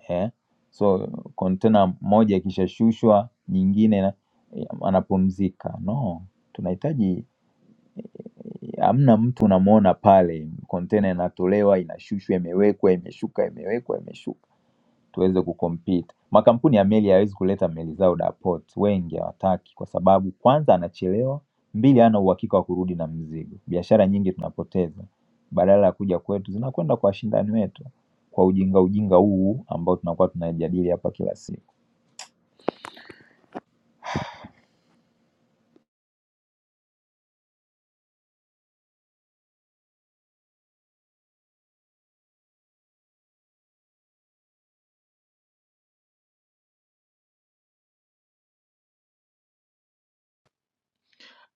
K: eh. So kontena moja ikishashushwa nyingine na- anapumzika. No, tunahitaji hamna mtu unamwona pale, kontena inatolewa inashushwa, imewekwa, imeshuka, imewekwa, imeshuka tuweze kucompete. Makampuni ya meli hayawezi kuleta meli zao da port, wengi hawataki kwa sababu kwanza anachelewa, mbili hana uhakika wa kurudi na mzigo. Biashara nyingi tunapoteza badala ya kuja kwetu, zinakwenda kwa washindani wetu kwa ujinga ujinga huu ambao tunakuwa tunajadili hapa kila siku.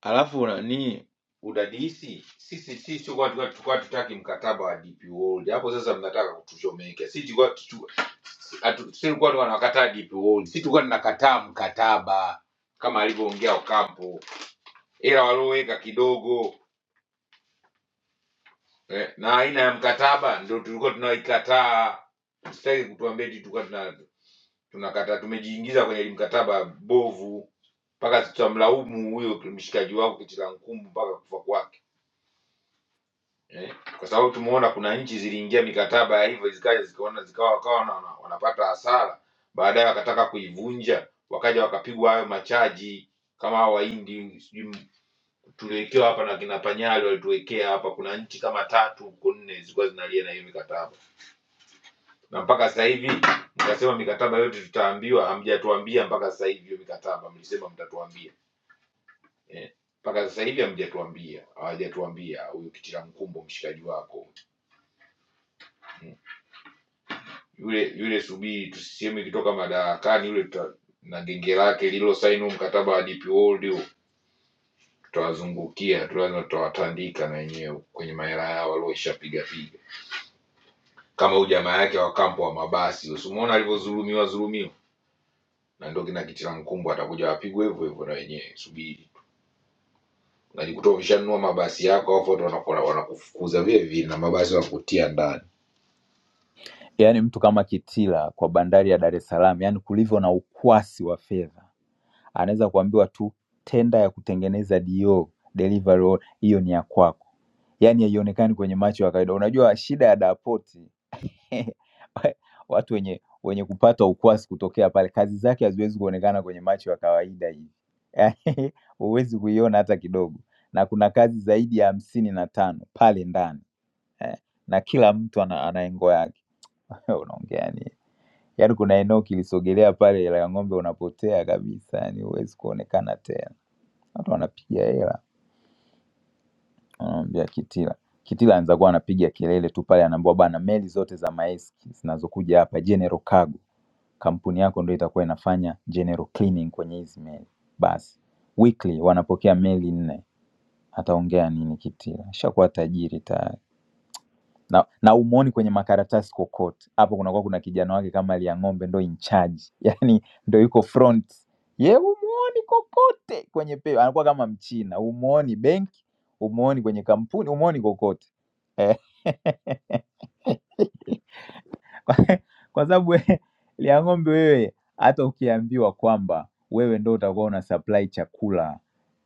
G: alafu nani udadisi sisi sisi tulikuwa tulikuwa- tulikuwa tutaki mkataba wa DP World hapo sasa mnataka kutuchomeka sisi tulikuwa tu- atu- sisi tulikuwa tunakataa DP World sisi tulikuwa tunakataa mkataba kama alivyoongea Ocampo ila walioweka kidogo eh, na aina ya mkataba ndio tulikuwa tunaikataa usitaki kutuambia eti tulikuwa tuna tunakataa tumejiingiza kwenye ile mkataba bovu mpaka tutamlaumu huyo mshikaji wako kichila nkumbu mpaka kufa kwake eh? kwa sababu tumeona kuna nchi ziliingia mikataba ya hivyo zikaja zikaona zikawa wakawa wana- wana- wanapata hasara baadaye wakataka kuivunja wakaja wakapigwa hayo machaji kama hao wahindi sijui tuliwekewa hapa na kina panyali walituwekea hapa kuna nchi kama tatu huko nne zilikuwa zinalia na hiyo mikataba na mpaka sasa hivi mkasema mikataba yote tutaambiwa hamjatuambia mpaka sasa hivi hiyo mikataba mlisema mtatuambia eh. mpaka sasa hivi hamjatuambia hawajatuambia huyo kitila mkumbo mshikaji wako Mm. yule yule Subiri tusiseme ikitoka madarakani yule tuta, na genge lake lililosaini huu mkataba wa DP World huu, tutawazungukia tu, lazima tutawatandika na wenyewe kwenye mahela yao walioishapiga piga, kama huyu jamaa yake wa kampo wa mabasi, usimuona alivyodhulumiwa dhulumiwa, na ndio kina Kitila Mkumbo atakuja wapigwe hivyo hivyo na wenyewe. Subiri tu, najikuta umeshanunua mabasi yako, alafu watu wanaku- wanakufukuza vile vile, na mabasi wakutia ndani.
K: Yaani mtu kama Kitila kwa bandari ya Dar es Salaam, yaani kulivyo na ukwasi wa fedha, anaweza kuambiwa tu tenda ya kutengeneza DO delivery, hall, hiyo ni ya kwako Yaani haionekani kwenye macho ya kawaida. Unajua shida ya Dapoti watu wenye wenye kupata ukwasi kutokea pale, kazi zake haziwezi kuonekana kwenye macho ya kawaida hivi huwezi kuiona hata kidogo, na kuna kazi zaidi ya hamsini na tano pale ndani eh, na kila mtu ana, ana engo yake unaongea nini? Yaani kuna eneo ukilisogelea pale hela ya ng'ombe unapotea kabisa, yani huwezi kuonekana tena. Watu wanapiga hela. Anamwambia Kitila. Kitila anaanza kuwa anapiga kelele tu pale, anaambiwa bana, meli zote za maeski zinazokuja hapa General Cargo, kampuni yako ndio itakuwa inafanya general cleaning kwenye hizi meli. Basi weekly wanapokea meli nne. Ataongea nini Kitila? Ashakuwa tajiri tayari na, na umuoni kwenye makaratasi kokote. Hapo kunakuwa kuna kijana wake kama lia ng'ombe ndo in charge, yani ndo yuko front ye, umuoni kokote kwenye pe, anakuwa kama Mchina, umuoni benki, umuoni kwenye kampuni, umuoni kokote eh. kwa kwa sababu we- lia ng'ombe wewe, hata ukiambiwa kwamba wewe ndo utakuwa una supply chakula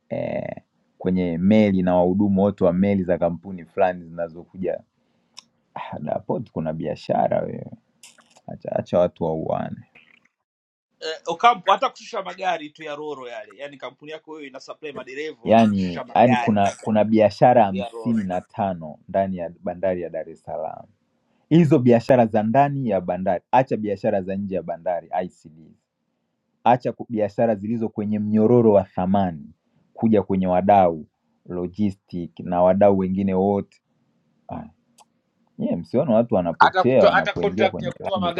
K: eh, kwenye meli na wahudumu wote wa meli za kampuni fulani zinazokuja ah, na hapo kuna biashara wewe acha acha watu wauane.
J: eh, Ocampo hata kushusha magari tu ya Roro yale, yani kampuni yako wewe ina supply madereva wa
K: Yaani
J: kushusha
K: yaani
J: magari
K: kuna kuna biashara
J: ya,
K: hamsini na tano ndani ya bandari ya Dar es Salaam. Hizo biashara za ndani ya bandari, acha biashara za nje ya bandari ICD, acha ku- biashara zilizo kwenye mnyororo wa thamani kuja kwenye wadau logistic na wadau wengine wote. Ah, nyie msione watu wanapotea wanapoingia kwenye line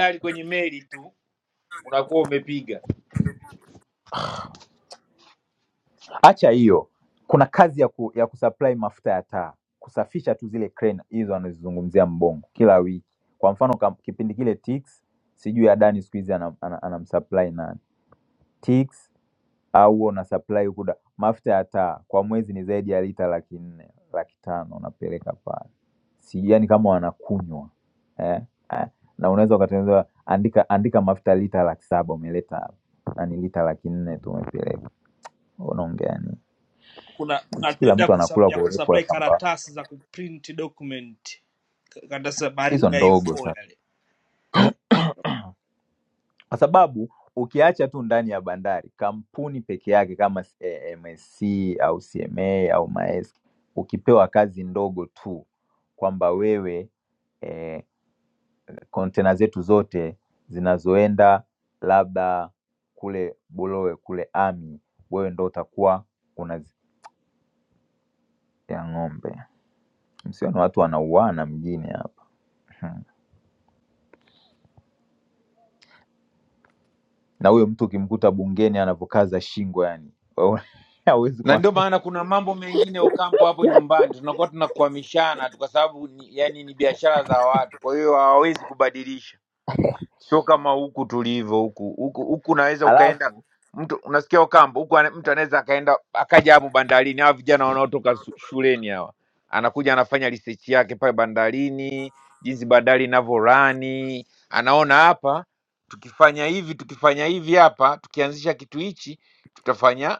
K: Acha hiyo, kuna kazi ya, ku, ya kusupply mafuta ya taa, kusafisha tu zile crane hizo anazozungumzia Mbongo kila wiki. Kwa mfano kam, kipindi kile Tix, sijui Adani siku hizi anam- ana- anamsupply nani Tix au huwa una supply huku da- mafuta ya taa kwa mwezi ni zaidi ya lita laki nne laki tano unapeleka pale, sijui yani kama wanakunywa eh? eh, na unaweza ukatengeneza andika andika mafuta lita laki saba umeleta hapa na ni lita laki nne tu umepeleka, unaongea nini?
J: kuna kuna
K: Si kila
J: tenda
K: mtu
J: kusa,
K: anakula
J: ya
K: kwa urefu wa
J: kusupply
K: kampani
J: karatasi za kuprint document Ka- karatasi za baridi
K: hizo
J: ya
K: ndogo
J: A4
K: sasa,
J: yale.
K: kwa sababu ukiacha tu ndani ya bandari kampuni peke yake kama s- eh, MSC au CMA au Maersk, ukipewa kazi ndogo tu kwamba wewe kontena eh, container zetu zote zinazoenda labda kule Bulowe kule Ami, wewe ndo utakuwa unazipea ng'ombe. Msione watu wanauana mjini hapa. na huyo mtu ukimkuta bungeni anavyokaza shingo yani hawezi
G: na ndio
K: kuamini.
G: maana kuna mambo mengine Ocampo hapo nyumbani tunakuwa tunakwamishana tu, kwa sababu ni, yani ni biashara za watu, kwa hiyo hawawezi kubadilisha, sio kama huku tulivyo. Huku huku huku unaweza ukaenda
K: Alafu
G: mtu unasikia Ocampo huku ana- mtu anaweza akaenda akaja hapo bandarini, hawa vijana wanaotoka su- shuleni hawa, anakuja anafanya research yake pale bandarini, jinsi bandari inavyorani, anaona hapa tukifanya hivi tukifanya hivi hapa tukianzisha kitu hichi tutafanya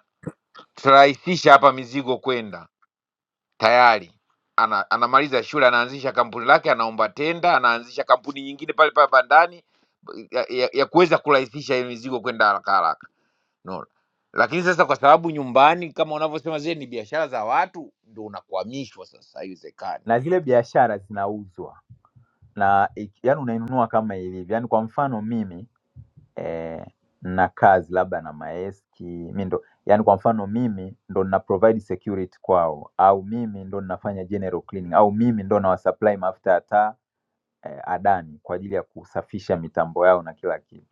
G: tutarahisisha hapa mizigo kwenda tayari ana, anamaliza shule anaanzisha kampuni lake anaomba tenda anaanzisha kampuni nyingine pale pale bandani ya, ya, ya kuweza kurahisisha hiyo mizigo kwenda haraka haraka no. lakini sasa kwa sababu nyumbani kama unavyosema zile ni biashara za watu ndio unakwamishwa sasa haiwezekani
K: na zile biashara zinauzwa na yani unainunua kama ilivyo, yani kwa mfano mimi eh, na kazi labda na maeski mi ndo yani kwa mfano mimi ndo nina provide security kwao, au mimi ndo ninafanya general cleaning, au mimi ndo nawasupply mafuta ya taa eh, Adani kwa ajili ya kusafisha mitambo yao na kila kitu.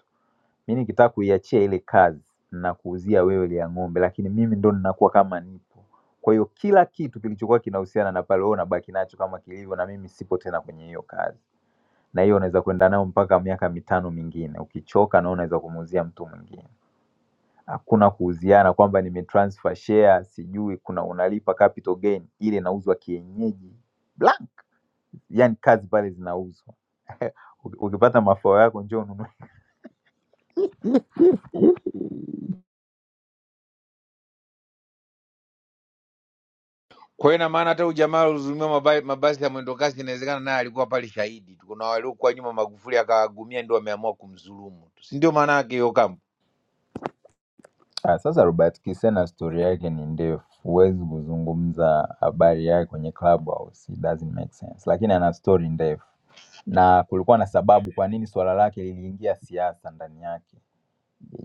K: mi nikitaka kuiachia ile kazi nakuuzia wewe ile ya ng'ombe, lakini mimi ndo ninakuwa kama nipo. Kwa hiyo kila kitu kilichokuwa kinahusiana na pale, wewe unabaki nacho kama kilivyo, na mimi sipo tena kwenye hiyo kazi, na hiyo unaweza kwenda nayo mpaka miaka mitano mingine. Ukichoka na wewe unaweza kumuuzia mtu mwingine. Hakuna kuuziana kwamba nimetransfer share, sijui kuna unalipa capital gain, ile inauzwa kienyeji blank, yani kazi pale zinauzwa. Uki- Ukipata mafao yako, njoo ununue
G: kwa hiyo ina maana hata ujamaa alihuzumiwa mabasi, mabasi ya mwendokasi inawezekana naye alikuwa pale shahidi tu kuna waliokuwa nyuma magufuli akawagumia ndio wameamua kumdhulumu si ndio maana yake hiyo kama
K: Ah, sasa Robert Kisena story yake ni ndefu, huwezi kuzungumza habari yake kwenye Clubhouse, it doesn't make sense, lakini ana story ndefu na kulikuwa na sababu kwa nini swala lake liliingia siasa ndani yake.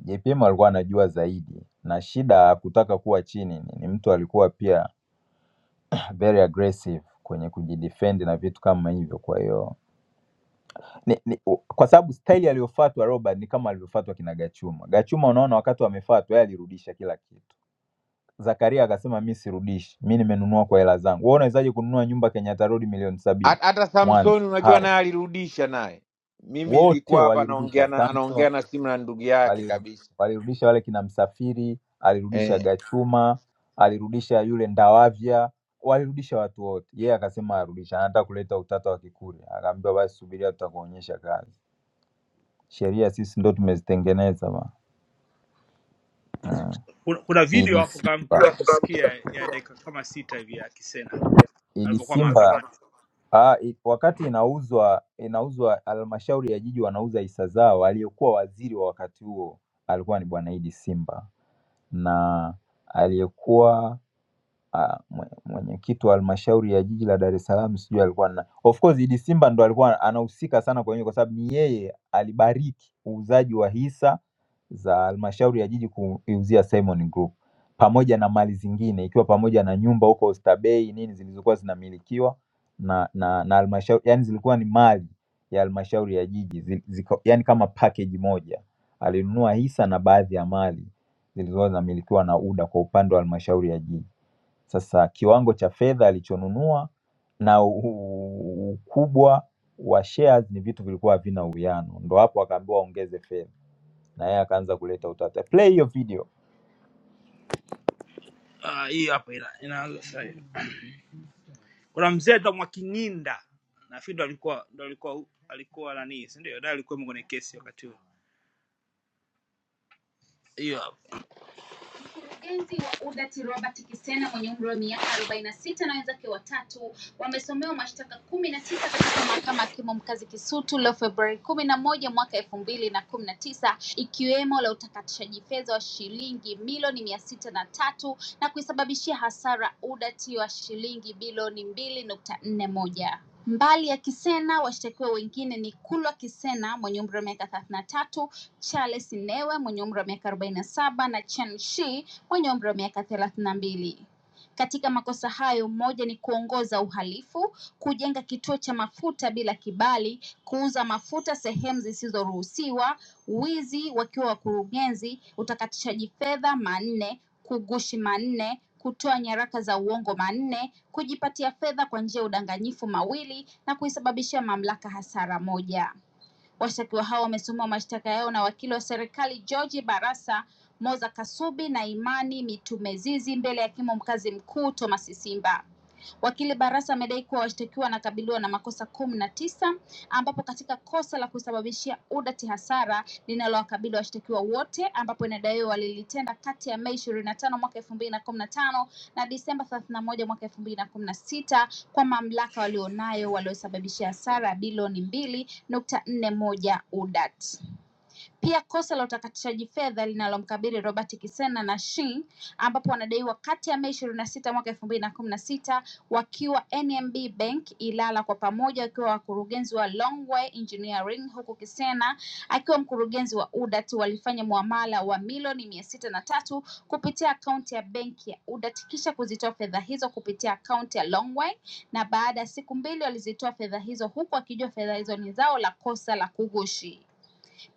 K: JPM alikuwa anajua zaidi, na shida ya kutaka kuwa chini ni ni mtu alikuwa pia very aggressive kwenye kujidefend na vitu kama hivyo. Kwa hiyo ni, ni, u- kwa sababu staili aliyofuatwa Robert ni kama alivyofuatwa kina Gachuma. Gachuma, unaona wakati wamefuatwa, yeye alirudisha kila kitu Zakaria akasema mi sirudishi, mi nimenunua kwa hela zangu. Wewe unawezaje kununua nyumba Kenyatta Road milioni sabini
G: Hat- hata
K: Mwanza?
G: Samsoni
K: How?
G: unajua naye alirudisha naye. Mimi
K: Wote
G: nilikuwa hapa anaongea
K: walirudisha,
G: na
K: Samson
G: anaongea na simu na ndugu yake
K: waliru-
G: kabisa
K: walirudisha, wale kina Msafiri alirudisha,
G: eh,
K: Gachuma alirudisha, yule Ndawavya walirudisha, watu wote. Yeye akasema arudisha, anataka kuleta utata wa Kikuria. Akaambiwa basi subiria, tutakuonyesha kazi. Sheria sisi ndo tumezitengeneza ba. Mm.
J: Kuna, kuna video
K: Idi
J: hapo kama mkitaka
K: Simba,
J: kusikia ya dakika kama sita hivi ya Kisena
K: Idi
J: alivyokuwa
K: Simba
J: mahakamani.
K: Ah, i- wakati inauzwa inauzwa halmashauri ya jiji wanauza hisa zao, aliyekuwa waziri wa wakati huo alikuwa ni bwana Idi Simba na aliyekuwa uh, mwenyekiti wa halmashauri ya jiji la Dar es Salaam sijui alikuwa na of course Idi Simba ndo alikuwa anahusika sana kwenye kwa sababu ni yeye alibariki uuzaji wa hisa za halmashauri ya jiji kuiuzia Simon Group pamoja na mali zingine ikiwa pamoja na nyumba huko Oysterbay nini zilizokuwa zinamilikiwa na na na halmashauri yani zilikuwa ni mali ya halmashauri ya jiji zi- zika, yani kama package moja alinunua hisa na baadhi ya mali zilizokuwa zinamilikiwa na UDA kwa upande wa halmashauri ya jiji. Sasa kiwango cha fedha alichonunua na u- ukubwa wa shares ni vitu vilikuwa havina uwiano, ndo hapo akaambiwa ongeze fedha, na yeye akaanza kuleta utata. Play hiyo video,
J: Ah, hii hapa ina, inaanza sasa hivi. Kuna mzee anaitwa Mwakinyinda nafikiri ndo alikuwa ndo alikuwa alikuwa nani, si ndio? Ndiye alikuwa kwenye kesi wakati huo. Hiyo hapa. Mkurugenzi wa UDART Robert Kisena mwenye umri wa miaka 46 na sita na wenzake watatu wamesomewa mashtaka kumi na tisa katika mahakama ya hakimu mkazi Kisutu leo Februari kumi na moja mwaka elfu mbili na kumi na tisa ikiwemo la utakatishaji fedha wa shilingi milioni mia sita na tatu na kuisababishia hasara UDART wa shilingi bilioni mbili nukta nne moja. Mbali ya Kisena, washtakiwa wengine ni Kulwa Kisena mwenye umri wa miaka 33 Charles Sinewe mwenye umri wa miaka 47 na saba na Chen Shi mwenye umri wa miaka 32. Katika makosa hayo, moja ni kuongoza uhalifu, kujenga kituo cha mafuta bila kibali, kuuza mafuta sehemu zisizoruhusiwa, wizi wakiwa wakurugenzi, utakatishaji fedha manne, kugushi manne, kutoa nyaraka za uongo manne, kujipatia fedha kwa njia ya udanganyifu mawili na kuisababishia mamlaka hasara moja. Washtakiwa hao wamesomewa mashtaka yao na wakili wa serikali George Barasa, Moza Kasubi na Imani Mitumezizi mbele ya hakimu mkazi mkuu Thomas Simba. Wakili Barasa amedai kuwa washtakiwa wanakabiliwa na makosa kumi na tisa ambapo katika kosa la kusababishia udati hasara linalowakabili washtakiwa wote ambapo inadaiwa walilitenda kati ya Mei ishirini na tano mwaka elfu mbili na kumi na tano na Disemba thelathini na moja mwaka elfu mbili na kumi na sita kwa mamlaka walionayo waliosababishia hasara ya bilioni mbili nukta nne moja udat pia kosa la utakatishaji fedha linalomkabili Robert Kisena na Shein ambapo wanadaiwa kati ya Mei 26 mwaka 2016 wakiwa NMB Bank Ilala kwa pamoja wakiwa wakurugenzi wa Longway Engineering huku Kisena akiwa mkurugenzi wa UDAT walifanya muamala wa milioni mia sita na tatu kupitia akaunti ya benki ya UDAT kisha kuzitoa fedha hizo kupitia akaunti ya Longway na baada ya siku mbili walizitoa fedha hizo huku akijua fedha hizo ni zao la kosa la kughushi.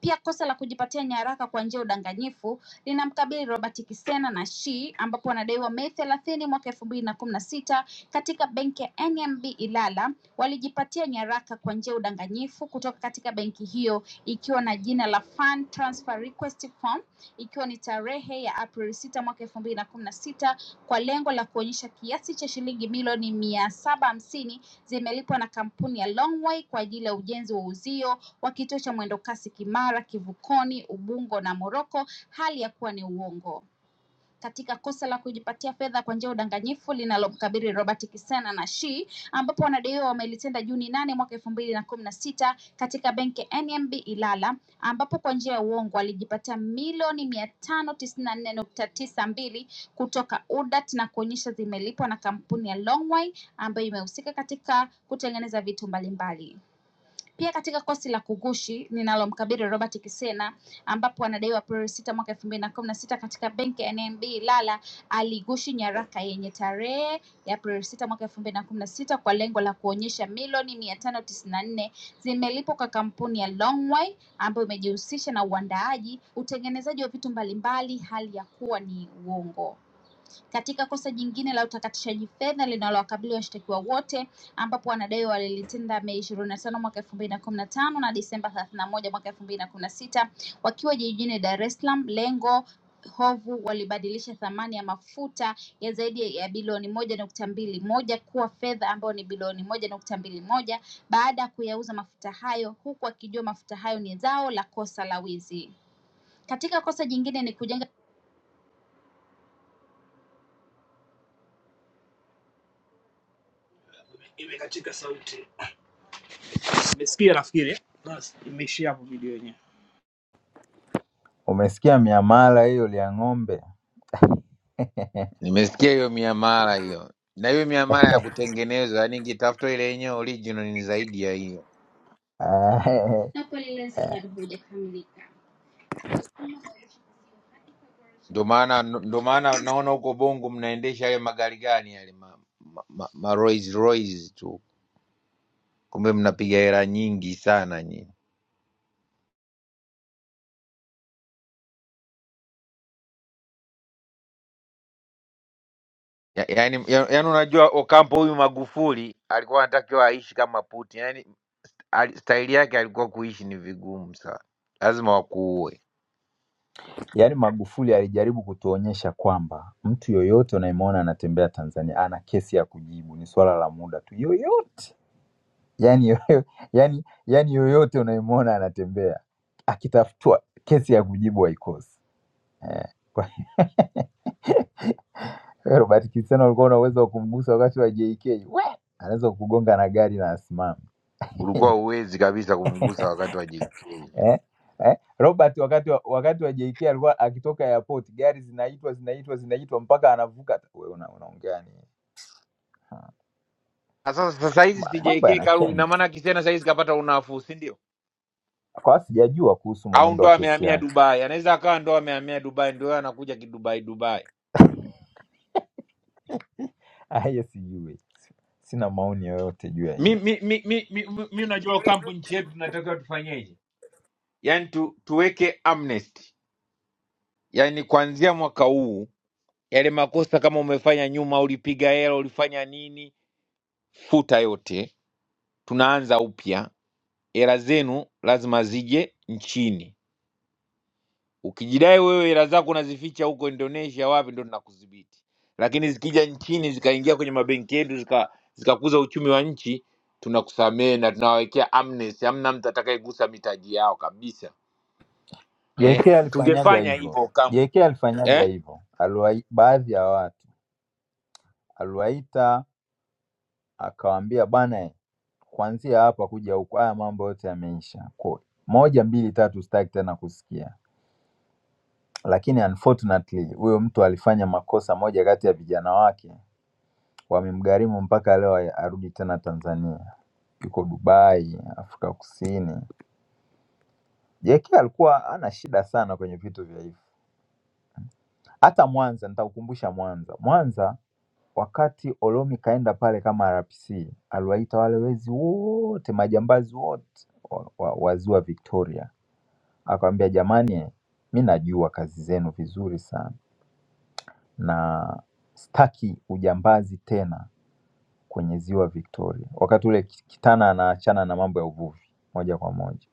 J: Pia kosa la kujipatia nyaraka kwa njia ya udanganyifu linamkabili Robert Kisena na Shi ambapo wanadaiwa Mei thelathini mwaka elfu mbili na kumi na sita katika benki ya NMB Ilala walijipatia nyaraka kwa njia ya udanganyifu kutoka katika benki hiyo ikiwa na jina la Fund Transfer Request Form ikiwa ni tarehe ya Aprili sita mwaka elfu mbili na kumi na sita kwa lengo la kuonyesha kiasi cha shilingi milioni mia saba hamsini zimelipwa na kampuni ya Longway kwa ajili ya ujenzi wa uzio wa kituo cha mwendokasi Kimara, Kivukoni, Ubungo na Moroko, hali ya kuwa ni uongo katika kosa la kujipatia fedha kwa njia ya udanganyifu linalomkabili Robert Kisena na Shi ambapo wanadaiwa wamelitenda Juni nane mwaka elfu mbili na kumi na sita katika benki ya NMB Ilala ambapo kwa njia ya uongo alijipatia milioni mia tano tisini na nne nukta tisa mbili kutoka UDAT na kuonyesha zimelipwa na kampuni ya Longway ambayo imehusika katika kutengeneza vitu mbalimbali. Pia katika kosi la kughushi linalomkabili Robert Kisena ambapo anadaiwa Aprili 6 mwaka 2016 katika benki ya NMB Ilala alighushi nyaraka yenye tarehe ya Aprili 6 mwaka 2016 kwa lengo la kuonyesha milioni 594 zimelipwa kwa kampuni ya Longway ambayo imejihusisha na uandaaji, utengenezaji wa vitu mbalimbali hali ya kuwa ni uongo. Katika kosa jingine la utakatishaji fedha linalowakabili washtakiwa wote ambapo wanadai walilitenda Mei ishirini na tano mwaka elfu mbili na kumi na tano na Disemba thelathini na moja mwaka elfu mbili na kumi na sita wakiwa jijini Dar es Salaam. Lengo hovu walibadilisha thamani ya mafuta ya zaidi ya bilioni moja nukta mbili moja kuwa fedha ambayo ni bilioni moja nukta mbili moja baada ya kuyauza mafuta hayo huku akijua mafuta hayo ni zao la kosa la wizi. Katika kosa jingine ni kujenga iwe katika sauti Umesikia nafikiri? eh? Basi imeishia hapo video yenyewe.
K: umesikia miamala hiyo ya ng'ombe.
G: nimesikia hiyo miamala hiyo, na hiyo miamala ya kutengenezwa, yani ingetafuta ile yenyewe original ni zaidi ya hiyo.
J: Hapo lile bado hujakamilika.
G: Ndio maana ndio maana naona huko Bongo mnaendesha yale magari gani yale ma, ma, ma, ma Rolls Royce tu, kumbe mnapiga hela nyingi sana nyinyi. Ya- Yaani ya, yaani unajua Ocampo huyu Magufuli alikuwa anatakiwa aishi kama Putin. Yaani ali- staili yake alikuwa kuishi ni vigumu sana, lazima wakuue.
K: Yaani Magufuli alijaribu kutuonyesha kwamba mtu yoyote unayemwona anatembea Tanzania ana kesi ya kujibu, ni swala la muda tu, yoyote yani, yoyo, yani, yani yoyote unayemwona anatembea akitafutwa kesi ya kujibu haikosi. Eh, Kwa hiyo Robert Cristiano alikuwa una uwezo wa kumgusa wakati wa JK. We! Anaweza kukugonga na gari na asimame.
G: Ulikuwa uwezi kabisa kumgusa wakati wa JK.
K: Eh? Eh? Robert wakati wa, wakati wa JK alikuwa akitoka airport, gari zinaitwa zinaitwa zinaitwa mpaka anavuka. Wewe una, unaongea nini?
G: Na Sasa sasa hizi
K: Ma-
G: si
K: Mambo
G: JK
K: yana
G: karudi, na
K: change.
G: maana Kisena sahizi kapata unafuu, si ndio?
K: Kwa hiyo sijajua kuhusu
G: Au
K: mwenendo
G: ndo
K: wa kesi
G: amehamia
K: yake.
G: Dubai? Anaweza akawa ndo amehamia Dubai, ndio yeye anakuja kidubai Dubai.
K: Ah, yes, sijui. Sina maoni yoyote juu ya
G: Mi
K: hiyo.
G: mi mi mi, mi, mi, mi unajua kampu nchi yetu tunatakiwa tufanyeje? Yaani tu, tuweke amnesty, yaani kuanzia mwaka huu yale makosa kama umefanya nyuma, ulipiga hela, ulifanya nini, futa yote, tunaanza upya hela zenu lazima zije nchini. Ukijidai wewe hela zako unazificha huko Indonesia wapi, ndo tunakudhibiti. Lakini zikija nchini zikaingia kwenye mabenki yetu zika zikakuza uchumi wa nchi, tunakusamehe na tunawawekea amnesty. Hamna mtu atakayegusa mitaji yao kabisa.
K: JK
G: Eh,
K: alifanyaga
G: tungefanya
K: hivyo.
G: hivyo kama
K: JK alifanyaga
G: eh?
K: hivyo. Aliwa baadhi ya watu aliwaita akawaambia bana kuanzia hapa kuja huku, haya mambo yote yameisha. Kwa- Moja, mbili, tatu, sitaki tena kusikia. Lakini unfortunately huyo mtu alifanya makosa moja kati ya vijana wake, wamemgharimu mpaka leo haya- arudi tena Tanzania, yuko Dubai, Afrika Kusini. JK alikuwa ana shida sana kwenye vitu vya hivi. Hata Mwanza, nitakukumbusha Mwanza. Mwanza wakati Olomi kaenda pale kama RPC, aliwaita wale wezi wote, majambazi wote wa, wa, wa ziwa Victoria Akamwambia jamani, mi najua kazi zenu vizuri sana na staki ujambazi tena kwenye ziwa Victoria. Wakati ule Kitana anaachana na mambo ya uvuvi moja kwa moja.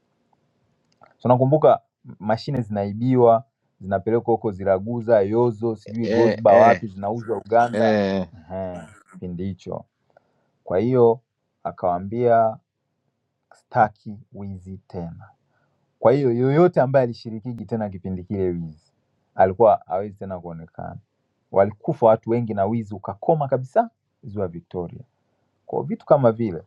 K: So nakumbuka mashine zinaibiwa zinapelekwa huko Ziraguza, Yozo, sijui
G: Eh,
K: Gosba
G: eh,
K: wapi, zinauzwa Uganda.
G: eh.
K: Ehe, Kipindi hicho. Kwa hiyo akawaambia staki wizi tena. Kwa hiyo yoyote ambaye alishirikiji tena kipindi kile wizi alikuwa hawezi tena kuonekana. Walikufa watu wengi na wizi ukakoma kabisa ziwa Victoria. Kwa vitu kama vile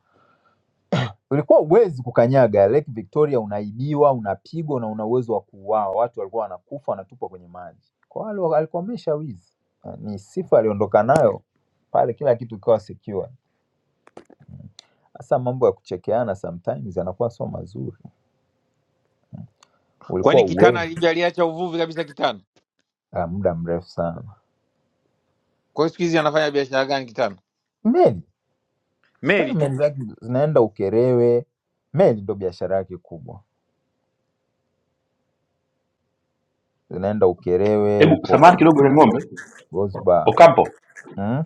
K: ulikuwa uwezi kukanyaga Lake Victoria, unaibiwa, unapigwa na una uwezo wa kuuawa. Watu walikuwa wanakufa wanatupwa kwenye maji. Kwa hiyo alo- alikomesha wizi, Eh, ni sifa aliondoka nayo pale, kila kitu kikawa secure. Sasa mambo ya kuchekeana sometimes yanakuwa sio mazuri. Ulikuwa
G: Kwani Kitana
K: uwezi
G: alija aliacha uvuvi kabisa Kitana?
K: ah, muda mrefu sana.
G: Kwa hiyo siku hizi anafanya biashara gani Kitana?
K: Meli Kitana
G: Meli tu.
K: meli zake zinaenda Ukerewe, meli ndo biashara yake kubwa, zinaenda Ukerewe
L: Hebu samahani
K: huko
L: kidogo ya ng'ombe
K: Gosba
L: Ocampo,
K: mm?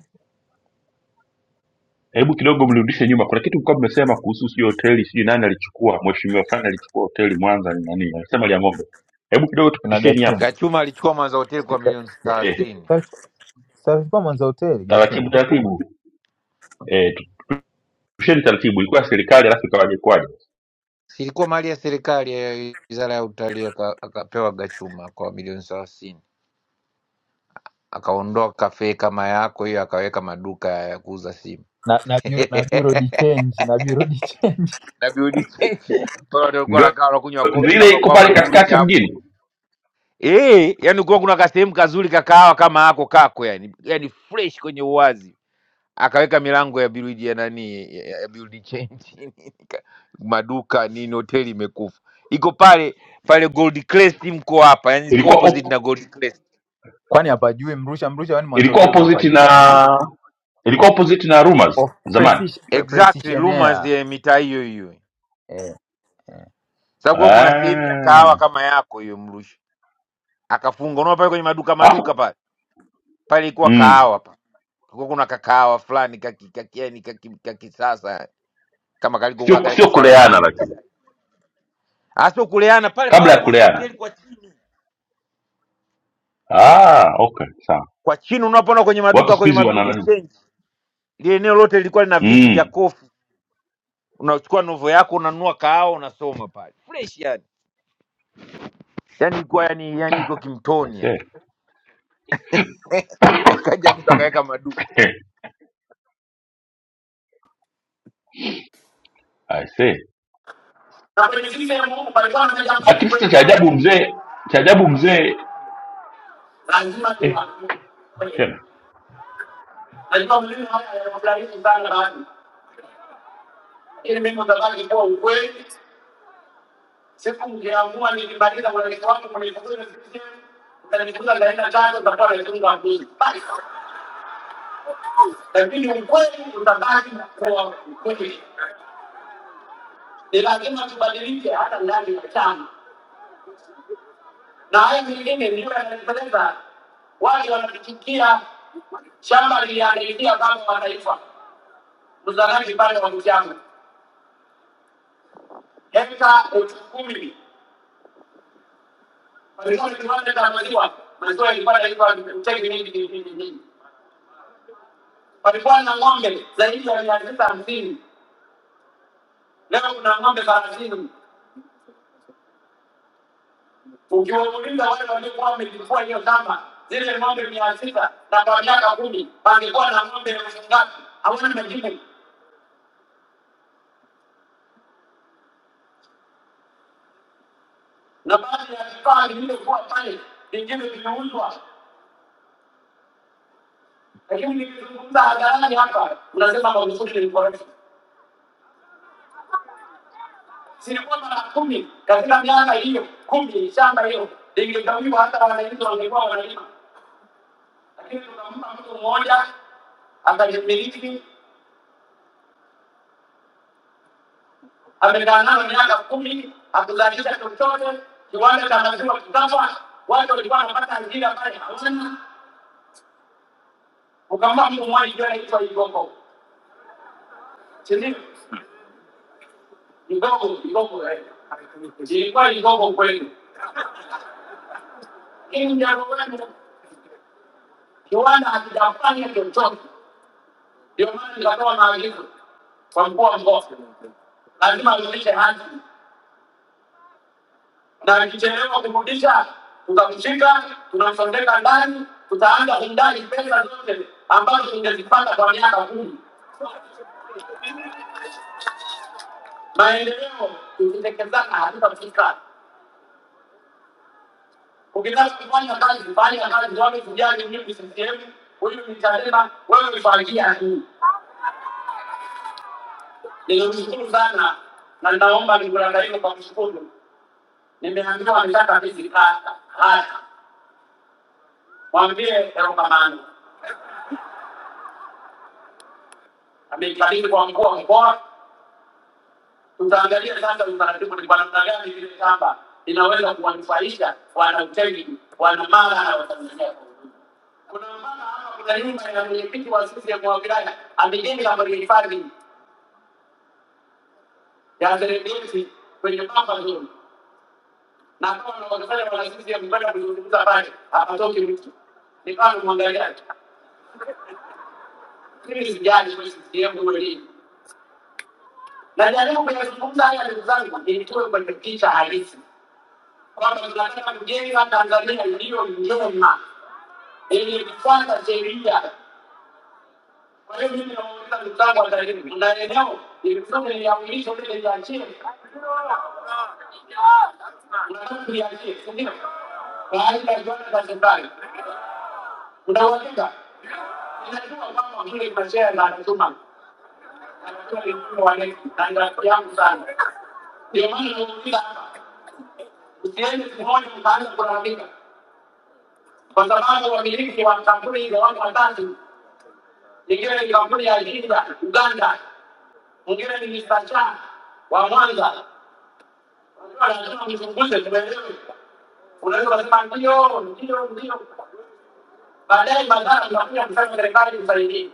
L: hebu kidogo mrudishe nyuma kuna kitu mlikuwa mmesema kuhusu sio hoteli sijui nani alichukua mheshimiwa fulani alichukua hoteli mwanza ni nani alisema lia ng'ombe hebu kidogo
K: na
L: tupitisheni
K: Gachuma,
L: hapo
G: Gachuma alichukua Mwanza hoteli
K: Siki-
G: kwa milioni
K: Ga-
L: eh,
G: thelathini
K: Ga- Safaricom za hoteli
L: taratibu
K: Gachuma
L: taratibu eh, tupitisheni taratibu ilikuwa serikali alafu ikawaje kwaje
G: ilikuwa mali ya serikali ya wizara ya utalii, aka- akapewa Gachuma kwa milioni thelathini, akaondoa kafe kama yako hiyo, akaweka maduka ya kuuza simu
K: na na bureau, na bureau de change na bureau de change,
G: na biudi chenji pale, watu walikuwa
L: ndio
G: wanakaa wanakunywa
L: ndio
G: kofi
L: ile
G: kama
L: iko
G: kwako
L: pale
G: Mrusha
L: katikati
G: hapo
L: mjini
G: eh, yani kulikuwa kuna kasehemu kazuri kakahawa kama hako kako, yani yani fresh kwenye uwazi akaweka milango ya build ya nani ya ya build chain nini, nika- maduka nini, hoteli imekufa iko pale pale Gold Crest, mko hapa, yani iko
L: ilikuwa
G: opposite na
L: op,
G: Gold Crest
K: kwani hapajui Mrusha? Mrusha kwani mwanza
L: ilikuwa
K: hoteli wewe
L: opposite
K: hupajui? Mwanza
L: na ilikuwa opposite na rumors
K: of
L: zamani
K: precision pre,
G: exactly, rumors
K: precisionaire
G: ya mitaa hiyo hiyo,
K: eh. eh.
G: sababu kwa kuna sehemu
L: ah
G: ya kahawa kama yako hiyo Mrusha akafunga, unaona pale kwenye maduka maduka
L: alafu
G: pale pale ilikuwa
L: mm,
G: kahawa pa kulikuwa kuna kakahawa fulani kaki- kaki- yani kaki- kakisasa kama kalikokuwa
L: sio
G: kale
L: sio kuleana
G: kasalamanda,
L: lakini
G: hasa kuleana pale
L: kabla
G: pale
L: ya
G: Mwanza
L: kuleana
G: hoteli kwa chini
L: ah okay sawa
G: kwa chini unapoona kwenye
L: watu
G: maduka
L: siku
G: kwenye
L: hizi
G: mabuilding
L: wana
G: change ile eneo lote lilikuwa lina viti
L: mm.
G: vya kofi unachukua novo yako unanunua kahawa unasoma pale fresh yani yani ilikuwa yani, yani iko
L: I
G: kimtoni yani.
L: see.
G: akaja mtu akaweka maduka
L: I see.
M: na kwenye vile ya Mungu palikuwa na mikakati
L: Lakini sasa
M: kweli
L: cha ajabu
M: kweli,
L: mzee, cha ajabu mzee
M: lazima
L: eh,
M: niwaambie.
L: tena
M: Najua mlimi haya yanafurahisha sana baadhi, lakini mimi nitabaki kuwa ukweli. Siku mkiamua nilimaliza mwelekeo wangu kwenye kuzuri kusikia, utanikuta ndaenda tatu utakuwa na kitu mbuzi, basi. Lakini ukweli utabaki kuwa ukweli. Ni lazima tubadilike hata ndani ya chama, na haya mengine ndiyo yananipeleka wale wanatuchukia shamba liliharibika kama mataifa Mzalani vibanda wa ndugu yangu, hekta elfu kumi palikuwa na kiwanda cha maziwa, maziwa ilipata ilikuwa mtegi mingi mingi mingi. Palikuwa na ng'ombe zaidi ya mia sita hamsini leo kuna ng'ombe thelathini. Ukiwauliza wale waliokuwa wamejifua hiyo shamba, zile ng'ombe mia sita na kwa miaka kumi pangekuwa na ng'ombe elfu ngapi? Hawana majibu, na baadhi ya vifaa vilivyokuwa pale vingine vimeuzwa, lakini nikizungumza hadharani hapa, unasema Magufuli ni mkorefu. Singapore telah Kumi katika miaka hiyo kumi shamba hilo lingegawiwa hata wananchi wangekuwa wanalima, lakini tukampa mtu mmoja akalimiliki, amekaa nalo miaka kumi, akuzalisha chochote. Kiwanda cha maziwa kikafa, watu walikuwa wanapata ajira pale hawana, ukampa mtu mmoja ikiwa inaitwa Igogo, si ndio? Igogo, Igogo eh, ilikuwa Igogo kweli, lakini jambo gani? Kiwanda hakijafanya chochote Ndio maana nikatoa maagizo kwa mkuu wa mkoa, lazima arudishe hati, na akichelewa kurudisha tutamshika, tunamsondeka ndani, tutaanza kumdai pesa zote ambazo ingezipata kwa miaka kumi. Maendeleo tukitekezana hatutafika. Ukitaka kufanya kazi, fanya kazi, wala usijali mimi ni CCM, huyu ni Chadema, wewe ufagia hii. Ninamshukuru sana na naomba nikurudie kwa kushukuru. Nimeambiwa nitaka hizi kata hata Mwambie Daruka Manu amekabidhi kwa mkuu wa mkoa. Tutaangalia sasa utaratibu ni kwa namna gani vile shamba inaweza kuwanufaisha wana Utegi, wana Mara na Watanzania kwa ujumla. Kuna mama hapa, kuna nyumba ya mwenyekiti wa CCM wa wilaya amejenga hifadhi ya Serengeti kwenye pamba zuri, na kama wanaofanya wana CCM kwenda kuzungumza pale, hapatoki mtu. Ni kama mwangaliaji, mimi sijali kwa CCM kweli na jaribu kuyazungumza haya ndugu zangu, ilikuwe kwenye picha halisi kwamba tunasema mjema Tanzania ndiyo njema iliyofuata sheria. Kwa hiyo mimi nauliza ndugu zangu wa Tarime, kuna eneo ilikuwa niliamrishwa vile liachie, unataka kuliachie, si ndio? Kwa ajili ya viwanda vya serikali, kuna uhakika Ninajua kwamba kule mashea na natuma anajua ni mkuu wa nini na kwa hiyo ni rafiki yangu sana, ndio maana namuuliza hapa Usiende kumhoji mtaanza kulalamika kwa sababu wamiliki wa kampuni hizo watu watatu, lingine ni kampuni ya Jinja Uganda, mwingine ni Mr. Cha wa Mwanza. Unajua, lazima mzunguze tuelewe. Unaweza kusema ndio, ndio, ndio, baadaye madhara mnakuja kusema serikali msaidii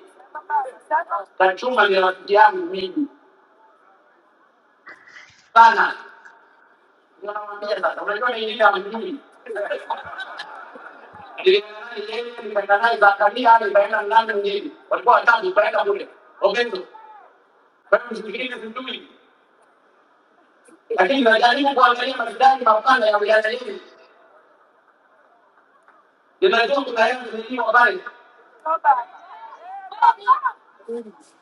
M: na chuma ni rafiki yangu mimi sana, ninawaambia sasa. Unajua ni ile ya mjini lakini najaribu kuangalia maridadi mapana ya wilaya yetu. Ninajua kuna hela zilizo habari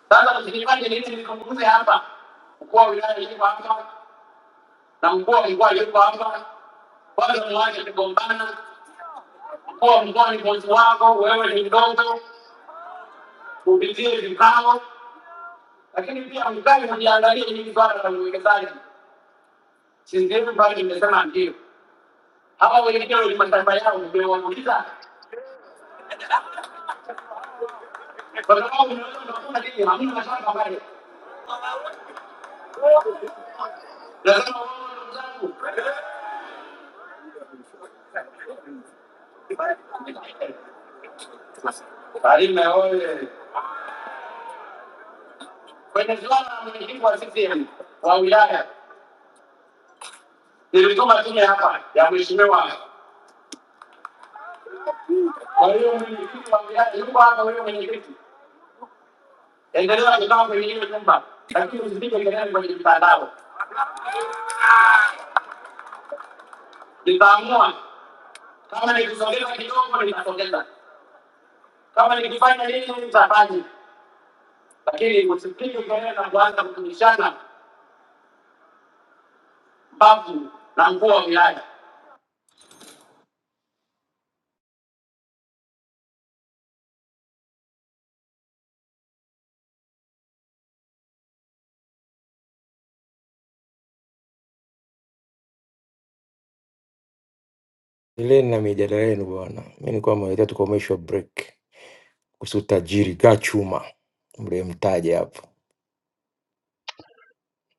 M: sasa, msikilizaji, nini nizungumze hapa? Mkuu wa wilaya yuko hapa na mkuu wa mkoa yuko hapa, kwanza mwache kugombana. Mkuu wa mkoa ni mwenzi wako, wewe ni mdogo, kupitie vikao, lakini pia mkae mjiangalie hili swala la uwekezaji. Since everybody imesema ndio. Hawa wengine walimashamba yao umewauliza. Kwa sababu unaweza unakuta nini hamna mashamba pale. Lazima wao ndugu zangu. Tarime oye! Kwenye suala la mwenyekiti wa CCM wa wilaya nilituma tume hapa ya mheshimiwa. Kwa hiyo mwenyekiti wa wilaya yuko hapa, huyo mwenyekiti, endelea kukaa kwenye hiyo nyumba, lakini usipige kelele kwenye mitandao. Nitaamua Kama nikisogeza kidogo nitasogeza, kama nikifanya nini nitafanya, lakini usipige kelele na kuanza kutumishana mbavu na nguo wa wilaya. Endeleni na mijadala yenu bwana. Mi nilikuwa mwelekea tukomeshwa break kuhusu tajiri Gachuma mliyemtaja hapo,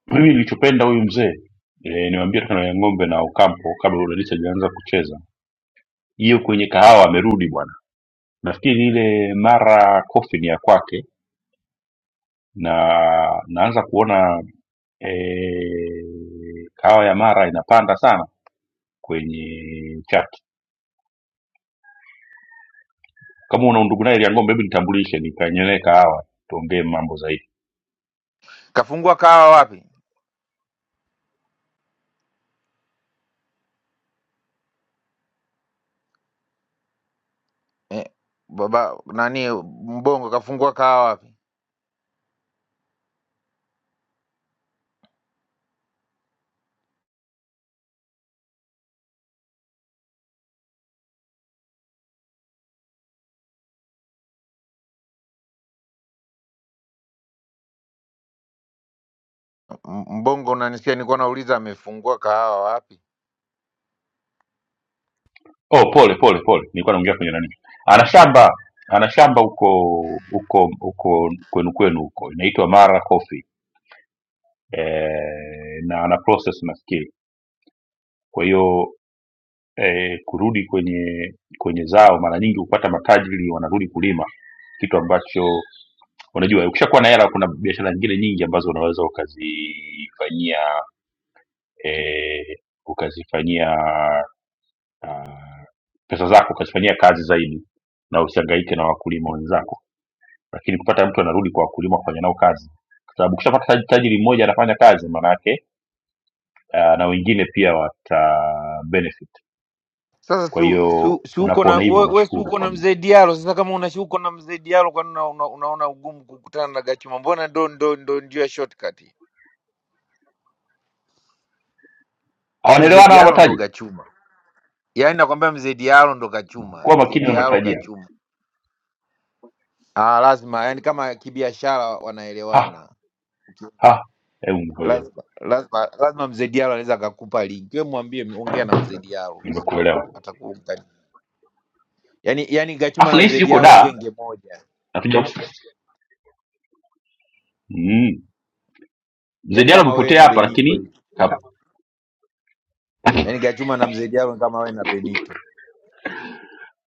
L: mimi nilichopenda huyu mzee eh, niwaambia tena ya ng'ombe na Ocampo kabla udadisi hajaanza kucheza hiyo, kwenye kahawa amerudi bwana. Nafikiri ile mara coffee ni ya kwake, na naanza kuona eh, kahawa ya mara inapanda sana kwenye chat. Kama una undugu naye ya ng'ombe, hebu nitambulishe, nikanyelee kahawa tuongee mambo zaidi.
G: kafungua kahawa wapi eh, baba nani mbongo kafungua kahawa wapi M- mbongo unanisikia nilikuwa nauliza amefungua kahawa wapi
L: oh pole pole pole nilikuwa naongea kwenye nani ana shamba ana shamba huko huko huko kwenu kwenu huko inaitwa mara coffee eh, na ana process nafikiri kwa hiyo eh, kurudi kwenye kwenye zao mara nyingi hupata matajiri wanarudi kulima kitu ambacho unajua ukishakuwa na hela kuna biashara nyingine nyingi ambazo unaweza ukazifanyia eh, ukazifanyia ah, pesa zako ukazifanyia kazi zaidi na usihangaike na wakulima wenzako lakini kupata mtu anarudi kwa wakulima kufanya nao kazi kwa sababu ukishapata taj- tajiri mmoja anafanya kazi maana yake ah, na wengine pia wata benefit
G: sasa
L: kwa
G: si,
L: hiyo
G: si, si uko na
L: unapoona hivyo
G: we, we si
L: unashukuru
G: uko na
L: kwamba
G: mzee Diallo. Sasa kama unashuka na mzee Diallo, kwani una, una, unaona ugumu kukutana na Gachuma? Mbona ndo ndo ndo ndio shortcut Yaani mzee
L: hawanaelewana hawa
G: Diallo ndo
L: matajiri
G: gachuma, yaani nakwambia mzee Diallo ndo gachuma,
L: kuwa
G: mzee
L: makini na
G: Diallo
L: matajiri
G: gachuma. Ah, lazima yaani kama kibiashara
L: ha
G: wanaelewana,
L: ha hebu ngoja
G: lazima lazima lazima mzee Diallo anaweza akakupa linki, wewe mwambie, ongea na mzee Diallo
L: nimekuelewa
G: atakuunganisha. Yaani yaani gachuma
L: afu
G: na
L: nahisi
G: mzee
L: yuko
G: Diallo
L: daa
G: genge moja,
L: natuja mm.
G: yaani
L: mzediano
G: kama wewe
L: amepotea
G: na
L: hapa
G: Benito
L: lakini
G: hivi,
L: kap-
G: yaani gachuma na mzee Diallo ni kama wewe na Benito.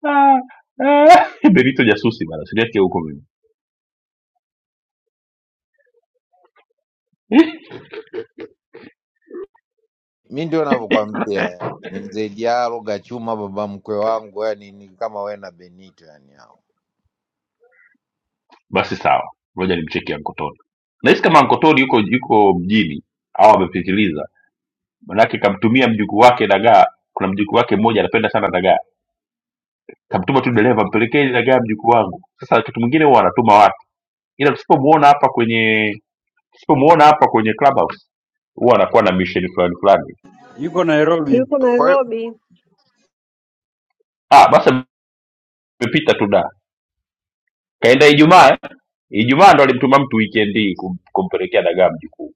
L: Ah, ah, benito jasusi bana siliake huko mimi
G: Mi ndio navyokwambia ni mzee Diallo gachuma, baba mkwe wangu, yani ni kama wewe na Benito yani hao.
L: basi sawa ngoja nimcheki ankotoni nahisi kama ankotoni yuko yuko mjini au amepitiliza manake kamtumia mjukuu wake dagaa kuna mjukuu wake mmoja anapenda sana dagaa kamtuma tu dereva mpelekee ile dagaa mjukuu wangu sasa wakati mwingine huwa anatuma watu ila tusipomuona hapa kwenye tusipomuona hapa kwenye clubhouse huwa anakuwa na mission fulani fulani
N: Yuko Nairobi
B: Yuko
G: Kwa hiyo
B: Nairobi.
L: ah basi amepita tu da kaenda ijumaa eh? ijumaa ndo alimtuma mtu weekend hii kum- kumpelekea dagaa mjukuu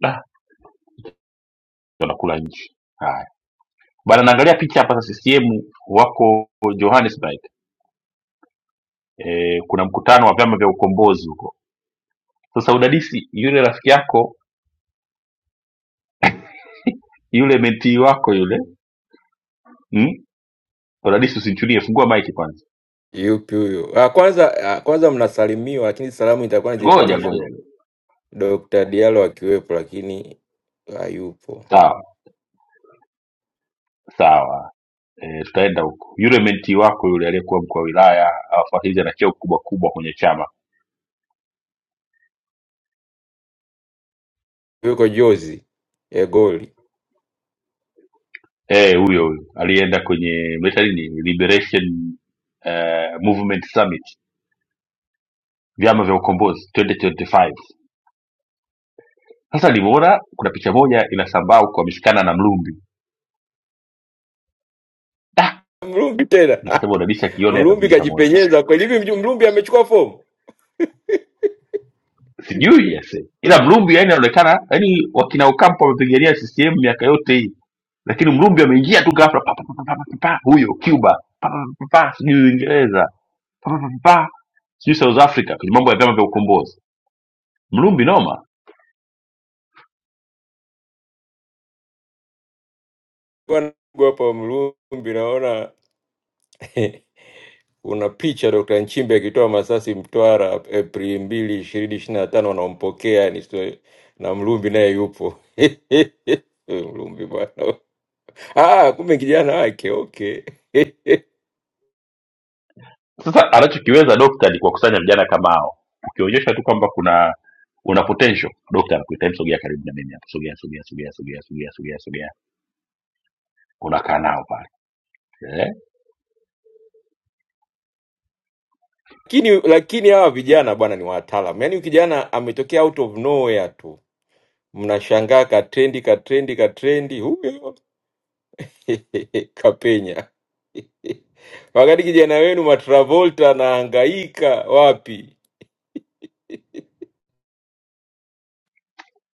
L: da ndo anakula nchi bana naangalia picha hapa sasa ccm wako johannesburg e, kuna mkutano wa vyama vya ukombozi huko sasa udadisi yule rafiki yako yule mentii wako yule mm? udadisi usinchulie fungua maiki kwanza
M: yupi huyo? Ah, Kwanza ah, kwanza mnasalimiwa, lakini salamu itakuwa
L: ngoja ngoja
M: nizifikishwe Dr. Diallo akiwepo, lakini hayupo,
L: sawa sawa e, tutaenda huko yule mentii wako yule aliyekuwa mkuu wa wilaya awafuatiliza na cheo kubwa kubwa kwenye chama
M: yuko jozi egoli
L: Eh, huyo huyo alienda kwenye meta nini liberation eh, movement summit vyama vya ukombozi 2025 Sasa nilivyoona kuna picha moja inasambaa huko ameshikana na Mlumbi. Da,
M: Mlumbi tena
L: nikasema udadisi akiona
M: Mlumbi
L: atavunjika moyo sana.
M: kajipenyeza kweli hivi. mju- Mlumbi amechukua fomu
L: Sijui yase. Ila Mlumbi yani anaonekana yani wakina Ocampo wamepigania CCM miaka yote hii. Lakini Mlumbi ameingia tu ghafla pa pa pa pa pa, pa, pa, huyo Cuba. Pa pa pa pa, pa, sijui Uingereza. Pa pa pa pa. pa, Sijui South Africa kwenye mambo ya vyama vya ukombozi. Mlumbi noma.
M: Bwana, hapa Mlumbi naona kuna picha Dr. Nchimbe akitoa masasi Mtwara Aprili mbili ishirini ishirini na tano wanaompokea yani sio- na Mlumbi naye yupo Mlumbi bwana, ah, kumbe kijana wake okay
L: Sasa anachokiweza dokta ni kuwakusanya vijana kama hao, ukionyesha tu kwamba kuna una potential, dokta anakuita "Hem, sogea karibu na mimi hapo, sogea sogea sogea sogea sogea sogea sogea, unakaa nao pale eh?
M: lakini lakini hawa vijana bwana ni wataalam, yaani kijana ametokea out of nowhere tu, mnashangaa katrendi katrendi katrendi, huyo Kapenya. Wakati kijana wenu Matravolta anahangaika wapi?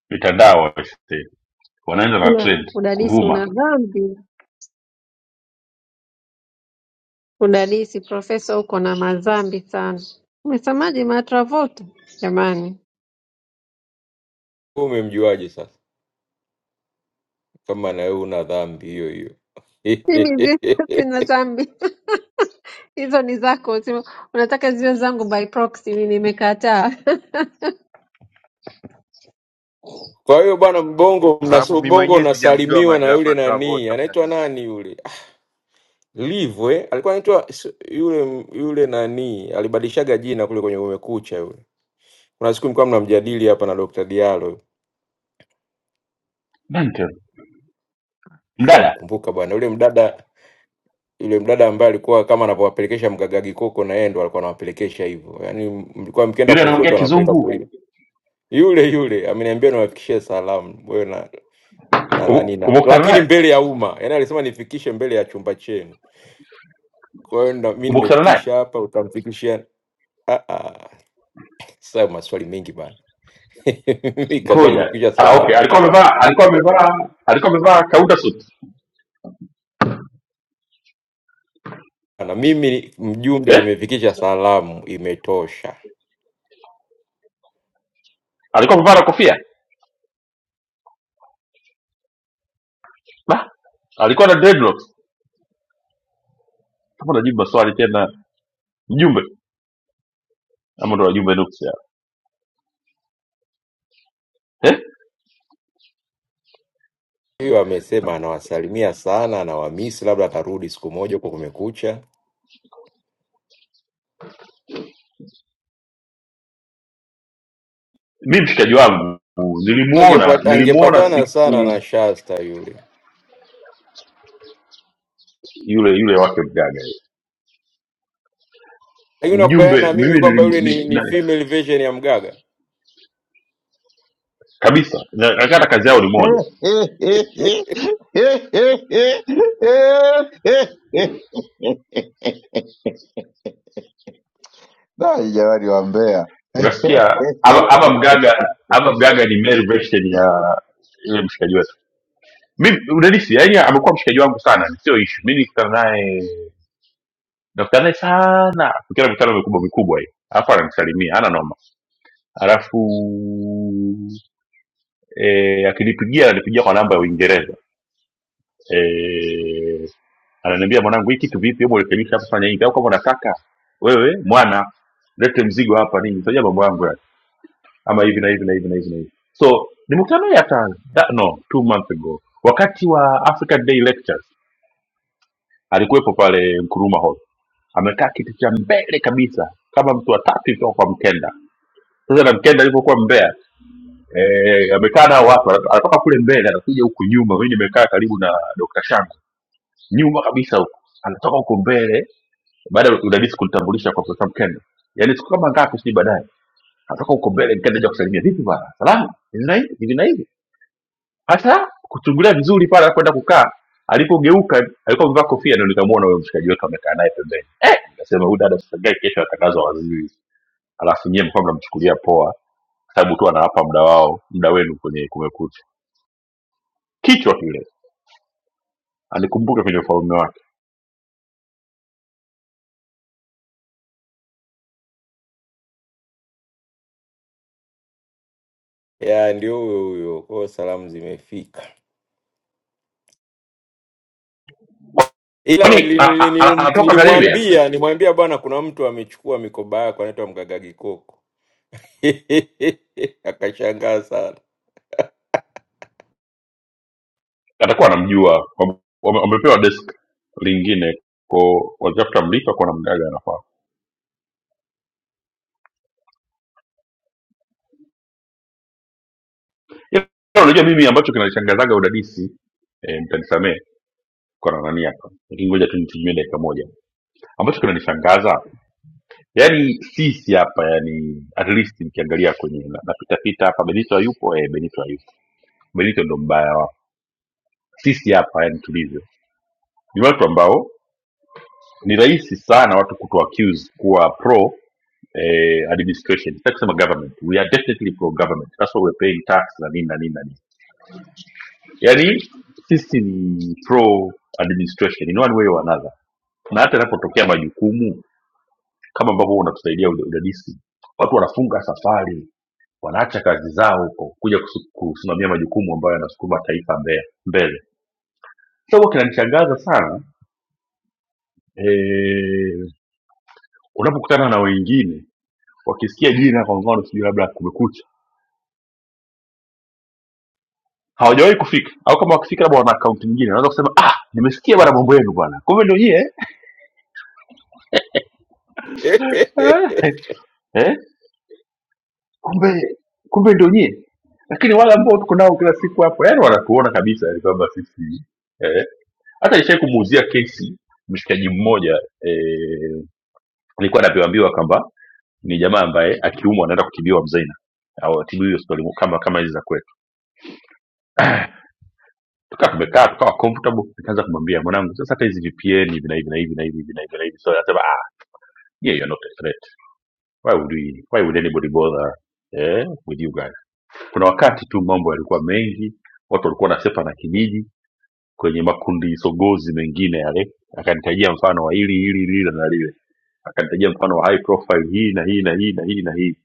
L: Mitandao aisee, wanaenda na
B: Ila
L: trend
B: udadisi
L: kuvuma.
B: una dhambi, udadisi profesa, uko na madhambi sana. Umesemaje matravolta? Jamani,
M: Wewe Umemjuaje sasa kama na wewe una dhambi hiyo hiyo?
B: mimi zi- sina dhambi hizo ni zako, sio- unataka ziwe zangu by proxy. Mimi nimekataa.
M: Kwa hiyo bwana Mbongo,
G: kwa sababu
M: mnaso
G: mi
M: Bongo
G: mwenyewe sijamjua
M: unasalimiwa na
G: madra-
M: yule nani
G: matravota
M: anaitwa
G: udadisi
M: nani yule Ah, Livu eh? alikuwa anaitwa s- yule yule nani, alibadilishaga jina kule kwenye Umekucha yule. Kuna siku mlikuwa mnamjadili hapa na Dr. Diallo,
L: Mental. Mdada
M: shamkumbuka bwana yule mdada Yule mdada ambaye alikuwa kama anapowapelekesha mgagagi koko, na yeye ndo alikuwa anawapelekesha hivyo, yaani mlikuwa mkienda
L: yule
M: kushoto
L: anaongea
M: anawapeleka kulia.
L: kizungu,
M: Yule yule ameniambia niwafikishie salamu wewe na na
L: ume-
M: nani na,
L: umekutana
M: lakini
L: naye
M: mbele ya umma, yaani alisema nifikishe mbele ya chumba chenu. Kwa hiyo ndo mimi
L: umekutana naye,
M: nimefikisha hapa, utamfikishia ah ah, sasa maswali mengi bana. Mimi kazi yangu ni
L: ngoja
M: kufikisha
L: ah, okay,
M: salamu,
L: alikuwa amevaa alikuwa amevaa alikuwa amevaa kaunda suit
M: na mimi mjumbe,
L: eh,
M: nimefikisha salamu, imetosha.
L: alikuwa amevaa na kofia Bah, alikuwa na dreadlocks. Kama unajibu maswali tena, mjumbe ama ndo wajumbe nuksi hao. eh?
M: Hiyo amesema anawasalimia sana, anawamisi, labda atarudi siku moja huko Kumekucha
L: mi mshikaji wangu nilimuona
M: angepat,
L: nilimuona
M: angepatana sana
L: siku
M: na Shasta yule.
L: yule yule wake mgaga yule.
M: Lakini unakubaliana
L: mjumbe
M: na mimi
L: mimi
M: kwamba
L: nilim,
M: yule ni,
L: ni,
M: ni
L: na,
M: female version ya Mgaga?
L: kabisa na- na hata kazi yao ni moja
O: Na, hii jamani wa Mbeya
L: unasikia ama ama mgaga ama mgaga ni male version ya yule mshikaji wetu mimi udadisi yani amekuwa mshikaji wangu sana ni sio ishu mi nikutana naye nakutana naye sana tukienda mikutano mikubwa mikubwa hii alafu ananisalimia ana noma alafu eh, akinipigia ananipigia kwa namba ya uingereza eh, ananiambia mwanangu hii kitu vipi hebu rekebisha hapa fanya hivi au kama unataka wewe mwana lete mzigo hapa nini sio mambo yangu ya ama hivi na hivi na hivi na hivi na hivi so ni mkutano ya ta, that, no two months ago wakati wa african day lectures alikuwepo pale Nkrumah hall amekaa kiti cha mbele kabisa kama mtu wa tatu kutoka kwa mkenda sasa na mkenda alipokuwa mbea eh, amekaa nao watu anat- anatoka kule mbele anakuja huku nyuma mimi nimekaa karibu na dr shanga nyuma kabisa huku anatoka huko mbele baada ya udadisi kunitambulisha kwa profesa mkenda yaani siku kama ngapi sijui baadaye natoka huko mbele mkenda aja kusalimia vipi bana salama hivi na hivi hivi na hivi hasa kuchungulia vizuri pale alipoenda kukaa alipogeuka alikuwa amevaa kofia ndio nikamwona huyo mshikaji wetu amekaa naye pembeni eh nikasema huyu dada sasa kesho atangazwa waziri alafu nyie mkuwa mnamchukulia poa kwa sababu tu anawapa muda wao muda wenu kwenye kumekucha kichwa kile anikumbuke kwenye ufalme wake
M: Ya, ndio huyo huyo. Kwao salamu zimefika, ila na-
L: kwani
M: nili-
L: a-
M: nili-
L: a- a-
M: nili-
L: anatoka karibia
M: nilimwambia nilimwambia bwana, kuna mtu amechukua mikoba yako anaitwa Mgaga Gikoko. Akashangaa sana.
L: atakuwa anamjua kwamba wame- wamepewa desk lingine ko watafuta mlipa kwa namna gani anafaa Ila unajua mimi ambacho kinanishangazaga udadisi e, mtanisamee kwa na nani hapa lakini ngoja tu nitumie dakika moja ambacho kinanishangaza yani sisi hapa yani at least nikiangalia kwenye na- napitapita hapa benito hayupo eh, benito hayupo benito ndo mbaya wao sisi hapa yani tulivyo ni watu ambao ni rahisi sana watu kutu accuse kuwa pro eh, administration sitaki kusema government we are definitely pro government that's why we're paying tax na nini na nini na nini yani sisi ni pro administration in one way or another na hata inapotokea majukumu kama ambavyo unatusaidia uda- udadisi watu wanafunga safari wanaacha kazi zao huko kuja kusu- kusimamia majukumu ambayo yanasukuma taifa mbe- mbele so huwa kinanishangaza sana eh, unapokutana na wengine wakisikia jina kwa mfano sijui labda kumekucha hawajawahi kufika au kama wakifika labda wana akaunti nyingine wanaweza kusema ah nimesikia bana mambo yenu bwana kumbe ndio nyie eh? Eh? kumbe kumbe ndio nyie lakini wale ambao tuko nao kila siku hapo yani wanatuona kabisa yani kwamba sisi eh, hata nishai kumuuzia kesi mshikaji mmoja eh, alikuwa anavyoambiwa kwamba ni jamaa ambaye akiumwa anaenda kutibiwa mzaina au atibiwi hospitali kama kama hizi za kwetu tukaa tumekaa tukawa comfortable nikaanza kumwambia mwanangu sasa hata hizi vpn hivi na hivi na hivi na hivi hivi na hivi na hivi so anasema ah yeah you're not a threat why would we why would anybody bother eh, with you guys kuna wakati tu mambo yalikuwa mengi watu walikuwa na sepa na kijiji kwenye makundi sogozi mengine yale akanitajia mfano wa hili hili lile na lile akanitajia mfano wa high profile hii na hii na hii na hii na hii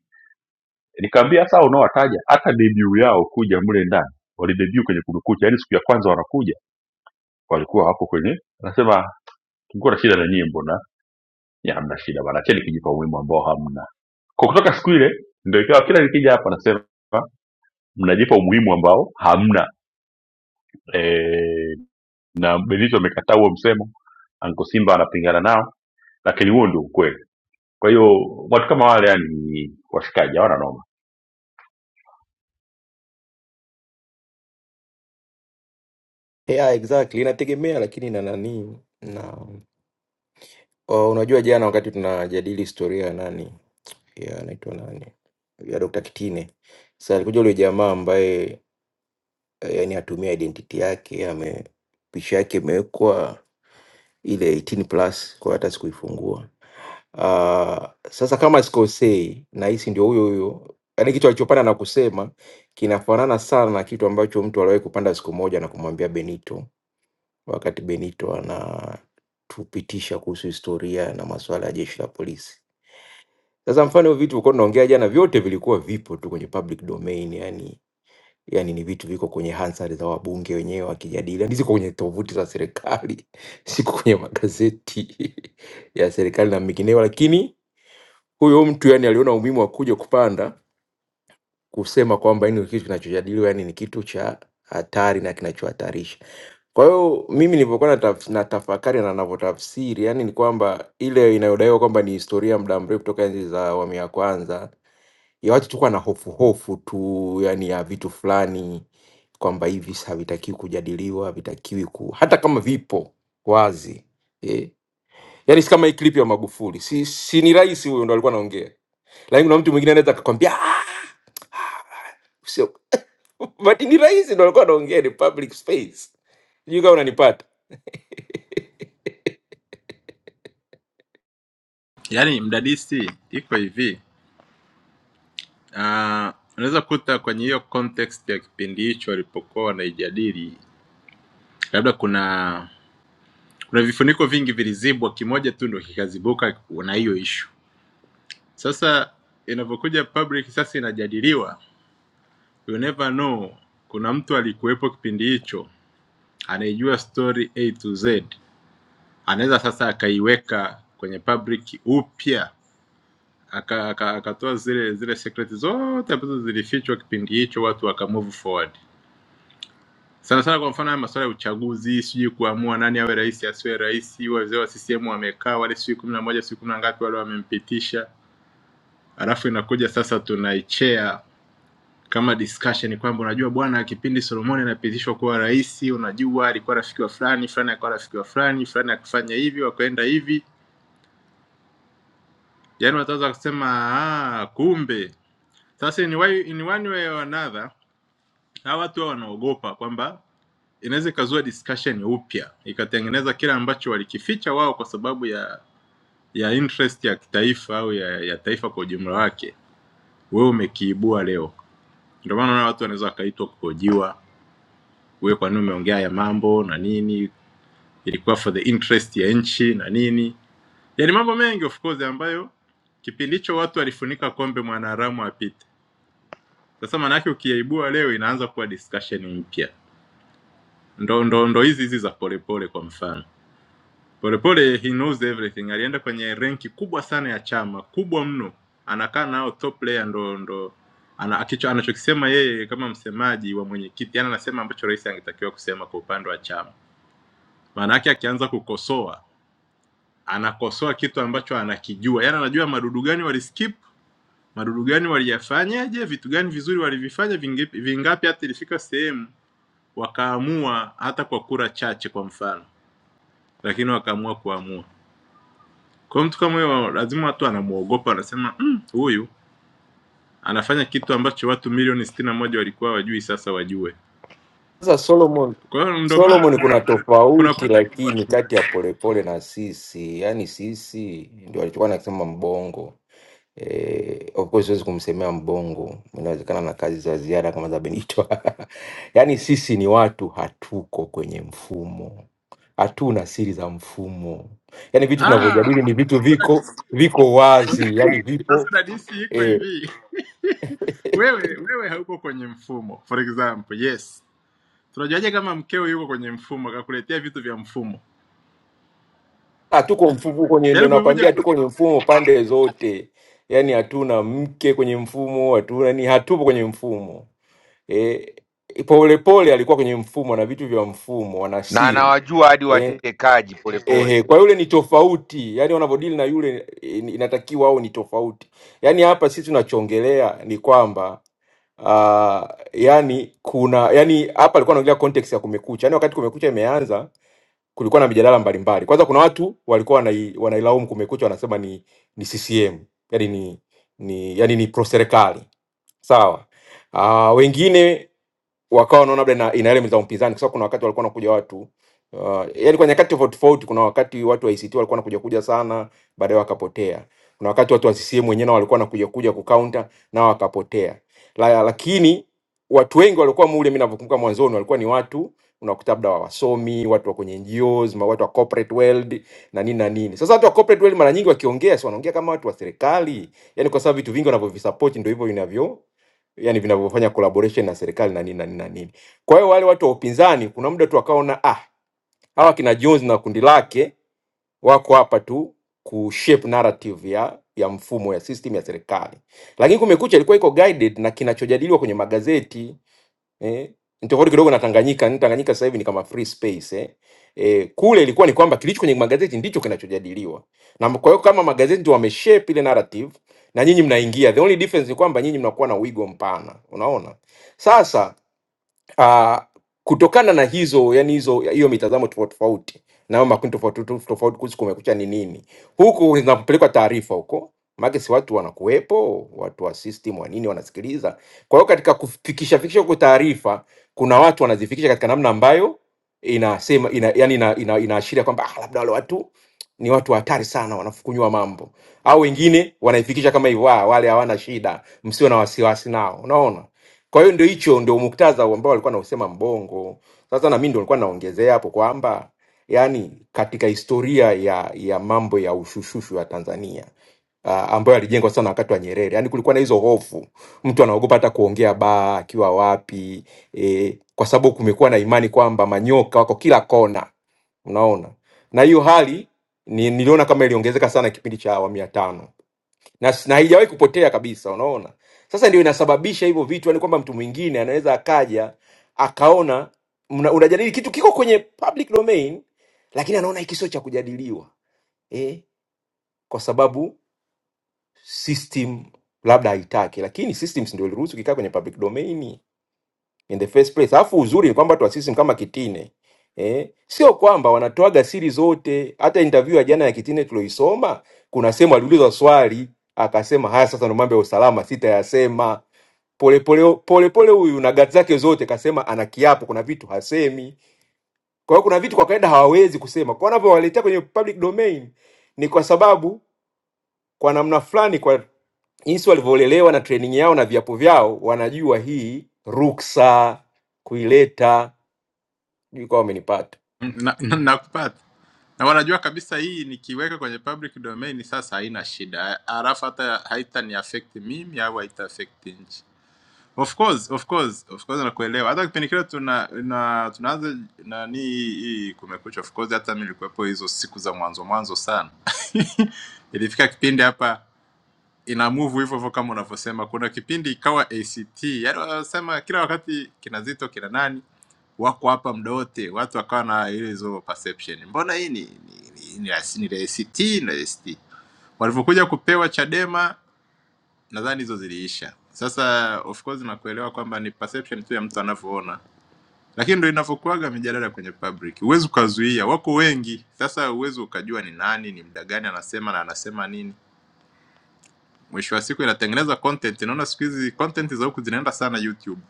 L: nikamwambia sasa hao unaowataja hata debut yao kuja mle ndani walidebut kwenye kumekucha yaani siku ya kwanza wanakuja walikuwa hapo kwenye anasema Tulikuwa na shida na nyie, mbona ya hamna shida bana, acheni kujipa umuhimu ambao hamna. Kwa kutoka siku ile ndio ikawa kila nikija hapa nasema mnajipa umuhimu ambao hamna e, na Benito amekataa huo msemo, Anko Simba anapingana nao, lakini huo ndio ukweli. Kwa hiyo watu kama wale yani washikaji hawana noma.
M: Yeah, exactly. Inategemea lakini na nani na uh, unajua jana wakati tunajadili historia ya nani ya anaitwa nani ya Dr. Kitine. Sasa alikuja yule jamaa ambaye eh, yani atumia identity yake ame picha yake imewekwa ile 18 plus, kwa hiyo hata sikuifungua. Uh, sasa kama sikosei, nahisi ndio huyo huyo, yaani kitu alichopanda na kusema kinafanana sana na kitu ambacho mtu aliwahi kupanda siku moja na kumwambia Benito, wakati Benito anatupitisha kuhusu historia na masuala ya jeshi la polisi. Sasa mfano hiyo vitu ulikuwa tunaongea jana, vyote vilikuwa vipo tu kwenye public domain, yani yani ni vitu viko kwenye hansard za wabunge wenyewe wakijadili, yani ziko kwenye tovuti za serikali, ziko kwenye magazeti ya serikali na mengineo. Lakini huyo mtu yani aliona umuhimu wa kuja kupanda kusema kwamba yani kitu kinachojadiliwa yani ni kitu cha hatari na kinachohatarisha. Kwa hiyo mimi nilivyokuwa nataf- natafakari na navyotafsiri, yani ni kwamba ile inayodaiwa kwamba ni historia ya muda mrefu toka enzi za awamu ya kwanza ya watu tu kuwa na hofu hofu tu yani ya vitu fulani kwamba hivi visa havitakiwi kujadiliwa havitakiwi ku hata kama vipo wazi eh. Yani si kama hii clip ya Magufuli, si, si ni rais huyo ndo alikuwa anaongea, lakini kuna mtu mwingine anaweza akakwambia "Ah, sio but ni rais ndo alikuwa anaongea, ni public space. Sijui kama unanipata.
D: yaani mdadisi iko hivi uh, unaweza kuta kwenye hiyo context ya kipindi hicho walipokuwa wanaijadili labda kuna kuna vifuniko vingi vilizibwa kimoja tu ndo kikazibuka na hiyo ishu sasa inavyokuja public sasa inajadiliwa you never know kuna mtu alikuwepo kipindi hicho anaijua story a to z anaweza sasa akaiweka kwenye public upya Aka aka akatoa zile zile secret zote ambazo zilifichwa kipindi hicho, watu wakamove forward. Sana sana kwa mfano haya masuala ya uchaguzi, sijui kuamua nani awe rais asiwe rais, wazee wa CCM wamekaa wale, sijui kumi na moja sijui kumi na ngapi wale wamempitisha, alafu inakuja sasa tunaichea kama discussion kwamba unajua bwana, kipindi Solomon anapitishwa kuwa rais, unajua alikuwa rafiki wa fulani fulani, alikuwa rafiki wa fulani fulani, akifanya hivi wakaenda hivi, yaani wataweza kusema ah, kumbe sasa in, way, in one way or another hawa watu hawa wanaogopa kwamba inaweza ikazua discussion upya ikatengeneza kile ambacho walikificha wao kwa sababu ya ya interest ya kitaifa au ya, ya taifa kwa ujumla wake, wewe umekiibua leo. Ndio maana unaona watu wanaweza wakaitwa kuhojiwa, wewe kwa nini umeongea haya mambo na nini, ilikuwa for the interest ya nchi na nini, yaani mambo mengi of course ambayo kipindi hicho watu walifunika kombe mwanaharamu apite. Sasa maanake ukiyaibua leo inaanza kuwa discussion mpya. ndo ndo ndo hizi hizi za polepole kwa mfano polepole he knows everything alienda kwenye renki kubwa sana ya chama kubwa mno anakaa nao top player ndo ndo ana, akicho, anachokisema yeye kama msemaji wa mwenyekiti yani anasema ambacho rais angetakiwa kusema kwa upande wa chama maana yake akianza kukosoa anakosoa kitu ambacho anakijua yani anajua madudu gani waliskip madudu gani waliyafanyaje vitu gani vizuri walivifanya vingapi, vingapi hata ilifika sehemu wakaamua hata kwa kura chache kwa mfano lakini wakaamua kuamua. Kwa hiyo mtu kama huyo lazima watu anamwogopa, anasema "Mm, huyu anafanya kitu ambacho watu milioni sitini na moja walikuwa wajui, sasa wajue.
M: Sasa Solomon,
D: Kwa hiyo ndo maana
M: Solomon kuna
D: kuna
M: tofauti
D: kuna
M: lakini kati ya polepole na sisi, yani sisi ndio alichokuwa anasema mbongo Eh, of course siwezi kumsemea mbongo, inawezekana na kazi za ziada kama za Benito. Yaani sisi ni watu hatuko kwenye mfumo, hatuna siri za mfumo. Yaani vitu
D: ah,
M: tunavyojadili ni vitu
D: sasa
M: viko
D: dadisi
M: viko wazi, yaani
D: sasa
M: vipo
D: dadisi iko
M: eh,
D: hivi, wewe wewe hauko kwenye mfumo. For example, yes, tunajuaje kama mkeo yuko kwenye mfumo akakuletea vitu vya mfumo?
M: hatuko mfumo kwenye, ndo
D: Yaani
M: nakwambia
D: kuivuja kwa...
M: hatuko kwenye mfumo pande zote. Yaani hatuna mke kwenye mfumo, hatuna ni hatupo kwenye mfumo eh, Polepole alikuwa kwenye mfumo na vitu vya mfumo, ana
G: na
M: siri
G: anawajua hadi
M: Eh,
G: watekaji polepole
M: Ehe, kwa yule ni tofauti, yaani wanavyodili na yule eh, ni- inatakiwa au ni tofauti. Yaani hapa sisi tunachongelea ni kwamba uh, yani kuna yani hapa alikuwa anaongelea context ya Kumekucha, yaani wakati Kumekucha imeanza kulikuwa na mijadala mbalimbali. Kwanza kuna watu walikuwa wanai, wanailaumu Kumekucha, wanasema ni ni CCM yani ni ni yani ni pro serikali sawa. Uh, wengine wakawa wanaona labda ina ina elements za upinzani, kwa sababu kuna wakati walikuwa wanakuja watu uh, yani kwa nyakati tofauti tofauti. Kuna wakati watu wa ICT walikuwa wanakuja kuja sana, baadaye wakapotea. Kuna wakati watu wa CCM wenyewe nao walikuwa wanakuja kuja kucounter nao wakapotea. La, lakini watu wengi walikuwa mule, mimi ninavyokumbuka mwanzoni, walikuwa ni watu unakuta labda wa- wasomi, watu wa kwenye NGOs, ma- watu wa corporate world na nini na nini. Sasa watu wa corporate world mara nyingi wakiongea, si wanaongea kama watu wa serikali, yani kwa sababu vitu vingi wanavyovisupport ndio hivyo vinavyo yani vinavyofanya collaboration na serikali na nini na nini na nini. Kwa hiyo wale watu wa upinzani kuna muda tu wakaona ah, hawa kina Jones na kundi lake wako hapa tu kushape narrative ya ya mfumo ya system ya serikali, lakini Kumekucha ilikuwa iko guided na kinachojadiliwa kwenye magazeti eh, ni tofauti kidogo na Tanganyika. Yaani Tanganyika sasa hivi ni kama free space eh. Eh, kule ilikuwa ni kwamba kilicho kwenye magazeti ndicho kinachojadiliwa, na kwa hiyo kama magazeti ndio wameshape ile narrative na nyinyi mnaingia. The only difference ni kwamba nyinyi mnakuwa na wigo mpana, unaona. Sasa uh, kutokana na hizo yani hizo hiyo mitazamo tofauti tofauti na hayo makundi tofauti tofauti tofauti kuhusu kumekucha ni nini, huku zinapelekwa taarifa huko maana si watu wanakuwepo, watu wa system wa nini wanasikiliza. Kwa hiyo katika kufikisha fikisha huko taarifa, kuna watu wanazifikisha katika namna ambayo inasema ina, yani ina, ina, inaashiria kwamba ah, labda wale watu ni watu hatari sana, wanafukunywa mambo au wengine wanaifikisha kama hivyo, "Ah, wale hawana shida, msiwe na wasiwasi nao. Unaona, kwa hiyo ndio hicho ndio muktadha ambao alikuwa anausema Mbongo. Sasa na mimi ndio nilikuwa naongezea hapo kwamba yani katika historia ya ya mambo ya ushushushu ya Tanzania uh, ambayo yalijengwa sana wakati wa Nyerere. Yaani kulikuwa na hizo hofu, mtu anaogopa hata kuongea baa akiwa wapi e, kwa sababu kumekuwa na imani kwamba manyoka wako kila kona, unaona. Na hiyo hali ni, niliona kama iliongezeka sana kipindi cha awamu ya tano na, s- na haijawahi kupotea kabisa. Unaona, sasa ndio inasababisha hivyo vitu, yani kwamba mtu mwingine anaweza akaja akaona mna- unajadili kitu kiko kwenye public domain, lakini anaona hiki sio cha kujadiliwa eh, kwa sababu system labda haitaki, lakini systems ndio iliruhusu kikaa kwenye public domain in the first place. Alafu uzuri ni kwamba tuasisi kama Kitine eh, sio kwamba wanatoaga siri zote. Hata interview ya jana ya Kitine tulioisoma, kuna sehemu aliulizwa swali akasema, haya sasa ndo mambo ya usalama sitayasema. Polepole polepole huyu na gati zake zote kasema ana kiapo, kuna vitu hasemi. Kwa hiyo kuna vitu kwa kawaida hawawezi kusema, kwa wanavyowaletea kwenye public domain ni kwa sababu kwa namna fulani, kwa jinsi walivyolelewa na training yao na viapo vyao, wanajua hii ruksa kuileta. Sijui kama wamenipata.
D: na, na, nakupata na wanajua kabisa hii nikiweka kwenye public domain sasa haina shida alafu hata haitani affect mimi au haita affect nchi of course of course of course nakuelewa hata kipindi kile tuna na tunaanza nani hii kumekucha of course hata mimi nilikuwepo hizo siku za mwanzo mwanzo sana ilifika kipindi hapa ina move hivyo hivyo kama unavyosema. Kuna kipindi ikawa ACT, yaani wanasema kila wakati kina Zito kina nani wako hapa muda wote, watu wakawa na ile hizo perception, mbona hii ni ni, ni, ni, la- ni la ACT ni la ACT. Walivyokuja kupewa Chadema, nadhani hizo ziliisha. Sasa of course nakuelewa kwamba ni perception tu ya mtu anavyoona, lakini ndo inavyokuaga mijadala kwenye public, huwezi ukazuia, wako wengi. Sasa huwezi ukajua ni nani, ni mda gani anasema na anasema nini mwisho wa siku inatengeneza content. Naona siku hizi content za huku zinaenda sana YouTube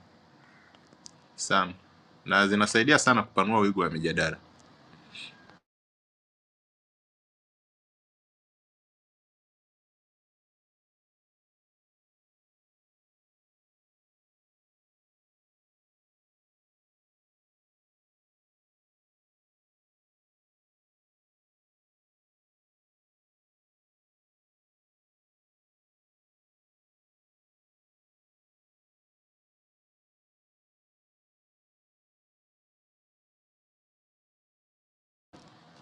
D: sana, na zinasaidia sana kupanua wigo wa mijadala.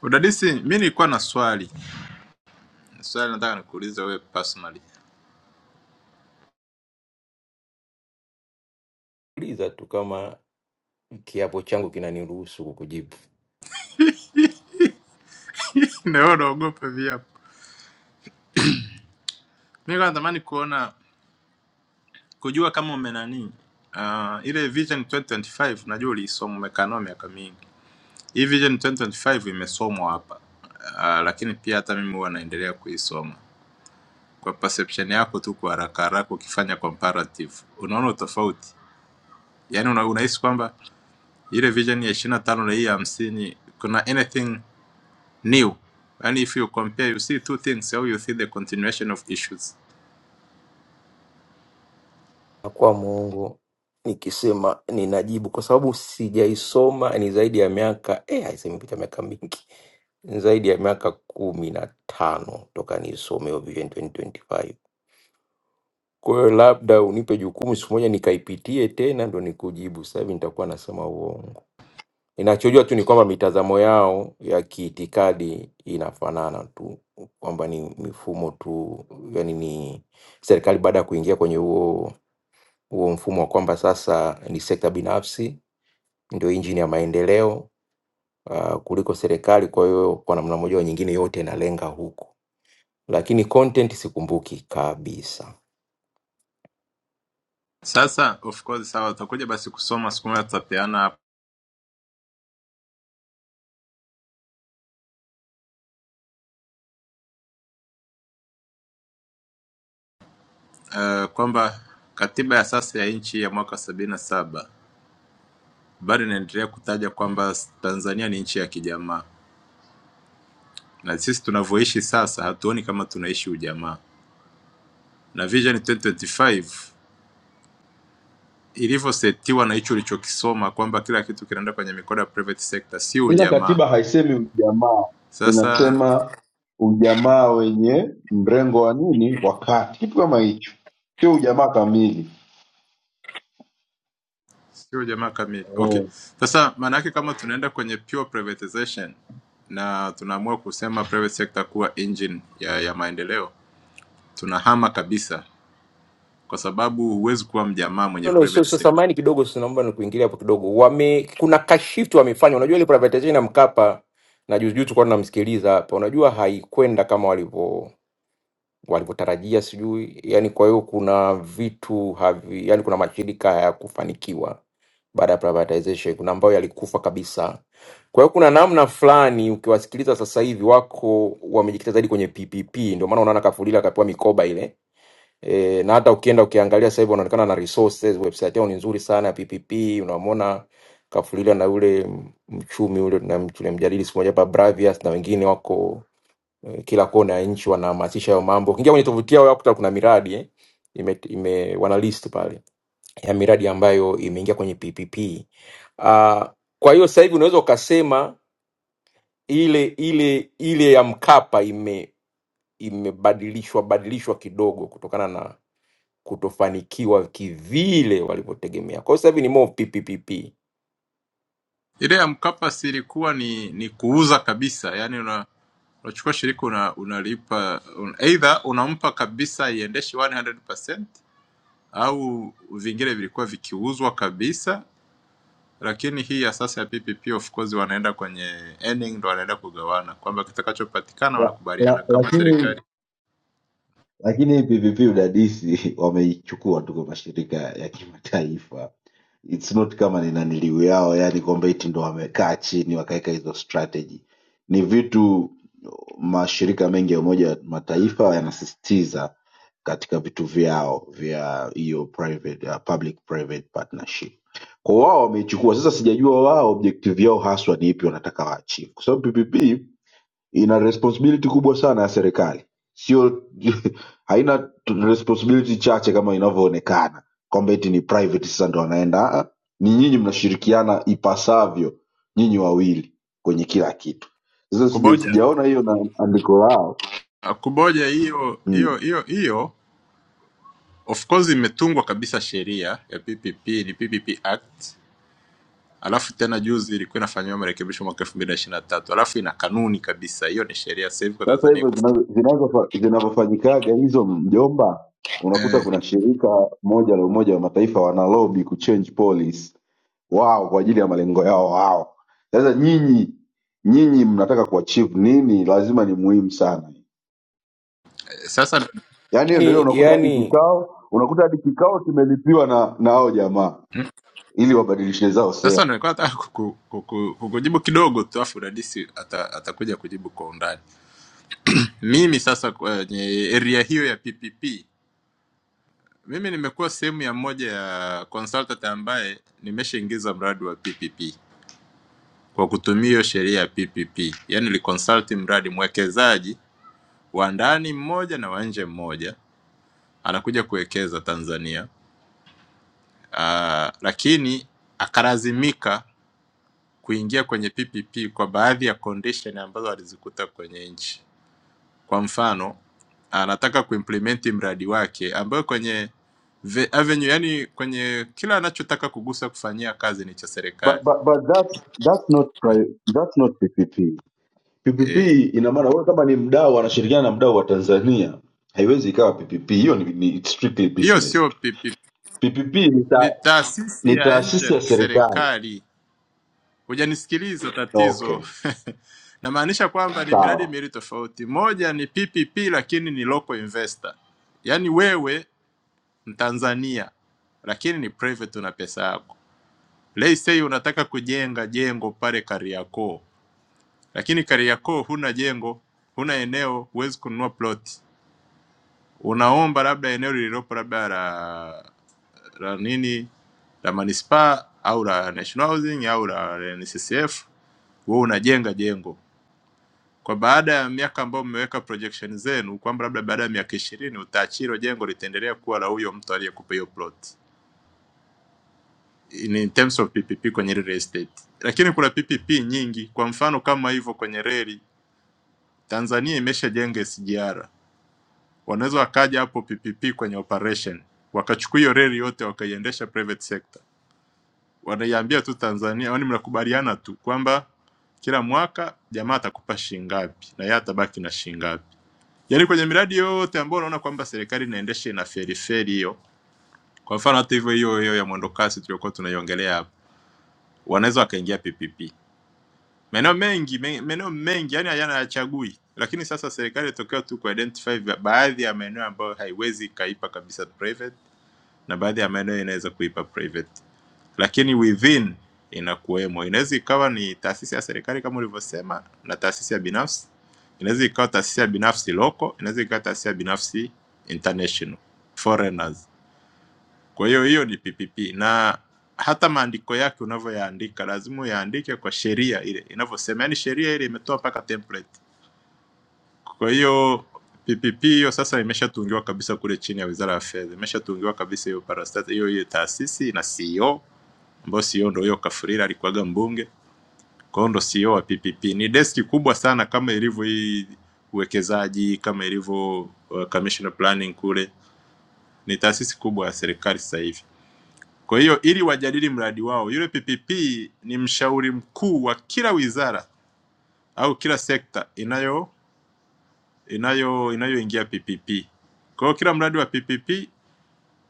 D: Udadisi, mi nilikuwa na swali swali, nataka nikuulize wewe personally.
M: Uliza tu kama kiapo changu kinaniruhusu kukujibu.
D: Na wewe unaogopa viapo. Mi kwa natamani kuona kujua kama ume nani uh, ile Vision 2025 najua uliisoma, umekaa nayo miaka mingi. Hii Vision 2025 imesomwa hapa uh, lakini pia hata mimi huwa naendelea kuisoma kwa perception yako tu kwa haraka haraka ukifanya comparative unaona utofauti yaani una, unahisi kwamba ile vision ya ishirini na tano na hii ya hamsini kuna anything new yaani if you compare you see two things au you see the continuation of issues
M: Na kwa Mungu nikisema ninajibu, kwa sababu sijaisoma, ni zaidi ya miaka eh, aise, imepita miaka mingi, ni zaidi ya miaka kumi na tano toka niisome Vision 2025 Kwa hiyo labda unipe jukumu siku moja nikaipitie tena ndo nikujibu. Sasa hivi nitakuwa nasema uongo. Ninachojua tu ni kwamba mitazamo yao ya kiitikadi inafanana tu, kwamba ni mifumo tu, yani ni serikali baada ya kuingia kwenye huo huo mfumo wa kwamba sasa ni sekta binafsi ndio injini ya maendeleo uh, kuliko serikali. Kwa hiyo kwa namna moja au nyingine yote inalenga huko, lakini content sikumbuki kabisa.
D: sasa of course sawa utakuja basi kusoma siku moja tutapeana uh, kwamba katiba ya sasa ya nchi ya mwaka sabini na saba bado inaendelea kutaja kwamba tanzania ni nchi ya kijamaa na sisi tunavyoishi sasa hatuoni kama tunaishi ujamaa na Vision 2025 ilivyosetiwa na hicho ulichokisoma kwamba kila kitu kinaenda kwenye mikono ya private sector, sio
O: ila
D: ujamaa.
O: katiba haisemi ujamaa,
D: Sasa
O: inasema ujamaa wenye mrengo wa nini, wakati, kitu kama hicho, sio ujamaa kamili.
D: sio ujamaa kamili. Okay,
O: Eh,
D: sasa maana yake kama tunaenda kwenye pure privatization na tunaamua kusema private sector kuwa engine ya, ya maendeleo, tunahama kabisa, kwa sababu huwezi kuwa mjamaa
M: No,
D: mwenye
M: no, so,
D: private
M: so
D: sector.
M: samani kidogo, so naomba nikuingilia hapo kidogo. Wame kuna kashift wamefanya, unajua ile privatization ya Mkapa na juzi juzi tulikuwa tunamsikiliza hapa, unajua haikwenda kama walivyo walivyotarajia sijui yani kwa hiyo kuna vitu havi, yani kuna mashirika hayakufanikiwa baada ya privatization kuna ambayo yalikufa kabisa kwa hiyo kuna namna fulani ukiwasikiliza sasa hivi wako wamejikita zaidi kwenye ppp ndio maana unaona kafulila akapewa mikoba ile E, na hata ukienda ukiangalia sasa hivi wanaonekana na resources, website yao ni nzuri sana PPP. Unamwona Kafulila na ule mchumi ule tunamjadili siku moja hapa Bravias na wengine wako eh, kila kona ya nchi wanahamasisha hayo mambo. Ukiingia kwenye tovuti yao yakuta kuna miradi eh, ime, ime wana list pale ya miradi ambayo imeingia kwenye PPP. Uh, kwa hiyo sasa hivi unaweza ukasema ile ile ile ya Mkapa ime imebadilishwa badilishwa kidogo kutokana na kutofanikiwa kivile walivyotegemea. Kwa hiyo sasa hivi ni more PPPP.
D: Ile ya Mkapa si ilikuwa ni ni kuuza kabisa, yaani una unachukua shirika una, unalipa un, either unampa kabisa iendeshe 100% au vingine vilikuwa vikiuzwa kabisa, lakini hii ya sasa ya PPP of course wanaenda kwenye earning, ndo wanaenda kugawana kwamba kitakachopatikana
O: la,
D: wanakubaliana
O: la,
D: kama
O: lakini
D: serikali
O: lakini hii PPP udadisi wameichukua tu kwa mashirika ya kimataifa. It's not kama ni naniliu yao, yani kwamba eti ndo wamekaa chini wakaweka hizo strategy. Ni vitu mashirika mengi ya Umoja wa Mataifa yanasisitiza katika vitu vyao vya hiyo private uh, public private partnership. Kwa wao wameichukua sasa, sijajua wao objective yao haswa ni ipi wanataka waachieve, kwa sababu PPP ina responsibility kubwa sana ya serikali sio haina t- responsibility chache kama inavyoonekana kwamba eti ni private sasa ndo wanaenda Ah, ni nyinyi mnashirikiana ipasavyo nyinyi wawili kwenye kila kitu sasa sija,
D: kuboja
O: sijaona hiyo na andiko lao
D: kuboja. Hiyo hiyo
O: mm.
D: hiyo hiyo of course imetungwa kabisa sheria ya PPP, ni PPP Act Alafu tena juzi ilikuwa inafanyiwa marekebisho mwaka elfu mbili na ishirini na tatu alafu ina kanuni kabisa, hiyo ni sheria. Sasa hivi kwa
O: sasa
D: Tanzania
O: hivyo
D: iko
O: zinazo- zinazofa- zinavyofanyikaga hizo mjomba unakuta
D: eh,
O: kuna shirika moja la umoja wa mataifa wanalobi kuchange policy wao kwa ajili ya malengo yao wao. Sasa nyinyi nyinyi mnataka kuachieve nini? Lazima ni muhimu sana.
D: sasa.
O: Yaani hiyo ndio ile
M: Yani,
O: unakuta hadi
M: yani
O: vikao unakuta hadi kikao kimelipiwa na na hao jamaa ili wabadilishe zao sera.
D: Sasa nilikuwa nataka kuku- kuku- kukujibu kidogo tu, alafu dadisi ata, atakuja kujibu kwa undani. Mimi sasa kwenye area hiyo ya PPP, mimi nimekuwa sehemu ya moja ya consultant ambaye nimeshaingiza mradi wa PPP kwa kutumia hiyo sheria ya PPP, yani niliconsult mradi mwekezaji wa ndani mmoja na wa nje mmoja anakuja kuwekeza Tanzania uh, lakini akalazimika kuingia kwenye PPP kwa baadhi ya condition ambazo alizikuta kwenye nchi. Kwa mfano, anataka kuimplement mradi wake ambayo kwenye ve- avenue, yani kwenye kila anachotaka kugusa kufanyia kazi ni cha
O: But,
D: serikali
O: but, but that's, that's not pri, that's not PPP. PPP
D: Eh,
O: ina maana wewe kama ni mdau anashirikiana na mdau wa Tanzania, haiwezi ikawa PPP. Hiyo ni, ni it's strictly
D: hiyo e,
O: business.
D: sio
O: tu.
D: PPP,
O: PPP ni, ta,
D: ni taasisi
O: ni
D: ya nje
O: taasisi ya
D: na
O: serikali.
D: serikali. Hujanisikiliza
O: Okay,
D: tatizo. Namaanisha kwamba ni miradi
O: sawa.
D: miwili tofauti. Moja ni PPP lakini ni local investor, yaani wewe Mtanzania lakini ni private, una pesa yako. Let's say unataka kujenga jengo pale Kariakoo, lakini Kariakoo huna jengo, huna eneo, huwezi kununua plot. Unaomba labda eneo lililopo labda la, la nini la manispaa au la National Housing au la NSSF, wewe unajenga jengo kwa baada ya miaka ambayo mmeweka projection zenu kwamba labda baada ya miaka ishirini utaachi hilo jengo litaendelea kuwa la huyo mtu aliyekupa hiyo plot in, in terms of PPP kwenye real estate. Lakini kuna PPP nyingi, kwa mfano kama hivyo kwenye reli Tanzania imeshajenga SGR, wanaweza wakaja hapo PPP kwenye operation wakachukua hiyo reli yote wakaiendesha private sector, wanaiambia tu Tanzania, yaani mnakubaliana tu kwamba kila mwaka jamaa atakupa shilingi ngapi na yeye atabaki na shilingi ngapi Yaani kwenye miradi yote ambayo unaona kwamba serikali inaendesha ina feri feri hiyo, kwa mfano hata hivyo hiyo hiyo ya mwendokasi tuliokuwa tunaiongelea hapa, wanaweza wakaingia PPP. Maeneo mengi me- maeneo mengi yani hayana hayachagui, lakini sasa serikali inatokea tu ku identify baadhi ya maeneo ambayo haiwezi ikaipa kabisa private na baadhi ya maeneo inaweza kuipa private, lakini within inakuwemo. Inaweza ikawa ni taasisi ya serikali kama ulivyosema, na taasisi ya binafsi. Inaweza ikawa taasisi ya binafsi local, inaweza ikawa taasisi ya binafsi international, foreigners. Kwa hiyo hiyo ni PPP, na hata maandiko yake unavyoyaandika lazima uyaandike kwa sheria ile inavyosema, yaani sheria ile imetoa mpaka template kwa hiyo PPP hiyo sasa imeshatungiwa kabisa kule chini ya Wizara ya Fedha, imeshatungiwa kabisa hiyo parastat hiyo hiyo taasisi na CEO ambayo CEO ndio hiyo Kafurira alikuwaga mbunge, kwa hiyo ndo CEO wa PPP. Ni deski kubwa sana kama ilivyo hii uwekezaji, kama ilivyo uh, commission planning kule, ni taasisi kubwa ya serikali sasa hivi. Kwa hiyo ili wajadili mradi wao, yule PPP ni mshauri mkuu wa kila wizara au kila sekta inayo inayo inayoingia PPP. Kwa hiyo kila mradi wa PPP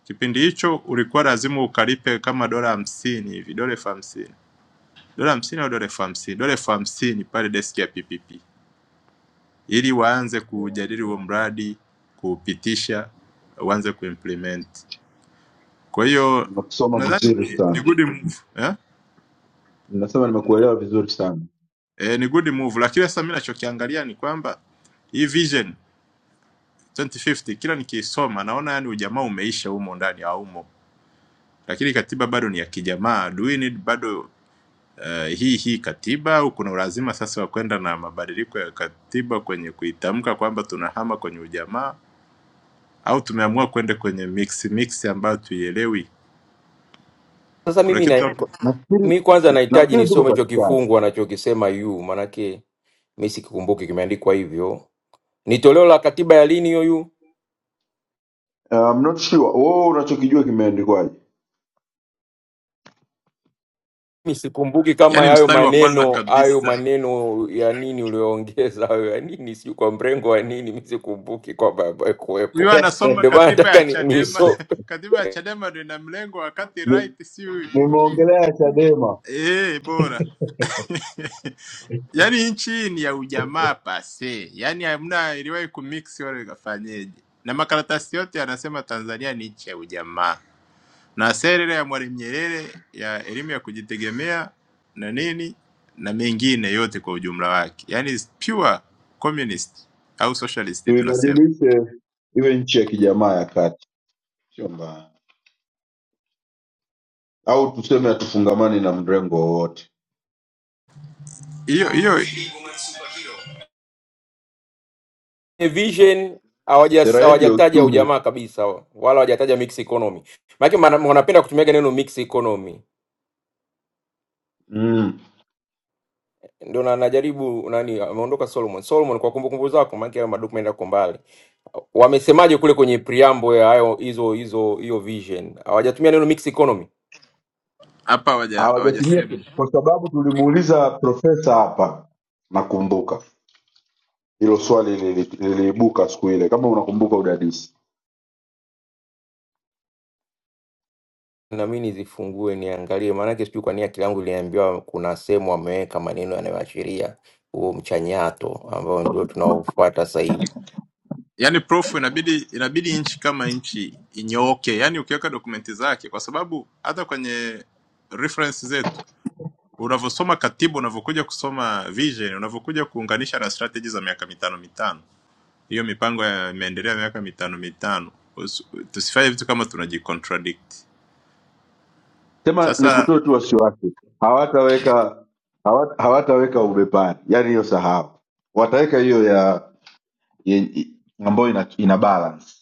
D: kipindi hicho ulikuwa lazima ukalipe kama dola hamsini hivi, dola elfu hamsini dola hamsini au dola elfu hamsini dola elfu hamsini pale deski ya PPP, ili waanze
O: Yeah.
D: kujadili huo mradi, kuupitisha, uanze kuimplement. Kwa hiyo
O: nimekusoma
D: nadhani
O: vizuri
D: ni,
O: sana
D: ni good move eh?
O: nasema nimekuelewa vizuri sana
D: Eh, ni good move, lakini sasa mimi nachokiangalia ni kwamba hii vision 2050 kila nikiisoma naona yani ujamaa umeisha humo ndani ya humo lakini katiba bado ni ya kijamaa. Do we need bado uh, hii hii katiba au kuna ulazima sasa wa kwenda na mabadiliko ya katiba kwenye kuitamka kwamba tunahama kwenye ujamaa au tumeamua kwenda kwenye mix mix ambayo tuielewi?
M: sasa
D: Kuna
M: mimi
D: kitu
M: na,
D: hapo,
O: nafikiri
M: Mi kwanza nahitaji
O: nafikiri tuko
M: nisome hicho
O: katikati
M: kifungu anachokisema yu, maanake mi sikikumbuki kimeandikwa hivyo. Ni toleo la katiba ya lini hiyo yu?
O: Uh, I'm not sure wewe unachokijua kimeandikwaje
M: Mi sikumbuki kama
D: yani
M: hayo
D: mstari wa kwanza
M: maneno hayo
D: kabisa
M: maneno ya nini ulioongeza hayo ya nini, sijui kwa mrengo wa nini, mi sikumbuki kwamba
D: huyo
M: kuwepo.
D: anasoma
M: Ndio maana
D: katiba ya
M: nataka ni, ni
D: Chadema.
M: so,
D: katiba ya Chadema ndio ina mlengo wakati
O: Ni-
D: right si huyu
O: nimeongelea chadema
D: eh, bora Yaani nchi ni ya ujamaa pase, yaani hamna iliwahi kumix wala ikafanyeje, na makaratasi yote yanasema Tanzania ni nchi ya ujamaa, na sera ile ya Mwalimu Nyerere ya elimu ya kujitegemea na nini na mengine yote kwa ujumla wake, yaani is pure communist au socialist tunasema
O: tuibadilishe iwe nchi ya kijamaa ya kati sio mbaya au tuseme hatufungamani na mrengo wowote
D: hiyo hiyo.
M: vision
O: sera
M: hawajas-
O: yetu ya
M: hawajataja
O: uchumi
M: ujamaa kabisa, wala hawajataja mix economy. Maanake wana- wanapenda kutumiaga neno mix economy
O: mm,
M: ndio na najaribu nani, ameondoka Solomon. Solomon, kwa kumbukumbu zako, maana yake madocument yako mbali, wamesemaje kule kwenye preamble ya hayo hizo hizo hiyo vision? Hawajatumia neno mixed economy.
D: Hapa hawaja
O: hawajatumia
D: hawajasema
O: ku- kwa sababu tulimuuliza profesa hapa nakumbuka hilo swali lili- liliibuka siku ile kama unakumbuka udadisi
M: Na mimi nizifungue niangalie, maana yake sijui kwa nini akili yangu iliniambiwa kuna sehemu wameweka maneno yanayoashiria huo mchanyato ambao ndio tunaofuata sasa hivi
D: yaani prof inabidi inabidi nchi kama nchi inyooke, yaani ukiweka dokumenti zake, kwa sababu hata kwenye reference zetu unavyosoma katiba unavyokuja kusoma vision unavyokuja kuunganisha na strategy za miaka mitano mitano hiyo mipango ya imeendelea miaka mitano mitano Usi- tusifanye vitu kama tunajicontradict
O: Sema
D: sasa
O: nikutoe tu wasiwasi, hawataweka hawata, hawataweka ubepari, yaani hiyo sahau, wataweka hiyo ya, ya ambayo ina, ina balance.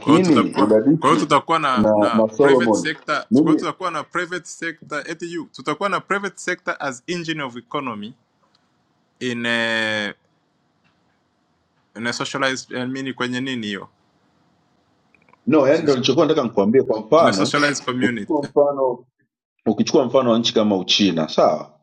D: kwa hiyo tutakuwa kwa hiyo
O: udadisi
D: tutakuwa na
O: na
D: na
O: na
D: private
O: Solomon
D: sector kwa hiyo
O: mimi
D: tutakuwa na private sector eti you tutakuwa na private sector as engine of economy in a, in a socialized I mean kwenye nini hiyo
O: no, yani ndo nilichokuwa nataka nikuambie. Kwa
D: in a
O: mfano
D: socialized community
O: ukichukua mfano ukichukua mfano wa nchi kama Uchina, sawa,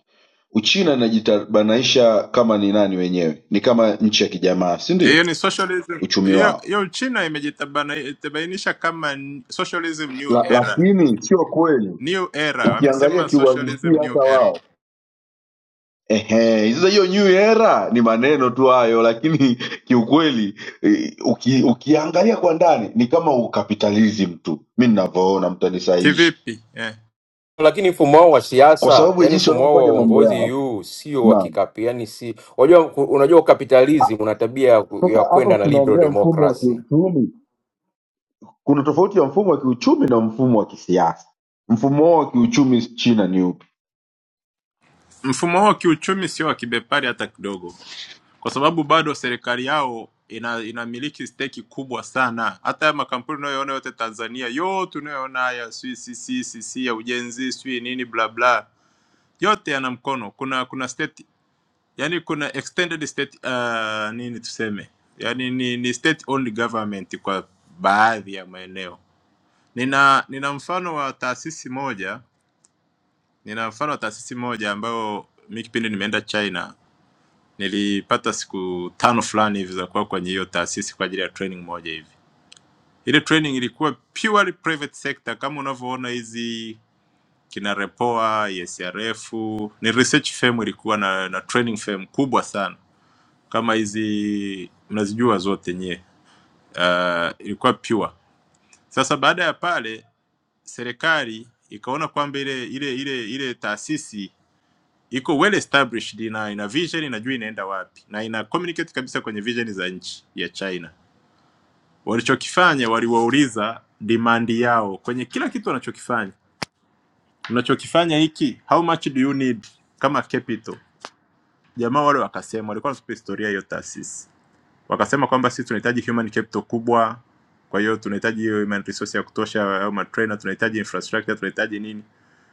O: Uchina inajitarbanaisha kama ni nani wenyewe, ni kama nchi ya kijamaa, si ndio?
D: Hiyo ni socialism.
O: Uchumi
D: Hiyo
O: wao
D: hiyo China imejitabanisha kama n- socialism new
O: la,
D: era.
O: lakini sio kweli
D: New era.
O: ukiangalia
D: Wamesema socialism
O: kiuhalisia
D: new
O: hata
D: era.
O: wao Ehe, sasa hiyo new era ni maneno tu hayo, lakini kiukweli eh, uki, ukiangalia kwa ndani ni kama ukapitalism tu, mi ninavyoona, mtanisahihi,
D: Kivipi? Eh.
M: lakini mfumo wao wa
O: kwa
M: siasa
O: sababu ya
M: yani
O: jinsi
M: mfumo wao wa
O: wanavyofanya mambo
M: uongozi
O: yao.
M: yu sio wa
O: Naam,
M: kikapi yani si unajua ku- unajua
O: Ah,
M: ukapitalism una tabia ya ku-
O: sasa
M: ya
O: hapo
M: kwenda na liberal
O: tunaongelea mfumo wa
M: democracy
O: kiuchumi. Kuna tofauti ya mfumo wa kiuchumi na mfumo wa kisiasa. Mfumo wao wa kiuchumi China ni upi?
D: Mfumo huo kiuchumi sio wa kibepari hata kidogo. Kwa sababu bado serikali yao ina inamiliki steki kubwa sana. Hata haya makampuni unayoona yote Tanzania, yote unayoona haya sijui CCCC ya ujenzi, sijui nini bla bla. Yote yana mkono. Kuna kuna state yani kuna extended state uh, nini tuseme yani ni, ni state owned government kwa baadhi ya maeneo nina nina mfano wa taasisi moja nina mfano wa taasisi moja ambayo mi kipindi nimeenda china nilipata siku tano fulani hivi za kuwa kwenye hiyo taasisi kwa ajili ya training moja hivi ile training ilikuwa purely private sector kama unavyoona hizi kina repoa esrf ni research firm ilikuwa na, na training firm kubwa sana kama hizi mnazijua zote nyie, uh, ilikuwa pure. Sasa baada ya pale serikali ikaona kwamba ile ile ile ile taasisi iko well established na ina vision, inajua inaenda wapi na ina communicate kabisa kwenye vision za nchi ya China. Walichokifanya, waliwauliza demand yao kwenye kila kitu wanachokifanya, mnachokifanya hiki, how much do you need kama capital? Jamaa wale wakasema, walikuwa wanatupa historia ya hiyo taasisi Wakasema kwamba sisi tunahitaji human capital kubwa, kwa hiyo tunahitaji hiyo human resource ya kutosha au matrainer, tunahitaji infrastructure, tunahitaji nini.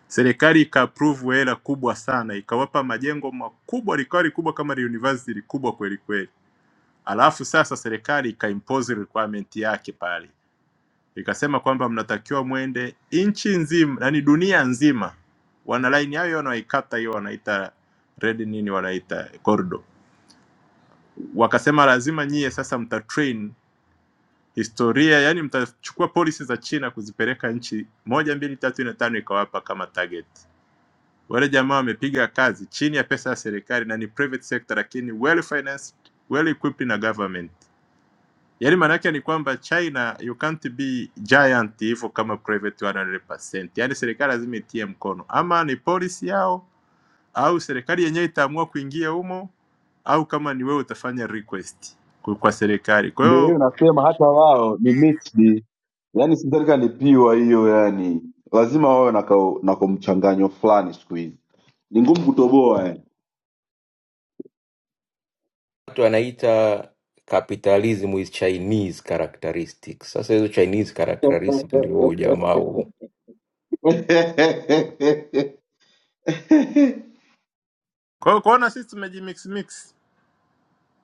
D: Serikali ika approve hela kubwa sana, ikawapa majengo makubwa, likawa likubwa kama la university likubwa kweli kweli. Alafu sasa serikali ika impose requirement yake pale, ikasema kwamba mnatakiwa mwende nchi nzima, yani dunia nzima, wana line yao hiyo wanaikata hiyo wanaita red nini, wanaita corridor. Wakasema lazima nyie sasa mta train historia, yani mtachukua polisi za China kuzipeleka nchi moja mbili tatu nne tano ikawapa kama target. Wale jamaa wamepiga kazi chini ya pesa ya serikali na ni private sector, lakini well financed, well equipped na government. Yani maana yake ni kwamba China you can't be giant hivyo kama private 100%. Yani serikali lazima itie mkono, ama ni polisi yao au serikali yenyewe itaamua kuingia humo au kama ni wewe utafanya request kwa kwa serikali. Kwa
O: Ndio hiyo
D: hiyo
O: nasema, hata wao ni mixed, yaani sidhani alipiwa hiyo yani lazima wawe na ka- na kamchanganyo fulani siku hizi ni ngumu kutoboa yani
M: watu anaita capitalism is Chinese characteristics. Sasa hizo Chinese characteristics ndio huu ujamaa huu.
D: kwa hiyo kuona sisi tumejimix mix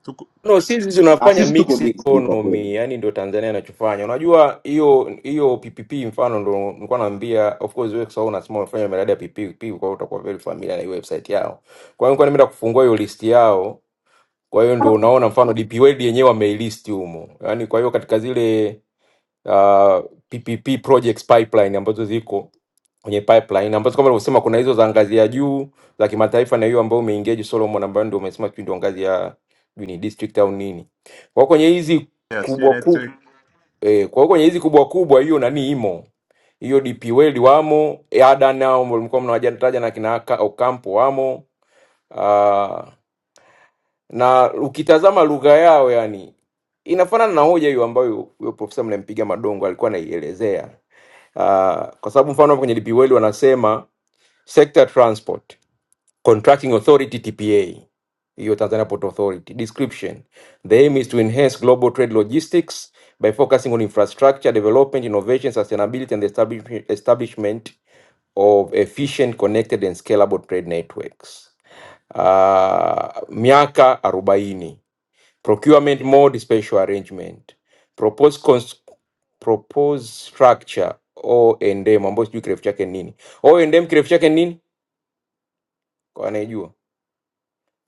D: tuko
M: No, sisi
O: Ah,
M: tunafanya
O: sisi tuko
M: mix
O: mixed kwa kweli
M: economy, yani ndio Tanzania inachofanya. Unajua hiyo hiyo PPP mfano ndio nilikuwa naambia, of course wewe kwa sababu unasema unafanya miradi ya PPP, kwa hiyo utakuwa very familiar na hiyo website yao. Kwa hiyo nilikuwa nimeenda kufungua hiyo list yao. Kwa hiyo ndio unaona mfano DP World yenyewe wameilist humo. Yaani kwa hiyo katika zile uh, PPP projects pipeline ambazo ziko kwenye pipeline ambazo kama ulivyosema kuna hizo za ngazi ya juu za kimataifa na hiyo ambayo umeengage Solomon ambayo ndio umesema sijui ndio ngazi ya sijui ni district au nini. Kwa hiyo kwenye hizi
D: yeah, sijui
M: kubwa kubwa
D: network
M: eh, kwa hiyo kwenye hizi kubwa kubwa hiyo nani imo hiyo DP World wamo, Ada nao mlikuwa mnawajataja na kina Aka- Ocampo wamo Uh, na ukitazama lugha yao yani inafanana na hoja hiyo ambayo huyo profesa mlempiga madongo alikuwa anaielezea uh, kwa sababu mfano hapo kwenye DPWEL wanasema sector transport contracting authority TPA hiyo Tanzania Port Authority description the aim is to enhance global trade logistics by focusing on infrastructure development innovation sustainability and the establish- establishment of efficient connected and scalable trade networks uh, miaka 40 procurement mode, special arrangement, proposed, cons- proposed structure O&M, ambayo sijui kirefu chake ni nini. O&M kirefu chake ni nini? Kwa anayejua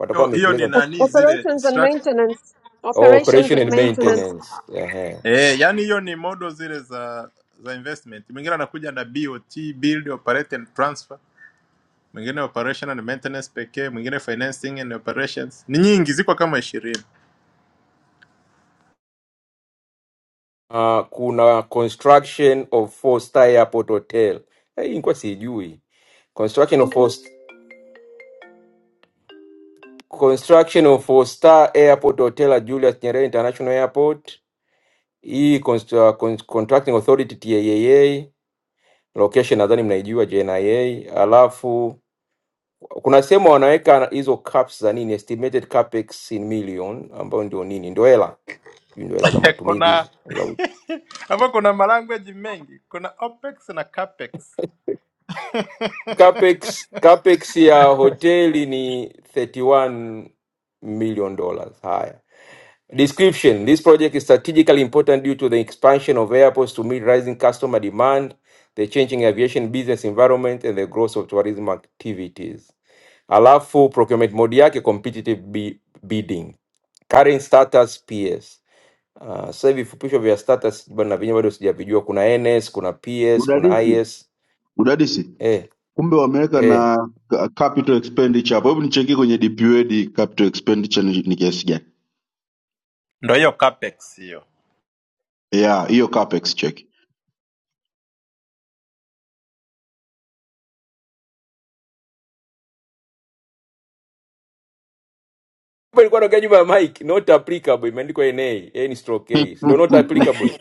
M: watakuwa
D: hiyo hiyo ni
M: wamekieleza
B: O-
D: nani zile
B: Operations and
D: struct
B: maintenance, operations
M: operation
B: and
M: and
B: maintenance.
M: maintenance. Ehe.
D: eh, yani hiyo ni model zile za za investment. Mwingine anakuja na BOT, build, operate and transfer, mwingine operation and maintenance pekee, mwingine financing and operations. Ni nyingi, ziko kama ishirini
M: Uh, kuna construction of four star airport hotel. Eh, Hii nilikuwa sijui construction of four construction of four star airport hotel at Julius Nyerere International Airport. Hii const- uh, con- contracting authority TAA Location nadhani mnaijua JNIA, alafu kuna sehemu wanaweka hizo caps za nini, estimated capex in million, ambayo ndio nini, ndio hela, ndio hela za matumizi
D: kuna
M: hizo za
D: hapo kuna malanguage mengi, kuna opex na capex,
M: capex. Capex ya hoteli ni 31 million dollars. Haya. Description. This project is strategically important due to the expansion of airports to meet rising customer demand, the changing aviation business environment and the growth of tourism activities. Alafu procurement mode yake competitive bi- bidding. Current status PS. Uh, sasa hivi vifupisho vya status bado na vyenyewe bado sijavijua. Kuna NS, kuna PS, kuna
O: udadisi
M: IS.
O: udadisi
M: Eh,
O: kumbe wameweka
M: eh.
O: na ca- capital expenditure hapo hebu nichekie kwenye dpwed capital expenditure ni ni kiasi gani
D: ndo hiyo capex hiyo.
O: yeah hiyo capex check
M: Hapo ilikuwa naongea nyuma ya mic, not applicable imeandikwa NA, N stroke A. Ndio not applicable.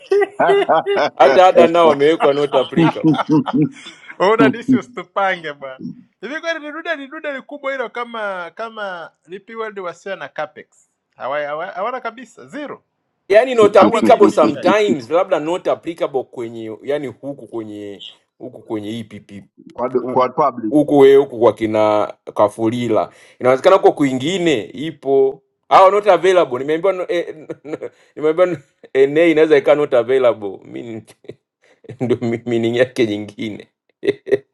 M: Hata ada nao amewekwa not applicable.
D: Ona disi usitupange bwana. Hivi kweli ni dude ni dude likubwa hilo kama kama DP World wasio na capex. Hawa- hawa- Hawana kabisa zero
M: Yaani not
D: au
M: applicable
D: wameificha hii.
M: sometimes, labda not applicable kwenye yani huku kwenye huku kwenye EPP
O: kwa, kwa public
M: huku wewe huku kwa kina Kafulila. Inawezekana huko kwingine ipo au not available. Nimeambiwa no- eh, nimeambiwa no- NA inaweza ikawa not available. Mimi ndio mi- meaning yake nyingine.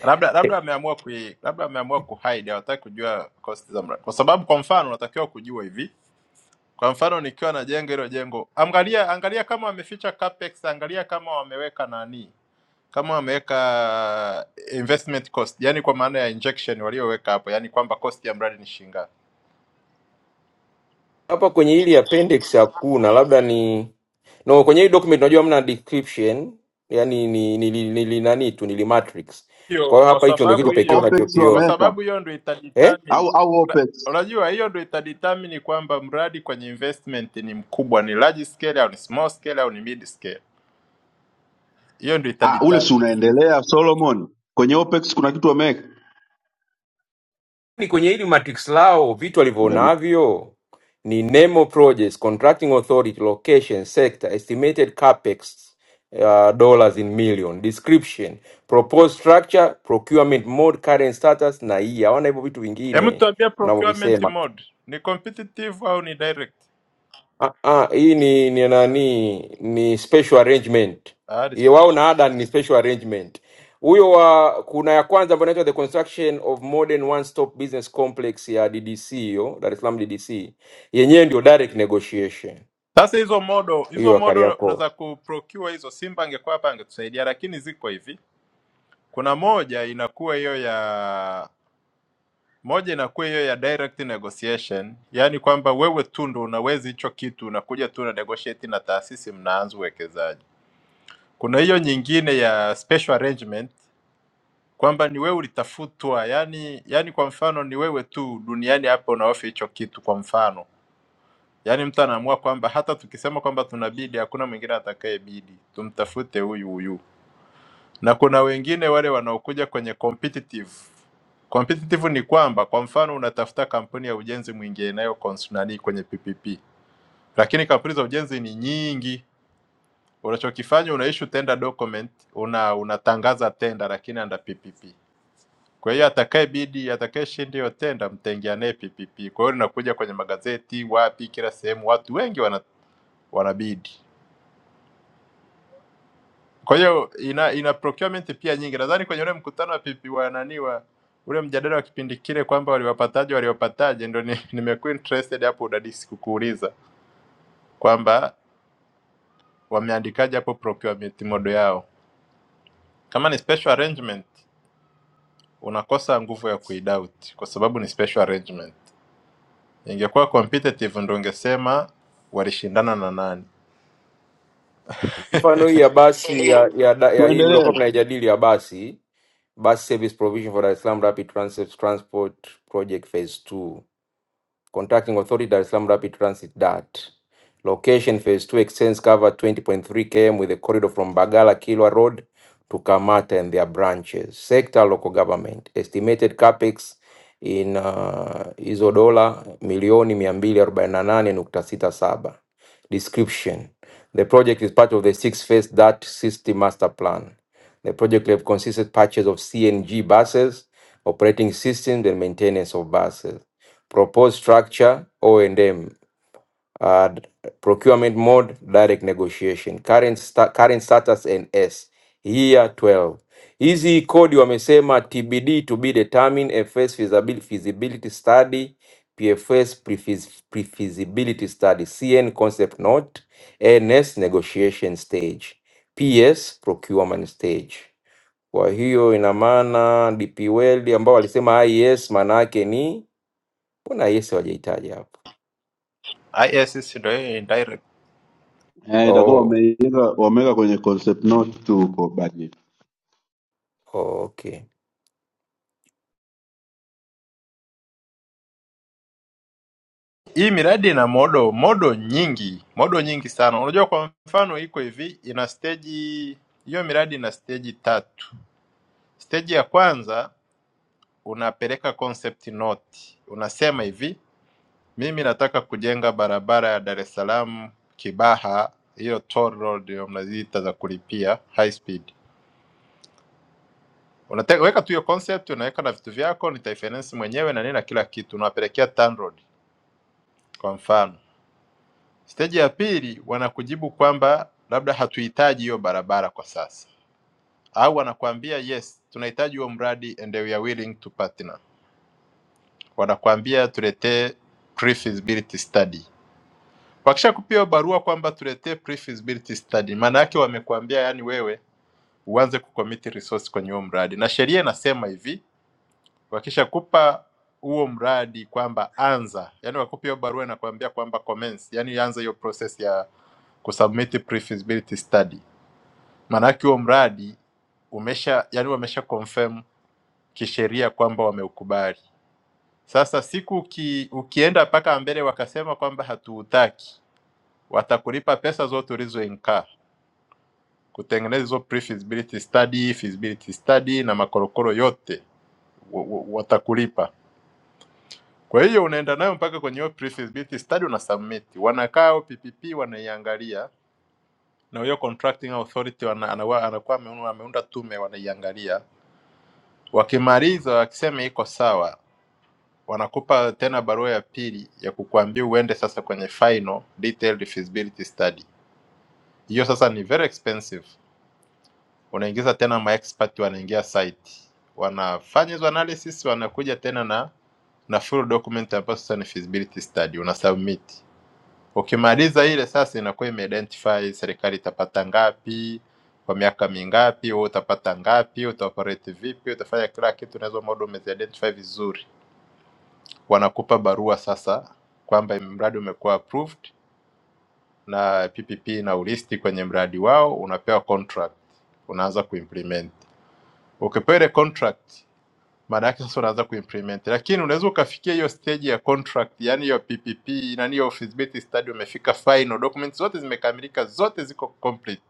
D: Labda labda wameamua ku labda wameamua ku hide hawataki kujua cost za mradi. Kwa sababu kwa mfano unatakiwa kujua hivi. Kwa mfano nikiwa na jengo hilo jengo, angalia angalia kama wameficha capex, angalia kama wameweka nani kama wameweka investment cost, yani kwa maana ya injection walioweka hapo, yani kwamba cost ya mradi ni shilingi ngapi
M: Hapa kwenye hili appendix hakuna, labda ni no, kwenye hii document unajua hamna description, yani ni ni, ni, ni, ni nani tu ni matrix. Kwa
D: hiyo
M: hiyo
D: kwa
M: hapa hicho ndio
D: sababu
M: kitu pekee
D: hiyo
O: opex
D: kwa
M: unachokiona.
O: wameweka
D: sababu hiyo ndo
M: Eh?
D: itadetermine
O: au au
D: una-
O: OPEX?
D: unajua hiyo ndo itadetermine kwamba mradi kwenye investment ni mkubwa ni large scale au ni small scale au ni mid scale hiyo ndo
O: Ah, ule si
D: itadetermine
O: unaendelea Solomon, kwenye OPEX kuna kitu wameweka.
M: Ni kwenye hili matrix lao vitu
O: Udani.
M: walivyonavyo ni NEMO projects, contracting authority, location, sector, estimated capex uh, dollars in million, description, proposed structure, procurement mode, current status na hii. Hawana hivyo vitu
D: hebu
M: vingine
D: tuambie
M: mnavyovisema.
D: procurement mode ni competitive au ni direct
M: Ah, ah, hii ni ni nani ni special arrangement.
D: ah,
M: Hiyo
D: dispatch.
M: wao na Adan ni special arrangement. Huyo wa kuna ya kwanza ambayo inaitwa the construction of modern one stop business complex ya DDC hiyo Dar es Salaam DDC. Yenyewe ndio direct negotiation
D: sasa hizo modo
M: hiyo
D: hizo
M: ya
D: modo
M: Kariakoo.
D: unaweza kuprocure hizo simba angekuwa hapa angetusaidia lakini ziko hivi kuna moja inakuwa hiyo ya Moja inakuwa hiyo ya direct negotiation, yaani kwamba wewe tu ndo unaweza hicho kitu, unakuja tu na negotiate na taasisi, mnaanza uwekezaji. Kuna hiyo nyingine ya special arrangement, kwamba ni wewe ulitafutwa, yani yani kwa mfano ni wewe tu duniani hapa unaofa hicho kitu. Kwa mfano, yaani mtu anaamua kwamba hata tukisema kwamba tunabidi, hakuna mwingine atakayebidi, tumtafute huyu huyu na kuna wengine wale wanaokuja kwenye competitive. Competitive ni kwamba kwa mfano unatafuta kampuni ya ujenzi mwingine inayo cons- nani kwenye PPP, lakini kampuni za ujenzi ni nyingi. Unachokifanya una issue tender document, una unatangaza tenda lakini under PPP. Kwa hiyo atakayebidi atakayeshinda hiyo tenda mtaingia naye PPP. Kwa hiyo linakuja kwenye magazeti, wapi, kila sehemu, watu wengi wana, wanabidi. Kwa hiyo ina ina procurement pia nyingi. Nadhani kwenye ule mkutano wa pipi wa nani wa ule mjadala wa kipindi kile kwamba waliwapataje waliwapataje, ndo ni, nimekuwa interested hapo udadisi kukuuliza kwamba wameandikaje hapo procurement model yao. Kama ni special arrangement, unakosa nguvu ya kuidoubt kwa sababu ni special arrangement. Ingekuwa competitive, ndo ungesema walishindana na nani.
M: Mfano hii ya basi ya ya, da- ya hii
O: Tuendelee
M: mliokuwa mnaijadili ya basi bus service provision for Dar es Salaam Rapid Transit Transport Project Phase 2. Contracting Authority, Dar es Salaam Rapid Transit, DART. Location Phase 2 extends cover 20.3 km with a corridor from Bagala Kilwa Road to Kamata and their branches. Sector Local Government. Estimated capex in uh, hizo dola milioni 248.67. Description. The project is part of the six-phase DART system master plan. The project will have consisted purchase of CNG buses, operating systems, and maintenance of buses. proposed structure, O&M, uh, procurement mode, direct negotiation, current, sta current status and S, year 12. Hizi kodi wamesema TBD to be determined, FS feasibility, feasibility study, PFS prefeas- pre-feasibility study, CN concept note, NS negotiation stage, PS procurement stage. Kwa hiyo ina maana DP World ambao walisema IS maana yake ni mbona IS hawajaitaja hapa?
D: ISIS ndo hiyo indirect
O: eh, itakuwa
M: Oh,
O: wameweka wameweka kwenye concept note tu huko budget.
M: oh, okay.
D: Hii miradi ina modo modo nyingi modo nyingi sana. Unajua, kwa mfano iko hivi, ina stage hiyo miradi ina stage tatu. Stage ya kwanza unapeleka concept note, unasema hivi, mimi nataka kujenga barabara ya Dar es Salaam Kibaha, hiyo toll road hiyo mnaziita za kulipia high speed. Unataka weka tu hiyo concept, unaweka na vitu vyako, nitaifinance mwenyewe na nini na kila kitu, unawapelekea TANROADS kwa mfano Steji ya pili wanakujibu kwamba labda hatuhitaji hiyo barabara kwa sasa, au wanakuambia yes, tunahitaji huo mradi and we are willing to partner. Wanakuambia tuletee pre-feasibility study. Wakishakupia hiyo barua kwamba tuletee pre-feasibility study, maana yake wamekuambia yani wewe uanze kucommit resource kwenye huo mradi, na sheria inasema hivi Wakishakupa huo mradi kwamba anza, yani wakupe hiyo barua inakuambia kwamba commence, yani anza hiyo process ya kusubmit pre-feasibility study. Maanake huo mradi umesha, yani wamesha confirm kisheria kwamba wameukubali. Sasa siku uki, ukienda mpaka mbele wakasema kwamba hatuutaki, watakulipa pesa zote ulizoinkaa kutengeneza hizo pre-feasibility study, feasibility study na makorokoro yote wa- wa- watakulipa. Kwa hiyo unaenda nayo mpaka kwenye hiyo pre-feasibility study una submit. Wanakaa PPP wanaiangalia na hiyo contracting authority wana, anawa, anakuwa ameunda, ameunda tume wanaiangalia. Wakimaliza wakisema iko sawa, wanakupa tena barua ya pili ya kukuambia uende sasa kwenye final detailed feasibility study. Hiyo sasa ni very expensive. Unaingiza tena maexpert wanaingia site. Wanafanya hizo analysis wanakuja tena na na full document ambayo sasa ni feasibility study una submit Ukimaliza ile sasa inakuwa imeidentify serikali itapata ngapi kwa miaka mingapi, wewe utapata ngapi, utaoperate vipi, utafanya kila kitu, unaweza model umeziidentify vizuri. Wanakupa barua sasa kwamba mradi umekuwa approved na PPP na ulisti kwenye mradi wao, unapewa contract, unaanza kuimplement. Ukipewa ile contract maana yake sasa unaanza kuimplement, lakini unaweza ukafikia hiyo stage ya contract, yani hiyo PPP na hiyo feasibility study, umefika final, documents zote zimekamilika, zote ziko complete,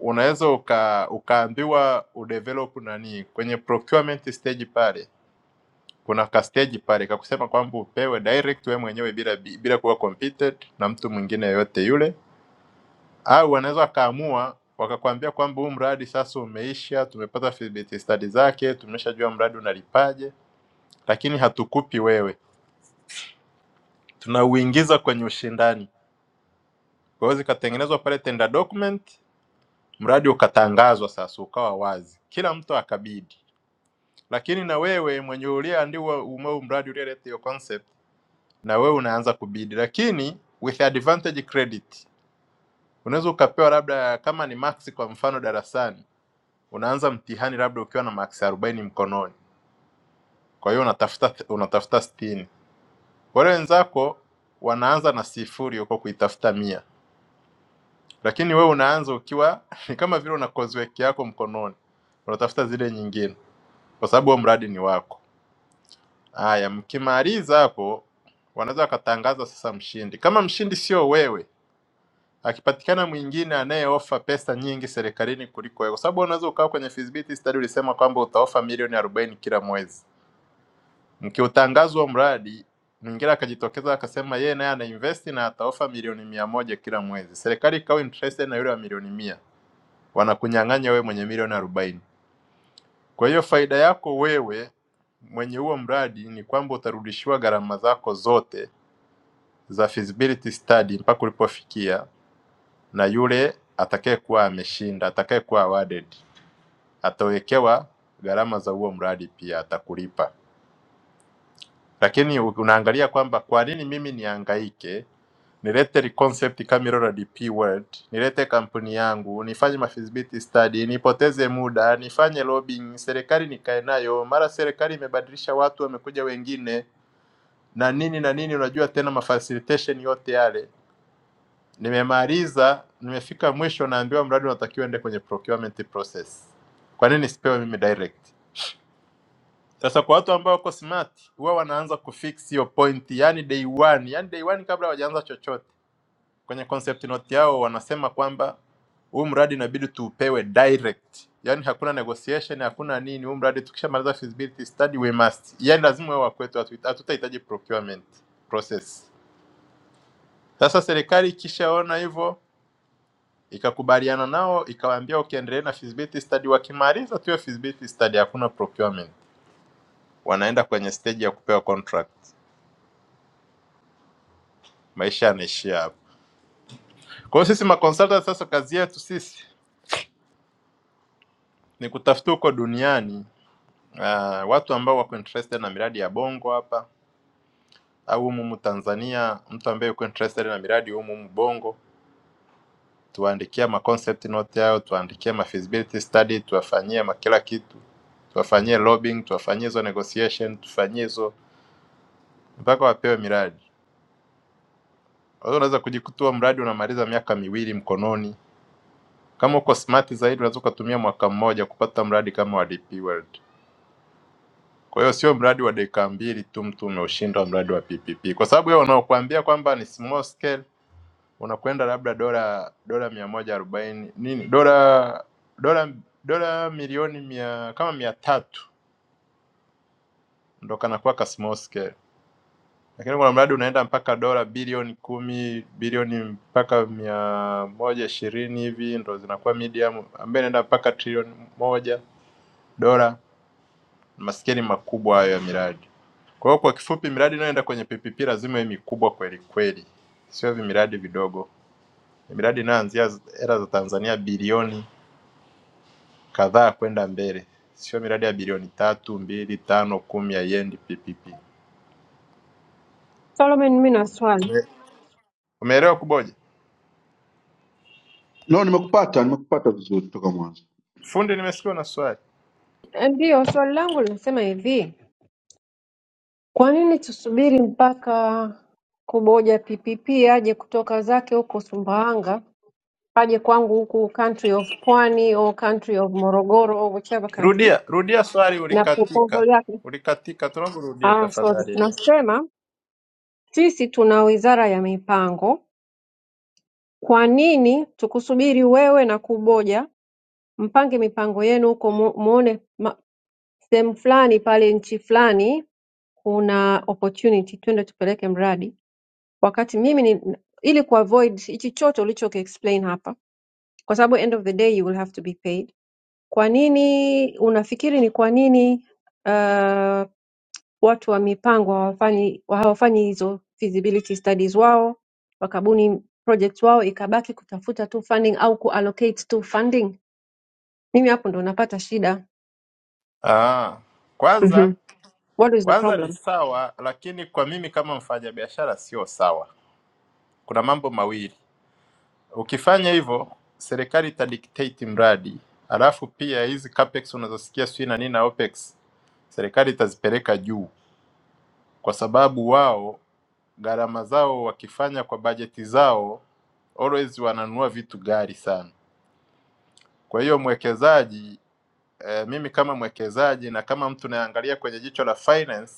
D: unaweza uka, ukaambiwa udevelop nani kwenye procurement stage pale kuna ka stage pale kakusema kwamba upewe direct wewe mwenyewe bila bila kuwa competed na mtu mwingine yoyote yule, au wanaweza wakaamua wakakwambia kwamba huu mradi sasa umeisha, tumepata feasibility study zake, tumeshajua mradi unalipaje lakini hatukupi wewe, tunauingiza kwenye ushindani. Kwa hiyo zikatengenezwa pale tender document, mradi ukatangazwa sasa, ukawa wazi, kila mtu akabidi. Lakini na wewe mwenye uliyeandiwa umeu mradi ulieleta hiyo concept, na wewe unaanza kubidi, lakini with advantage credit unaweza ukapewa labda kama ni max kwa mfano darasani, unaanza mtihani labda ukiwa na max arobaini mkononi, kwa hiyo unatafuta unatafuta sitini. Wale wenzako wanaanza na sifuri huko kuitafuta mia. lakini wewe unaanza ukiwa ni kama vile una kozweki yako mkononi, unatafuta zile nyingine, kwa sababu huo mradi ni wako. Haya, mkimaliza hapo, wanaweza wakatangaza sasa mshindi. Kama mshindi sio wewe, akipatikana mwingine anayeofa pesa nyingi serikalini kuliko wewe, kwa sababu unaweza ukawa kwenye feasibility study ulisema kwamba utaofa milioni arobaini kila mwezi. Mkiutangazwa mradi mwingine akajitokeza akasema yeye naye ana invest na ataofa milioni mia moja kila mwezi, serikali ikawa interested na yule wa milioni mia wanakunyang'anya wewe mwenye milioni arobaini. Kwa hiyo faida yako wewe mwenye huo mradi ni kwamba utarudishiwa gharama zako zote za feasibility study mpaka ulipofikia, na yule atakayekuwa ameshinda, atakayekuwa awarded, atawekewa gharama za huo mradi pia, atakulipa. Lakini u- unaangalia kwamba kwa nini mimi nihangaike, nilete li- concept kama hilo la DP World, nilete kampuni yangu, nifanye mafeasibility study, nipoteze muda, nifanye lobbying, serikali nikae nayo, mara serikali imebadilisha watu, wamekuja wengine na nini na nini, unajua tena mafacilitation yote yale. Nimemaliza, nimefika mwisho, naambiwa mradi unatakiwa ende kwenye procurement process. Kwa nini sipewe mimi direct? Sasa kwa watu ambao wako smart huwa wanaanza kufix hiyo point, yani day one, yani day one kabla hawajaanza chochote. Kwenye concept note yao wanasema kwamba huu mradi inabidi tuupewe direct, yani hakuna negotiation, hakuna nini. Huu mradi tukishamaliza feasibility study we must, yani lazima wewe wakwetu, hatu- hatutahitaji procurement process. Sasa serikali ikishaona hivyo ikakubaliana nao ikawaambia, ukiendelea na feasibility study, wakimaliza tu hiyo feasibility study, hakuna procurement, wanaenda kwenye stage ya kupewa contract. maisha yanaishia hapo. Kwa hiyo sisi maconsultant sasa kazi yetu sisi ni kutafuta huko duniani uh, watu ambao wako interested na miradi ya bongo hapa au humu humu Tanzania, mtu ambaye yuko interested na miradi humu humu bongo, tuwaandikia ma concept note yao, tuwaandikie ma feasibility study, tuwafanyie ma kila kitu, tuwafanyie lobbying, tuwafanyie hizo negotiation, tufanyie hizo mpaka wapewe miradi. Kwa hiyo unaweza kujikutua mradi unamaliza miaka miwili mkononi. Kama uko smart zaidi, unaweza ukatumia mwaka mmoja kupata mradi kama wa DP World. Kwa hiyo sio mradi wa dakika mbili tu mtu umeushindwa mradi wa PPP, kwa sababu wewe unaokuambia kwamba ni small scale unakwenda labda dola dola mia moja arobaini nini dola dola dola milioni mia kama mia tatu ndo kanakuwa ka small scale, lakini kuna mradi unaenda mpaka dola bilioni kumi bilioni mpaka mia moja ishirini hivi ndo zinakuwa medium, ambaye inaenda mpaka trilioni moja dola. Maskini makubwa hayo ya miradi. Kwa hiyo kwa kifupi, miradi inayoenda kwenye PPP lazima iwe mikubwa kweli kweli, sio miradi vidogo. Miradi inayoanzia z- hela za Tanzania bilioni kadhaa kwenda mbele, sio miradi ya bilioni tatu, mbili, tano, kumi haiendi PPP.
B: Solomon, mimi na swali
D: Ume- Umeelewa Kuboja?
O: No, nimekupata nimekupata vizuri toka mwanzo.
D: Fundi, nimesikia na swali.
B: ndio, swali langu linasema hivi, kwa nini tusubiri mpaka kuboja PPP aje kutoka zake huko Sumbawanga paje kwangu huku country of Pwani or country of Morogoro or whichever country,
D: Rudia, rudia swali,
B: na proposal
D: ulikatika.
B: yake
D: Ulikatika, tunaomba urudie
B: ah, sorry,
D: tafadhali.
B: nasema sisi tuna wizara ya mipango, kwa nini tukusubiri wewe na Kuboja mpange mipango yenu huko, mu- muone ma- sehemu fulani pale nchi fulani kuna opportunity, twende tupeleke mradi, wakati mimi ni, ili kuavoid hichi chote ulichoki explain hapa, kwa sababu end of the day you will have to be paid Kwa nini unafikiri ni kwa nini uh, watu wa mipango hawafanyi hawafanyi hizo feasibility studies wao wakabuni project wao ikabaki kutafuta tu funding au kuallocate tu funding? Mimi hapo ndo napata shida.
D: Ah, kwanza
B: Mhm. What is the
D: kwanza ni
B: problem?
D: sawa, lakini kwa mimi kama mfanyabiashara sio sawa. Kuna mambo mawili, ukifanya hivyo serikali itadictate mradi, alafu pia hizi capex unazosikia sijui na nini na opex, serikali itazipeleka juu, kwa sababu wao gharama zao wakifanya kwa bajeti zao always wananunua vitu ghali sana. Kwa hiyo mwekezaji eh, mimi kama mwekezaji na kama mtu naangalia kwenye jicho la finance,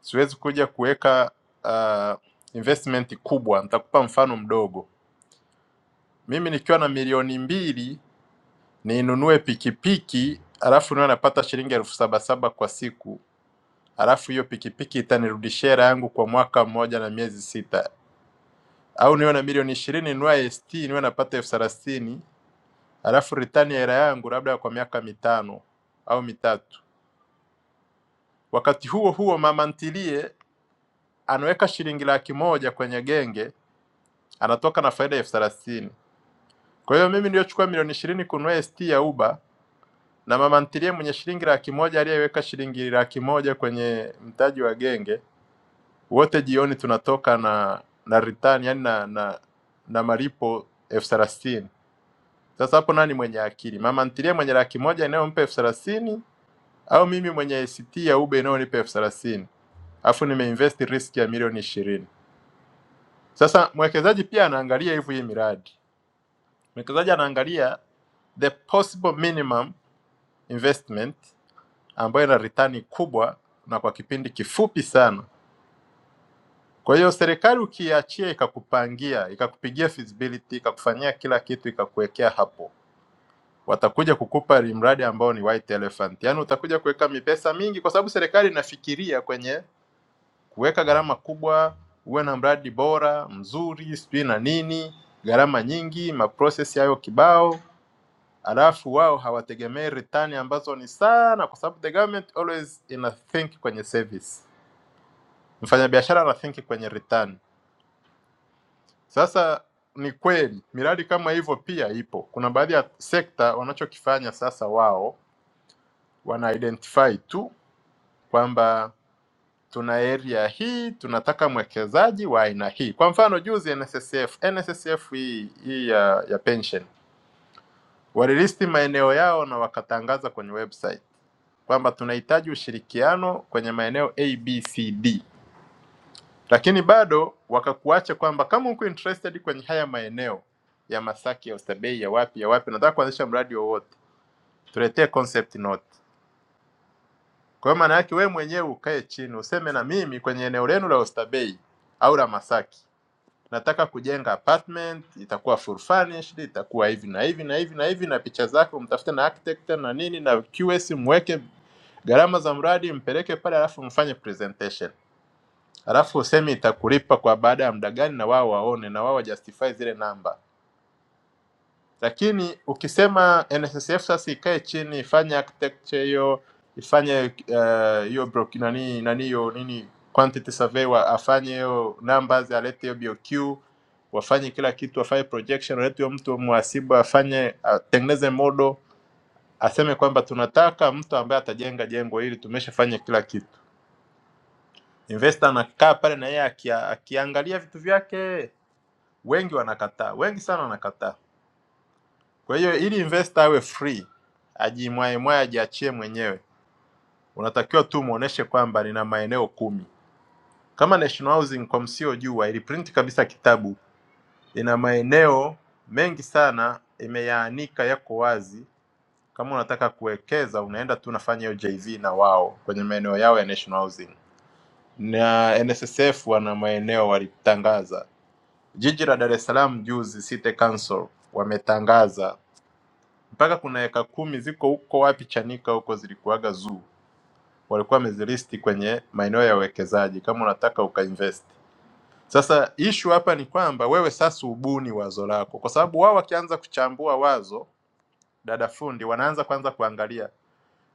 D: siwezi kuja kuweka uh, investment kubwa. Nitakupa mfano mdogo. Mimi nikiwa na milioni mbili ninunue pikipiki alafu niwe napata shilingi elfu saba saba kwa siku, alafu hiyo pikipiki itanirudishia hela yangu kwa mwaka mmoja na miezi sita, au niwe na milioni ishirini ninunue ST niwe napata elfu thelathini alafu ritani ya hela yangu labda kwa miaka mitano au mitatu. Wakati huo huo mama ntilie anaweka shilingi laki moja kwenye genge, anatoka na faida elfu thelathini. Kwa hiyo mimi niliyochukua milioni ishirini kununua ST ya Uber na mama ntilie mwenye shilingi laki moja aliyeweka shilingi laki moja kwenye mtaji wa genge, wote jioni tunatoka na na return, yani na na, na malipo elfu thelathini. Sasa hapo nani mwenye akili? Mama ntilie mwenye laki moja inayompa elfu thelathini au mimi mwenye ACT ya ube inayonipa elfu thelathini alafu nimeinvest risk ya milioni ishirini. Sasa mwekezaji pia anaangalia hivyo hii miradi, mwekezaji anaangalia the possible minimum investment ambayo ina ritani kubwa na kwa kipindi kifupi sana. Kwa hiyo serikali ukiachia ikakupangia ikakupigia feasibility ikakufanyia kila kitu ikakuwekea hapo, watakuja kukupa mradi ambao ni white elephant, yaani utakuja kuweka mipesa mingi, kwa sababu serikali inafikiria kwenye kuweka gharama kubwa, uwe na mradi bora mzuri, sijui na nini, gharama nyingi, maprocess hayo kibao alafu wao hawategemei ritani ambazo ni sana, kwa sababu the government always ina think kwenye service. Mfanyabiashara anathinki kwenye return. Sasa ni kweli miradi kama hivyo pia ipo. Kuna baadhi ya sekta wanachokifanya sasa, wao wana identify tu kwamba tuna area hii tunataka mwekezaji wa aina hii. Kwa mfano juzi NSSF, NSSF hii, hii ya, ya pension walilisti maeneo yao na wakatangaza kwenye website kwamba tunahitaji ushirikiano kwenye maeneo ABCD lakini bado wakakuacha kwamba kama uko interested kwenye haya maeneo ya Masaki, ya Oysterbay, ya wapi ya wapi, nataka kuanzisha mradi wowote, tuletee concept note. Kwa hiyo maana yake wewe mwenyewe ukae chini useme, na mimi kwenye eneo lenu la Oysterbay au la Masaki nataka kujenga apartment, itakuwa full furnished, itakuwa hivi na hivi na hivi na hivi, na picha zako mtafute na architect na nini na QS, mweke gharama za mradi, mpeleke pale, alafu mfanye presentation alafu useme itakulipa kwa baada ya muda gani, na wao waone na wao wajustify zile namba. Lakini ukisema NSSF sasa ikae chini ifanye architecture hiyo ifanye eh, hiyo broki- nani nani hiyo nini quantity survey wa, afanye hiyo numbers alete hiyo BOQ wafanye kila kitu wafanye projection walete huyo mtu mhasibu afanye atengeneze model aseme kwamba tunataka mtu ambaye atajenga jengo hili tumeshafanya kila kitu investor anakaa pale na yeye akia- akiangalia vitu vyake wengi wanakataa, wengi sana wanakataa. Kwa hiyo ili investor awe free, ajimwaemwae, ajiachie mwenyewe, unatakiwa tu muoneshe kwamba nina maeneo kumi. Kama National Housing, kwa msiojua, iliprint kabisa kitabu, ina maeneo mengi sana, imeyaanika yako wazi. Kama unataka kuwekeza, unaenda tu unafanya hiyo JV na wao kwenye maeneo yao ya National Housing, na NSSF wana maeneo walitangaza jiji la Dar es Salaam juzi, City Council wametangaza mpaka kuna eka kumi ziko huko wapi Chanika huko zilikuwaga zoo, walikuwa wamezilisti kwenye maeneo ya uwekezaji kama unataka ukainvest. Sasa issue hapa ni kwamba wewe sasa ubuni wazo lako, kwa sababu wao wakianza kuchambua wazo, dada fundi, wanaanza kwanza kuangalia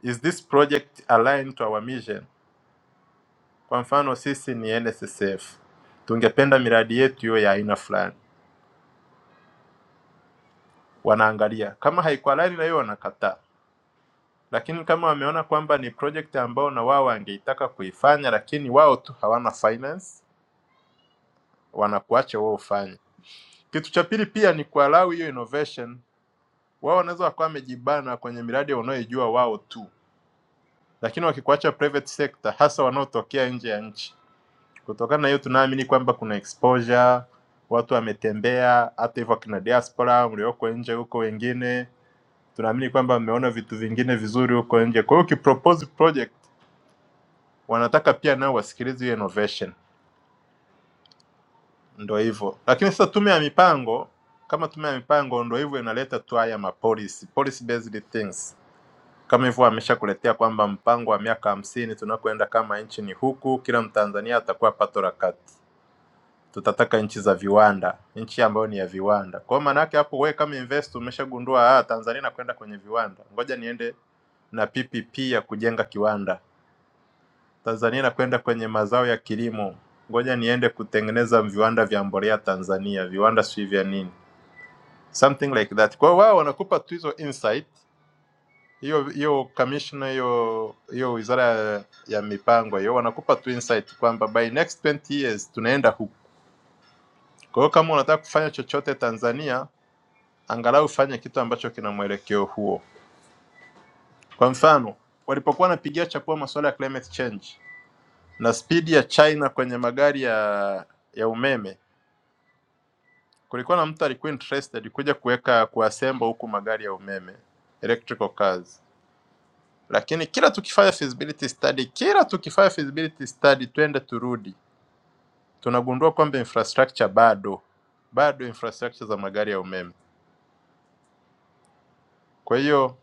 D: is this project aligned to our mission. Kwa mfano sisi ni NSSF, tungependa miradi yetu hiyo ya aina fulani. Wanaangalia kama haiko align na hiyo, wanakataa lakini kama wameona kwamba ni project ambao na wao wangeitaka kuifanya, lakini wao tu hawana finance, wanakuacha wewe ufanye. Kitu cha pili pia ni kualau hiyo innovation. Wao wanaweza wakawa wamejibana kwenye miradi wanayoijua wao tu, lakini wakikuacha private sector, hasa wanaotokea nje ya nchi. Kutokana na hiyo, tunaamini kwamba kuna exposure, watu wametembea, hata hivyo kina diaspora mlioko nje huko wengine, tunaamini kwamba wameona vitu vingine vizuri huko nje. Kwa hiyo ukipropose project wanataka pia nao wasikilize hiyo innovation, ndo hivyo. Lakini sasa tume ya mipango kama tume ya mipango ndo hivyo inaleta tu haya ma policy policy based things kama hivyo ameshakuletea kwamba mpango wa miaka hamsini tunakwenda kama nchi ni huku, kila Mtanzania atakuwa pato la kati. Tutataka nchi za viwanda, nchi ambayo ni ya viwanda. Kwa hiyo maana yake hapo, wewe kama investor umeshagundua ah, Tanzania inakwenda kwenye viwanda, ngoja niende na PPP ya kujenga kiwanda Tanzania inakwenda kwenye mazao ya kilimo. Ngoja niende kutengeneza viwanda vya mbolea Tanzania, viwanda si vya nini, something like that. Kwa hiyo wao wanakupa tu hizo insight, hiyo hiyo commissioner, hiyo hiyo wizara ya, ya mipango hiyo, wanakupa tu insight kwamba by next 20 years tunaenda huku. Kwa hiyo kama unataka kufanya chochote Tanzania, angalau fanye kitu ambacho kina mwelekeo huo. Kwa mfano, walipokuwa wanapigia chapua masuala ya climate change na spidi ya China kwenye magari ya ya umeme Kulikuwa na mtu alikuwa interested kuja kuweka kuassemble huku magari ya umeme electrical cars, lakini kila tukifanya feasibility study, kila tukifanya feasibility study, twende turudi, tunagundua kwamba infrastructure bado bado infrastructure za magari ya umeme. Kwa hiyo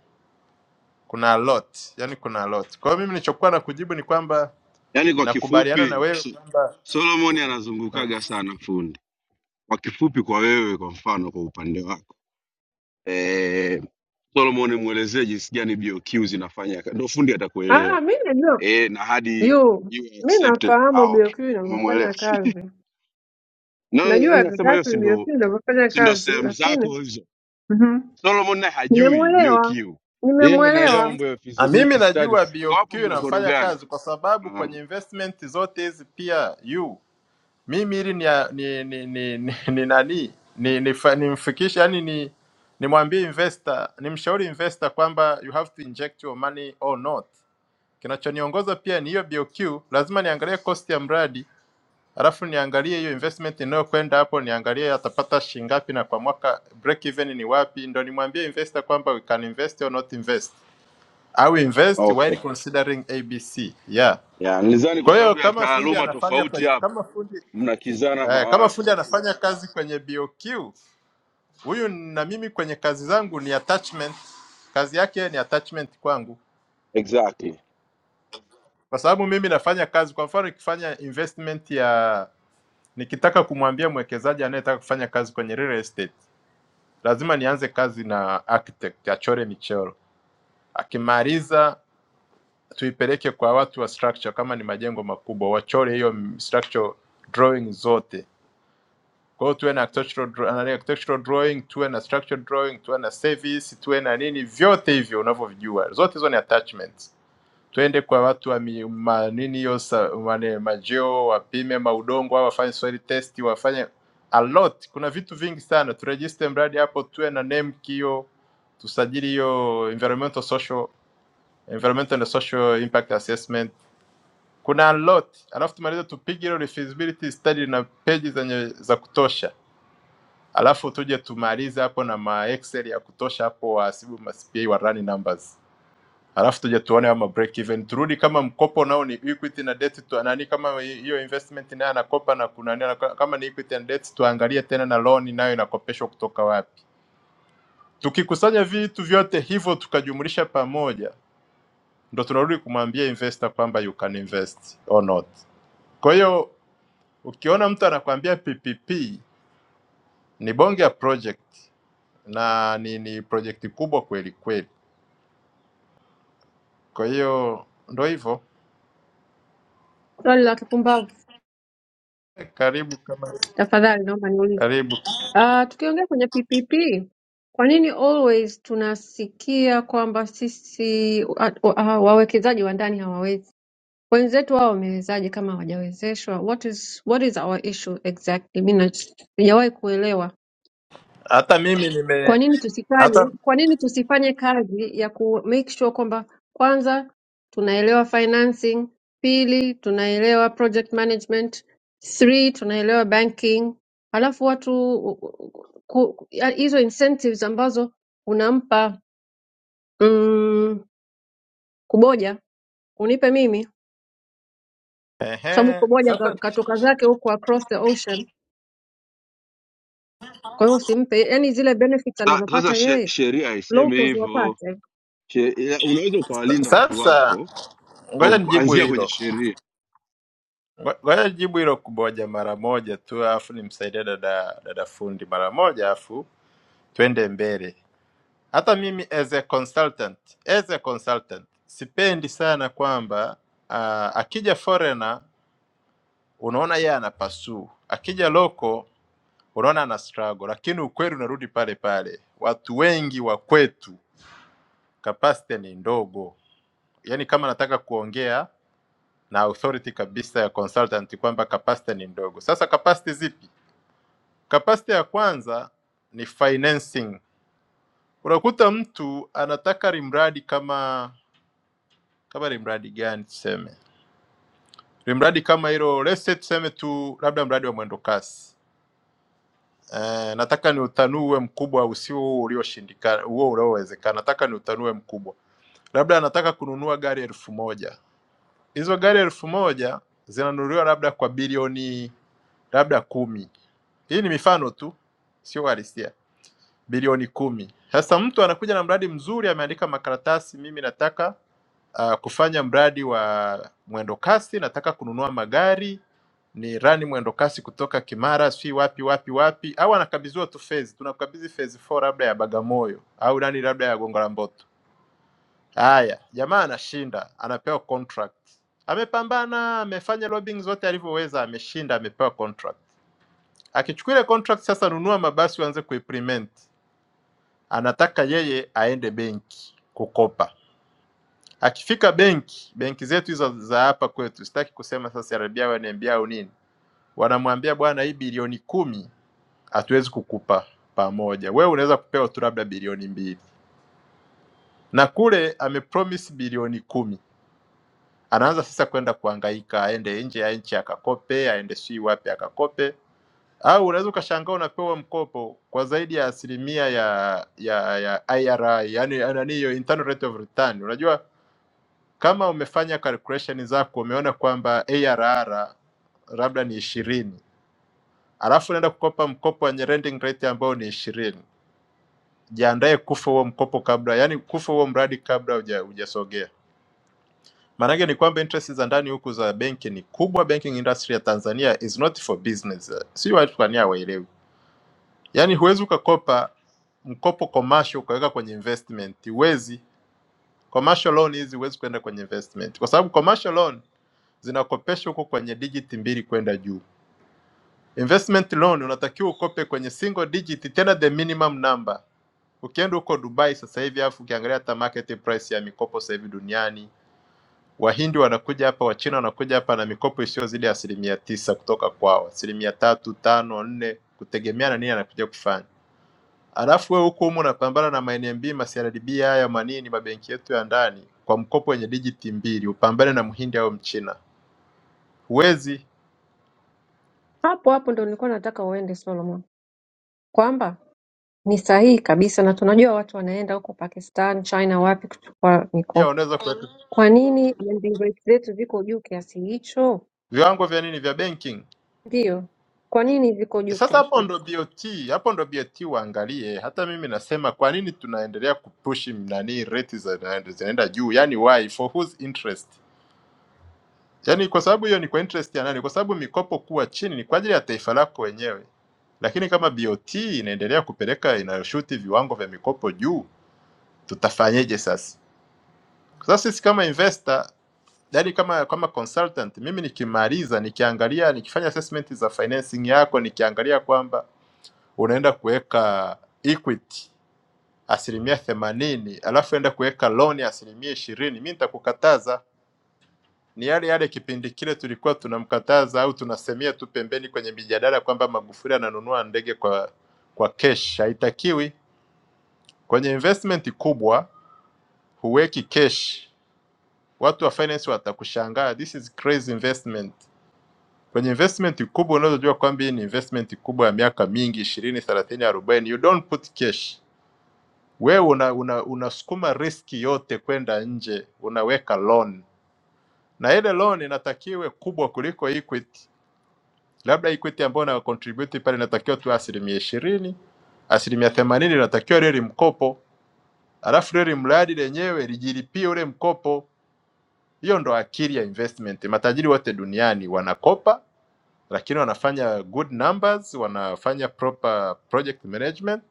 D: kuna a lot, yani kuna a lot. Kwa hiyo mimi nilichokuwa na kujibu ni kwamba
O: Yaani kwa
D: nakubaliana na
O: kifupi
D: wewe
O: so,
D: kwamba
O: Solomon
D: Mm.
O: anazungukaga sana fundi. Kwa kifupi, kwa wewe, kwa mfano, kwa upande wako eh, Solomon, mwelezee jinsi gani BOQ zinafanya, ka- ndio fundi atakuelewa
B: Ah, mi najua
O: eh, na hadi
B: yu
O: you
B: mi
O: accept it.
B: nafahamu
O: Ah, okay,
B: BOQ inavyofanya
O: umemwelewa
B: kazi,
O: na
B: najua
O: yaani nasema hiyo si
B: exactly
O: ndo
B: BOQ inavyofanya
O: si ndo
B: kazi,
O: sehemu
B: lakini
O: zako hizo
B: Mhm.
O: solomon naye hajui bq
B: nimemwelewa
O: yeye anaelewa
B: nimemwelewa.
O: mambo ya
D: Ah, mimi
O: feasibility study
D: najua
O: kwa
D: BOQ
O: hapo
D: inafanya
O: mnakorogana
D: kazi kwa sababu
O: Ah,
D: kwenye investment zote hizi pia you mimi ili ni, ni, ni, ni, ni, ni nani ni, ni, nimfikishe yani ni nimwambie investor nimshauri investor kwamba you have to inject your money or not. Kinachoniongoza pia ni hiyo BOQ, lazima niangalie cost ya mradi alafu niangalie hiyo investment inayokwenda hapo, niangalie atapata shingapi na kwa mwaka break even ni wapi, ndo nimwambie investor kwamba we can invest or not invest au invest while
O: okay
D: considering ABC. Yeah.
O: yeah, nilizani kwa
D: Kwa hiyo
O: sababu ya
D: kama fundi
O: taaluma
D: anafanya
O: tofauti
D: kwenye
O: hapo
D: kama fundi
O: mnakizana
D: eh, kama
O: mawazo
D: fundi anafanya kazi kwenye BOQ, huyu na mimi kwenye kazi zangu ni attachment, kazi yake ni attachment kwangu,
O: exactly
D: kwa sababu mimi nafanya kazi. Kwa mfano nikifanya investment ya, nikitaka kumwambia mwekezaji anayetaka kufanya kazi kwenye real estate, lazima nianze kazi na architect achore michoro, akimaliza tuipeleke kwa watu wa structure, kama ni majengo makubwa wachore hiyo structure drawing zote Kwa hiyo tuwe na architectural, draw- nani, architectural drawing, tuwe na structural drawing, tuwe na service, tuwe na nini, vyote hivyo unavyovijua, zote hizo ni attachments. Tuende kwa watu wa mi- ma, nini hiyo sa- wane- majeo, wapime maudongo, au wafanye soil test, wafanye a lot. Kuna vitu vingi sana, turejiste mradi hapo, tuwe na name kio, tusajili hiyo environmental social environmental and social impact assessment. Kuna a lot, alafu tumalize tupige hilo feasibility study na peji zenye za kutosha alafu tuje tumalize hapo na ma excel ya kutosha hapo wahasibu ma CPA wa run numbers, alafu tuje tuone ama break even, turudi kama mkopo nao ni equity na debt tu, nani kama hiyo investment nayo anakopa na kuna nani anako- kama ni equity and debt, tuangalie tena na loan nayo inakopeshwa kutoka wapi. Tukikusanya vitu vyote hivyo tukajumlisha pamoja, ndo tunarudi kumwambia investor kwamba you can invest or not. Kwa hiyo ukiona mtu anakuambia PPP ni bonge ya project na ni, ni projekti kubwa kweli kweli. Kwa hiyo ndo hivyo,
B: Swali la kipumbavu.
D: karibu kama
B: Tafadhali naomba niulize.
D: karibu.
B: Ah, tukiongea kwenye PPP, kwa nini always tunasikia kwamba sisi wa- wa- ah, wawekezaji wa ndani hawawezi? Wenzetu wao wamewezaje kama hawajawezeshwa? What is what is our issue exactly? Mimi na- sijawahi kuelewa.
D: Hata mimi
B: Kwa
D: nime
B: nini
D: hata
B: tusifanye kwa nini tusifanye kazi ya ku make sure kwamba kwanza tunaelewa financing, pili tunaelewa project management, three tunaelewa banking, halafu watu ku, ya- hizo incentives ambazo unampa mm, Kuboja unipe mimi, kwa sababu
D: ehe,
B: Kuboja
D: sasa
B: ka- katoka zake huko across the ocean, kwa hiyo usimpe, yani zile benefits
O: Sa- sasa
B: anazopata
O: she-
B: yeye
O: sheria haisemi
B: locals
O: hivyo
B: wapate.
O: She- ya- unaweza ukawalinda watu
D: sasa,
O: wako
D: ngoja
O: kwa
D: nijibu
O: kuanzia kwenye
D: hilo,
O: sheria
D: Ngo- ngoja nijibu hilo kuboja mara moja tu, afu nimsaidie dada dada fundi mara moja, afu twende mbele. Hata mimi as a consultant, as a consultant sipendi sana kwamba uh, akija foreigner unaona yeye anapasuu, akija loko unaona ana struggle, lakini ukweli unarudi pale pale, watu wengi wa kwetu capacity ni ndogo. Yani kama nataka kuongea na authority kabisa ya consultant kwamba capacity ni ndogo. Sasa capacity zipi? Capacity ya kwanza ni financing. Unakuta mtu anataka limradi kama kama limradi gani tuseme, limradi kama hilo, let's say tuseme tu labda mradi wa mwendo kasi Eh, nataka ni utanue mkubwa, usio huo ulioshindikana, huo unaowezekana. Nataka ni utanue mkubwa, labda anataka kununua gari elfu moja. Hizo gari elfu moja zinanunuliwa labda kwa bilioni labda kumi. Hii ni mifano tu, sio halisia bilioni kumi. Sasa mtu anakuja na mradi mzuri, ameandika makaratasi, mimi nataka uh, kufanya mradi wa mwendo kasi, nataka kununua magari ni rani mwendo kasi kutoka Kimara, si wapi wapi wapi, au anakabidhiwa tu phase, tunakabidhi phase 4 labda ya Bagamoyo au nani labda ya Gongo la Mboto. Haya, jamaa anashinda, anapewa contract. Amepambana, amefanya lobbying zote alivyoweza, ameshinda, amepewa contract. Akichukua ile contract sasa, nunua mabasi uanze kuimplement anataka yeye aende benki kukopa. Akifika benki, benki zetu hizo za hapa kwetu, sitaki kusema sasa CRDB wananiambia au nini, wanamwambia bwana, hii bilioni kumi hatuwezi kukupa pamoja, wewe unaweza kupewa tu labda bilioni mbili, na kule amepromise bilioni kumi. Anaanza sasa kwenda kuhangaika, aende nje ya nchi akakope, aende sijui wapi akakope, au unaweza ukashangaa unapewa mkopo kwa zaidi ya asilimia ya ya ya IRR, yani nani hiyo internal rate of return. Unajua Kama umefanya calculation zako umeona kwamba ARR labda ni ishirini alafu unaenda kukopa mkopo wenye lending rate ambao ni ishirini jiandae kufa huo mkopo kabla, yani kufa huo mradi kabla huja- hujasogea. Maanake ni kwamba interest za ndani huku za benki ni kubwa. Banking industry ya Tanzania is not for business, si watu kwa nia hawaelewi. Yani huwezi ukakopa mkopo commercial ukaweka kwenye investment, huwezi Commercial loan hizi huwezi kwenda kwenye investment, kwa sababu commercial loan zinakopesha huko kwenye digit mbili kwenda juu. Investment loan unatakiwa ukope kwenye single digit, tena the minimum number. Ukienda huko Dubai sasa hivi, alafu ukiangalia hata market price ya mikopo sasa hivi duniani, Wahindi wanakuja hapa, Wachina wanakuja hapa na mikopo isiyozidi asilimia tisa kutoka kwao, asilimia tatu, tano, nne, kutegemea na nini anakuja kufanya. Alafu wewe huko humo unapambana na ma NMB, ma CRDB haya manini mabenki yetu ya ndani kwa mkopo wenye dijiti mbili, upambane na mhindi au mchina. Huwezi.
B: Hapo hapo ndo nilikuwa nataka uende Solomon. kwamba ni sahihi kabisa na tunajua watu wanaenda huko pakistan china wapi kuchukua
D: Pia
B: mikopo
D: unaweza kuweka
B: kwa nini lending rates zetu ziko juu kiasi hicho
D: viwango vya nini vya banking.
B: ndio kwa nini ziko
D: E,
B: juu
D: sasa hapo
B: kiasi
D: ndo
B: hicho
D: BOT, hapo ndo BOT waangalie. Hata mimi nasema kwa nini tunaendelea kupush nani rate za- zinaenda juu? Yaani why for whose interest? Yaani kwa sababu hiyo ni kwa interest ya nani? Kwa sababu mikopo kuwa chini ni kwa ajili ya taifa lako wenyewe, lakini kama BOT inaendelea kupeleka inayoshuti viwango vya mikopo juu, tutafanyeje sasa? Sasa sisi kama investor, yaani kama kama consultant, mimi nikimaliza, nikiangalia, nikifanya assessment za financing yako, nikiangalia kwamba unaenda kuweka equity asilimia themanini alafu enda kuweka loan ya asilimia ishirini, mi nitakukataza Ni yale yale kipindi kile tulikuwa tunamkataza au tunasemea tu pembeni kwenye mijadala kwamba Magufuli ananunua ndege kwa kwa cash, haitakiwi. Kwenye investment kubwa huweki cash, watu wa finance watakushangaa, this is crazy investment. Kwenye investment kubwa unazojua kwamba hii ni investment kubwa ya miaka mingi ishirini, thelathini, arobaini, you don't put cash. Wewe una, una, unasukuma riski yote kwenda nje, unaweka loan na ile loan inatakiwe kubwa kuliko equity labda equity ambayo na contribute pale inatakiwa tu asilimia ishirini asilimia themanini inatakiwa leli mkopo, alafu leli mradi lenyewe lijilipie ule mkopo. Hiyo ndo akili ya investment. Matajiri wote duniani wanakopa, lakini wanafanya good numbers, wanafanya proper project management,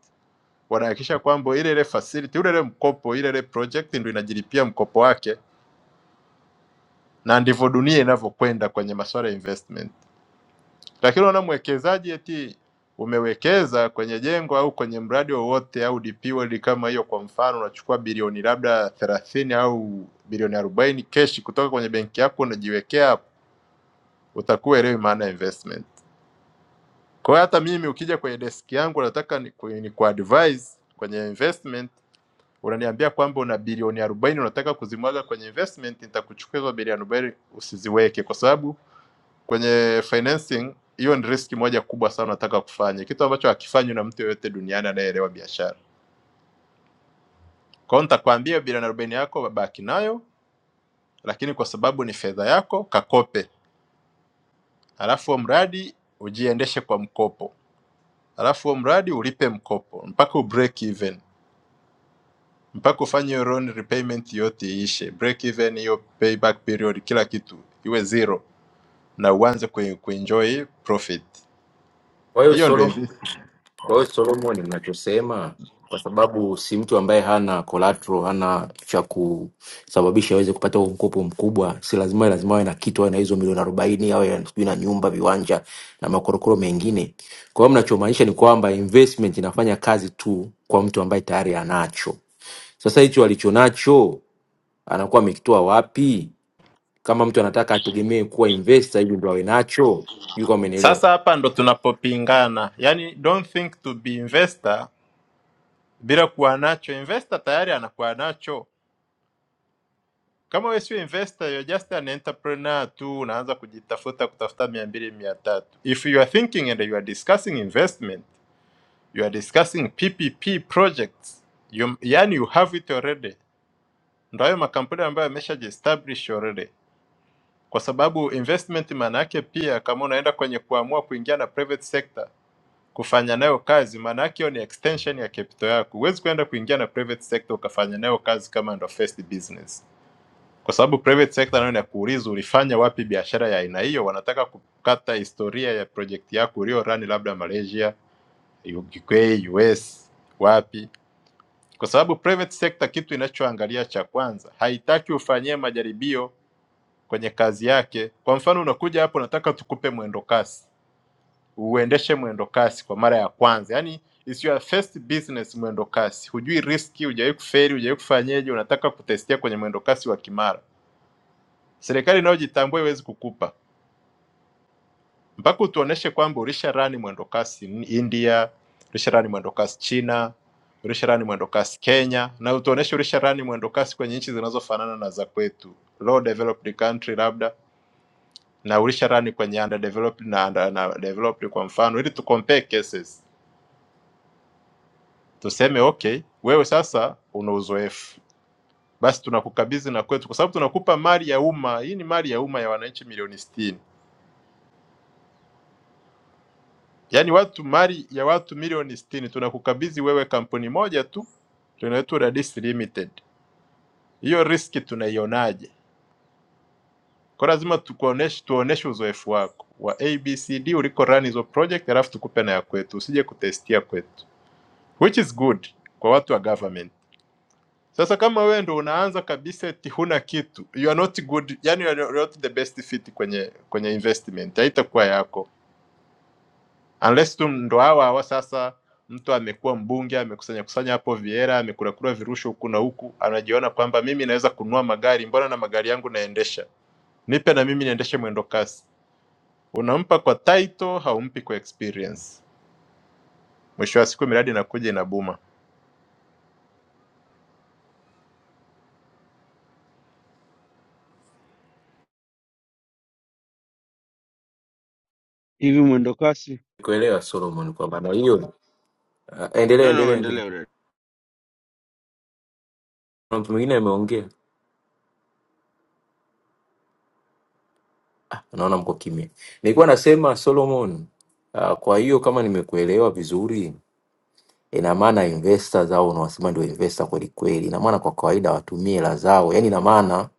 D: wanahakikisha kwamba ile ile facility, ule ile mkopo, ile ile project ndo inajilipia mkopo wake, na ndivyo dunia inavyokwenda kwenye masuala ya investment. Lakini unaona mwekezaji eti umewekeza kwenye jengo au kwenye mradi wowote au DP World kama hiyo, kwa mfano unachukua bilioni labda thelathini au bilioni arobaini keshi kutoka kwenye benki yako unajiwekea hapo, utakuwa elewi maana ya investment. Kwa hiyo hata mimi ukija kwenye deski yangu nataka ni, ku- ni ku advise kwenye investment unaniambia kwamba una bilioni arobaini unataka kuzimwaga kwenye investment, nitakuchukua hizo bilioni arobaini usiziweke, kwa sababu kwenye financing hiyo ni riski moja kubwa sana nataka kufanya kitu ambacho hakifanywi na mtu yoyote duniani anayeelewa biashara kwa hiyo nitakwambia bilioni arobaini yako baki nayo lakini kwa sababu ni fedha yako kakope alafu huo mradi ujiendeshe kwa mkopo alafu huo mradi ulipe mkopo mpaka u break even mpaka ufanye hiyo loan repayment yote iishe break even hiyo payback period kila kitu iwe zero na uanze ku- kuenjoy profit
M: Kwa hiyo
D: hiyo ndio
M: Solomon, kwa hiyo Solomon ninachosema, kwa sababu si mtu ambaye hana collateral, hana cha kusababisha aweze kupata huo mkopo mkubwa, si lazima lazima awe na kitu, awe na hizo milioni arobaini, awe na- sijui na nyumba, viwanja na makorokoro mengine. Kwa hiyo mnachomaanisha ni kwamba investment inafanya kazi tu kwa mtu ambaye tayari anacho. Sasa hicho alichonacho anakuwa amekitoa wapi? Kama mtu anataka ategemee kuwa investor hivi ndo awe nacho, sijui kama umenielewa.
D: Sasa hapa ndo tunapopingana, yaani don't think to be investor bila kuwa nacho. Investor tayari anakuwa nacho. Kama wewe sio investor, you're just an entrepreneur tu, unaanza kujitafuta kutafuta mia mbili mia tatu. If you are thinking and you are discussing investment, you are discussing PPP projects you, yani you have it already. Ndo hayo makampuni ambayo yameshajiestablish already, kwa sababu investment maana yake pia, kama unaenda kwenye kuamua kuingia na private sector kufanya nayo kazi, maana yake hiyo ni extension ya capital yako. Huwezi kwenda kuingia na private sector ukafanya nayo kazi kama ndo first business, kwa sababu private sector nayo inakuuliza ulifanya wapi biashara ya aina hiyo. Wanataka kukata historia ya project yako ulio run labda Malaysia, UK, US, wapi, kwa sababu private sector kitu inachoangalia cha kwanza, haitaki ufanyie majaribio kwenye kazi yake. Kwa mfano, unakuja hapo, nataka tukupe mwendo kasi uendeshe mwendo kasi kwa mara ya kwanza yani is your first business mwendo kasi hujui riski hujawahi kuferi hujawahi kufanyeje unataka kutestia kwenye mwendo kasi wa kimara serikali inayojitambua iwezi kukupa mpaka utuoneshe kwamba ulisha rani mwendo kasi in- india ulisha rani mwendo kasi china ulisha rani mwendo kasi kenya na utuoneshe ulisha rani mwendo kasi kwenye nchi zinazofanana na za kwetu low developed country labda na ulisha rani kwenye underdeveloped na, na, na developed kwa mfano ili tu compare cases tuseme okay, wewe sasa una uzoefu, basi tunakukabidhi na kwetu, kwa sababu tunakupa mali ya umma. Hii ni mali ya umma ya wananchi milioni sitini, yaani watu mali ya watu milioni sitini, tunakukabidhi wewe kampuni moja tu tunaitwa Radis Limited. Hiyo riski tunaionaje? Kwa lazima tukuoneshe, tuoneshe uzoefu wako wa ABCD uliko run hizo project, alafu tukupe na ya kwetu, usije kutestia kwetu, which is good kwa watu wa government. Sasa kama wewe ndo unaanza kabisa eti huna kitu, you are not good, yani you are not the best fit kwenye kwenye investment, haitakuwa yako unless tu ndo hawa hawa sasa. Mtu amekuwa mbunge, amekusanya kusanya hapo viera, amekurakura virusho huku na huku, anajiona kwamba mimi naweza kununua magari, mbona na magari yangu naendesha, nipe na mimi niendeshe mwendo kasi. Unampa kwa title, haumpi kwa experience. Mwisho wa siku miradi inakuja inabuma.
O: hivi mwendo kasi
M: Kuelewa Solomon kwamba na hiyo Ah, endelea
O: no, no,
M: endelea endelea.
O: endelea udadisi.
M: Kuna mtu mwingine ameongea, naona mko kimya. Nilikuwa nasema Solomon, ah, kwa hiyo kama nimekuelewa vizuri, ina maana investors au unawasema ndio investor kweli kweli, ina maana kwa kawaida watumie hela zao, yani ina maana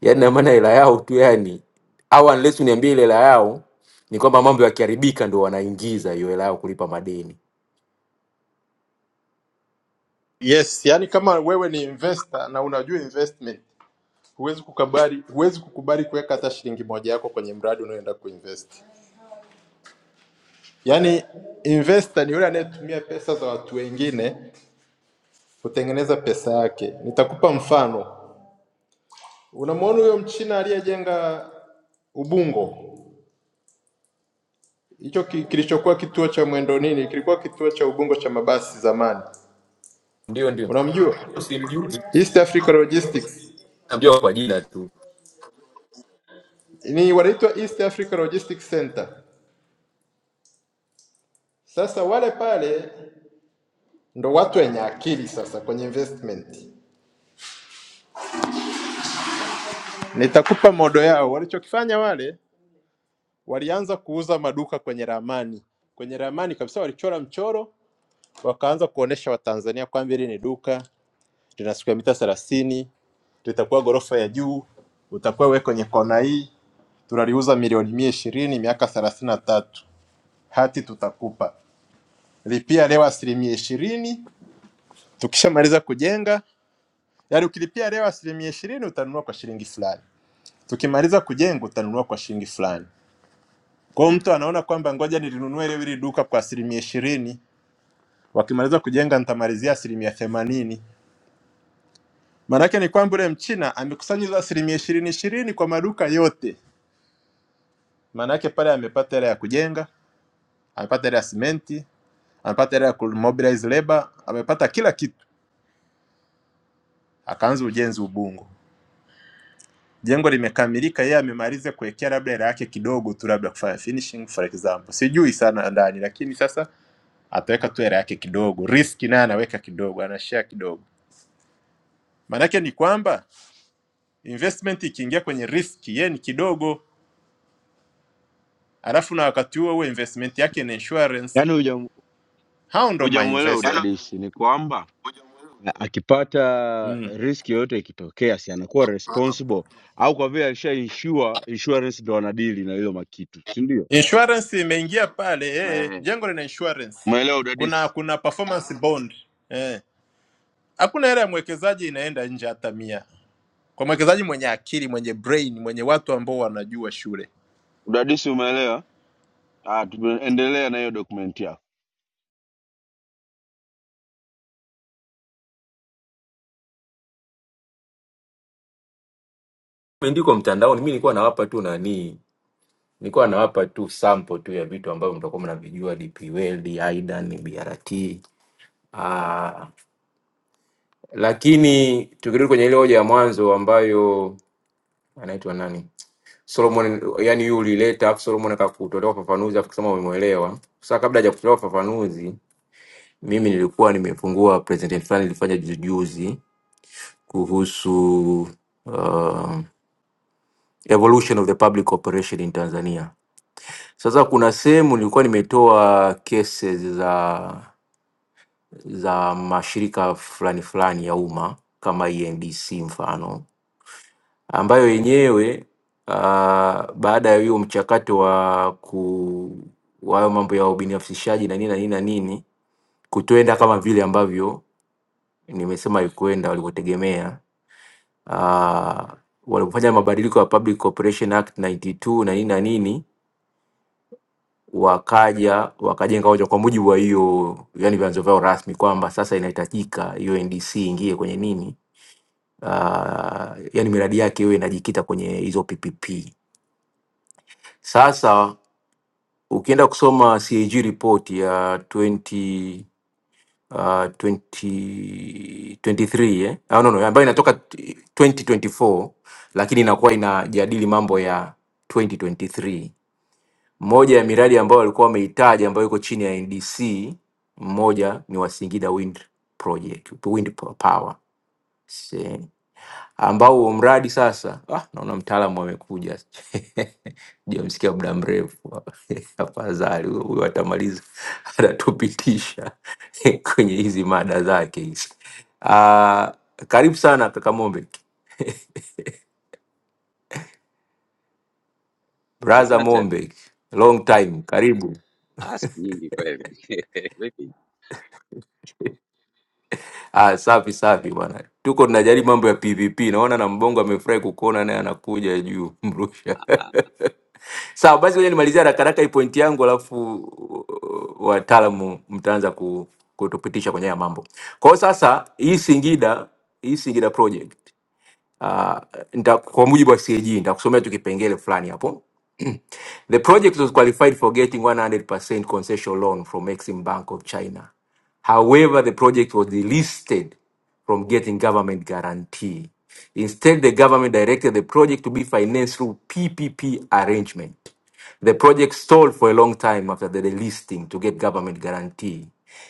M: yani ina maana hela yao tu yani, au unless uniambie ile hela yao ni kwamba mambo yakiharibika ndio wanaingiza hiyo hela yao kulipa madeni.
D: Yes, yani kama wewe ni investor na unajua investment huwezi kukubali huwezi kukubali kuweka hata shilingi moja yako kwenye mradi unaoenda kuinvest. Yaani investor ni yule anayetumia pesa za watu wengine kutengeneza pesa yake. Nitakupa mfano. Unamwona huyo Mchina aliyejenga Ubungo, hicho ki, kilichokuwa kituo cha mwendo nini, kilikuwa kituo cha Ubungo cha mabasi zamani.
M: Ndio ndio,
D: Unamjua?
M: simjui,
D: East Africa Logistics
M: najua kwa jina tu,
D: ni wanaitwa East Africa Logistics Center. Sasa wale pale ndo watu wenye akili sasa kwenye investment. Nitakupa modo yao. Walichokifanya wale, walianza kuuza maduka kwenye ramani, kwenye ramani kabisa, walichora mchoro, wakaanza kuonesha Watanzania kwamba hili ni duka lina siku ya mita thelathini, litakuwa ghorofa ya juu, utakuwa wewe kwenye kona hii, tunaliuza milioni mia ishirini miaka thelathini na tatu, hati tutakupa, lipia leo asilimia ishirini, tukishamaliza kujenga, yaani ukilipia leo asilimia ishirini utanunua kwa shilingi fulani, tukimaliza kujenga utanunua kwa shilingi fulani. Kwa hiyo mtu anaona kwamba ngoja nilinunue leo hili duka kwa asilimia ishirini, wakimaliza kujenga nitamalizia asilimia themanini. Maanake ni kwamba yule mchina amekusanya hizo asilimia ishirini ishirini kwa maduka yote, maanake pale amepata hela ya kujenga, amepata hela ya simenti, amepata hela ya kumobilize labor, amepata kila kitu, akaanza ujenzi Ubungo. Jengo limekamilika, yeye amemaliza kuwekea labda hela yake kidogo tu, labda kufanya finishing for example, sijui sana ndani, lakini sasa ataweka tu hela yake kidogo, riski naye anaweka kidogo, anashare kidogo Maanake ni kwamba investment ikiingia kwenye risk yeye ni kidogo, alafu na wakati huo huo investment yake ni insurance.
O: yaani
D: Hao ndo
O: hujamuelewa
D: mainvestor. Yaani
O: udadisi ni kwamba
D: hoja muhimu.
O: na akipata
D: Mm.
O: riski yoyote ikitokea, si anakuwa
D: Hapa.
O: responsible au kwa vile alisha insure, insurance ndo anadili na hilo makitu, si ndio?
D: Insurance imeingia pale eh, eh,
O: Eh,
D: jengo lina insurance,
O: Umeelewa
D: kuna
O: udadisi?
D: kuna performance bond eh. Hakuna hela ya mwekezaji inaenda nje hata mia, kwa mwekezaji mwenye akili, mwenye brain, mwenye watu ambao wanajua shule.
O: Udadisi umeelewa? Ah, tumeendelea na hiyo dokumenti yako.
M: imeandikwa mtandaoni. Mimi nilikuwa nawapa tu nani Nilikuwa nawapa tu sample tu ya vitu ambavyo mtakuwa mnavijua DP World, Aidan, BRT. Ah, lakini tukirudi kwenye ile hoja ya mwanzo ambayo anaitwa nani? Solomon yani yule ulileta afu Solomon akakutolea ufafanuzi afu kusema umemuelewa. Sasa kabla hajakutolewa ufafanuzi, mimi nilikuwa nimefungua presentation fulani nilifanya juzi juzi kuhusu uh, evolution of the public operation in Tanzania. Sasa kuna sehemu nilikuwa nimetoa cases za za mashirika fulani fulani ya umma kama ENDC mfano, ambayo yenyewe uh, baada ya hiyo mchakato wa ku wa hayo mambo ya ubinafsishaji na nini na nini na nini kutoenda kama vile ambavyo nimesema haikuenda walivyotegemea. Uh, walipofanya mabadiliko ya Public Corporation Act 92 na mbili na nini na nini, wakaja wakajenga hoja kwa mujibu wa hiyo, yani vyanzo vyao rasmi kwamba sasa inahitajika hiyo NDC ingie kwenye nini, uh, yani miradi yake iwe inajikita kwenye hizo PPP sasa ukienda kusoma CAG report ya 20 uh, 20 23 eh? Ah, no, no, ambayo inatoka t- 2024 lakini inakuwa inajadili mambo ya 2023. Moja ya miradi ambayo walikuwa wameitaja ambayo iko chini ya NDC, mmoja ni wa Singida Wind Project, Wind Power. See. ambao huo mradi sasa ah, naona mtaalamu amekuja jamsikia muda mrefu afadhali huyo huyo atamaliza anatupitisha kwenye hizi mada zake hizi ah karibu sana kaka Mombek braza
P: Asante.
M: Mombek long time karibu
P: Ah, siku nyingi kweli. Vipi?
M: Ah, safi safi bwana, tuko tunajaribu mambo ya PVP. Naona na Mbongo amefurahi kukuona naye anakuja juu mrusha.
P: Ah,
M: Sawa basi, ngoja nimalizia haraka haraka hii pointi yangu, alafu uh, wataalamu mtaanza ku, kutupitisha kwenye haya mambo. Kwa hiyo sasa, hii Singida, hii Singida project Uh, nita, kwa mujibu wa CAG nitakusomea tu kipengele fulani hapo. The project was qualified for getting 100% concessional loan from Exim Bank of China. However, the project was delisted from getting government guarantee. Instead, the government directed the project to be financed through PPP arrangement. The project stalled for a long time after the delisting to get government guarantee.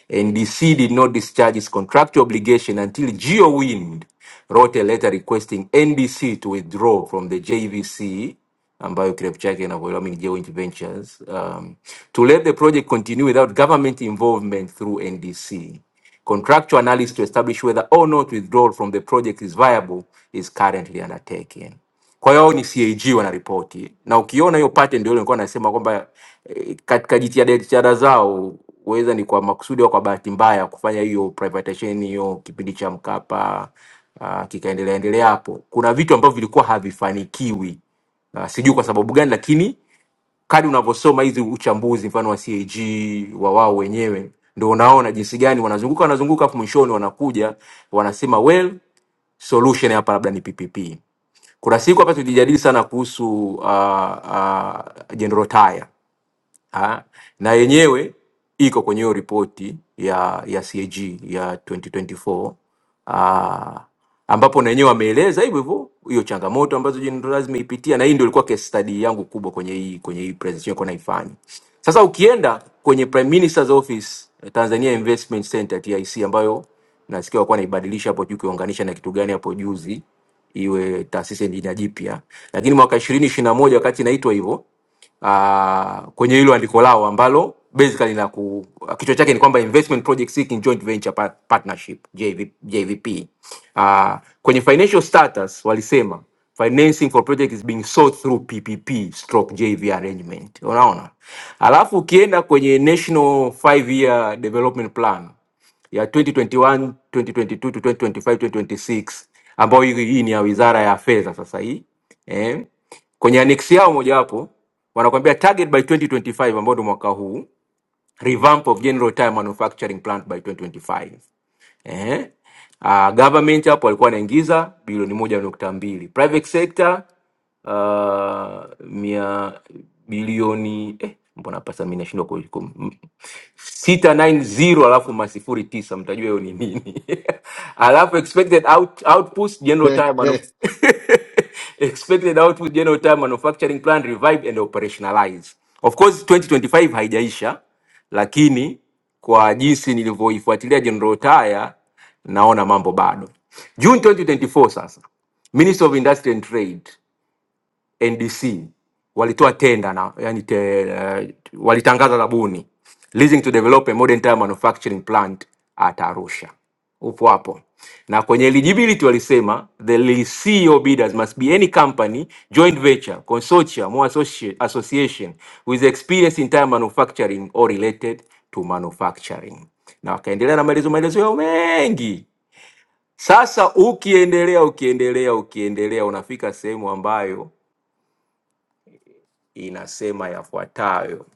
M: NDC did not discharge its contractual obligation until GeoWind wrote a letter requesting NDC to withdraw from the JVC ambayo kirefu chake inavyoelewa mini joint ventures um, to let the project continue without government involvement through ndc contractual analysis to establish whether or not withdrawal from the project is viable is currently undertaken Kwa hiyo ni CAG wanaripoti, na ukiona hiyo pattern ndio ile nilikuwa nasema kwamba eh, katika jitihada jitihada zao huweza ni kwa makusudi au kwa bahati mbaya kufanya hiyo privatization hiyo kipindi cha Mkapa uh, kikaendelea endelea hapo, kuna vitu ambavyo vilikuwa havifanikiwi uh, sijui kwa sababu gani, lakini kadri unavyosoma hizi uchambuzi mfano wa CAG wa wao wenyewe ndio unaona jinsi gani wanazunguka wanazunguka, afu mwishoni wanakuja wanasema well solution hapa labda ni PPP. Kuna siku hapa tulijadili sana kuhusu uh, uh, General Taya ah, na yenyewe iko kwenye hiyo ripoti ya ya CAG ya 2024 ah, ambapo na yenyewe wameeleza hivyo hivyo hiyo changamoto ambazo General Lazima imeipitia, na hii ndio ilikuwa case study yangu kubwa kwenye hii kwenye hii presentation nilikuwa naifanya. Sasa ukienda kwenye Prime Minister's Office eh, Tanzania Investment Center TIC, ambayo nasikia walikuwa naibadilisha hapo juu, kiunganisha na kitu gani hapo juzi, iwe taasisi ya jina jipya, lakini mwaka 2021 wakati inaitwa hivyo uh, kwenye hilo andiko lao ambalo basically la ku, kichwa chake ni kwamba investment project seeking joint venture par- partnership JV, JVP. Uh, kwenye financial status walisema financing for project is being sought through PPP stroke JV arrangement. Unaona? Alafu ukienda kwenye national 5 year development plan ya 2021 2022 to 2025 2026 ambayo hii hii ni ya wizara ya fedha sasa hii eh. kwenye annex yao mojawapo wanakuambia target by 2025 ambao ni mwaka huu revamp of general tire manufacturing plant by 2025 eh? Uh, government hapo walikuwa wanaingiza bilioni moja nukta mbili private sector uh, mia bilioni eh, mbona hapa sasa mimi nashindwa ku- ku- m- sita nine zero alafu masifuri tisa mtajua hiyo ni nini alafu expected out, output general time manuf- expected output general time manufacturing plan revive and operationalize of course 2025 haijaisha lakini kwa jinsi nilivyoifuatilia General Taya, naona mambo bado. June 2024 sasa, Ministry of Industry and Trade NDC walitoa tenda na yani te, eh, walitangaza zabuni leasing to develop a modern tire manufacturing plant at Arusha. Upo hapo. Na kwenye eligibility walisema the lessee or bidders must be any company, joint venture, consortium or associ- association with experience in tire manufacturing or related to manufacturing. Na wakaendelea na maelezo maelezo yao mengi. Sasa ukiendelea ukiendelea ukiendelea unafika sehemu ambayo inasema yafuatayo.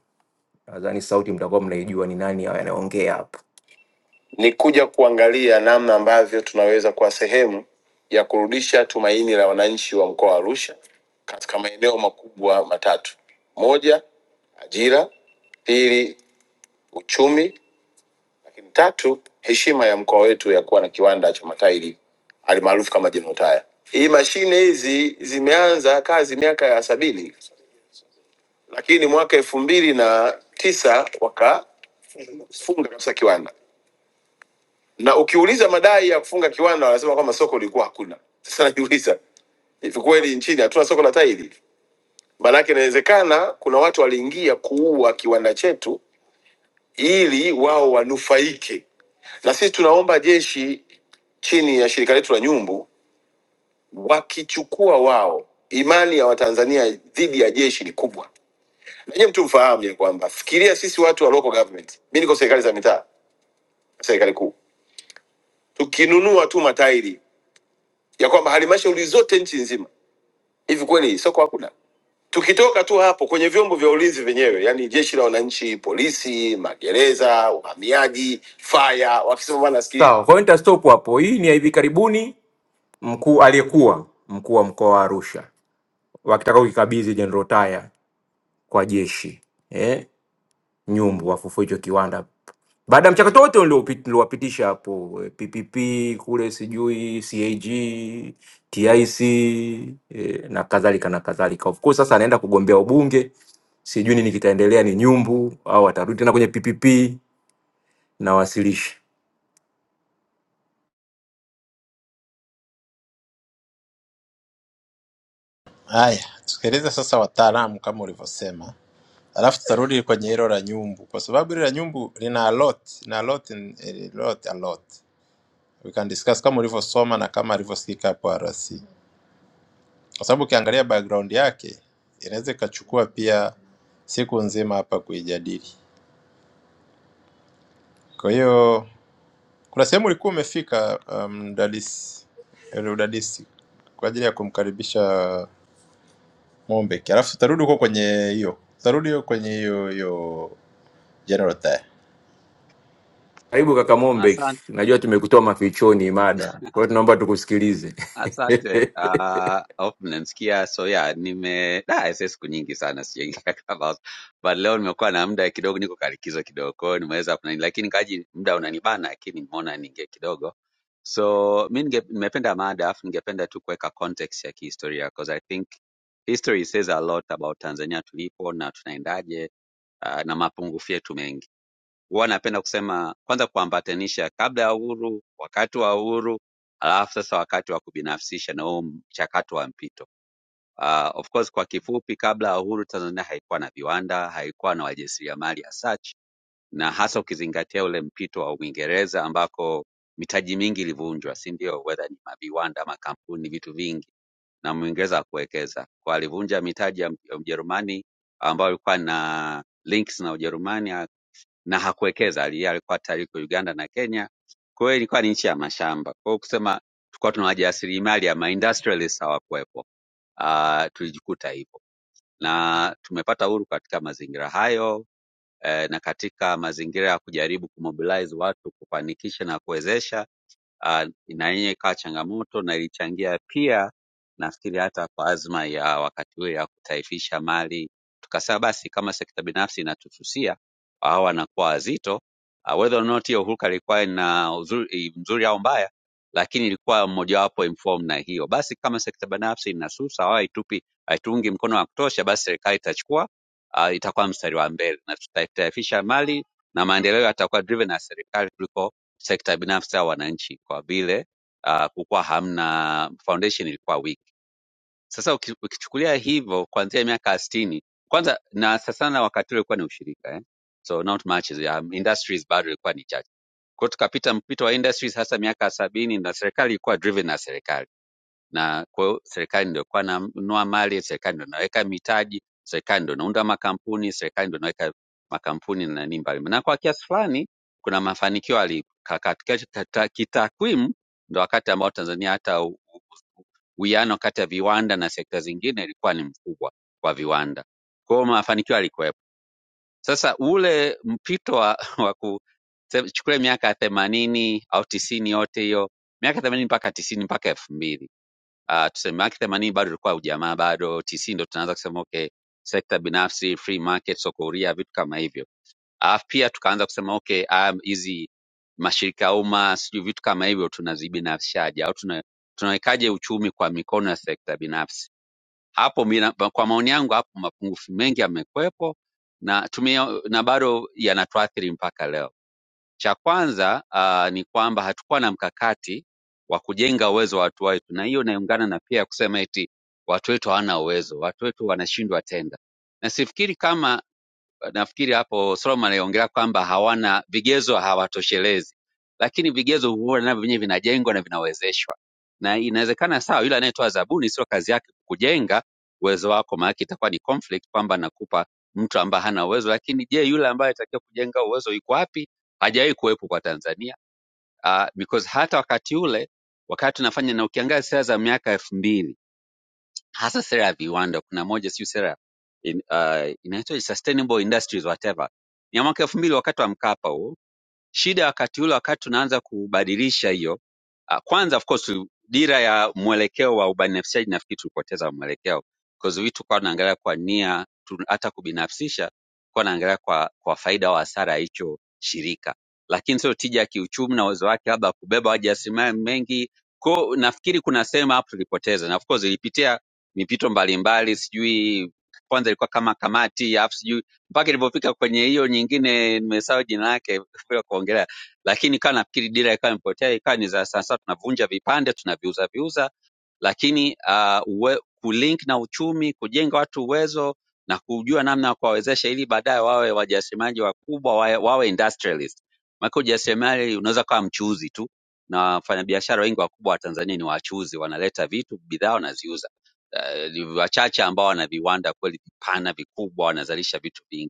M: Nadhani sauti mtakuwa mnaijua ni nani anayeongea hapa. Ni kuja kuangalia namna ambavyo tunaweza kuwa sehemu ya kurudisha tumaini la wananchi wa mkoa wa Arusha katika maeneo makubwa matatu: moja, ajira; pili, uchumi; lakini tatu, heshima ya mkoa wetu ya kuwa na kiwanda cha matairi almaarufu kama Jenotaya. Hii mashine hizi zimeanza kazi miaka ya sabini lakini mwaka elfu mbili na tisa wakafunga kabisa kiwanda, na ukiuliza madai ya kufunga kiwanda wanasema kwamba soko lilikuwa hakuna. Sasa najiuliza hivi, kweli nchini hatuna soko la tairi? Maanake inawezekana kuna watu waliingia kuua kiwanda chetu ili wao wanufaike, na sisi tunaomba jeshi chini ya shirika letu la Nyumbu wakichukua wao, imani ya Watanzania dhidi ya jeshi ni kubwa. Nanyi mtu mfahamu ya kwamba fikiria sisi watu wa local government, mi niko serikali za mitaa serikali kuu, tukinunua tu matairi ya kwamba halmashauri zote nchi nzima, hivi kweli soko hakuna? Tukitoka tu hapo kwenye vyombo vya ulinzi vyenyewe, yani jeshi la wananchi, polisi, magereza, uhamiaji, faya, wakisema bwana, sikia Sawa, kwa hiyo nitastop hapo. Hii ni ya hivi karibuni, mkuu aliyekuwa mkuu wa mkoa wa Arusha wakitaka kukikabidhi General Taya kwa jeshi Eh? nyumbu wafufue hicho kiwanda baada ya mchakato wote uliopi- uliowapitisha hapo eh, PPP kule sijui CAG TIC eh, na kadhalika na kadhalika. Of course sasa anaenda kugombea ubunge, sijui nini kitaendelea, ni nyumbu au atarudi tena kwenye PPP na wasilisha.
D: Haya, tusikilize sasa wataalamu kama ulivyosema. Alafu tutarudi kwenye hilo la nyumbu, kwa sababu ile la nyumbu lina a lot na a lot, in- a lot, a lot. We can discuss kama ulivyosoma na kama alivyosikika hapo RC, kwa sababu ukiangalia background yake inaweza ikachukua pia siku nzima hapa kuijadili. Kwa hiyo kuna sehemu ulikuwa umefika um, mdadisi, yule udadisi kwa ajili ya kumkaribisha Mombek, alafu tutarudi huko kwenye hiyo, tutarudi huko kwenye hiyo hiyo general tire.
M: Karibu kaka Mombe,
P: Asante.
M: najua tumekutoa mafichoni mada, kwa hiyo tunaomba tukusikilize.
P: Asante. Ah, hope mnanisikia. So yeah, nime da ese siku nyingi sana sijaingia Clubhouse. But leo nimekuwa na muda kidogo, niko kalikizo kidogo. Kwa hiyo nimeweza kuna lakini kaji muda unanibana lakini nimeona ninge kidogo. So mi ninge- nimependa mada afu ningependa tu kuweka context ya kihistoria because I think history says a lot about Tanzania tulipo na tunaendaje ah, na mapungufu yetu mengi. huwa napenda kusema kwanza kuambatanisha kabla ya uhuru, wakati wa uhuru, alafu sasa wakati wa kubinafsisha na huo mchakato wa mpito. Uh, of course kwa kifupi, kabla ya uhuru Tanzania haikuwa na viwanda, haikuwa na wajasiriamali as such, na hasa ukizingatia ule mpito wa Uingereza ambako mitaji mingi ilivunjwa, si ndio? Whether ni maviwanda, makampuni, vitu vingi, na Mwingereza hakuwekeza kwa, alivunja mitaji ya ya Ujerumani ambayo ilikuwa na links na Ujerumani na hakuwekeza. Ali- Alikuwa tayari yuko Uganda na Kenya, kwa hiyo ilikuwa ni nchi ya mashamba. Kwa hiyo kusema tulikuwa tuna wajasiriamali ama industrialists hawakuwepo. Uh, tulijikuta hivyo na tumepata uhuru katika mazingira hayo eh, na katika mazingira ya kujaribu kumobilize watu kufanikisha na kuwezesha ah, na yenyewe ikawa changamoto na ilichangia pia nafikiri hata kwa azma ya wakati huo ya kutaifisha mali, tukasema basi kama sekta binafsi inatususia hawa wanakuwa wazito uh, whether or not hiyo hulka ilikuwa ina uzuri, i- mzuri au mbaya, lakini ilikuwa mojawapo informed na hiyo. Basi kama sekta binafsi inasusa au haitupi haituungi mkono wa kutosha, basi serikali itachukua uh, itakuwa mstari wa mbele na tutataifisha mali na maendeleo yatakuwa driven na serikali kuliko sekta binafsi au wananchi kwa vile uh, kukuwa hamna foundation ilikuwa weak. Sasa uki- ukichukulia hivyo kuanzia miaka 60 kwanza na sasa sana wakati ule ulikuwa ni ushirika eh? So not much is- um, industries bado ilikuwa ni chache. Kwa hiyo tukapita mpito wa industries hasa miaka sabini na serikali ilikuwa driven na serikali na kwa hiyo serikali ndio kwa nanunua mali, serikali ndio inaweka mitaji, serikali ndio inaunda makampuni, serikali ndio inaweka makampuni na nini mbalimbali, na kwa kiasi fulani kuna mafanikio alikakati Katika kita- kitakwimu, ndo wakati ambao Tanzania hata u- u- u- uwiano kati ya viwanda na sekta zingine ilikuwa ni mkubwa kwa viwanda. Kwa hiyo mafanikio yalikuwepo. Sasa ule mpito wa, wa ku se- chukulia miaka ya themanini au tisini yote hiyo miaka themanini mpaka tisini mpaka elfu mbili uh, tuseme yake themanini bado ilikuwa ujamaa bado tisini ndo tunaanza kusema okay sekta binafsi free market soko huria vitu kama hivyo alafu pia tukaanza kusema okay haya hizi mashirika ya umma sijui vitu kama hivyo tunazibinafsishaje au tuna, tunawekaje uchumi kwa mikono ya sekta binafsi hapo mina, kwa maoni yangu hapo mapungufu mengi yamekwepo na tume, na bado yanatuathiri mpaka leo cha kwanza ah, ni kwamba hatukuwa na mkakati wa kujenga uwezo wa watu wetu, na hiyo inaungana na pia kusema eti watu wetu hawana uwezo, watu wetu wanashindwa tenda, na sifikiri kama nafikiri hapo Solomon aliongelea kwamba hawana vigezo, hawatoshelezi, lakini vigezo huwa navyo vyenyewe vinajengwa na vinawezeshwa, na inawezekana sawa, yule anayetoa zabuni sio kazi yake kujenga uwezo wako, maana itakuwa ni conflict kwamba nakupa mtu ambaye hana uwezo. Lakini je, yule ambaye alitakiwa kujenga uwezo yuko wapi? Hajawahi kuwepo kwa Tanzania. Uh, because hata wakati ule wakati tunafanya na ukiangalia siasa za miaka elfu mbili hasa sera ya viwanda. Kuna moja siyo sera in, uh, inaitwa sustainable industries whatever, ni ya mwaka elfu mbili wakati wa Mkapa huo shida wakati ule wakati tunaanza kubadilisha hiyo Ah, kwanza of course dira ya mwelekeo wa ubinafsishaji nafikiri tulipoteza mwelekeo because vitu kwa tunaangalia kwa nia tu, hata kubinafsisha kwa naangalia kwa, kwa faida au hasara ya hicho shirika lakini sio tija ya kiuchumi na uwezo wake labda kubeba wajasiriamali mengi ko nafikiri kuna sehemu hapo tulipoteza na of course ilipitia mipito mbalimbali sijui kwanza ilikuwa kama kamati afu sijui mpaka ilipofika kwenye hiyo nyingine nimesahau jina lake bila kuongelea, lakini ikawa nafikiri dira ikawa imepotea, ikawa ni za sasa, tunavunja vipande tunaviuza viuza, lakini uh, uwe, kulink na uchumi, kujenga watu uwezo na kujua namna ya kuwawezesha ili baadaye wawe wajasiriamali wakubwa, wawe, wawe industrialist. Maana ujasiriamali unaweza kuwa mchuuzi tu, na wafanyabiashara wengi wakubwa wa Tanzania ni wachuuzi, wanaleta vitu, bidhaa wanaziuza. Uh, ni wachache ambao wana viwanda kweli vipana vikubwa, wanazalisha vitu vingi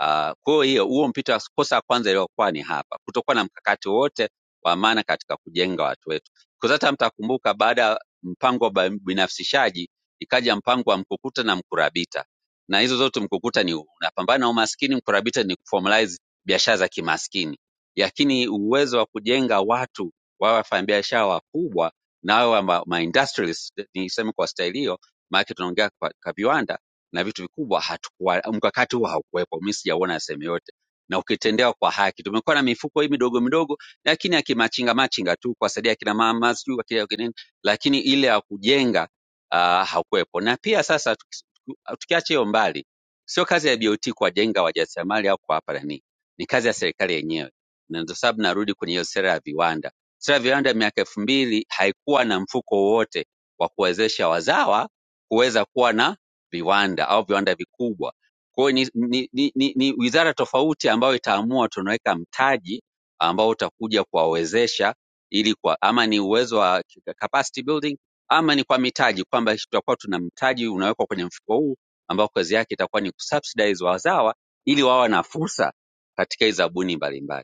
P: Uh, kwa hiyo huo mpito wa kosa la kwanza liliokuwa ni hapa, kutokuwa na mkakati wote wa maana katika kujenga watu wetu, because hata mtakumbuka baada ya mpango wa binafsishaji ikaja mpango wa mkukuta na mkurabita, na hizo zote mkukuta ni unapambana na umaskini, mkurabita ni kuformalize biashara za kimaskini, lakini uwezo wa kujenga watu wawe wafanyabiashara wakubwa na wawe ma, ma industrialists, niseme kwa staili hiyo, maana tunaongea kwa, kwa viwanda na vitu vikubwa hatukuwa, mkakati huo haukuwepo. Mimi sijauona sehemu yote, na ukitendewa kwa haki. Tumekuwa na mifuko hii midogo midogo, lakini ya kimachinga machinga tu kuwasaidia kina mama sijui kwa kile kinini, lakini ile ya kujenga uh, hakuwepo. Na pia sasa tuki- tukiacha hiyo mbali, sio kazi ya BOT kuwajenga wajasiriamali au kuwapa nani, ni kazi ya serikali yenyewe, na ndio sababu narudi kwenye hiyo sera ya viwanda. Sera ya viwanda ya miaka elfu mbili haikuwa na mfuko wowote wa kuwezesha wazawa kuweza kuwa na viwanda au viwanda vikubwa. Kwa hiyo ni, ni, ni, ni, ni wizara tofauti ambayo itaamua tunaweka mtaji ambao utakuja kuwawezesha ili kwa ama ni uwezo wa capacity building ama ni kwa mitaji kwamba tutakuwa tuna mtaji unawekwa kwenye mfuko huu ambao kazi yake itakuwa ni kusubsidize wazawa ili wawe na fursa katika hii zabuni mbalimbali.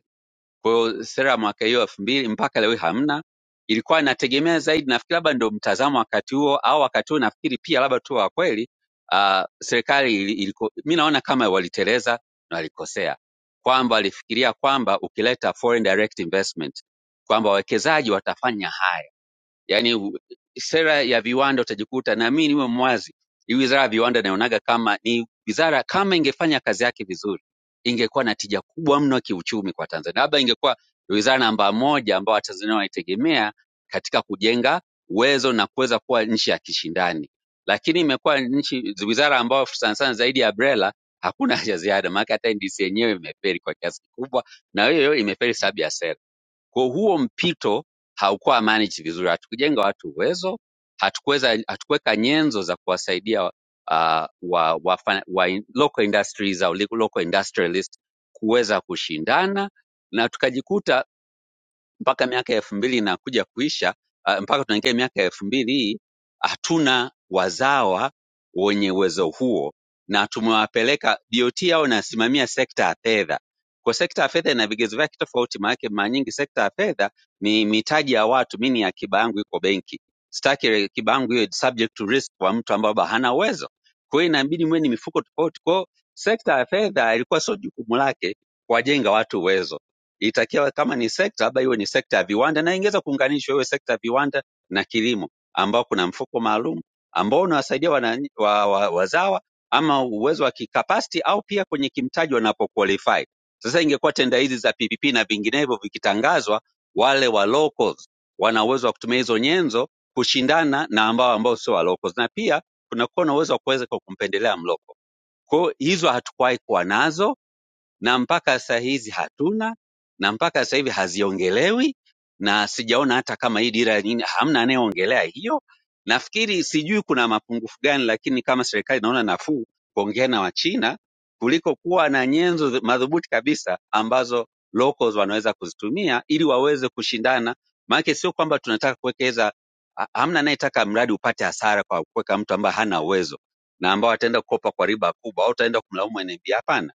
P: Kwa hiyo sera ya mwaka hiyo elfu mbili mpaka leo hii hamna. Ilikuwa inategemea zaidi, nafikiri labda ndio mtazamo wakati huo, au wakati huo nafikiri pia labda tu wa kweli uh, serikali ili- iliko, mi naona kama waliteleza na walikosea, kwamba walifikiria kwamba ukileta foreign direct investment kwamba wawekezaji watafanya haya yani u- sera ya viwanda utajikuta naamini niwe mwazi hii wizara ya viwanda naonaga kama ni wizara kama ingefanya kazi yake vizuri ingekuwa na tija kubwa mno kiuchumi kwa tanzania labda ingekuwa wizara namba moja ambao watanzania wanaitegemea katika kujenga uwezo na kuweza kuwa nchi ya kishindani lakini imekuwa nchi wizara ambayo sana sana zaidi ya brela hakuna cha ziada maanake hata ndc yenyewe imeferi kwa kiasi kikubwa na hiyo imeferi sababu ya sera kwa huo mpito haukuwa managed vizuri, hatukujenga watu uwezo, hatukuweza hatukuweka nyenzo za kuwasaidia uh, wa, wa, wa in- local industries au li- local industrialists kuweza kushindana na tukajikuta mpaka miaka elfu mbili inakuja kuisha ah, mpaka tunaingia miaka elfu mbili hii hatuna wazawa wenye uwezo huo na tumewapeleka BOT yao inasimamia sekta ya fedha. Kwa sekta ya fedha ina vigezo vyake tofauti, maanake mara nyingi sekta ya fedha ni mitaji ya watu. Mimi ni akiba yangu iko benki, sitaki akiba yangu iwe subject to risk kwa mtu ambaye bado hana uwezo. Kwa hiyo inabidi mwe ni mifuko tofauti. Kwa hiyo sekta ya fedha ilikuwa sio jukumu lake kuwajenga watu uwezo itakiwa kama ni sekta labda iwe ni sekta ya viwanda na ingeweza kuunganishwa iwe sekta ya viwanda na kilimo ambao kuna mfuko maalum ambao unawasaidia wanani- wa, wa, wazawa ama uwezo wa kikapasiti au pia kwenye kimtaji wanapoqualify. Sasa ingekuwa tenda hizi za PPP na vinginevyo vikitangazwa, wale wa locals wana uwezo wa kutumia hizo nyenzo kushindana na ambao ambao sio wa locals, na pia kunakuwa na uwezo wa kuweza kumpendelea mloko. Kwa hiyo hizo hatukuwahi kuwa nazo na mpaka saa hizi hatuna na mpaka sasa hivi haziongelewi na sijaona hata kama hii dira ya nyingi hamna anayeongelea hiyo. Nafikiri sijui kuna mapungufu gani, lakini kama serikali inaona nafuu kuongea na Wachina kuliko kuwa na nyenzo zi- madhubuti kabisa ambazo locals wanaweza kuzitumia ili waweze kushindana. Maanake sio kwamba tunataka kuwekeza, ha- hamna anayetaka mradi upate hasara kwa kuweka mtu ambaye hana uwezo na ambao ataenda kukopa kwa riba kubwa au utaenda kumlaumu NMB. Hapana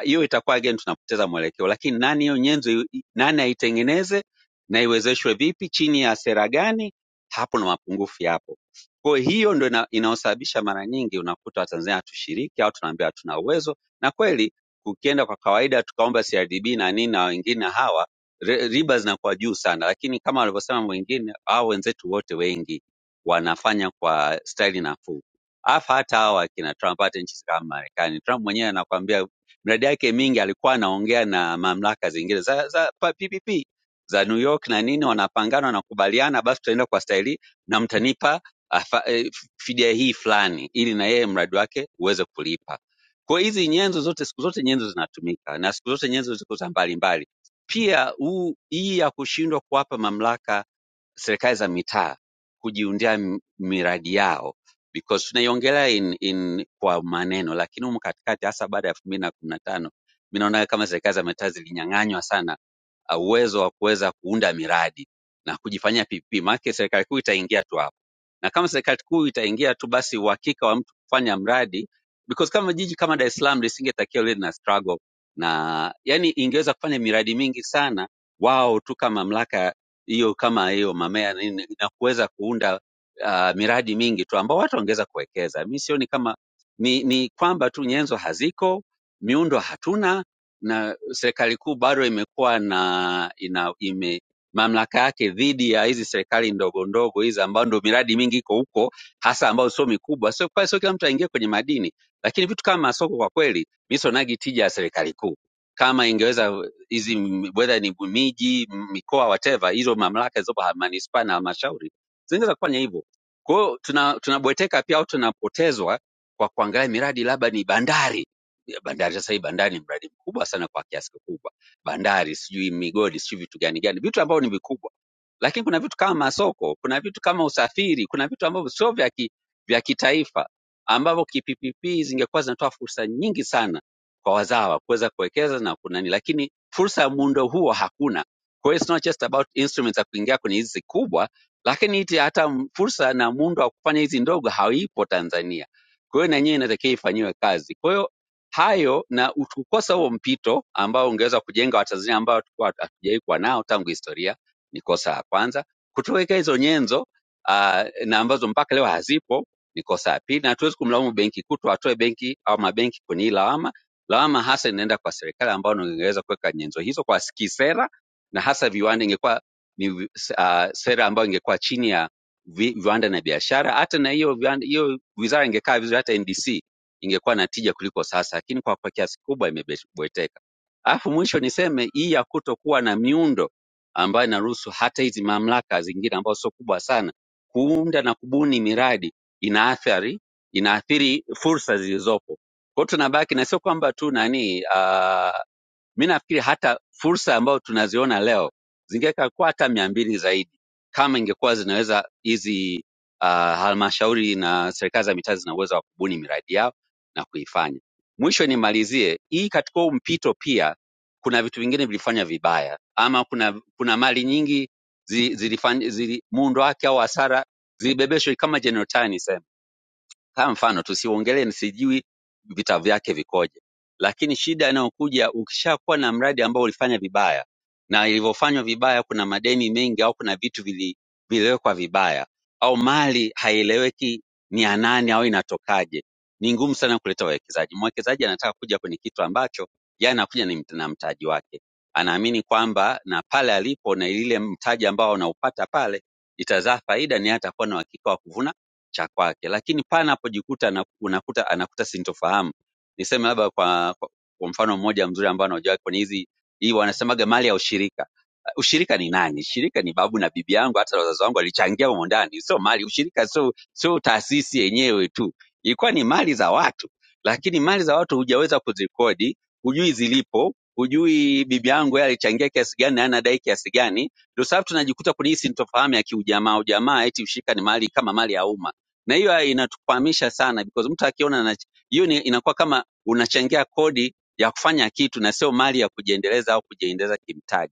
P: hiyo itakuwa again tunapoteza mwelekeo lakini nani hiyo nyenzo i- nani aitengeneze na iwezeshwe vipi chini ya sera gani hapo na mapungufu yapo kwa hiyo hiyo ndo ina, inaosababisha mara nyingi unakuta watanzania hatushiriki au tunaambia hatuna uwezo na kweli ukienda kwa kawaida tukaomba crdb na nini na wengine hawa re- riba zinakuwa juu sana lakini kama walivyosema mwingine au wenzetu wote wengi wanafanya kwa staili nafuu afa hata hawa akina trump hata nchi kama marekani trump mwenyewe anakwambia miradi yake mingi alikuwa anaongea na mamlaka zingine za, za pa- PPP za New York na nini, wanapangana wanakubaliana, basi tutaenda kwa staili hii na mtanipa afa- eh, fidia hii fulani, ili na yeye mradi wake uweze kulipa. Kwa hiyo hizi nyenzo zote, siku zote nyenzo zinatumika na siku zote nyenzo ziko za mbalimbali. Pia huu hii ya kushindwa kuwapa mamlaka serikali za mitaa kujiundia m- miradi yao because tunaiongelea in, in kwa maneno, lakini humu katikati hasa baada ya elfu mbili na kumi na tano mi naona kama serikali za mitaa zilinyang'anywa sana uh, uwezo wa kuweza kuunda miradi na kujifanyia PPP, maana serikali kuu itaingia tu hapo, na kama serikali kuu itaingia tu, basi uhakika wa mtu kufanya mradi because kama jiji kama Dar es Salaam lisingetakiwa liwe na struggle na yani, ingeweza kufanya miradi mingi sana wao tu kama mamlaka hiyo kama hiyo mamea na nini, na kuweza kuunda uh, miradi mingi tu ambao watu wangeweza kuwekeza. Mi sioni kama ni, ni kwamba tu nyenzo haziko, miundo hatuna na serikali kuu bado imekuwa na ina ime mamlaka yake dhidi ya hizi serikali ndogo ndogo hizi ambao ndo miradi mingi iko huko hasa ambayo sio mikubwa sio kwa sio kila mtu aingie kwenye madini lakini vitu kama masoko kwa kweli mi sionagi tija ya serikali kuu kama ingeweza hizi m- whether ni miji mikoa whatever hizo mamlaka hizo za manispaa na halmashauri zingeweza kufanya hivyo kwa hiyo tuna tunabweteka pia au tunapotezwa kwa kuangalia miradi labda ni bandari ya bandari. Sasa hii bandari ni mradi mkubwa sana kwa kiasi kikubwa, bandari sijui migodi sijui vitu gani gani, vitu ambavyo ni vikubwa, lakini kuna vitu kama masoko, kuna vitu kama usafiri, kuna vitu ambavyo sio vya ki, vya kitaifa ambavyo kiPPP zingekuwa zinatoa fursa nyingi sana kwa wazawa kuweza kuwekeza na kunani, lakini fursa ya muundo huo hakuna. Kwa hiyo it's not just about instruments za kuingia kwenye hizi kubwa, lakini iti hata m- fursa na muundo wa kufanya hizi ndogo haipo Tanzania. Kwa hiyo na yenyewe inatakiwa ifanyiwe kazi. Kwa hiyo hayo na kukosa huo mpito ambao ungeweza kujenga Watanzania ambao tulikuwa hatu- hatujawahi kuwa nao tangu historia, ni kosa la kwanza. Kutoweka hizo nyenzo aa, na ambazo mpaka leo hazipo ni kosa la pili, na hatuwezi kumlaumu benki kuu, tuwatoe benki au mabenki kwenye hii lawama. Lawama hasa inaenda kwa serikali ambao ingeweza kuweka nyenzo hizo kwa kisera, na hasa viwanda, ingekuwa ni vi- s- ah, sera ambayo ingekuwa chini ya vi, viwanda na biashara. Hata na hiyo viwanda- hiyo wizara ingekaa vizuri, hata NDC ingekuwa na tija kuliko sasa, lakini kwa kwa kiasi kubwa imebweteka. Alafu mwisho niseme hii ya kutokuwa na miundo ambayo inaruhusu hata hizi mamlaka zingine ambazo sio kubwa sana kuunda na kubuni miradi inaathiri inaathiri fursa zilizopo. Kwa hiyo tunabaki na sio kwamba tu nani uh, mimi nafikiri hata fursa ambayo tunaziona leo zingeweka kwa hata mia mbili zaidi kama ingekuwa zinaweza hizi uh, halmashauri na serikali za mitaa zina uwezo wa kubuni miradi yao na kuifanya. Mwisho nimalizie hii, katika huu mpito pia kuna vitu vingine vilifanya vibaya, ama kuna kuna mali nyingi zi- zilifanya zili, zili muundo wake au hasara zilibebeshwa kama General Taya nisema kama mfano tusiongelee sijui vita vyake vikoje, lakini shida inayokuja ukishakuwa na mradi ambao ulifanya vibaya, na ilivyofanywa vibaya, kuna madeni mengi au kuna vitu vili, viliwekwa vibaya au mali haieleweki ni ya nani au inatokaje, ni ngumu sana kuleta wawekezaji. Mwekezaji anataka kuja kwenye kitu ambacho yeye anakuja ni mt- na mtaji wake, anaamini kwamba na pale alipo na ile mtaji ambao anaupata pale itazaa faida, ni yeye atakuwa na uhakika wa kuvuna cha kwake, lakini pale anapojikuta ana- unakuta anakuta sintofahamu. Niseme labda kwa, kwa, kwa mfano mmoja mzuri ambao anaujua kwenye hizi hii wanasemaga mali ya ushirika. Uh, Ushirika ni nani? Ushirika ni babu na bibi yangu, hata wazazi wangu walichangia humo ndani, sio mali. Ushirika sio sio taasisi yenyewe tu, ilikuwa ni mali za watu, lakini mali za watu hujaweza kuzikodi, hujui zilipo, hujui bibi yangu yeye alichangia kiasi gani na anadai kiasi gani ndio sababu tunajikuta kwenye hii sintofahamu ya kiujamaa ujamaa, eti ushirika ni mali kama mali ya umma na hiyo inatukwamisha sana because mtu akiona anach- hiyo ni- inakuwa kama unachangia kodi ya kufanya kitu na sio mali ya kujiendeleza au kujiendeleza kimtaji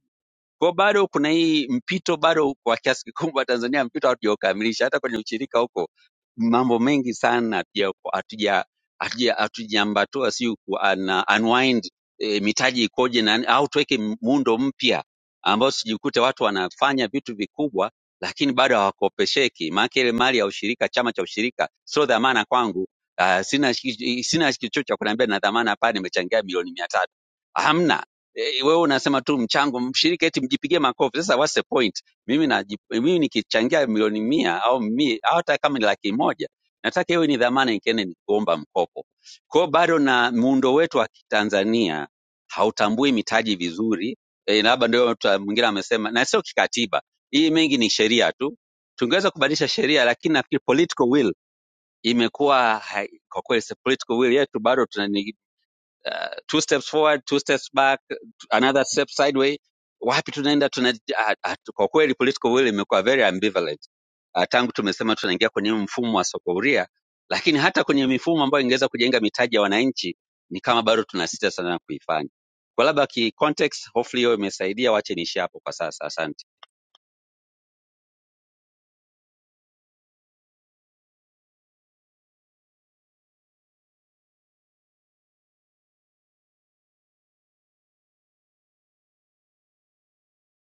P: kwa bado kuna hii mpito bado kwa kiasi kikubwa Tanzania mpito hatujaukamilisha. Hata kwenye ushirika huko mambo mengi sana hatuja hatuja hatuja- hatujaambatua, si ku un- unwind e, mitaji ikoje na au tuweke muundo mpya ambao sijikute watu wanafanya vitu vikubwa lakini bado hawakopesheki. Maana ile mali ya ushirika, chama cha ushirika sio dhamana kwangu. Uh, sina sina kichocho cha kuniambia na dhamana hapa, nimechangia milioni mia tatu. Hamna Eh, wewe unasema tu mchango mshiriki eti mjipigie makofi. Sasa what's the point? Mimi na mimi nikichangia milioni mia au mi, au hata kama ni laki moja nataka iwe ni dhamana nikienda ni kuomba mkopo. Kwa hiyo bado na muundo wetu wa Kitanzania hautambui mitaji vizuri. E, labda ndio mtu mwingine amesema, na sio kikatiba, hii mengi ni sheria tu. Tungeweza kubadilisha sheria, lakini nafikiri political will imekuwa hai- kwa kweli si political will yetu bado tuna uh, two steps forward two steps back another step sideway wapi tunaenda tuna, ah, ah, kwa kweli political will imekuwa very ambivalent uh, tangu tumesema tunaingia kwenye huu mfumo wa soko huria, lakini hata kwenye mifumo ambayo ingeweza kujenga mitaji ya wananchi ni kama bado tunasita sana kuifanya. Kwa labda ki context, hopefully hiyo imesaidia. Wache niishie hapo kwa sasa, asante.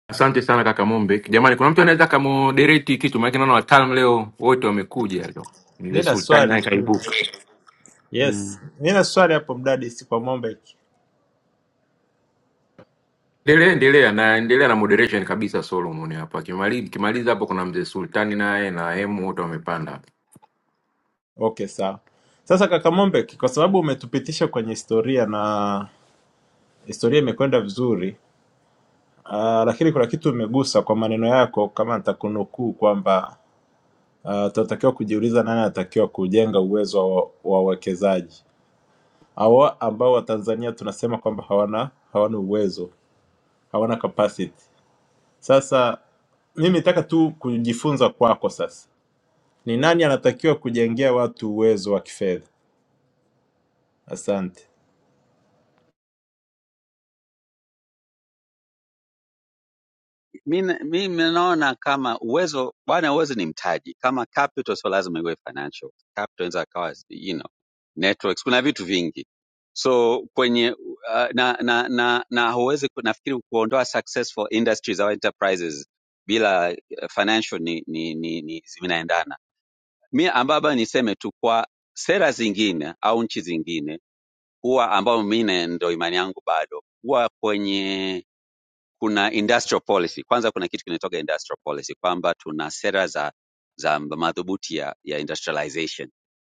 M: Asante sana kaka Mombe. Jamani, kuna mtu anaweza akamoderate kitu, maana naona wataalamu leo wote wamekuja leo. Mzee
D: Mi na
M: Sultani
D: swali
M: naye
D: tu
M: kaibuka.
O: Mm.
D: Yes, nina swali hapo mdadisi kwa Mombek.
M: Endelea, endelea na endelea na moderation kabisa Solomon hapa. Kimaliza kimaliza hapo kuna mzee Sultani naye na Hemu wote wamepanda.
D: Okay, sawa. Sasa kaka Mombek, kwa sababu umetupitisha kwenye historia na historia imekwenda vizuri, uh, lakini kuna kitu umegusa kwa maneno yako, kama nitakunukuu kwamba uh, tunatakiwa kujiuliza nani anatakiwa kujenga uwezo wa wa wawekezaji hawa ambao Watanzania tunasema kwamba hawana hawana uwezo, hawana capacity. Sasa mimi nataka tu kujifunza kwako sasa, ni nani anatakiwa kujengea watu uwezo wa kifedha? Asante.
P: Mimi mimi naona kama uwezo bwana, uwezo ni mtaji. Kama capital sio lazima iwe financial. Capital inaweza kawa you know, networks, kuna vitu vingi. So kwenye uh, na na na, na huwezi ku- nafikiri kuondoa successful industries au enterprises bila uh, financial ni ni ni, ni zinaendana. Mimi ambaba niseme tu kwa sera zingine au nchi zingine huwa ambao mimi na- ndo imani yangu bado huwa kwenye kuna industrial policy. Kwanza kuna kitu kinaitwa industrial policy kwamba tuna sera za za madhubuti ya, ya industrialization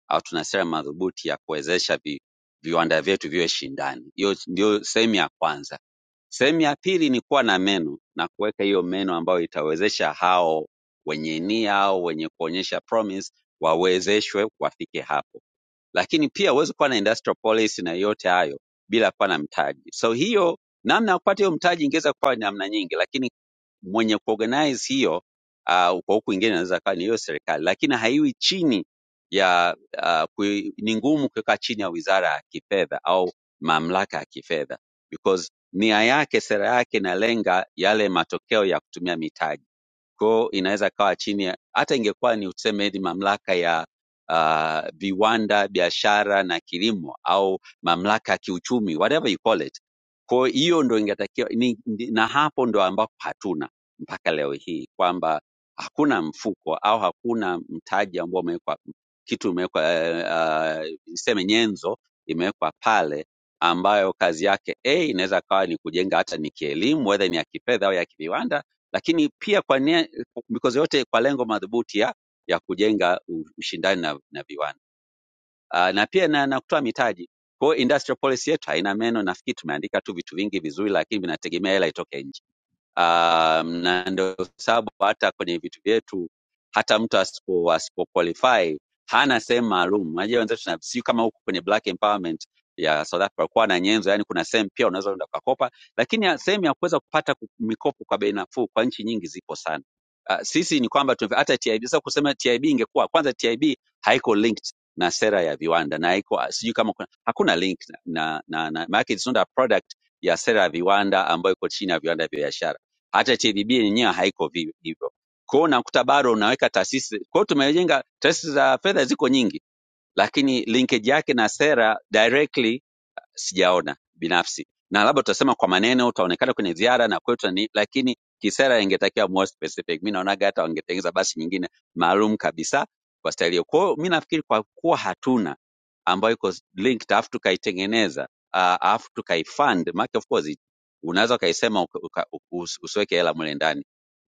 P: au tuna sera madhubuti ya kuwezesha vi, viwanda vyetu viwe shindani. Hiyo ndio sehemu ya kwanza. Sehemu ya pili ni kuwa na meno na kuweka hiyo meno ambayo itawezesha hao wenye nia au wenye kuonyesha promise wawezeshwe wafike hapo lakini pia huwezi kuwa na industrial policy na yote hayo bila kuwa na mtaji. So hiyo namna ya kupata hiyo mtaji ingeweza kuwa ni namna nyingi, lakini mwenye kuorganize hiyo uh, kwa huku ingine inaweza kuwa ni hiyo serikali, lakini haiwi chini ya uh, kui, ni ngumu kuweka chini ya wizara ya kifedha au mamlaka ya kifedha because nia yake, sera yake inalenga yale matokeo ya kutumia mitaji kwa hiyo inaweza kawa chini ya hata ingekuwa ni tuseme ni mamlaka ya uh, viwanda, biashara na kilimo au mamlaka ya kiuchumi whatever you call it. Kwa hiyo ndo ingetakiwa ni, ndi- na hapo ndo ambapo hatuna mpaka leo hii kwamba hakuna mfuko au hakuna mtaji ambao umewekwa kitu imewekwa uh, niseme nyenzo imewekwa pale ambayo kazi yake a inaweza kawa ni kujenga hata ni kielimu, whether ni ya kifedha au ya kiviwanda, lakini pia kwa nia mikozi yote kwa lengo madhubuti ya ya kujenga u- ushindani na, na viwanda uh, na pia na, na kutoa mitaji. Kwa hiyo industrial policy yetu haina meno, nafikiri tumeandika tu vitu vingi vizuri, lakini vinategemea hela itoke nje um, na ndio sababu hata kwenye vitu vyetu hata mtu asipo asipo qualify hana sehemu maalum. Unajua wenzetu tuna si kama huko kwenye black empowerment ya South Africa kwa na nyenzo, yani kuna sehemu pia unaweza kwenda ukakopa, lakini ya- sehemu ya kuweza kupata ku- mikopo kwa bei nafuu kwa nchi nyingi zipo sana. Uh, sisi ni kwamba tume- hata TIB sasa kusema TIB ingekuwa kwanza, TIB haiko linked na sera ya viwanda na haiko sijui kama kuna, hakuna link na na, na, na maana yake it's not a product ya sera ya viwanda ambayo iko chini ya viwanda vya biashara hata TDB yenyewe haiko vi- hivyo. Kwa hiyo unakuta bado unaweka taasisi. Kwa hiyo tumejenga taasisi za fedha ziko nyingi, lakini linkage yake na sera directly sijaona binafsi na labda utasema kwa maneno utaonekana kwenye ziara na kwetu ni lakini kisera ingetakiwa more specific mi naonaga hata wangetengeza basi nyingine maalum kabisa kwa staili hiyo kwao mi nafikiri kwa kuwa hatuna ambayo iko linked alafu tukaitengeneza ah, alafu uh, tukaifund maana of course unaweza ukaisema uka, uka, usi- usiweke hela mule ndani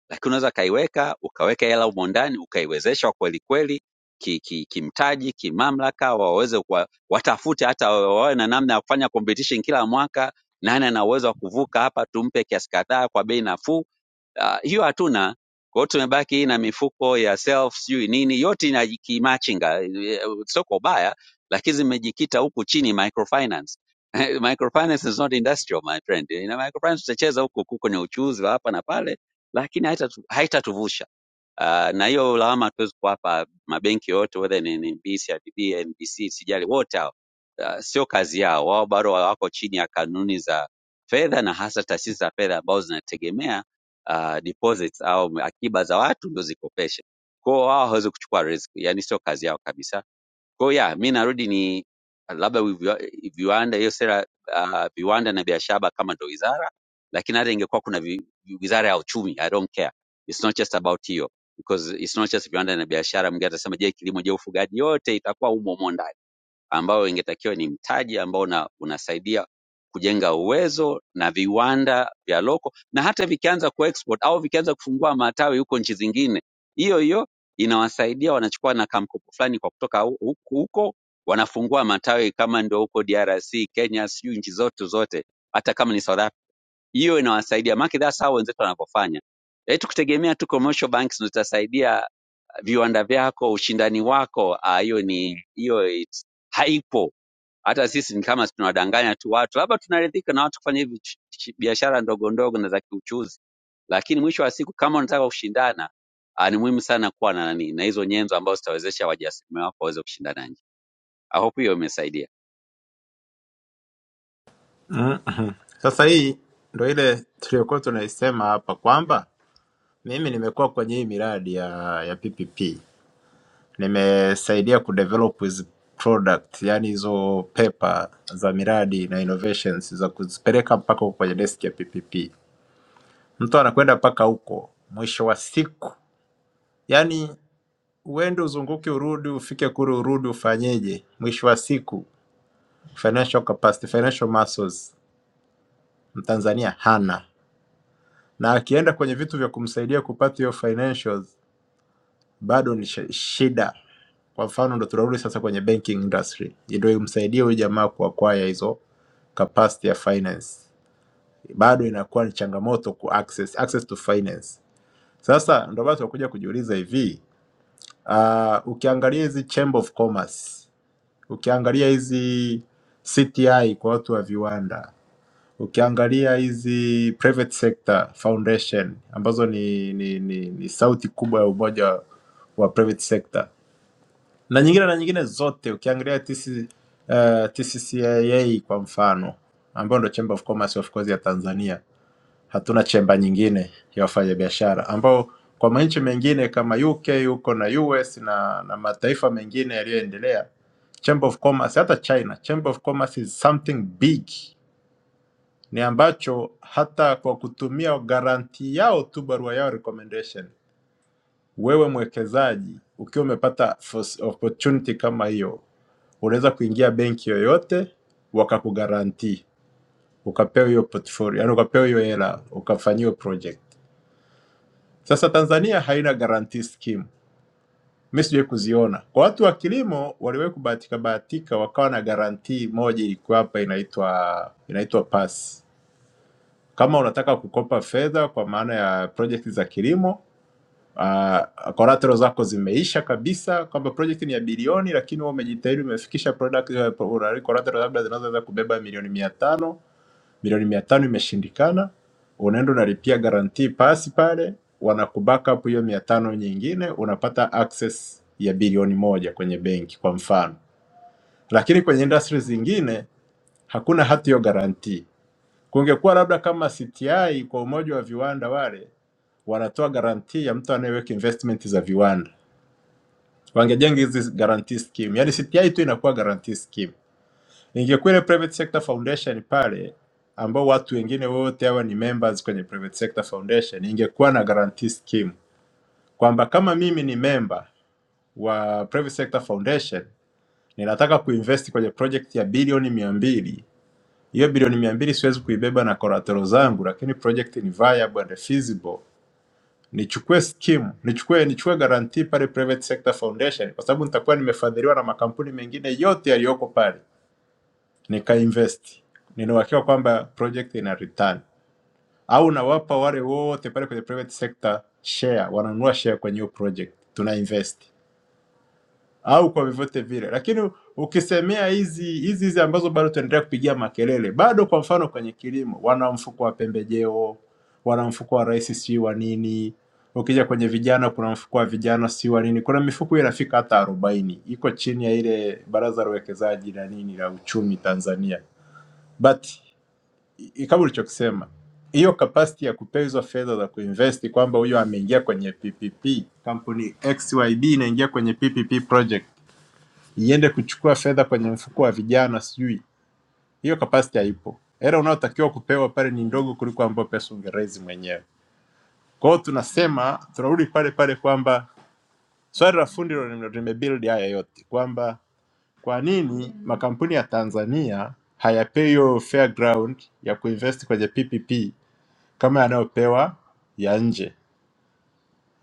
P: lakini unaweza ukaiweka ukaweka hela humo ndani ukaiwezesha kwelikweli ki, ki, kimtaji kimamlaka waweze kuwa, watafute hata wawe na namna ya kufanya competition kila mwaka nani ana uwezo wa kuvuka hapa tumpe kiasi kadhaa kwa bei nafuu Ah, hiyo hatuna kwa hiyo tumebaki na mifuko ya self sijui nini yote ina kimachinga Eh, sio kwa ubaya lakini zimejikita huku chini microfinance microfinance is not industrial my friend ina microfinance tutacheza huku huku kwenye uchuzi wa hapa na pale lakini haitatu- haitatuvusha Ah, na hiyo lawama hatuwezi kuwapa mabenki yote whether ni NMB, CRDB, NBC, sijali wote hao. Ah, sio kazi yao. Wao bado wako chini ya kanuni za fedha na hasa taasisi za fedha ambazo zinategemea ah, deposits au akiba za watu ndio zikopeshe. Kwa hiyo wao hawawezi kuchukua risk, yani sio kazi yao kabisa. Kwa hiyo yeah, mi narudi ni labda viwa- viwanda, hiyo sera ah, viwanda na biashara kama ndo wizara, lakini hata ingekuwa kuna vi, vi- wizara ya uchumi, I don't care, it's not just about hiyo because it's not just viwanda na biashara. Mwingine atasema je, kilimo, je, ufugaji, yote itakuwa umo humo ndani ambao ingetakiwa ni mtaji ambao una, unasaidia kujenga uwezo na viwanda vya loko, na hata vikianza kuexport au vikianza kufungua matawi huko nchi zingine, hiyo hiyo inawasaidia, wanachukua na kamkopo fulani kwa kutoka hu- huku huko, wanafungua matawi kama ndio huko DRC, Kenya, sijui nchi zote zote, hata kama ni South Africa, hiyo inawasaidia maana that's how wenzetu wanavyofanya. Eh, tukitegemea tu commercial banks ndio zitasaidia viwanda vyako, ushindani wako, ah, hiyo ni hiyo it's- haipo hata sisi ni kama si tunawadanganya tu watu, labda tunaridhika na watu kufanya hivi ch- ch- biashara ndogo ndogo na za kiuchuzi, lakini mwisho wa siku kama unataka kushindana ah, ni muhimu sana kuwa na nani na hizo nyenzo ambazo zitawezesha wajasiriamali wako waweze kushindana nje. I hope hiyo imesaidia.
D: Mm-mm. Sasa hii ndo ile tuliokuwa tunaisema hapa kwamba mimi nimekuwa kwenye hii miradi ya, ya PPP nimesaidia kudevelop hizi product, yani hizo pepa za miradi na innovations za kuzipeleka mpaka huko kwenye desk ya PPP. Mtu anakwenda mpaka huko, mwisho wa siku yani uende uzunguke, urudi, ufike kule, urudi, ufanyeje? Mwisho wa siku financial capacity, financial muscles Mtanzania hana na akienda kwenye vitu vya kumsaidia kupata hiyo financials bado ni shi- shida. Kwa mfano ndo tunarudi sasa kwenye banking industry, ndio imsaidie huyu jamaa kuacquire hizo capacity ya finance, bado inakuwa ni changamoto ku access, access to finance. Sasa ndo basi wakuja kujiuliza hivi uh, ukiangalia hizi chamber of commerce, ukiangalia hizi CTI kwa watu wa viwanda Ukiangalia hizi private sector foundation ambazo ni, ni, ni, ni sauti kubwa ya umoja wa private sector na nyingine na nyingine zote, ukiangalia TC, uh, TCCIA kwa mfano ambayo ndio Chamber of Commerce of course ya Tanzania, hatuna chemba nyingine ya wafanyabiashara ambao kwa manchi mengine kama UK huko na US na, na mataifa mengine yaliyoendelea Chamber of Commerce, hata China, Chamber of Commerce is something big ni ambacho hata kwa kutumia garanti yao tu barua yao recommendation, wewe mwekezaji ukiwa umepata first opportunity kama hiyo, unaweza kuingia benki yoyote wakakugarantii ukapewa hiyo portfolio, yani ukapewa hiyo hela ukafanyiwa project. Sasa Tanzania haina guarantee scheme, mimi sijawahi kuziona. Kwa watu wa kilimo waliwahi kubahatika bahatika wakawa na guarantee moja ilikuwa hapa inaitwa inaitwa PASS Kama unataka kukopa fedha kwa maana ya project za kilimo uh, collateral zako zimeisha kabisa, kwamba project ni ya bilioni, lakini wewe umejitahidi umefikisha product uh, una- collateral labda zinazoweza kubeba milioni mia tano milioni mia tano imeshindikana, unaenda unalipia guarantee pasi pale, wanakubackup hiyo mia tano nyingine, unapata access ya bilioni moja kwenye benki kwa mfano. Lakini kwenye industry zingine hakuna hata hiyo guarantee Kungekuwa labda kama CTI kwa umoja wa viwanda, wale wanatoa garantii ya mtu anayeweka investment za viwanda, wangejenga hizi guarantee scheme, yani CTI tu inakuwa guarantee scheme. Ingekuwa ile private sector foundation pale, ambao watu wengine wote hawa ni members kwenye private sector foundation, ingekuwa na guarantee scheme kwamba kama mimi ni member wa private sector foundation ninataka kuinvest kwenye project ya bilioni mia mbili Hiyo bilioni mia mbili siwezi kuibeba na koratero zangu, lakini project ni viable and feasible. Nichukue scheme, nichukue nichukue guarantee pale private sector foundation, kwa sababu nitakuwa nimefadhiliwa na makampuni mengine yote yaliyoko pale, nikainvest. Nina uhakika kwamba project ina return, au nawapa wale wote pale kwenye private sector share, wananunua share kwenye hiyo project, tuna invest. au kwa vyovyote vile. Lakini ukisemea hizi hizi hizi ambazo bado tunaendelea kupigia makelele, bado kwa mfano kwenye kilimo wana mfuko wa pembejeo, wana mfuko wa rais si wa nini. Ukija kwenye vijana kuna mfuko wa vijana si wa nini. Kuna mifuko hiyo inafika hata arobaini, iko chini ya ile baraza la uwekezaji na nini la uchumi Tanzania. But i- i- kama ulichokisema hiyo capacity ya kupewa hizo fedha za kuinvest kwamba huyo ameingia kwenye PPP, kampuni XYB inaingia kwenye PPP project iende kuchukua fedha kwenye mfuko wa vijana, sijui hiyo capacity haipo. Hela unayotakiwa kupewa pale ni ndogo kuliko ambayo pesa ungeraise mwenyewe. Kwa hiyo tunasema, tunarudi pale pale kwamba swali la fundi ndilo lime- limebuild haya yote, kwamba kwa nini makampuni ya Tanzania hayapewi hiyo fair ground ya kuinvest kwenye PPP kama yanayopewa ya nje,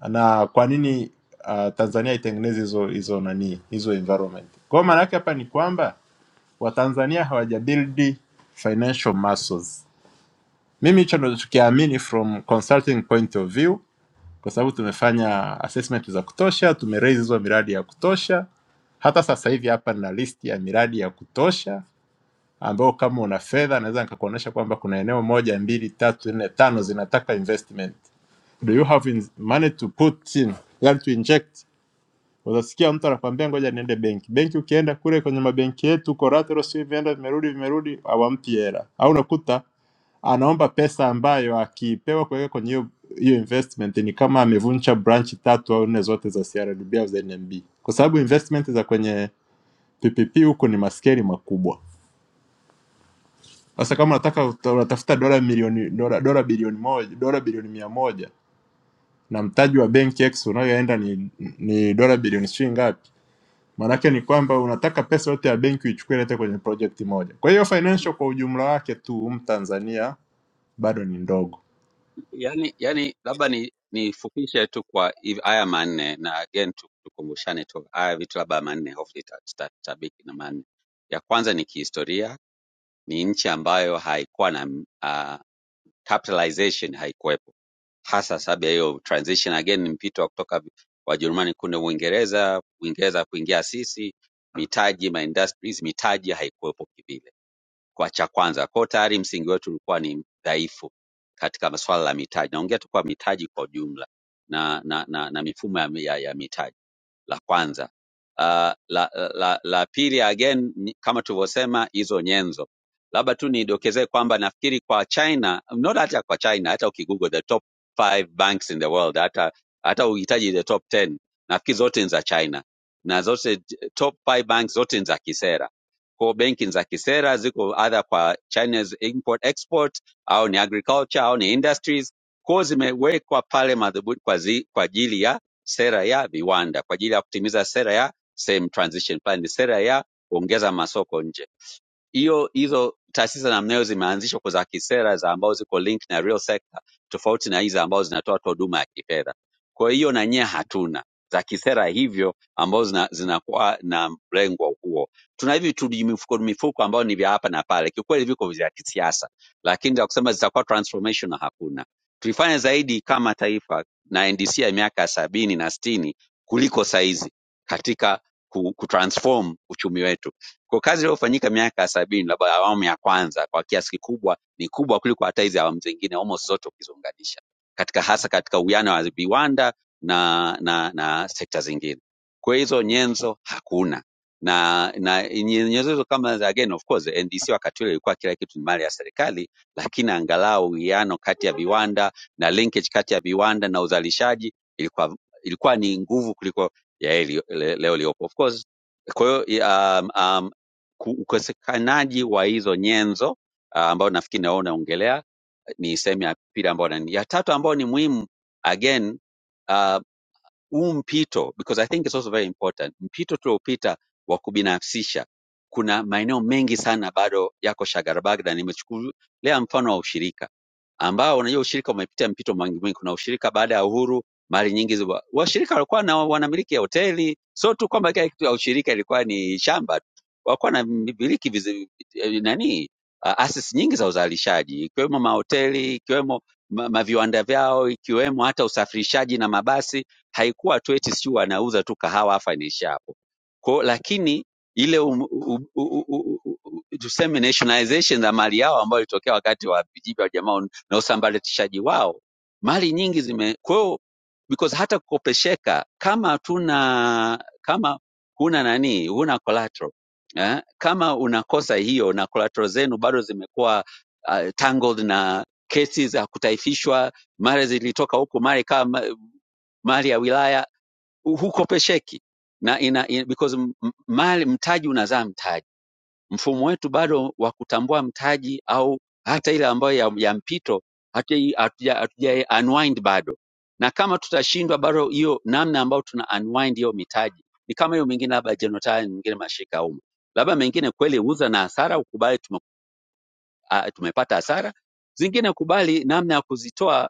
D: na kwa nini uh, Tanzania itengeneze hizo hizo nani hizo environment. Kwa hiyo maana yake hapa ni kwamba Watanzania hawajabuild financial muscles. Mimi hicho ndo tukiamini from consulting point of view, kwa sababu tumefanya assessment za kutosha, tumeraise hizo miradi ya kutosha. Hata sasa hivi hapa nina list ya miradi ya kutosha ambao kama una fedha naweza nikakuonyesha kwamba kuna eneo moja, mbili, tatu, nne, tano zinataka investment. Do you have in- money to put in, yani to inject Utasikia mtu anakwambia ngoja niende benki. Benki ukienda kule kwenye mabenki yetu collateral sio vimeenda vimerudi vimerudi hawampi hela. Au unakuta anaomba pesa ambayo akipewa kuweka kwenye hiyo hiyo investment ni kama amevunja branch tatu au nne zote za CRDB au za NMB, kwa sababu investment za kwenye PPP huko ni maskeli makubwa. Sasa kama unataka uta- unatafuta dola milioni dola, dola bilioni moja dola bilioni mia moja na mtaji wa benki X unayoenda ni, ni dola bilioni shilingi ngapi? Maanake ni kwamba unataka pesa yote ya benki uichukue ilete kwenye project moja. Kwa hiyo financial kwa ujumla wake tu Mtanzania bado ni ndogo.
P: Yani, yani labda ni nifupishe tu kwa hivi- haya manne na again tu- tukumbushane tu haya vitu labda manne, hopefully tuta- tuta- tutabiki na manne. Ya kwanza ni kihistoria, ni nchi ambayo haikuwa na capitalization haikuwepo. Hasa sababu ya hiyo transition again ni mpito wa kutoka Wajerumani kule Uingereza, Uingereza kuingia sisi, mitaji ma industries, mitaji haikuwepo kivile kwa cha kwanza. Kwa hiyo tayari msingi wetu ulikuwa ni dhaifu katika masuala ya mitaji. Naongea tu kwa mitaji kwa ujumla na, na, na, na mifumo ya, ya, ya mitaji la kwanza. Uh, la, la, la pili again ni- kama tulivyosema hizo nyenzo. Labda tu nidokezee kwamba nafikiri kwa China, not hata kwa China, hata ukigoogle the top five banks in the world, hata hata uhitaji the top 10 nafikiri zote ni za China na zote top five banks zote ni za kisera kwa benki za kisera ziko either kwa China's import export au ni agriculture au ni industries, kwa zimewekwa pale madhubuti kwa, zi, kwa ajili ya sera ya viwanda, kwa ajili ya kutimiza sera ya same transition plan, ni sera ya kuongeza masoko nje hiyo hizo taasisi za namna hiyo zimeanzishwa kwa za kisera za ambao ziko link na real sector tofauti na hizi ambazo zinatoa tu huduma ya kifedha kwa hiyo na nyie hatuna za kisera hivyo ambazo zina- zinakuwa na mlengo huo tuna hivi tujimifuko mifuko mifuko ambayo ni vya hapa na pale kiukweli viko vya kisiasa lakini za kusema zitakuwa transformational hakuna tuifanye zaidi kama taifa na ndc ya miaka ya sabini na stini kuliko saizi katika ku- kutransform uchumi wetu kwa kazi iliyofanyika miaka ya sabini labda awamu ya kwanza kwa kiasi kikubwa ni kubwa kuliko hata hizi awamu zingine almost zote ukiziunganisha katika hasa katika uwiano wa viwanda na, na, na sekta zingine. Kwa hiyo hizo nyenzo hakuna na, na nye- nyenzo hizo kama za again of course NDC wakati ule ilikuwa kila kitu ni mali ya serikali, lakini angalau uwiano kati ya viwanda na linkage kati ya viwanda na uzalishaji ilikuwa ilikuwa ni nguvu kuliko ya hii leo leo iliyopo of course kwa hiyo um, um, ku- ukosekanaji wa hizo nyenzo ah, ambayo nafikiri na wewe unaongelea ni sehemu ya pili ambayo nani. Ya tatu ambayo ni muhimu again ah, huu mpito because I think it's also very important, mpito tuliopita wa kubinafsisha, kuna maeneo mengi sana bado yako shagarabagda. Nimechukulia mfano wa ushirika ambao unajua ushirika umepitia mpito mwingi mwingi. Kuna ushirika baada ya uhuru, mali nyingi ziwa- washirika walikuwa na wanamiliki ya hoteli, sio tu kwamba kila kitu ya ushirika ilikuwa ni shamba tu, walikuwa na miliki vizi- eh, nani ah, asisi nyingi za uzalishaji ikiwemo mahoteli, ikiwemo ma- maviwanda vyao, ikiwemo hata usafirishaji na mabasi haikuwa tu eti sijui wanauza tu kahawa hapa inaishia hapo kwao, lakini ile um, u, u, u, u, u, tuseme nationalization za mali yao ambayo ilitokea wakati wa vijipi wa jamaa na usambaratishaji wao, mali nyingi zime kwa hiyo because hata kukopesheka kama hatuna kama huna nani huna collateral eh? kama unakosa hiyo na collateral zenu bado zimekuwa uh, tangled na kesi za kutaifishwa, mara zilitoka huku, mara ikawa ma- mali ya wilaya hukopesheki na ina, ina, because m- m- mali mtaji unazaa mtaji. Mfumo wetu bado wa kutambua mtaji au hata ile ambayo ya, ya mpito hatuja hatuja- hatuja unwind bado, na kama tutashindwa bado hiyo namna ambayo tuna unwind hiyo mitaji ni kama hiyo mingine, labda jenotai mingine mashirika ya umma, labda mengine kweli huza na hasara, ukubali tume, ah, tumepata hasara zingine, kubali namna ya kuzitoa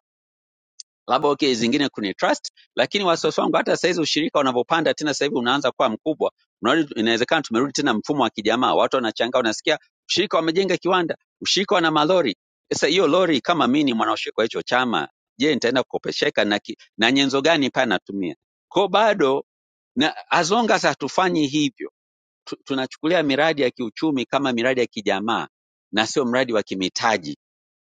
P: labda okay, zingine kuni trust, lakini wasiwasi wangu hata saizi ushirika unavyopanda tena, sasa hivi unaanza kuwa mkubwa, unarudi, inawezekana tumerudi tena mfumo wa kijamaa. Watu wanachangaa, unasikia ushirika wamejenga kiwanda, ushirika wana malori. Sasa hiyo lori, kama mimi ni mwanaushirika wa hicho chama, je, nitaenda kukopesheka na, ki, na nyenzo gani pale natumia ko bado na as long as hatufanyi hivyo tu, tunachukulia miradi ya kiuchumi kama miradi ya kijamaa na sio mradi wa kimitaji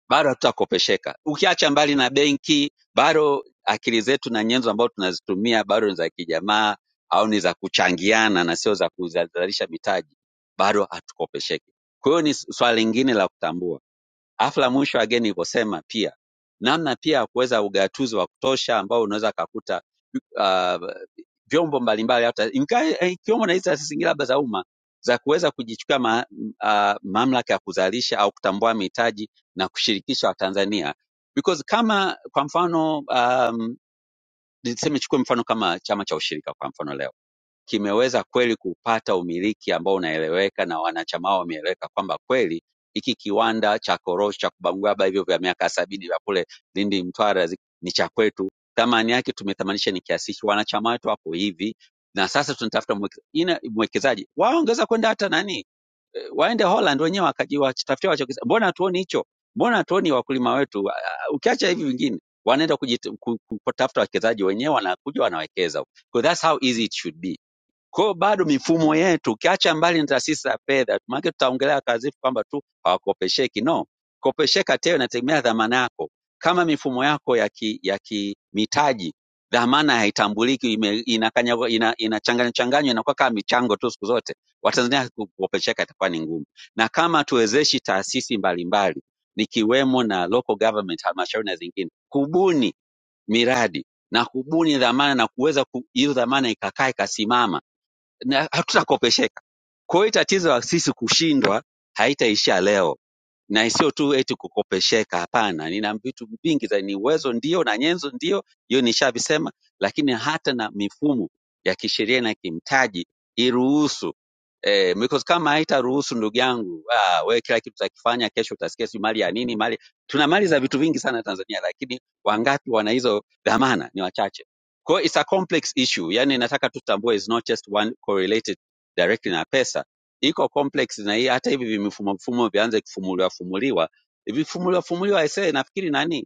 P: bado hatutakopesheka. Ukiacha mbali na benki, bado akili zetu na nyenzo ambazo tunazitumia bado ni za kijamaa au ni za kuchangiana na sio za kuzalisha mitaji, bado hatukopesheki. Kwa hiyo ni s- swala lingine la kutambua. Alafu la mwisho again nilivyosema pia namna pia ya kuweza ugatuzi wa kutosha ambao unaweza kakuta uh, vyombo mbalimbali hata inka- eh, ikiwemo na hizi taasisi zingine labda za umma za kuweza kujichukua ma, uh, mamlaka ya kuzalisha au kutambua mitaji na kushirikisha Watanzania because kama kwa mfano um, niseme chukue mfano kama chama cha ushirika kwa mfano leo kimeweza kweli kupata umiliki ambao unaeleweka na wanachama wao wameeleweka kwamba kweli hiki kiwanda cha korosho cha kubangulaba hivyo vya miaka sabini vya kule Lindi Mtwara zi- ni cha kwetu, thamani yake tumethamanisha ni kiasi hiki, wanachama wetu wapo hivi na sasa tunatafuta mweke- ina- mwekezaji. Wao wangeweza kwenda hata nani, eh, waende Holland wenyewe wakaji- wajitafutie wachokisa. Mbona hatuoni hicho? Mbona hatuoni wakulima wetu? Ah, ah, Ukiacha hivi vingine, wanaenda kujit- ku- ku- kutafuta wawekezaji wenyewe, wanakuja wanawekeza. So that's how easy it should be kwa hiyo bado mifumo yetu, ukiacha mbali na taasisi za fedha, maanake tutaongelea kazifu kwamba tu hawakopesheki. No, kopesheka teo inategemea dhamana yako. Kama mifumo yako ya ki, ya kimitaji dhamana haitambuliki, ime- inakanyagwa- ina- inachanganywa changanywa, inakuwa kama michango tu siku zote, Watanzania kukopesheka itakuwa ni ngumu, na kama tuwezeshi taasisi mbalimbali nikiwemo na local government, halmashauri na zingine kubuni miradi na kubuni dhamana na kuweza ku- hiyo ku, dhamana ikakaa ikasimama na hatutakopesheka. Kwa hiyo tatizo la sisi kushindwa haitaishia leo, na sio tu eti kukopesheka. Hapana, nina vitu vingi za ni uwezo ndio na nyenzo ndio, hiyo nishavisema, lakini hata na mifumo ya kisheria na kimtaji iruhusu Eh, because kama haitaruhusu ndugu yangu, ah, we kila kitu utakifanya, kesho utasikia si mali ya nini mali. Tuna mali za vitu vingi sana Tanzania, lakini wangapi wana hizo dhamana? Ni wachache. Kwa hiyo it's a complex issue, yani nataka tutambue it's not just one correlated directly na pesa, iko complex na hii hata hivi vimifumo mfumo vianze kufumuliwa fumuliwa vikifumuliwa fumuliwa ese, nafikiri nani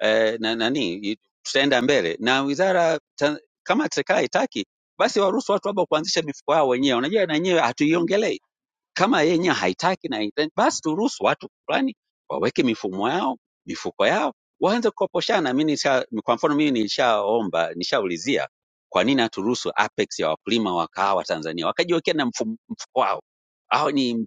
P: eh, na, nani i- tutaenda mbele na wizara ta, kama serikali haitaki basi waruhusu watu hapa kuanzisha mifuko yao wenyewe. Unajua na yenyewe hatuiongelei kama yeye yenyewe haitaki na haitendi, basi turuhusu watu fulani waweke mifumo yao mifuko yao waanze kukoposhana. Mimi nisha, kwa mfano mimi nishaomba nishaulizia kwa nini haturuhusu Apex ya wakulima wa kahawa Tanzania wakajiwekea na mfumo, mfuko wao. Hao ni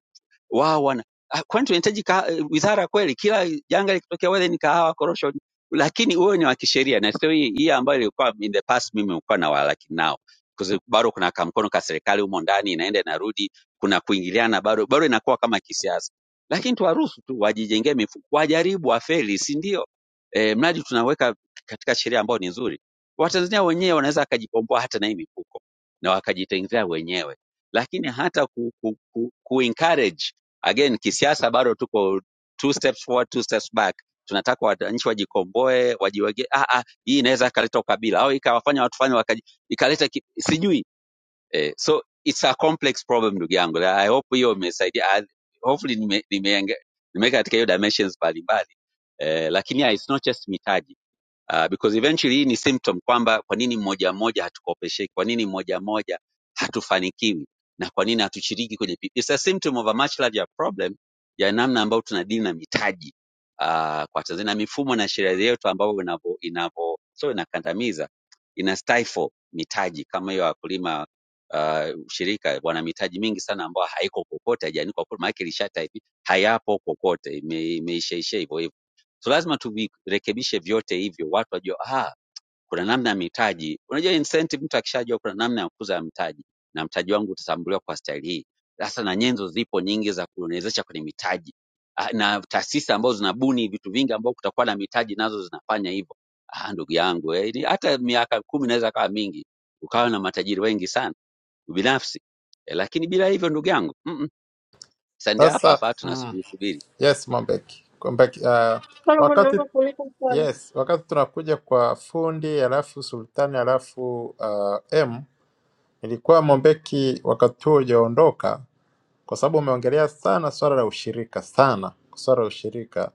P: wao wana ah, kwani tunahitaji kaha- eh, wizara kweli? Kila janga likitokea whether ni kahawa, korosho, lakini wewe ni wa kisheria, na sio hii hii ambayo ilikuwa in the past. Mimi nilikuwa na walaki nao Kwa sababu bado kuna kamkono ka serikali humo ndani, inaenda inarudi, kuna kuingiliana, bado bado inakuwa kama kisiasa, lakini tuwaruhusu tu wajijengee mifuko, wajaribu, wafeli, si ndio? E, mradi tunaweka katika sheria ambayo ni nzuri, Watanzania wenyewe wanaweza wakajikomboa hata na hii mifuko na wakajitengenezea wenyewe, lakini hata ku, ku, ku, ku encourage again kisiasa bado tuko two steps forward, two steps back. Tunataka wananchi wajikomboe, wajiwege. Ah, ah, hii inaweza ikaleta ukabila au ikawafanya watu fanye wakaji, ikaleta ki, sijui eh, so it's a complex problem ndugu yangu. I hope hiyo imesaidia. I- Hopefully nime- nimeenge- nimeweka katika hiyo dimensions mbalimbali eh, lakini yeah, it's not just mitaji uh, because eventually hii ni symptom kwamba kwa nini mmoja mmoja hatukopesheki, kwa nini mmoja mmoja hatufanikiwi na kwa nini hatushiriki kwenye pi- it's a symptom of a much larger problem ya namna ambayo tunadili na mitaji uh, kwa Tanzania na mifumo na sheria yetu ambayo inavyo inavyo so inakandamiza ina stifle mitaji kama hiyo ya wakulima uh, shirika wana mitaji mingi sana ambayo haiko kokote, haijaandikwa kokote, maana yake ilishataifika hayapo kokote, imeishaisha ime hivyo So lazima tuvirekebishe vyote hivyo, watu wajue ah, kuna namna ya mitaji. Unajua incentive, mtu akishajua kuna namna ya kukuza mtaji na mtaji wangu utatambuliwa kwa staili hii, sasa na nyenzo zipo nyingi za kuwezesha kwenye mitaji Ah, na taasisi ambazo zinabuni vitu vingi ambao kutakuwa na mitaji nazo zinafanya hivyo. Ah, ndugu yangu eh, ni- hata miaka kumi inaweza kawa mingi ukawa na matajiri wengi sana binafsi eh, lakini bila hivyo ndugu yangu mm -mm, sandia hapa
D: Sasa
P: hapa
D: mm,
P: tunasubiri subiri.
D: yes Mobeki, Mobeki uh,
B: solomon
D: wakati
B: naomba kuuliza swali
D: yes, wakati tunakuja kwa fundi alafu sultani alafu uh, M, ilikuwa Mobeki wakati huo hujaondoka, kwa sababu umeongelea sana swala la ushirika sana swala la ushirika,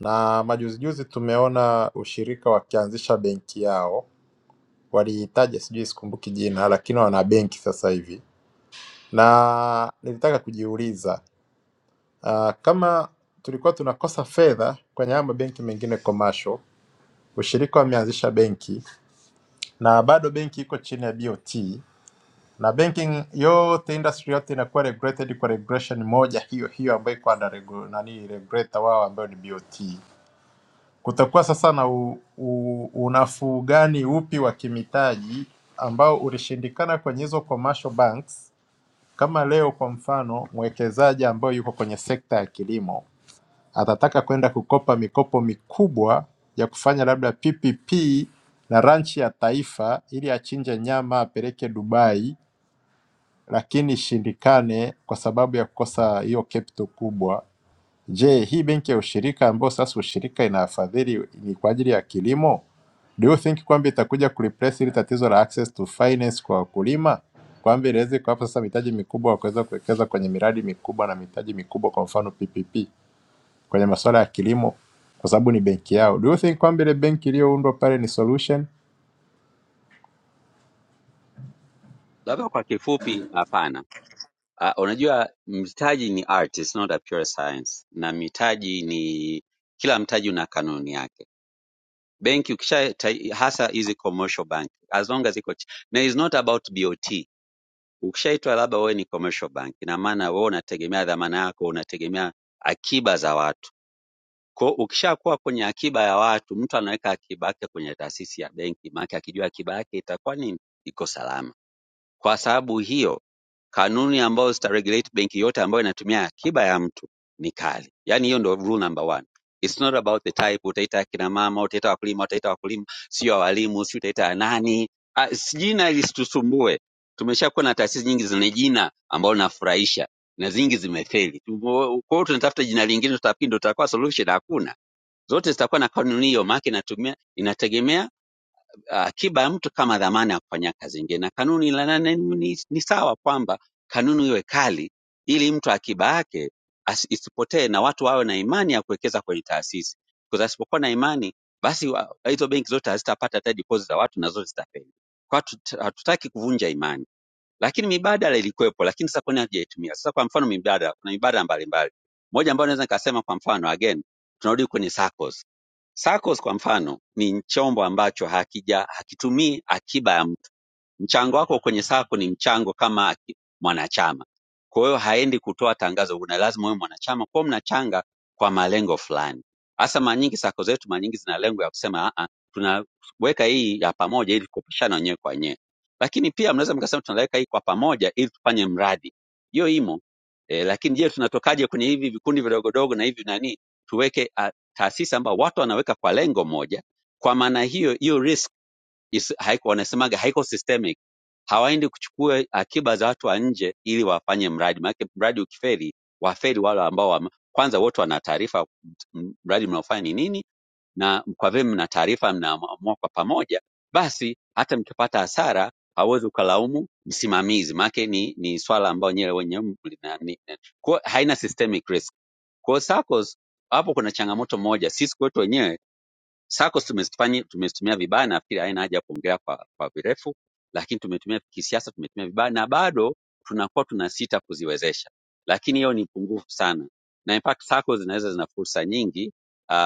D: na majuzijuzi tumeona ushirika wakianzisha benki yao waliitaja sijui sikumbuki jina, lakini wana benki sasa hivi, na nilitaka kujiuliza uh, kama tulikuwa tunakosa fedha kwenye haya mabenki mengine commercial, ushirika wameanzisha benki na bado benki iko chini ya BOT na banking yote industry yote inakuwa regulated kwa regulation moja hiyo hiyo ambayo iko under regu- nani regulator wao ambayo ni BOT. Kutakuwa sasa na u, u, unafuu gani upi wa kimitaji ambao ulishindikana kwenye hizo commercial banks. Kama leo kwa mfano, mwekezaji ambaye yuko kwenye sekta ya kilimo atataka kwenda kukopa mikopo mikubwa ya kufanya labda PPP na ranchi ya taifa, ili achinje nyama apeleke Dubai, lakini ishindikane kwa sababu ya kukosa hiyo capital kubwa. Je, hii benki ya ushirika ambayo sasa ushirika inafadhili ni kwa ajili ya kilimo? Do you think kwamba itakuja kureplace ile tatizo la access to finance kwa wakulima, kwamba inaweza kuwapa sasa mitaji mikubwa wa kuweza kuwekeza kwenye miradi mikubwa na mitaji mikubwa, kwa mfano PPP kwenye masuala ya kilimo, kwa sababu ni benki yao. Do you think kwamba ile benki iliyoundwa pale ni solution
P: Labda kwa kifupi, hapana. Uh, unajua mtaji ni art, it's not a pure science. Na mitaji ni kila mtaji una kanuni yake. Benki ukisha tai- hasa hizi commercial bank as long as iko chi- na is not about BOT. Ukishaitwa labda wewe ni commercial bank, ina maana wewe unategemea dhamana yako, unategemea akiba za watu. Kwa hiyo ukishakuwa kwenye akiba ya watu, mtu anaweka akiba yake kwenye taasisi ya benki, maana akijua akiba yake itakuwa nini, iko salama. Kwa sababu hiyo Kanuni ambayo zitaregulate benki yote ambayo inatumia akiba ya mtu ni kali. Yaani hiyo ndio rule number one. It's not about the type, utaita akina mama, utaita wakulima, utaita wakulima, sio walimu, sio utaita ya nani. Ah, si jina lisitusumbue. Tumeshakuwa na taasisi nyingi zenye jina ambalo linafurahisha na zingi zimefeli. Tumo- Kwa hiyo tunatafuta jina lingine, tutafikiri ndio tutakuwa solution. Hakuna, zote zitakuwa na kanuni hiyo, maana yake inatumia inategemea uh, akiba ya mtu kama dhamana ya kufanya kazi nyingine. Na kanuni la nane ni, ni sawa kwamba kanuni iwe kali ili mtu akiba yake asi- isipotee na watu wawe na imani ya kuwekeza kwenye taasisi, kwa asipokuwa na imani basi wa- hizo benki zote hazitapata hata deposit za watu na zote zitafeli. Kwa hiyo hatu- hatutaki kuvunja imani lakini mibadala ilikuwepo, lakini sasa kwa nini hatujaitumia? Sasa kwa mfano mibadala, kuna mibadala mbalimbali. Moja ambayo naweza nikasema kwa mfano, again tunarudi kwenye SACCOS. SACCOS kwa mfano ni chombo ambacho hakija hakitumii akiba ya mtu Mchango wako kwenye sacco ni mchango kama ki- mwanachama. Kwa hiyo haendi kutoa tangazo, una lazima wewe mwanachama kwa hiyo mnachanga kwa malengo fulani. Hasa mara nyingi sako zetu mara nyingi zina lengo ya kusema a a tunaweka hii ya pamoja ili kukopeshana wenyewe kwa wenyewe. Lakini pia mnaweza mkasema tunaweka hii kwa pamoja ili tufanye mradi. Hiyo imo. E, lakini je, tunatokaje kwenye hivi vikundi vidogodogo na hivi nani? Tuweke a, taasisi ambayo watu wanaweka kwa lengo moja. Kwa maana hiyo hiyo risk isi, haiko wanasemaga haiko systemic. Hawaendi kuchukua akiba za watu wa nje ili wafanye mradi, maanake mradi ukifeli, wafeli wale ambao wame, kwanza wote wana taarifa m- mradi mnaofanya ni nini, na kwa vile mna taarifa, mnaamua kwa pamoja, basi hata mkipata hasara hauwezi ukalaumu msimamizi, maanake ni, ni swala ambao nyewe wenyewe mlina- ni- kwa hiyo haina systemic risk. Kwa hiyo SACCOS hapo kuna changamoto moja, sisi kwetu wenyewe SACCOS tumezifanya tumezitumia vibaya, na nafikiri haina haja ya kuongea kwa, kwa virefu, lakini tumetumia kisiasa, tumetumia vibaya na bado tunakuwa tunasita kuziwezesha, lakini hiyo ni pungufu sana, na in fact SACCOS zinaweza zina fursa nyingi uh,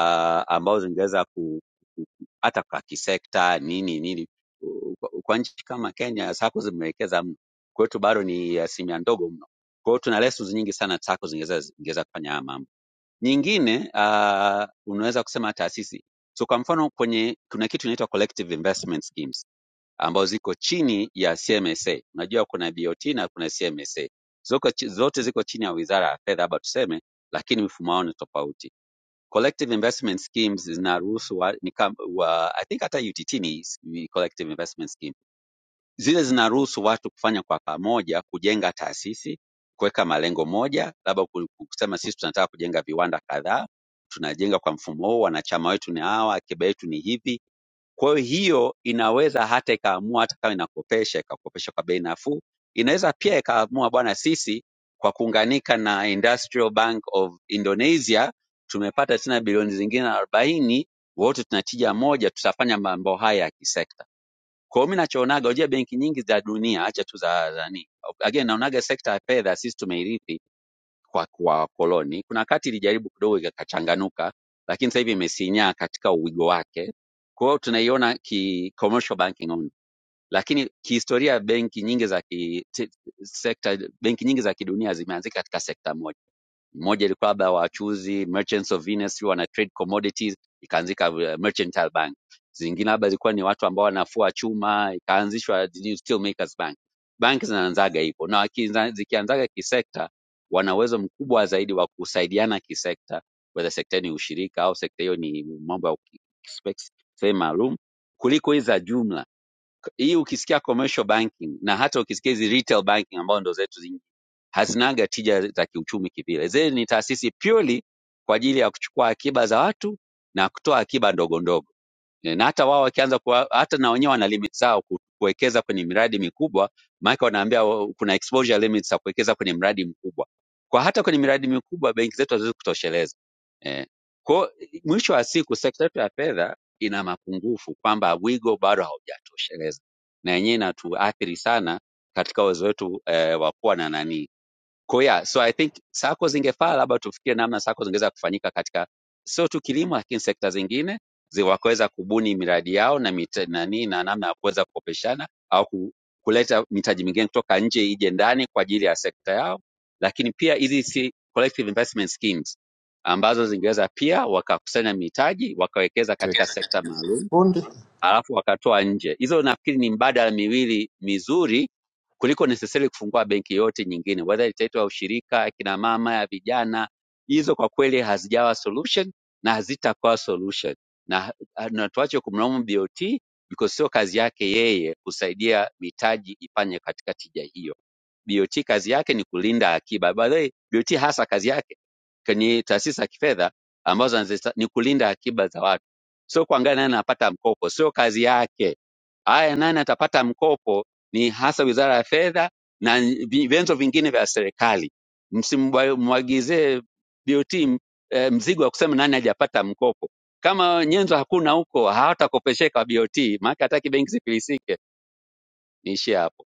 P: ambazo zingeweza ku, ku, ku- hata kwa kisekta nini nini. Kwa kwa nchi kama Kenya SACCOS zimewekeza mno, kwetu bado ni asilimia ndogo mno. Kwa hiyo tuna lessons nyingi sana SACCOS zingeweza zingeweza kufanya haya mambo. Nyingine ah, unaweza kusema taasisi. So kwa mfano kwenye kuna kitu inaitwa collective investment schemes ambazo ziko chini ya CMSA. Unajua kuna BOT na kuna CMSA. Zoko, chi- zote ziko chini ya Wizara ya Fedha hapa tuseme, lakini mfumo wao ni tofauti. Collective investment schemes zinaruhusu wa, ni kam, wa, I think hata UTT ni s- ni collective investment scheme zile zinaruhusu watu kufanya kwa pamoja, kujenga taasisi, kuweka malengo moja, labda ku- kusema sisi tunataka kujenga viwanda kadhaa, tunajenga kwa mfumo huu, wanachama wetu ni hawa, akiba yetu ni hivi. Kwa hiyo hiyo inaweza hata ikaamua, hata kama inakopesha, ikakopesha kwa bei nafuu, inaweza pia ikaamua, bwana, sisi kwa kuunganika na Industrial Bank of Indonesia tumepata tena bilioni zingine arobaini, wote tunatija moja, tutafanya mambo haya ya kisekta kwa hiyo mimi nachoonaga, unajua benki nyingi za dunia, acha tu za nani, again naonaga sekta ya fedha sisi tumeirithi kwa kwa wakoloni. Kuna wakati ilijaribu kidogo ikachanganuka, lakini sasa hivi imesinyaa katika uwigo wake. Kwa hiyo tunaiona ki commercial banking only, lakini kihistoria benki nyingi za ki, ti- sekta benki nyingi za kidunia zimeanzika katika sekta moja. Mmoja ilikuwa labda wachuzi Merchants of Venus, sijui wana trade commodities, ikaanzika uh, Mercantile Bank. Zingine labda zilikuwa ni watu ambao wanafua chuma, ikaanzishwa nini, Steel Makers Bank. Banki zinaanzaga hivyo, na wakianza- zikianzaga kisekta, wana uwezo mkubwa zaidi wa kusaidiana kisekta, whether sekta hiyo ni ushirika au sekta hiyo ni mambo ya uki- specs- sehemu maalum kuliko hizi za jumla. Hii ukisikia commercial banking na hata ukisikia hizi retail banking ambao ndo zetu hazinaga tija za kiuchumi kivile. Zile ni taasisi purely kwa ajili ya kuchukua akiba za watu na kutoa akiba ndogo ndogo, Eh, na hata wao wakianza kuwa, hata na wenyewe wana limit zao ku- kuwekeza kwenye miradi mikubwa, maanake wanaambia wa- kuna exposure limits za kuwekeza kwenye mradi mkubwa. Kwa hata kwenye miradi mikubwa benki zetu haziwezi kutosheleza. Eh, kwa mwisho wa siku sekta yetu ya fedha ina mapungufu kwamba wigo bado haujatosheleza, na yenyewe inatuathiri sana katika uwezo wetu eh, wa kuwa na nani kwa hiyo yeah, so I think sako zingefaa labda tufikirie namna sako zingeweza kufanyika katika sio tu kilimo, lakini sekta zingine zi- wakaweza kubuni miradi yao na mita, nani na namna ya kuweza kukopeshana au ku, kuleta mitaji mingine kutoka nje ije ndani kwa ajili ya sekta yao, lakini pia hizi si collective investment schemes ambazo zingeweza pia wakakusanya mitaji wakawekeza
D: to it?
P: katika sekta maalum
D: Fundi,
P: alafu wakatoa nje. Hizo nafikiri ni mbadala miwili mizuri kuliko necessarily kufungua benki yote nyingine, whether itaitwa ushirika, ya kina mama, ya vijana. Hizo kwa kweli hazijawa solution na hazitakuwa solution, na, na tuache kumlaumu BOT because sio kazi yake yeye kusaidia mitaji ifanye katika tija hiyo. BOT kazi yake ni kulinda akiba. By the way, BOT hasa kazi yake kwenye taasisi za kifedha ambazo anazista- ni kulinda akiba za watu, sio kuangalia nani anapata mkopo, sio kazi yake. Haya, nani atapata mkopo ni hasa Wizara ya Fedha na vi- vyanzo vingine vya serikali. Msimwagizie BOT m- eh, mzigo wa kusema nani hajapata mkopo. Kama nyenzo hakuna huko, hawatakopesheka BOT, maana hataki benki zifilisike. Niishie hapo,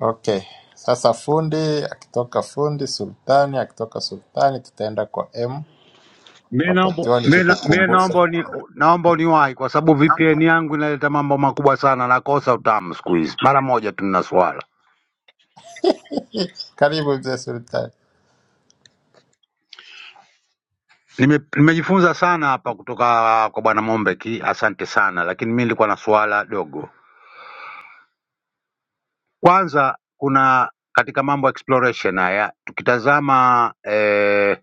D: okay. Sasa fundi akitoka fundi, sultani akitoka sultani, tutaenda kwa M
Q: Mimi naomba
D: wakati wao
Q: mimi na- mimi
D: nikikukumbusha
Q: naomba ni naomba uniwahi kwa sababu VPN yangu inaleta mambo makubwa sana, nakosa utamu siku hizi. Mara moja tu nina swala.
D: Karibu mzee Sultani.
Q: Nime, nimejifunza sana hapa kutoka kwa bwana Mombeki, asante sana, lakini mimi nilikuwa na swala dogo. Kwanza kuna katika mambo ya exploration haya tukitazama eh,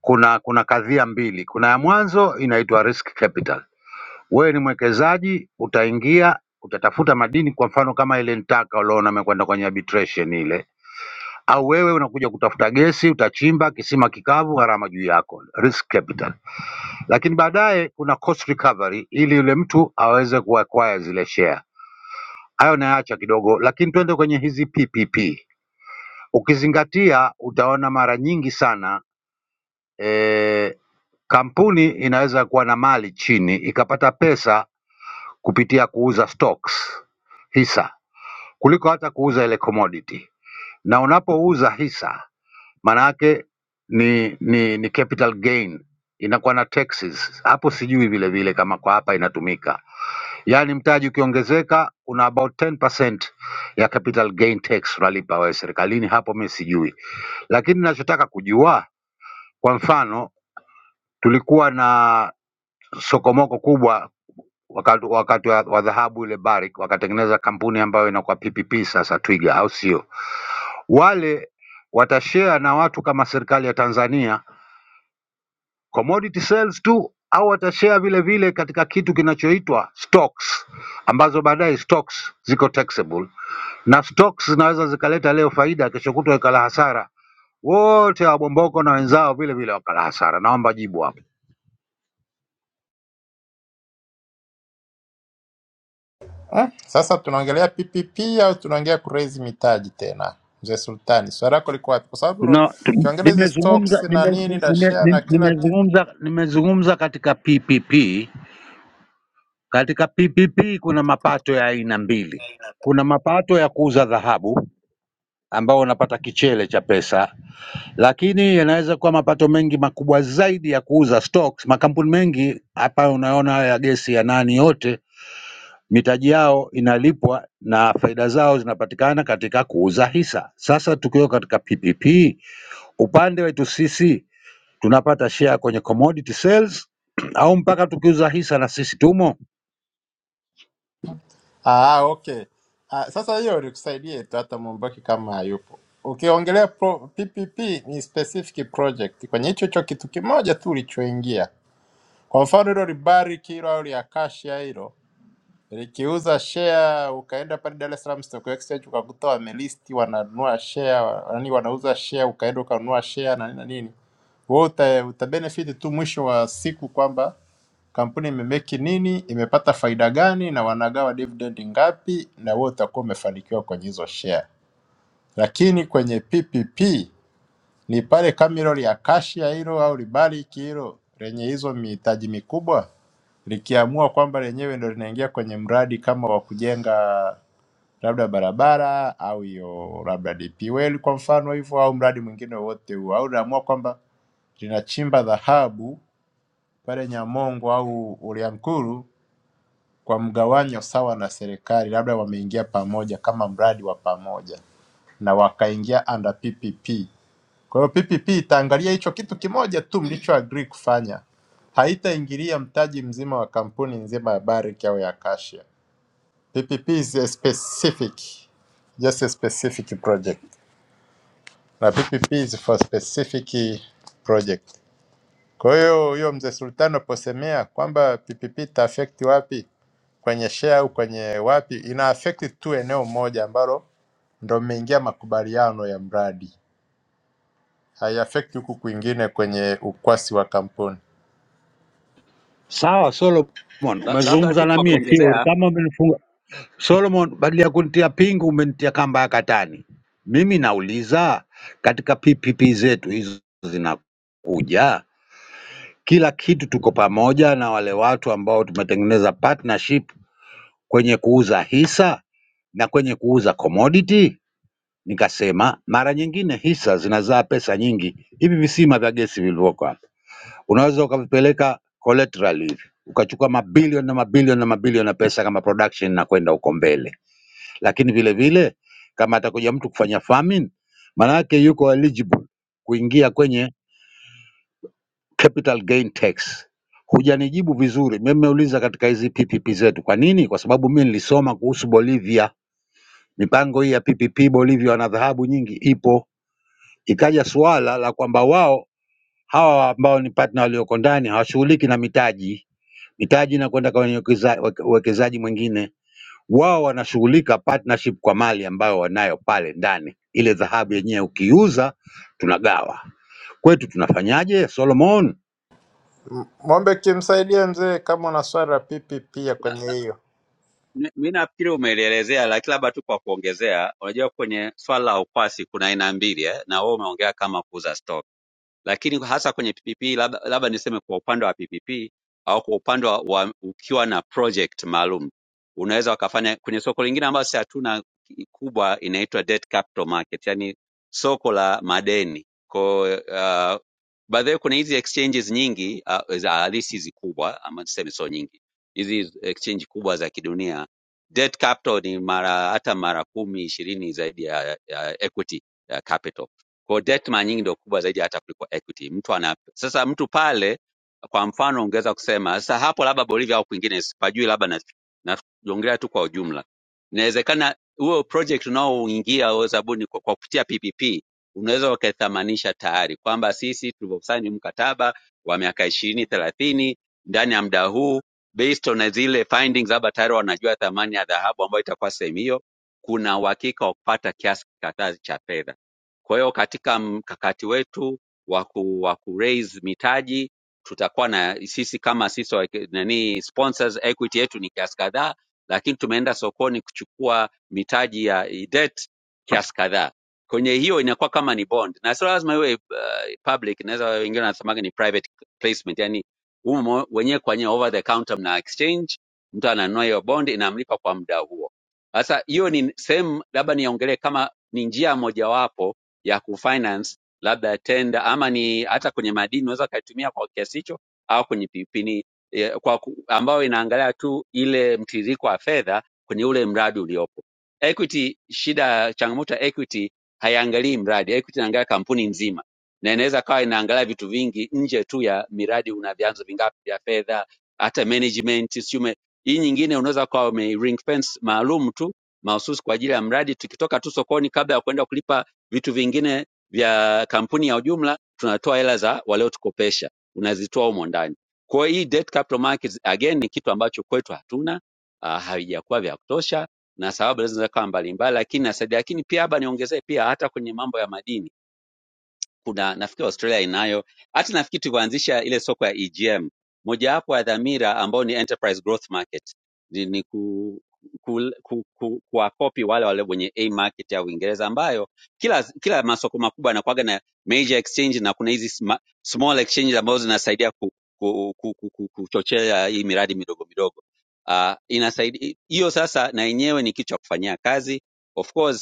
Q: kuna kuna kadhia mbili. Kuna ya mwanzo inaitwa risk capital Wewe ni mwekezaji, utaingia utatafuta madini, kwa mfano kama ile Ntaka uliona amekwenda kwenye arbitration ile, au wewe unakuja kutafuta gesi, utachimba kisima kikavu, gharama juu yako, risk capital. Lakini baadaye kuna cost recovery, ili yule mtu aweze kuacquire zile share. Hayo nayaacha kidogo, lakini twende kwenye hizi PPP. Ukizingatia utaona mara nyingi sana eh, kampuni inaweza kuwa na mali chini ikapata pesa kupitia kuuza stocks, hisa kuliko hata kuuza ile commodity. Na unapouza hisa maana yake ni, ni, ni capital gain inakuwa na taxes hapo, sijui vile vile kama kwa hapa inatumika. Yaani mtaji ukiongezeka una about 10% ya capital gain tax unalipa wewe serikalini, hapo mimi sijui, lakini ninachotaka kujua, kwa mfano tulikuwa na sokomoko kubwa wakati wakati wa, wa dhahabu ile Barrick wakatengeneza kampuni ambayo inakuwa PPP sasa Twiga, au sio? Wale watashare na watu kama serikali ya Tanzania commodity sales tu au watashare vile vile katika kitu kinachoitwa stocks ambazo baadaye stocks ziko taxable na stocks zinaweza zikaleta leo faida, kesho kutwa ikala hasara. Wote wabomboko na wenzao vile vile wakala hasara. Naomba jibu hapo.
D: Ah, Sasa tunaongelea PPP au tunaongea kuraise mitaji tena? Mzee Sultani, swali lako liko wapi? Kwa sababu ro-
Q: Tuna, tu,
D: ukiongelea hizi
Q: nimezungumza
D: stocks na
Q: nime,
D: nini
Q: nime,
D: na share
Q: nime,
D: na kila kitu.
Q: nimezungumza nimezungumza katika PPP. Katika PPP kuna mapato ya aina mbili. Kuna mapato ya kuuza dhahabu ambao unapata kichele cha pesa, lakini yanaweza kuwa mapato mengi makubwa zaidi ya kuuza stocks. Makampuni mengi hapa unaona ya gesi ya nani yote mitaji yao inalipwa na faida zao zinapatikana katika kuuza hisa. Sasa tukiwa katika PPP, upande wetu sisi tunapata share kwenye commodity sales au mpaka tukiuza hisa na sisi tumo?
D: Ah, ah, okay. Ah, sasa hiyo nikusaidie tu hata Mubaki kama hayupo. Ukiongelea pro, PPP ni specific project kwenye hicho hicho kitu kimoja tu ulichoingia. Kwa mfano hilo libariki hilo au liakashia hilo Nilikiuza share ukaenda pale Dar es Salaam Stock Exchange ukakuta wamelisti wananunua share, wa- yaani wanauza share, ukaenda ukanunua share na nini na nini. Wewe uta, uta benefit tu mwisho wa siku kwamba kampuni imemeki nini, imepata faida gani na wanagawa dividend ngapi, na wewe utakuwa umefanikiwa kwenye hizo share. Lakini kwenye PPP ni pale Camilon ya Kashia hilo au libariki hilo lenye hizo mihitaji mikubwa likiamua kwamba lenyewe ndo linaingia kwenye mradi kama wa kujenga labda barabara au hiyo labda DP World kwa mfano hivyo, au mradi mwingine wowote huo, au linaamua kwamba linachimba dhahabu pale Nyamongo au Uliankuru kwa mgawanyo sawa na serikali, labda wameingia pamoja kama mradi wa pamoja na wakaingia under PPP. Kwa hiyo PPP itaangalia hicho kitu kimoja tu mlichoagree kufanya, haitaingilia mtaji mzima wa kampuni nzima ya Barrick au ya Acacia. PPP is a specific, just a specific project, na PPP is for specific project. Kwa hiyo huyo mzee Sultan aposemea kwamba PPP ita affect wapi kwenye share au kwenye wapi, ina affect tu eneo moja ambalo ndo mmeingia makubaliano ya mradi. haiaffect huku kwingine kwenye ukwasi wa kampuni.
Q: Sawa Solomon,
P: La- labda
Q: umezungumza
P: tu
Q: na
P: kwa
Q: mie, sio
P: kuongezea
Q: kama umenifunga. Solomon, badala ya kunitia pingu umenitia kamba ya katani. Mimi nauliza katika PPP zetu hizo zinakuja, kila kitu tuko pamoja na wale watu ambao tumetengeneza partnership kwenye kuuza hisa na kwenye kuuza commodity. Nikasema mara nyingine hisa zinazaa pesa nyingi, hivi visima vya gesi vilivyoko hapa unaweza ukavipeleka collateral hivi ukachukua mabilioni na mabilioni na mabilioni ya pesa kama production na kwenda huko mbele, lakini vile vile kama atakuja mtu kufanya farming, maana yake yuko eligible kuingia kwenye capital gain tax. Hujanijibu vizuri, mimi nimeuliza katika hizi PPP zetu. Kwa nini? Kwa sababu mimi nilisoma kuhusu Bolivia, mipango hii ya PPP Bolivia, wana dhahabu nyingi ipo. Ikaja suala la kwamba wao hawa ambao ni partner walioko ndani hawashughuliki na mitaji mitaji na kwenda kwenye uwekeza- weke- uwekezaji mwingine. Wao wanashughulika partnership kwa mali ambayo wanayo pale ndani, ile dhahabu yenyewe ukiuza tunagawa. Kwetu tunafanyaje Solomon?
D: Mombek, msaidie mzee kama una swali la pipi pia kwenye hiyo.
P: Mi mi nafikiri umelielezea, lakini labda tu kwa kuongezea, unajua kwenye swala la ukwasi kuna aina mbili eh, na wewe umeongea kama kuuza stock lakini kwa- hasa kwenye PPP labda, labda niseme kwa upande wa PPP au kwa upande wa, wa ukiwa na project maalum unaweza wakafanya kwenye soko lingine ambayo sisi hatuna ki- kubwa, inaitwa debt capital market, yani soko la madeni kwa uh, by the way, kuna hizi exchanges nyingi uh, za halisi hizi kubwa ama niseme sio nyingi, hizi exchange kubwa za kidunia debt capital ni mara hata mara kumi ishirini zaidi ya, ya equity ya capital kwa hiyo debt mara nyingi ndio kubwa zaidi hata kuliko equity. Mtu ana sasa mtu pale kwa mfano ungeweza kusema sasa hapo labda Bolivia au kwingine sipajui, labda na naongelea tu kwa ujumla. Inawezekana huo project unaoingia au zabuni kwa, kwa kupitia PPP unaweza ukaithamanisha tayari kwamba sisi tulivyosaini mkataba wa miaka ishirini thelathini ndani ya muda huu based on zile findings, labda tayari wanajua thamani ya dhahabu ambayo itakuwa sehemu hiyo, kuna uhakika wa kupata kiasi kadhaa cha fedha kwa hiyo katika mkakati wetu wa ku, wa ku raise mitaji tutakuwa na sisi kama sisi wa- nani sponsors equity yetu ni kiasi kadhaa, lakini tumeenda sokoni kuchukua mitaji ya debt kiasi kadhaa. Kwenye hiyo inakuwa kama ni bond, na sio lazima iwe uh, public. Inaweza wengine wanasemaga ni private placement, yani humo wenyewe kwa wenyewe over the counter mna exchange, mtu ananunua hiyo bond inamlipa kwa muda huo. Sasa hiyo ni sehemu, labda niongelee kama ni njia mojawapo ya kufinance labda tenda ama ni hata kwenye madini unaweza ukaitumia kwa kiasi hicho au kwenye pipini eh, kwa ku, ambayo inaangalia tu ile mtiririko wa fedha kwenye ule mradi uliopo. Equity, shida changamoto ya equity haiangalii mradi, equity inaangalia kampuni nzima na inaweza kawa inaangalia vitu vingi nje tu ya miradi, una vyanzo vingapi vya fedha, hata management siume. Hii nyingine unaweza kuwa ume ring fence maalum tu mahususi kwa ajili ya mradi, tukitoka tu sokoni kabla ya kwenda kulipa Vitu vingine vya kampuni ya ujumla tunatoa hela za waliotukopesha, unazitoa humo ndani. Kwa hiyo hii debt capital markets again ni kitu ambacho kwetu hatuna, uh, havijakuwa vya kutosha na sababu zinaweza kuwa mbalimbali, lakini nasaidia. Lakini pia hapa niongezee pia hata kwenye mambo ya madini kuna nafikiri Australia inayo hata nafikiri tulivyoanzisha ile soko ya EGM, mojawapo ya dhamira ambao ni enterprise growth market ni, ni ku, ku, ku, ku, kuwakopi wale wale wenye A market ya Uingereza ambayo kila kila masoko makubwa yanakuwaga na major exchange na kuna hizi sma- small exchange ambazo zinasaidia ku, ku, ku, ku, ku, kuchochea hii miradi midogo midogo. Uh, inasaidia hiyo sasa, na yenyewe ni kitu cha kufanyia kazi of course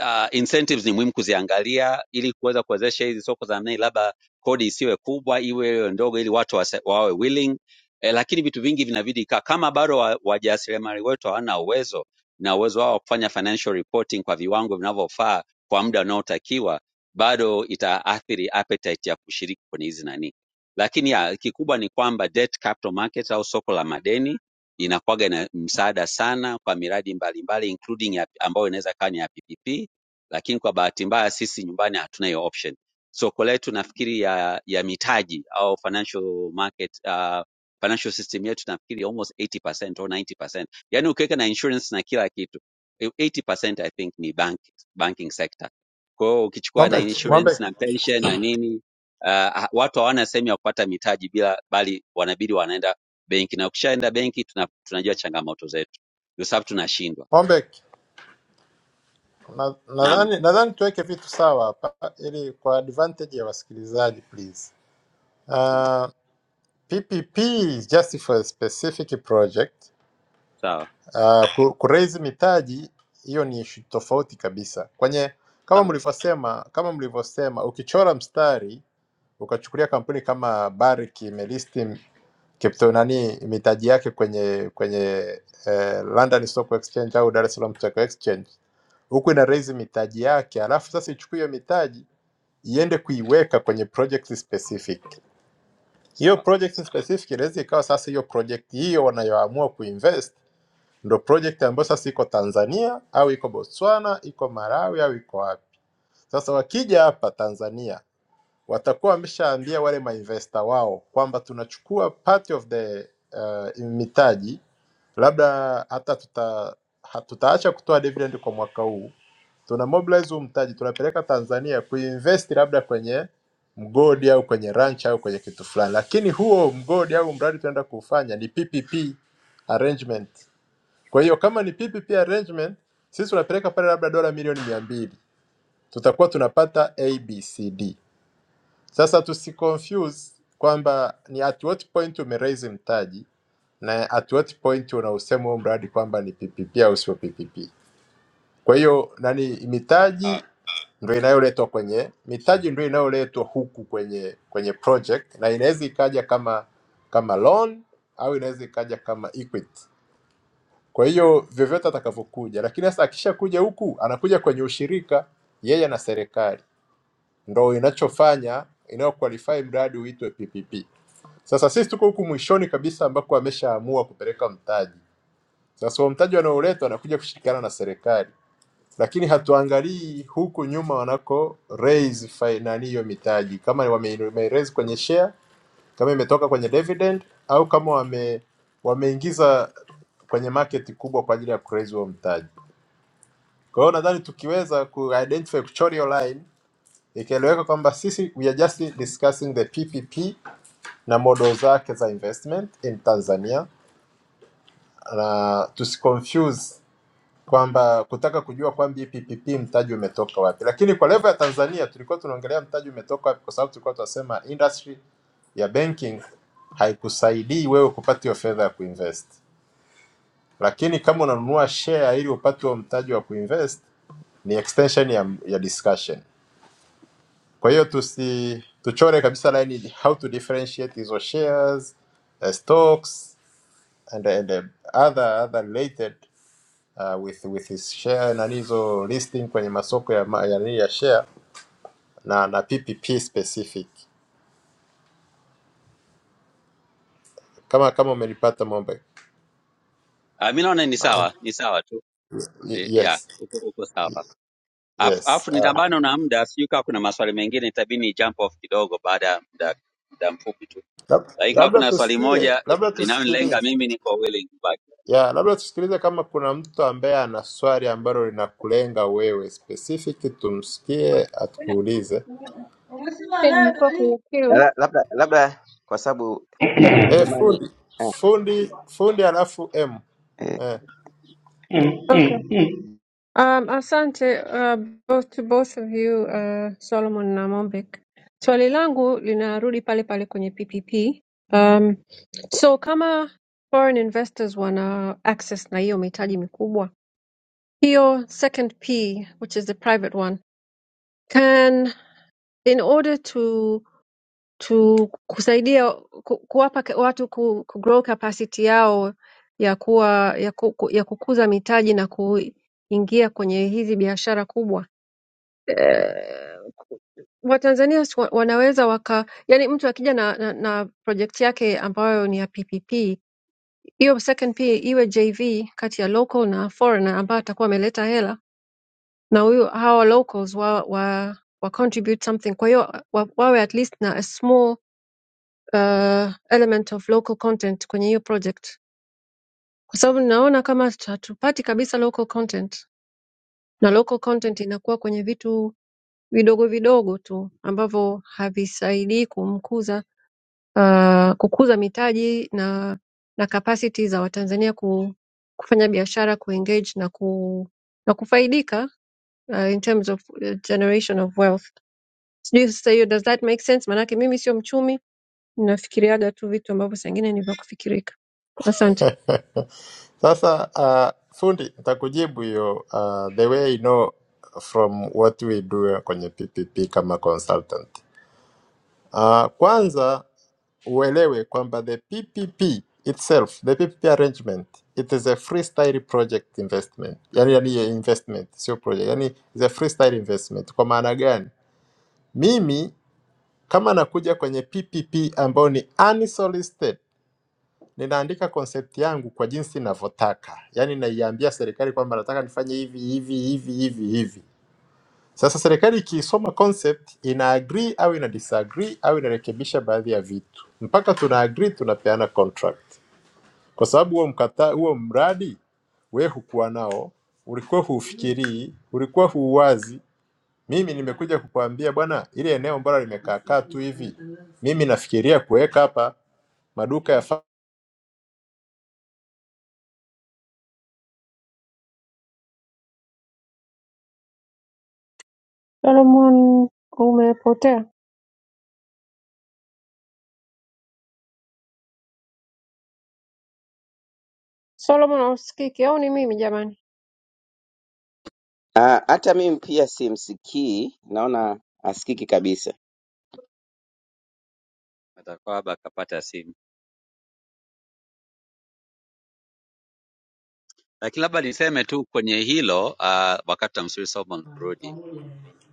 P: uh, incentives ni muhimu kuziangalia ili kuweza kuwezesha hizi soko za ndani, labda kodi isiwe kubwa, iwe ndogo, ili watu wase, wawe willing eh, lakini vitu vingi vinabidi kaa kama bado wa- wajasiriamali wa wetu hawana uwezo na uwezo wao wa kufanya financial reporting kwa viwango vinavyofaa kwa muda unaotakiwa, bado itaathiri appetite ya kushiriki kwenye hizi nani. Lakini ya, kikubwa ni kwamba debt capital market au soko la madeni inakuwaga na msaada sana kwa miradi mbalimbali mbali, including ya, ambayo inaweza kaa ni ya PPP lakini kwa bahati mbaya sisi nyumbani hatuna hiyo option. Soko letu nafikiri ya, ya mitaji au financial market uh, financial system yetu nafikiri almost 80% au 90%, yani ukiweka na insurance na kila kitu eh, 80% I think ni bank, banking sector. Kwa hiyo ukichukua na
D: Mombek,
P: insurance
D: Mombek,
P: na pension na nini uh, ha- watu hawana sehemu ya kupata mitaji bila, bali wanabidi wanaenda benki, na ukishaenda benki tuna, tunajua changamoto zetu, kwa sababu tunashindwa.
D: Mombek, na-
P: Naam,
D: nadhani nadhani tuweke vitu sawa hapa ili kwa advantage ya wasikilizaji please.
P: naam.
D: Uh, PPP is just for a specific project.
P: sawa
D: Uh, ku, kuraise mitaji hiyo ni issue tofauti kabisa. Kwenye kama
P: sawa
D: mlivyosema, kama mlivyosema ukichora mstari ukachukulia kampuni kama Barrick imelisti crypto nani mitaji yake kwenye kwenye eh, London Stock Exchange au Dar es Salaam Stock Exchange, huku ina raise mitaji yake, alafu sasa ichukue hiyo mitaji iende kuiweka kwenye project specific. Hiyo
P: sawa.
D: project specific inaweza ikawa sasa hiyo project hiyo wanayoamua kuinvest ndo project ambayo sasa iko Tanzania au iko Botswana, iko Malawi au iko wapi. Sasa wakija hapa Tanzania watakuwa wameshaambia wale mainvesta wao kwamba tunachukua part of the uh, mitaji, labda hata tuta, ha- tutaacha kutoa dividend kwa mwaka huu, tuna mobilize huu mtaji tunapeleka Tanzania kuinvest labda kwenye mgodi au kwenye ranch au kwenye kitu fulani, lakini huo mgodi au mradi tunaenda kuufanya ni PPP arrangement. Kwa hiyo kama ni PPP arrangement, sisi tunapeleka pale labda dola milioni mia mbili tutakuwa tunapata ABCD. Sasa tusiconfuse kwamba ni at what point umeraise mtaji na at what point unausema huo mradi kwamba ni PPP au sio PPP. Kwa hiyo nani,
P: Ah,
D: mitaji ndio inayoletwa kwenye mitaji ndio inayoletwa huku kwenye kwenye project, na inaweza ikaja kama kama loan au inaweza ikaja kama equity. Kwa hiyo vyovyote atakavyokuja, lakini sasa akishakuja huku anakuja kwenye ushirika yeye na serikali ndo inachofanya inayoqualify mradi uitwe PPP. Sasa sisi tuko huku mwishoni kabisa ambako ameshaamua kupeleka mtaji. Sasa huo mtaji wanaoletwa wanakuja kushirikiana na serikali, lakini hatuangalii huku nyuma wanako raise fi- nani hiyo mitaji, kama wame, wame raise kwenye share, kama imetoka kwenye dividend au kama wame wameingiza kwenye market kubwa kwa ajili ya kuraise huo mtaji. Kwa hiyo nadhani tukiweza ku identify kuchora hiyo line ikieleweka kwamba sisi we are just discussing the PPP na model zake za investment in Tanzania, na tusiconfuse kwamba kutaka kujua kwamba hii PPP mtaji umetoka wapi. Lakini kwa level ya Tanzania tulikuwa tunaongelea mtaji umetoka wapi, kwa sababu tulikuwa tunasema industry ya banking haikusaidii wewe kupata hiyo fedha ya kuinvest, lakini kama unanunua share ili upate huo mtaji wa kuinvest ni extension ya, ya discussion. Kwa hiyo tusi tuchore kabisa line how to differentiate hizo shares, uh, stocks and, and uh, other other related uh, with with his share na hizo listing kwenye masoko ya ma- ya, nini ya share na na PPP specific. Kama kama umenipata Mombe.
P: ah, mi naona ni sawa,
D: Uh,
P: ni sawa tu e,
D: y-
P: ya
D: yes.
P: uko, uko sawa. Afu,
D: Yes.
P: afu
D: Uh,
P: nitambana na muda, sijui kama kuna maswali mengine itabidi ni jump off kidogo baada ya muda muda mfupi tu,
D: lab,
P: lakini kama
D: labda
P: kuna swali
D: tusikie,
P: moja eh,
D: labda
P: inayonilenga
D: tusikilize.
P: mimi, niko willing kubaki,
D: Yeah, labda tusikilize kama kuna mtu ambaye ana swali ambalo linakulenga wewe specific tumsikie atukuulize
R: Umesema
B: Eh,
R: nayo
B: nilikuwa
R: dalili.
B: kwenye queue.
R: La- labda labda kwa sababu kwa maana
D: eh,
R: jamani
D: fundi
R: ah,
D: fundi fundi alafu m
R: eh,
D: eh.
B: okay um, asante uh, both to both of you uh, solomon na mombek swali langu linarudi pale pale kwenye ppp um, so kama foreign investors wana access na hiyo mitaji mikubwa Pure second P, which is the private one, can in order to to kusaidia ku, kuwapa ke- watu ku, ku grow capacity yao ya kuwa ya, ku, ku- ya kukuza mitaji na kuingia kwenye hizi biashara kubwa. Eh, Watanzania si wa- wanaweza waka, yani mtu akija na, na, na project yake ambayo ni ya PPP, hiyo second P iwe JV kati ya local na foreigner ambayo atakuwa ameleta hela na huyu hawa locals wa, wa, wa contribute something kwa hiyo wa, wawe at least na a small uh, element of local content kwenye hiyo project kwa sababu ninaona kama hatupati kabisa local content na local content inakuwa kwenye vitu vidogo vidogo tu ambavyo havisaidii kumkuza uh, kukuza mitaji na na capacity za watanzania ku, kufanya biashara kuengage na, ku, na kufaidika uh, in terms of uh, generation of wealth Sijui sasa hiyo does that make sense? Maanake mimi sio mchumi, ninafikiriaga tu vitu ambavyo saa ingine ni vya kufikirika. Asante
D: Sasa uh, fundi nitakujibu hiyo uh, the way I know from what we do kwenye PPP kama consultant. Uh, kwanza uelewe kwamba the PPP itself, the PPP arrangement it is a freestyle project investment. Yani, yani hiyo investment sio project, yani is a freestyle investment. Kwa maana gani? Mimi kama nakuja kwenye PPP ambayo ni unsolicited ninaandika concept yangu kwa jinsi ninavyotaka, yaani naiambia serikali kwamba nataka nifanye hivi hivi hivi hivi hivi. Sasa serikali ikiisoma concept ina agree au ina disagree au inarekebisha baadhi ya vitu, mpaka tuna agree, tunapeana contract, kwa sababu huo mkata huo mradi we hukuwa nao, ulikuwa huufikirii, ulikuwa huuwazi. Mimi nimekuja kukuambia bwana, ile eneo mbalo limekaa kaa tu hivi, mimi nafikiria kuweka hapa maduka ya
B: Solomon, umepotea. Solomon hausikiki au ni mimi jamani?
R: ah, hata mimi pia simsikii, naona asikiki kabisa.
P: atakwaba akapata simu. Lakini labda niseme tu kwenye hilo uh, wakati tamsiri Solomon kurudi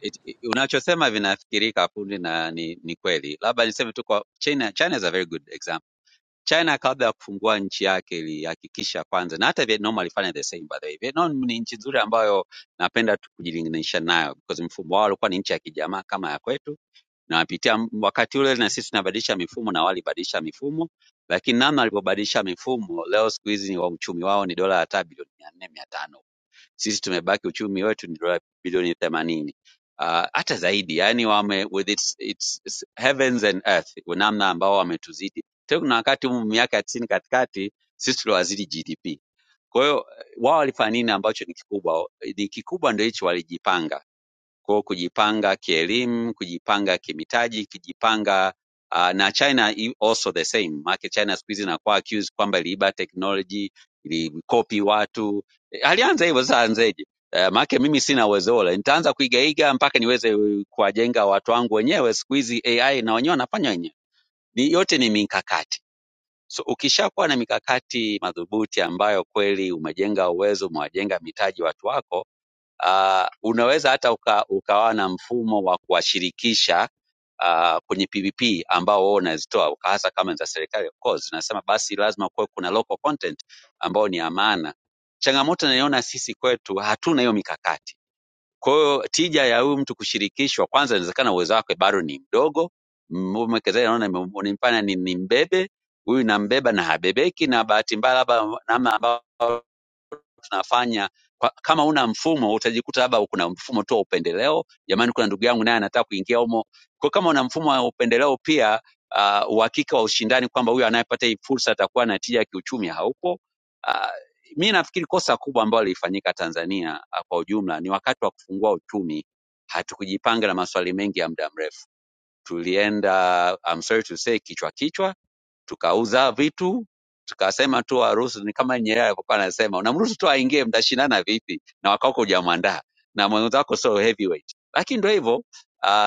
P: It- it- unachosema vinafikirika fundi na ni, ni kweli. Labda niseme tu kwa China, China is a very good example China kabla ya kufungua nchi yake ilihakikisha kwanza, na hata Vietnam walifanya the same by the way. Vietnam ni nchi nzuri ambayo napenda tu kujilinganisha nayo because mfumo wao ulikuwa ni nchi ya kijamaa kama ya kwetu, na wapitia m- wakati ule na sisi tunabadilisha mifumo na walibadilisha mifumo, lakini namna walivyobadilisha mifumo, leo siku hizi ni wa uchumi wao ni dola hata bilioni mia nne mia tano sisi tumebaki uchumi wetu ni dola bilioni themanini Ah, hata zaidi yani wame, with its, its, its heavens and earth namna ambao wametuzidi tena kuna wakati humu miaka ya tisini katikati sisi tuliwazidi gdp kwa hiyo eh, wao walifanya nini ambacho ni kikubwa ni kikubwa ndo hicho walijipanga kwao kujipanga kielimu, kujipanga kimitaji, kujipanga uh, na China i- also the same. Maana China siku hizi inakuwa accused kwamba iliiba technology, ilikopi watu. Eh, Alianza hivyo sasa anzeje? Uh, maana mimi sina uwezo ule. Nitaanza kuigaiga mpaka niweze eh, kuwajenga watu wangu wenyewe. Siku hizi AI na wenyewe wanafanya wenyewe. Ni yote ni mikakati. So ukishakuwa na mikakati madhubuti ambayo kweli umejenga uwezo, umewajenga mitaji watu wako Uh, unaweza hata uka, ukawa na mfumo wa kuwashirikisha uh, kwenye PPP ambao wewe unazitoa uka- hasa kama ni za serikali of course. Nasema basi lazima kuwe kuna local content ambao ni amana. Changamoto naiona sisi kwetu hatuna hiyo mikakati. Kwa hiyo tija ya huyu mtu kushirikishwa, kwanza inawezekana uwezo wake bado ni mdogo, Mm, mwekezaji anaona nime- nimefanya ni, ni mbebe huyu nambeba na habebeki, na bahati mbaya labda namna ambao tunafanya kwa, kama una mfumo utajikuta labda kuna mfumo tu wa upendeleo. Jamani, kuna ndugu yangu naye anataka kuingia humo. Kwa kama una mfumo wa upendeleo pia ah, uhakika wa ushindani kwamba huyu anayepata hii fursa atakuwa na tija ya kiuchumi haupo. Uh, mi nafikiri kosa kubwa ambalo lilifanyika Tanzania ah, kwa ujumla ni wakati wa kufungua uchumi hatukujipanga na maswali mengi ya muda mrefu. Tulienda I'm sorry to say, kichwa kichwa tukauza vitu tukasema tu waruhusu, ni kama Nyerere alivyokuwa anasema, unamruhusu tu aingie, mtashindana vipi na wakako hujamwandaa na mwenzako sio heavyweight. Lakini ndio hivyo uh,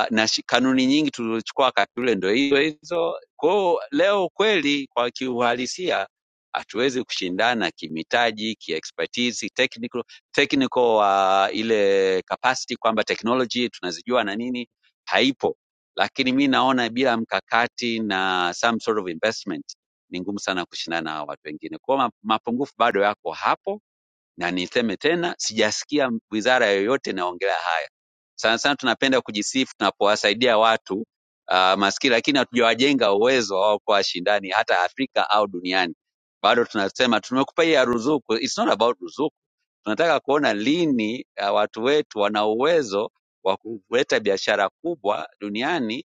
P: na shi- kanuni nyingi tulizochukua wakati ule ndio hizo hizo. Kwa hiyo leo kweli, kwa kiuhalisia, hatuwezi kushindana kimitaji, kiexpertise, technical, technical uh, ile capacity kwamba technology tunazijua na nini, haipo lakini mi naona bila mkakati na some sort of investment ni ngumu sana kushindana na hawa watu wengine. Kwa hiyo ma- mapungufu bado yako hapo, na niseme tena, sijasikia wizara yoyote inaongelea haya. Sana sana tunapenda kujisifu tunapowasaidia watu uh, maskini, lakini hatujawajenga uwezo wa wao kuwa shindani hata Afrika au duniani. Bado tunasema tumekupa hii ya ruzuku, it's not about ruzuku Tunataka kuona lini ah, watu wetu wana uwezo wa kuleta biashara kubwa duniani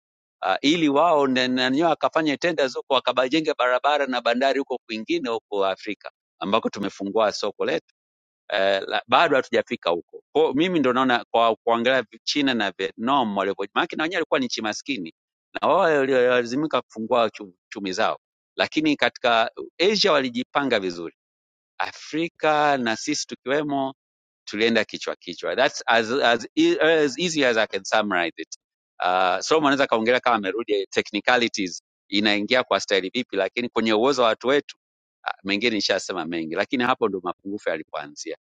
P: ah, ili wao na- na wenyewe wakafanye tenders huko wakabajenge barabara na bandari huko kwingine huko Afrika ambako tumefungua soko letu eh, la, bado hatujafika huko. Kwa mimi ndo naona kwa kuangalia vi- China na Vietnam walivyo, maana na wenyewe walikuwa ni nchi maskini na wao walilazimika kufungua chu- chumi zao, lakini katika Asia walijipanga vizuri, Afrika na sisi tukiwemo tulienda kichwa kichwa. That's as, as, e- as easy as I can summarize it. Uh, Solomon anaweza kaongelea kama amerudi technicalities inaingia kwa staili vipi, lakini kwenye uwezo wa watu wetu ah, mengine nishasema mengi, lakini hapo ndo mapungufu yalipoanzia.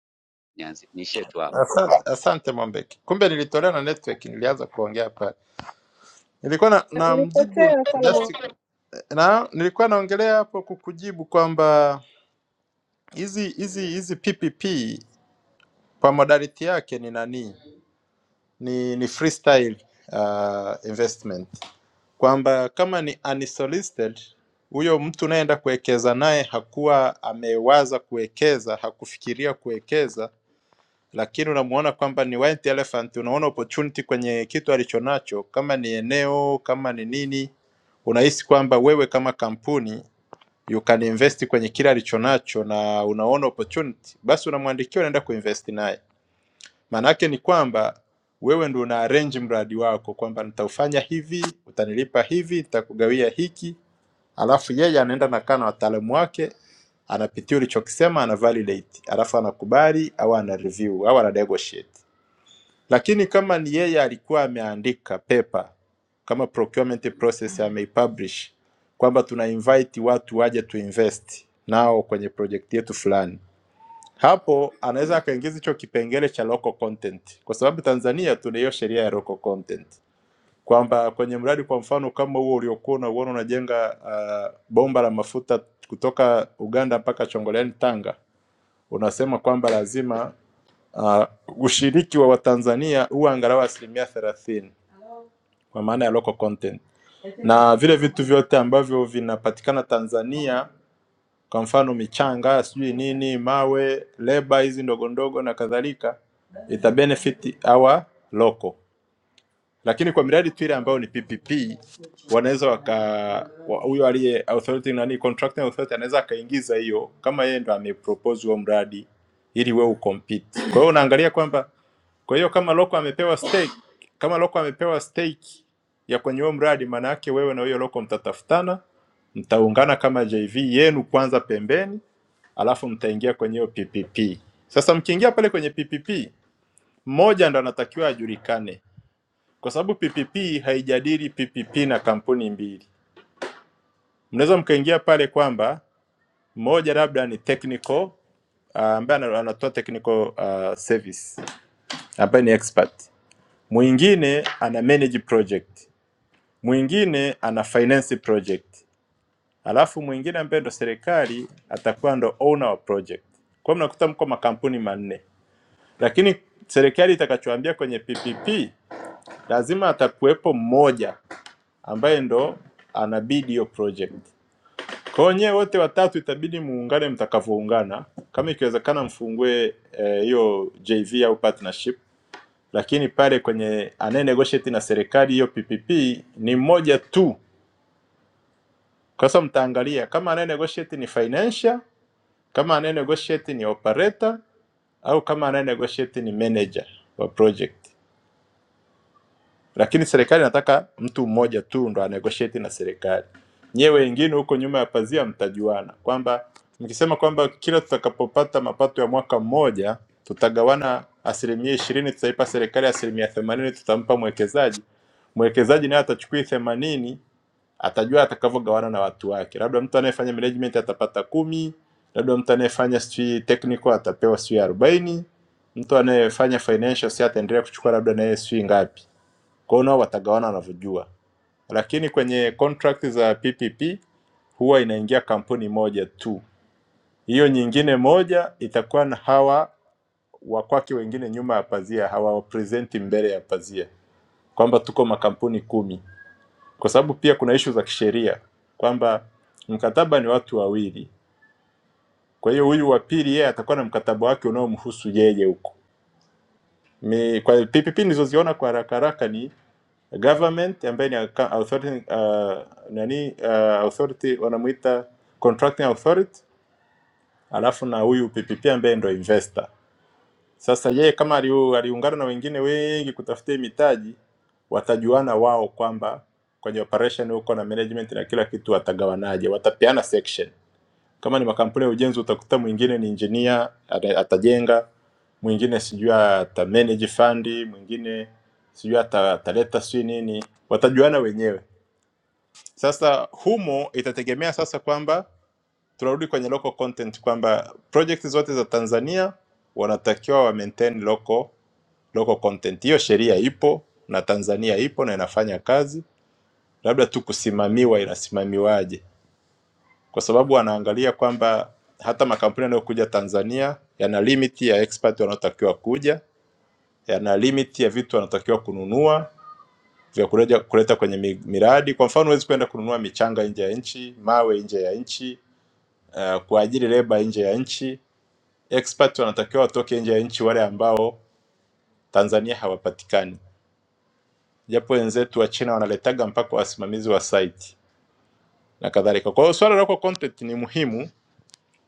P: Nianzie niishie tu hapo.
D: Asante, asante Mwambeki. Kumbe nilitolewa na network, nilianza kuongea hapa. Nilikuwa na, na mjibu
B: ulipotea Solomon.
D: just na nilikuwa naongelea hapo kukujibu kwamba hizi hizi hizi PPP kwa modality yake ni nani? Ni ni freestyle uh, investment. Kwamba kama ni unsolicited huyo mtu unayeenda kuwekeza naye hakuwa amewaza kuwekeza, hakufikiria kuwekeza lakini unamuona kwamba ni white elephant, unaona opportunity kwenye kitu alichonacho, kama ni eneo, kama ni nini, unahisi kwamba wewe kama kampuni you can invest kwenye kile alichonacho na unaona opportunity, basi unamwandikia, unaenda kuinvest naye. Maana yake ni kwamba wewe ndio una arrange mradi wako kwamba nitaufanya hivi, utanilipa hivi, nitakugawia hiki, alafu yeye anaenda nakaa na kana wataalamu wake anapitia ulichokisema, ana validate, alafu anakubali au ana review au ana negotiate. Lakini kama ni yeye alikuwa ameandika paper kama procurement process ameipublish kwamba tuna invite watu waje tuinvest nao kwenye project yetu fulani, hapo anaweza akaingiza hicho kipengele cha local content, kwa sababu Tanzania tuna hiyo sheria ya local content kwamba kwenye mradi kwa mfano kama huo uliokuwa unauona unajenga uh, bomba la mafuta kutoka Uganda mpaka Chongoleani Tanga, unasema kwamba lazima uh, ushiriki wa Watanzania huwa angalau asilimia thelathini kwa maana ya local content, na vile vitu vyote ambavyo vinapatikana Tanzania, kwa mfano michanga, sijui nini, mawe, leba hizi ndogo ndogo na kadhalika, ita benefit our local lakini kwa miradi tu ile ambayo ni PPP wanaweza waka wa- huyo wa, aliye authority nani contracting authority anaweza akaingiza hiyo kama yeye ndo amepropose huo mradi ili wewe ucompete. Kwa hiyo unaangalia kwamba kwa hiyo kama loko amepewa stake, kama loko amepewa stake ya kwenye huo mradi, maana yake wewe na huyo loko mtatafutana, mtaungana kama JV yenu kwanza pembeni, alafu mtaingia kwenye hiyo PPP. Sasa mkiingia pale kwenye PPP, mmoja ndo anatakiwa ajulikane kwa sababu PPP haijadili PPP na kampuni mbili. Mnaweza mkaingia pale kwamba mmoja labda ni technical uh, ambaye ana- anatoa technical uh, service ambaye ni expert, mwingine ana manage project, mwingine ana finance project, alafu mwingine ambaye ndo serikali atakuwa ndo owner wa project. Kwa hiyo mnakuta mko makampuni manne, lakini serikali itakachoambia kwenye PPP lazima atakuwepo mmoja ambaye ndo anabidi hiyo project. Kwa hiyo nyewe wote watatu itabidi muungane mtakavyoungana, kama ikiwezekana mfungue eh, hiyo JV au partnership, lakini pale kwenye anaye negotiate na serikali hiyo PPP ni mmoja tu. Kwa sasa mtaangalia kama anaye negotiate ni financial, kama anaye negotiate ni operator au kama anaye negotiate ni manager wa project. lakini serikali inataka mtu mmoja tu ndo anegotiate na serikali. Nyewe wengine huko nyuma ya pazia mtajuana kwamba mkisema kwamba kila tutakapopata mapato ya mwaka mmoja tutagawana asilimia ishirini tutaipa serikali, asilimia themanini tutampa mwekezaji. Mwekezaji naye atachukua themanini, atajua atakavyogawana na watu wake. Labda mtu anayefanya management atapata kumi, labda mtu anayefanya sijui technical atapewa sijui arobaini, mtu anayefanya financial si ataendelea kuchukua labda naye sijui ngapi kwa hiyo nao watagawana wanavyojua, lakini kwenye contract za PPP huwa inaingia kampuni moja tu, hiyo nyingine moja itakuwa na hawa wakwake wengine nyuma ya pazia, hawawapresenti mbele ya pazia kwamba tuko makampuni kumi, kwa sababu pia kuna ishu za kisheria kwamba mkataba ni watu wawili, kwa hiyo huyu wa pili yeye atakuwa na mkataba wake unaomhusu yeye huko. Ni- Kwa PPP nilizoziona kwa haraka haraka ni government ambaye ni acca- authority, uh, nani uh, authority wanamuita contracting authority, alafu na huyu PPP ambaye ndo investor. Sasa yeye kama aliu- aliungana na wengine wengi kutafutia hii mitaji, watajuana wao kwamba kwenye operation huko na management na kila kitu watagawanaje, watapeana section. Kama ni makampuni ya ujenzi, utakuta mwingine ni engineer ata- atajenga, mwingine sijui ata manage fundi, mwingine sijui ata- ataleta sijui nini, watajuana wenyewe sasa humo itategemea sasa kwamba tunarudi kwenye local content kwamba project zote za Tanzania wanatakiwa wa maintain local local content. Hiyo sheria ipo na Tanzania ipo na inafanya kazi, labda tu kusimamiwa inasimamiwaje, kwa sababu wanaangalia kwamba hata makampuni yanayokuja Tanzania yana limit ya expert wanaotakiwa kuja, yana limit ya vitu wanaotakiwa kununua, vya kuleta, kuleta kwenye mi- miradi. Kwa mfano, huwezi kwenda kununua michanga nje ya nchi, mawe nje ya nchi, uh, kuajiri leba nje ya nchi. Expert wanatakiwa watoke nje ya nchi, wale ambao Tanzania hawapatikani, japo wenzetu wa China wanaletaga mpaka wasimamizi wa site na kadhalika. Kwa hiyo swala la local content ni muhimu,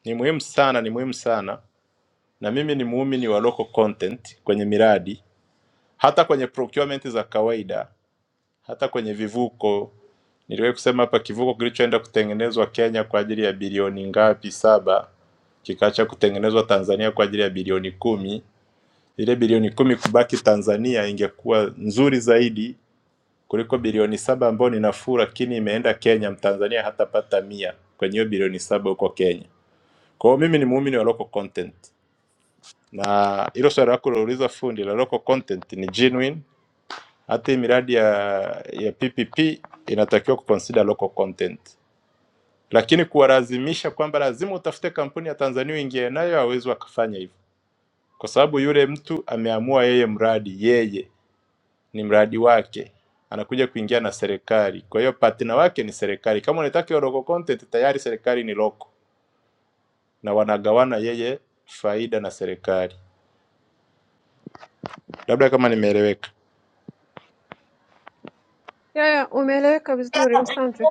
D: ni muhimu sana, ni muhimu sana, na mimi ni muumini wa local content kwenye miradi, hata kwenye procurement za kawaida Hata kwenye vivuko niliwahi kusema hapa kivuko kilichoenda kutengenezwa Kenya kwa ajili ya bilioni ngapi saba kikaacha kutengenezwa Tanzania kwa ajili ya bilioni kumi. Ile bilioni kumi kubaki Tanzania ingekuwa nzuri zaidi kuliko bilioni saba ambayo ni nafuu, lakini imeenda Kenya. Mtanzania hatapata mia kwenye hiyo bilioni saba huko Kenya. Kwa hiyo mimi ni muumini wa local content, na hilo swali lako ulilouliza fundi la local content ni genuine hata hii miradi ya ya PPP inatakiwa kuconsider local content, lakini kuwalazimisha kwamba lazima utafute kampuni ya Tanzania uingie nayo, hawezi wakafanya hivyo, kwa sababu yule mtu ameamua yeye mradi, yeye ni mradi wake, anakuja kuingia na serikali. Kwa hiyo partner wake ni serikali. Kama unataka local content, tayari serikali ni local na wanagawana yeye faida na serikali. Labda kama nimeeleweka.
B: Yeah, yeah, umeeleweka vizuri, asante.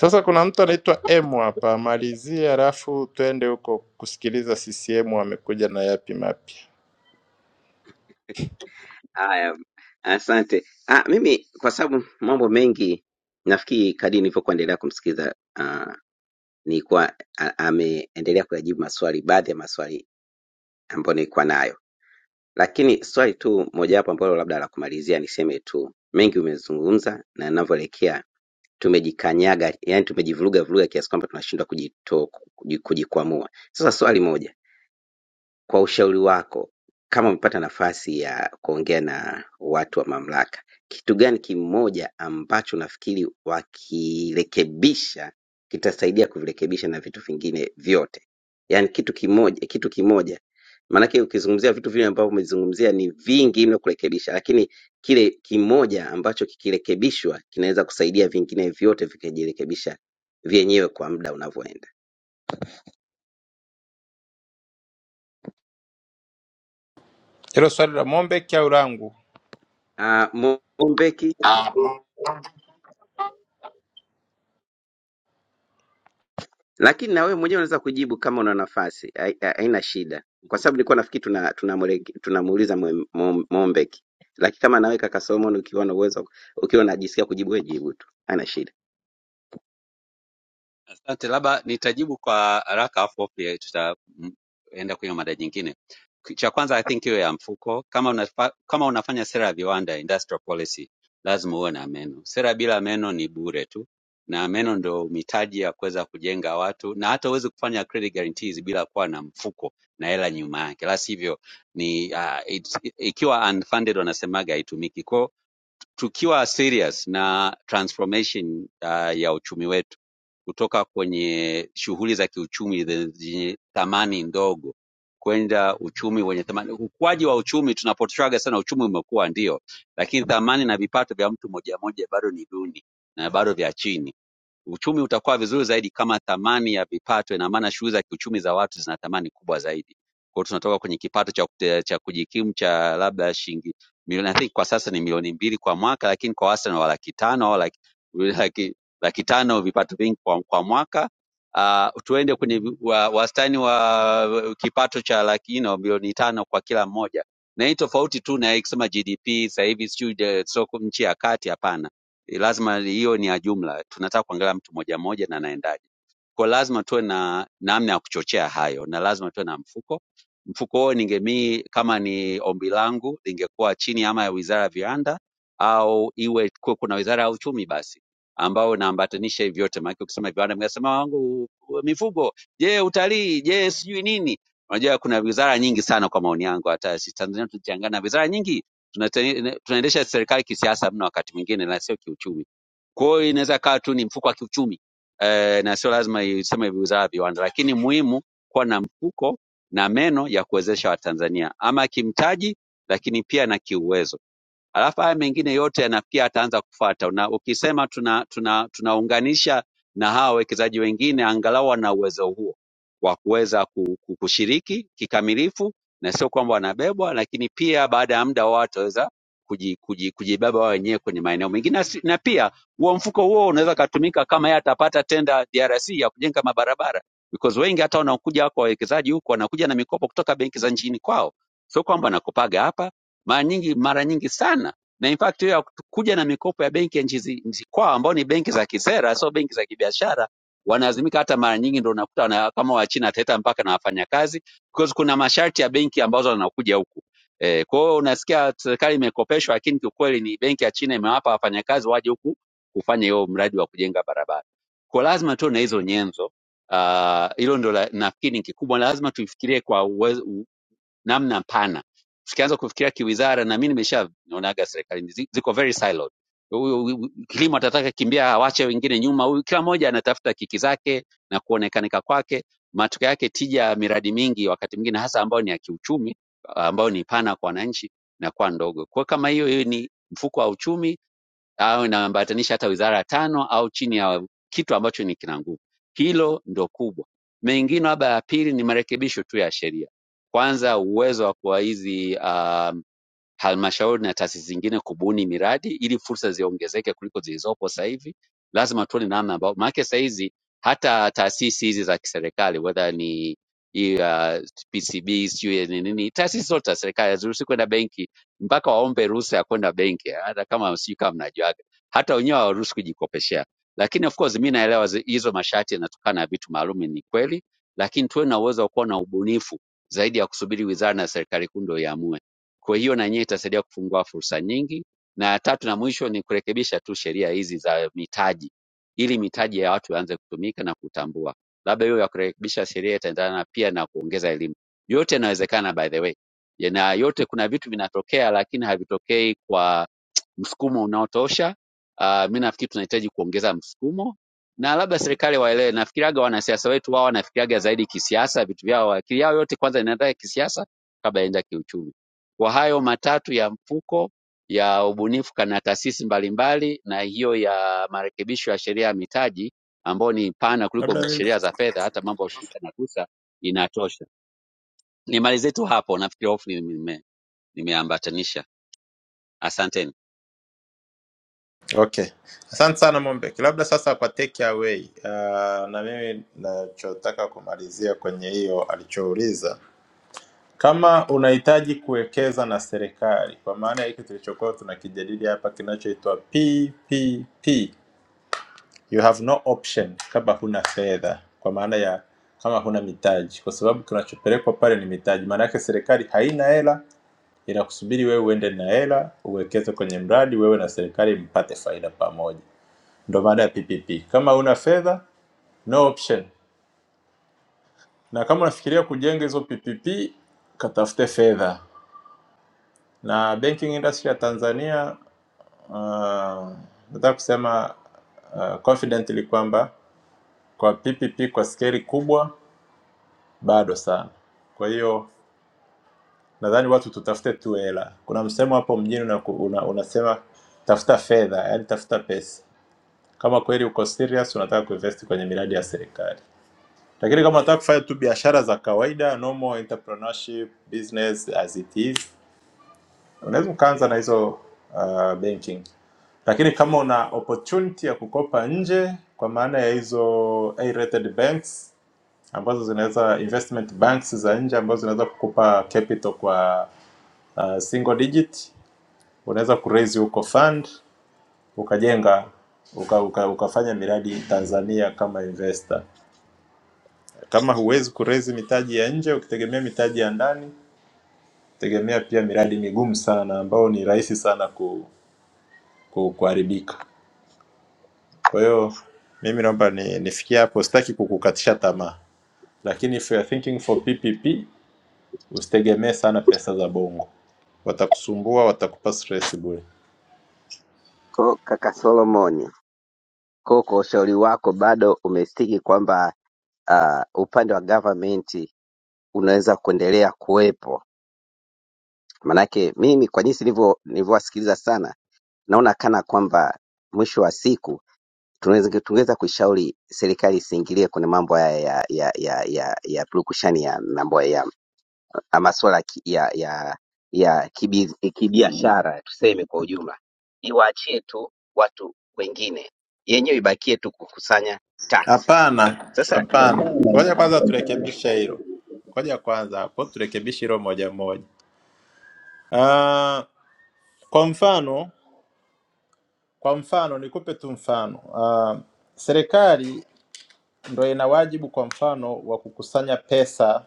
D: Sasa kuna mtu anaitwa M hapa, malizia alafu twende huko kusikiliza CCM wamekuja na yapi mapya.
R: Haya, asante. Ah, mimi kwa sababu mambo mengi nafikiri kadri nilivyokuwa endelea kumsikiza ah, nilikuwa a- ameendelea kuyajibu maswali, baadhi ya maswali ambayo nilikuwa nayo, lakini swali tu mojawapo ambalo labda la kumalizia niseme tu, mengi umezungumza na ninavyoelekea tumejikanyaga yani tumejivuruga vuruga kiasi kwamba tunashindwa kujikwamua sasa swali moja kwa ushauri wako, kama umepata nafasi ya kuongea na watu wa mamlaka, kitu gani kimoja ambacho unafikiri wakirekebisha kitasaidia kuvirekebisha na vitu vingine vyote? Yaani kitu kimoja, kitu kimoja. Maanake ukizungumzia vitu vile ambavyo umezungumzia ni vingi mno kurekebisha, lakini kile kimoja ambacho kikirekebishwa kinaweza kusaidia vingine vyote vikajirekebisha vyenyewe kwa muda unavyoenda.
D: Hilo swali la Mombek au langu?
R: Ah, Mombeki,
D: Ah,
R: lakini na wewe mwenyewe unaweza kujibu kama una nafasi, hai- hai- haina shida, kwa sababu nilikuwa nafikiri tuna, tunamweleke- tunamuuliza Mwe- Mo- Mombeki, lakini kama nawe kaka Solomon, ukiwa na uwezo, ukiwa unajisikia kujibu, wewe jibu tu, haina shida.
P: Asante, labda nitajibu kwa haraka afu pia tutaenda kwenye mada nyingine. Ki- Cha kwanza I think hiyo ya mfuko, kama unafa, kama unafanya sera ya viwanda industrial policy, lazima uwe na meno. Sera bila meno ni bure tu, na meno ndio mitaji ya kuweza kujenga watu, na hata huwezi kufanya credit guarantees bila kuwa na mfuko na hela nyuma yake, la sivyo ni uh, it's, ikiwa unfunded wanasemaga haitumiki. Kwa tukiwa serious na transformation uh, ya uchumi wetu kutoka kwenye shughuli za kiuchumi ze- zenye thamani ndogo kwenda uchumi wenye thamani. Ukuaji wa uchumi tunapotraga sana, uchumi umekuwa ndio, lakini thamani na vipato vya mtu moja moja bado ni duni na bado vya chini uchumi utakuwa vizuri zaidi kama thamani ya vipato, ina maana shughuli za kiuchumi za watu zina thamani kubwa zaidi. Kwa hiyo tunatoka kwenye kipato cha, kute- cha kujikimu cha labda shilingi milioni I think kwa sasa ni milioni mbili kwa mwaka, lakini kwa wastani wa laki tano au laki, laki, laki tano vipato vingi kwa, kwa mwaka uh, tuende kwenye vi- wa- wastani wa kipato cha laki ino milioni tano kwa kila mmoja, na hii tofauti tu na ikisema GDP sasa hivi sijui eh, soko nchi ya kati, hapana Eh, lazima hiyo ni ya jumla. Tunataka kuangalia mtu moja moja na anaendaje, kwa lazima tuwe na namna ya kuchochea hayo, na lazima tuwe na mfuko Mfuko huo ningemii kama ni ombi langu lingekuwa chini ama ya Wizara ya Viwanda au iwe kuwe kuna Wizara ya Uchumi basi ambayo inaambatanisha hivi vyote, maana ukisema viwanda mngesema wangu mifugo, je, utalii, je, sijui nini. Unajua kuna wizara nyingi sana kwa maoni yangu, hata si Tanzania tukichangana na wizara nyingi tunatene- tunaendesha serikali kisiasa mno wakati mwingine na sio kiuchumi. Kwa hiyo inaweza kawa tu ni mfuko wa kiuchumi eh, na sio lazima iseme wizara ya viwanda, lakini muhimu kuwa na mfuko na meno ya kuwezesha Watanzania ama kimtaji lakini pia na kiuwezo alafu haya mengine yote yana- pia ataanza kufuata, na ukisema tuna tuna tunaunganisha na hawa wawekezaji wengine, angalau wana uwezo huo wa kuweza ku- ku- kushiriki kikamilifu, na sio kwamba wanabebwa, lakini pia baada ya muda wao wataweza kuji, kuji, kujibeba wao wenyewe kwenye maeneo mengine, na si- na pia huo mfuko huo unaweza katumika kama yeye atapata tenda DRC ya kujenga mabarabara, because wengi hata wanaokuja wako wawekezaji huko wanakuja na mikopo kutoka benki za nchini kwao, sio kwamba wanakopaga hapa mara nyingi mara nyingi sana na in fact hiyo ya kuja na mikopo ya benki ya nchi zi- nchi kwao ambao ni benki za kisera sio benki za kibiashara wanalazimika hata mara nyingi ndo unakuta wana, kama wachina ataleta mpaka na wafanyakazi because kuna masharti ya benki ambazo wanakuja huku eh kwa hiyo unasikia serikali imekopeshwa lakini kiukweli ni benki ya china imewapa wafanyakazi waje huku kufanya hiyo mradi wa kujenga barabara kwa lazima tuwe na hizo nyenzo Ah, uh, hilo ndo la- nafikiri ni kikubwa lazima tuifikirie kwa uwezo, namna pana tukianza kufikiria kiwizara na mi nimeshaonaga serikali zi- ziko very siloed huyu huyu- kilimo atataka kimbia awache wengine nyuma huyu kila mmoja anatafuta kiki zake na kuonekanika kwake matokeo yake tija ya miradi mingi wakati mwingine hasa ambayo ni ya kiuchumi ambayo ni pana kwa wananchi na kwa ndogo kwa kama hiyo hiyo ni mfuko wa uchumi au inaambatanisha hata wizara tano au chini ya kitu ambacho ni kina nguvu. Hilo ndo kubwa. Mengine labda ya pili ni marekebisho tu ya sheria, kwanza uwezo wa kwa hizi um, halmashauri na taasisi zingine kubuni miradi ili fursa ziongezeke kuliko zilizopo sasa hivi. Lazima tuone namna ambao, maanake sasa hizi hata taasisi hizi za kiserikali whether ni hii uh, PCB sijui ni nini, taasisi zote za serikali haziruhusi kwenda benki mpaka waombe ruhusa ya kwenda benki, hata kama sijui kama mnajuaga, hata wenyewe hawaruhusi kujikopeshea. Lakini of course mi naelewa zi- hizo masharti yanatokana na vitu maalum, ni kweli, lakini tuwe na uwezo wa kuwa na ubunifu zaidi ya kusubiri wizara na serikali kuu ndio iamue kwa hiyo na yenyewe itasaidia kufungua fursa nyingi. Na ya tatu na mwisho ni kurekebisha tu sheria hizi za mitaji, ili mitaji ya watu yaanze kutumika na kutambua. Labda hiyo ya kurekebisha sheria itaendana pia na kuongeza elimu. Yote yanawezekana by the way, Ya na yote, kuna vitu vinatokea lakini havitokei kwa msukumo unaotosha. Uh, mi nafikiri tunahitaji kuongeza msukumo na labda serikali waelewe. Nafikiriaga wanasiasa wetu wao wanafikiriaga zaidi kisiasa, vitu vyao, akili yao yote kwanza inaenda kisiasa kabla inaenda kiuchumi. Kwa hayo matatu ya mfuko ya ubunifu kana taasisi mbalimbali na hiyo ya marekebisho ya sheria ya mitaji ambayo ni pana kuliko
D: Labda mimi-
P: sheria za fedha, hata mambo ya ushirika na kusa inatosha. Nimalize tu hapo, nafikiri hofu nime- nimeambatanisha. Asanteni.
D: okay. Asante sana Mombek, labda sasa kwa take away. Uh, na mimi nachotaka kumalizia kwenye hiyo alichouliza, kama unahitaji kuwekeza na serikali, kwa maana ya hiki tulichokuwa tunakijadili hapa kinachoitwa PPP You have no option kama huna fedha, kwa maana ya kama huna mitaji, kwa sababu kinachopelekwa pale ni mitaji. Maana yake serikali haina hela, inakusubiri wewe uende na hela uwekeze kwenye mradi, wewe na serikali mpate faida pamoja. Ndio maana ya PPP. Kama huna fedha, no option. Na kama unafikiria kujenga hizo PPP, katafute fedha. Na banking industry ya Tanzania uh, nataka kusema uh, confidently kwamba kwa PPP kwa skeli kubwa bado sana. Kwa hiyo nadhani watu tutafute tu hela. Kuna msemo hapo mjini una, una, unasema tafuta fedha, yani tafuta pesa, kama kweli uko serious unataka kuinvest kwenye miradi ya serikali. Lakini kama unataka kufanya tu biashara za kawaida, normal entrepreneurship business as it is, unaweza ukaanza na hizo uh, banking lakini kama una opportunity ya kukopa nje kwa maana ya hizo A-rated banks ambazo zinaweza investment banks za nje ambazo zinaweza kukupa capital kwa uh, single digit. Unaweza kuraise huko fund ukajenga uka, uka, ukafanya miradi Tanzania kama investor. Kama huwezi kuraise mitaji ya nje ukitegemea mitaji ya ndani, tegemea pia miradi migumu sana ambao ni rahisi sana ku, ku, kuharibika. Kwa hiyo mimi naomba ni, nifikie hapo, sitaki kukukatisha tamaa, lakini if you are thinking for PPP Usitegemee sana pesa za bongo, watakusumbua, watakupa stress bure.
R: Ko kaka Solomon Koko, ushauri wako bado umestiki kwamba uh, upande wa government unaweza kuendelea kuwepo. Manake mimi kwa jinsi nilivyo nilivyowasikiliza sana, naona kana kwamba mwisho wa siku tunaweza tungeweza kuishauri serikali isiingilie kwenye mambo haya ya ya ya ya, ya purukushani ya mambo ya, ya masuala ya, ki- ya, ya, ya kibi- kibiashara tuseme kwa ujumla, iwaachie tu watu wengine, yenyewe ibakie tu kukusanya tax.
D: Hapana,
R: Sasa
D: hapana, ngoja kwanza turekebishe hilo, ngoja kwanza hapo turekebishe hilo moja moja. Ah, kwa mfano, kwa mfano nikupe tu mfano. Ah, serikali ndo ina wajibu kwa mfano wa kukusanya pesa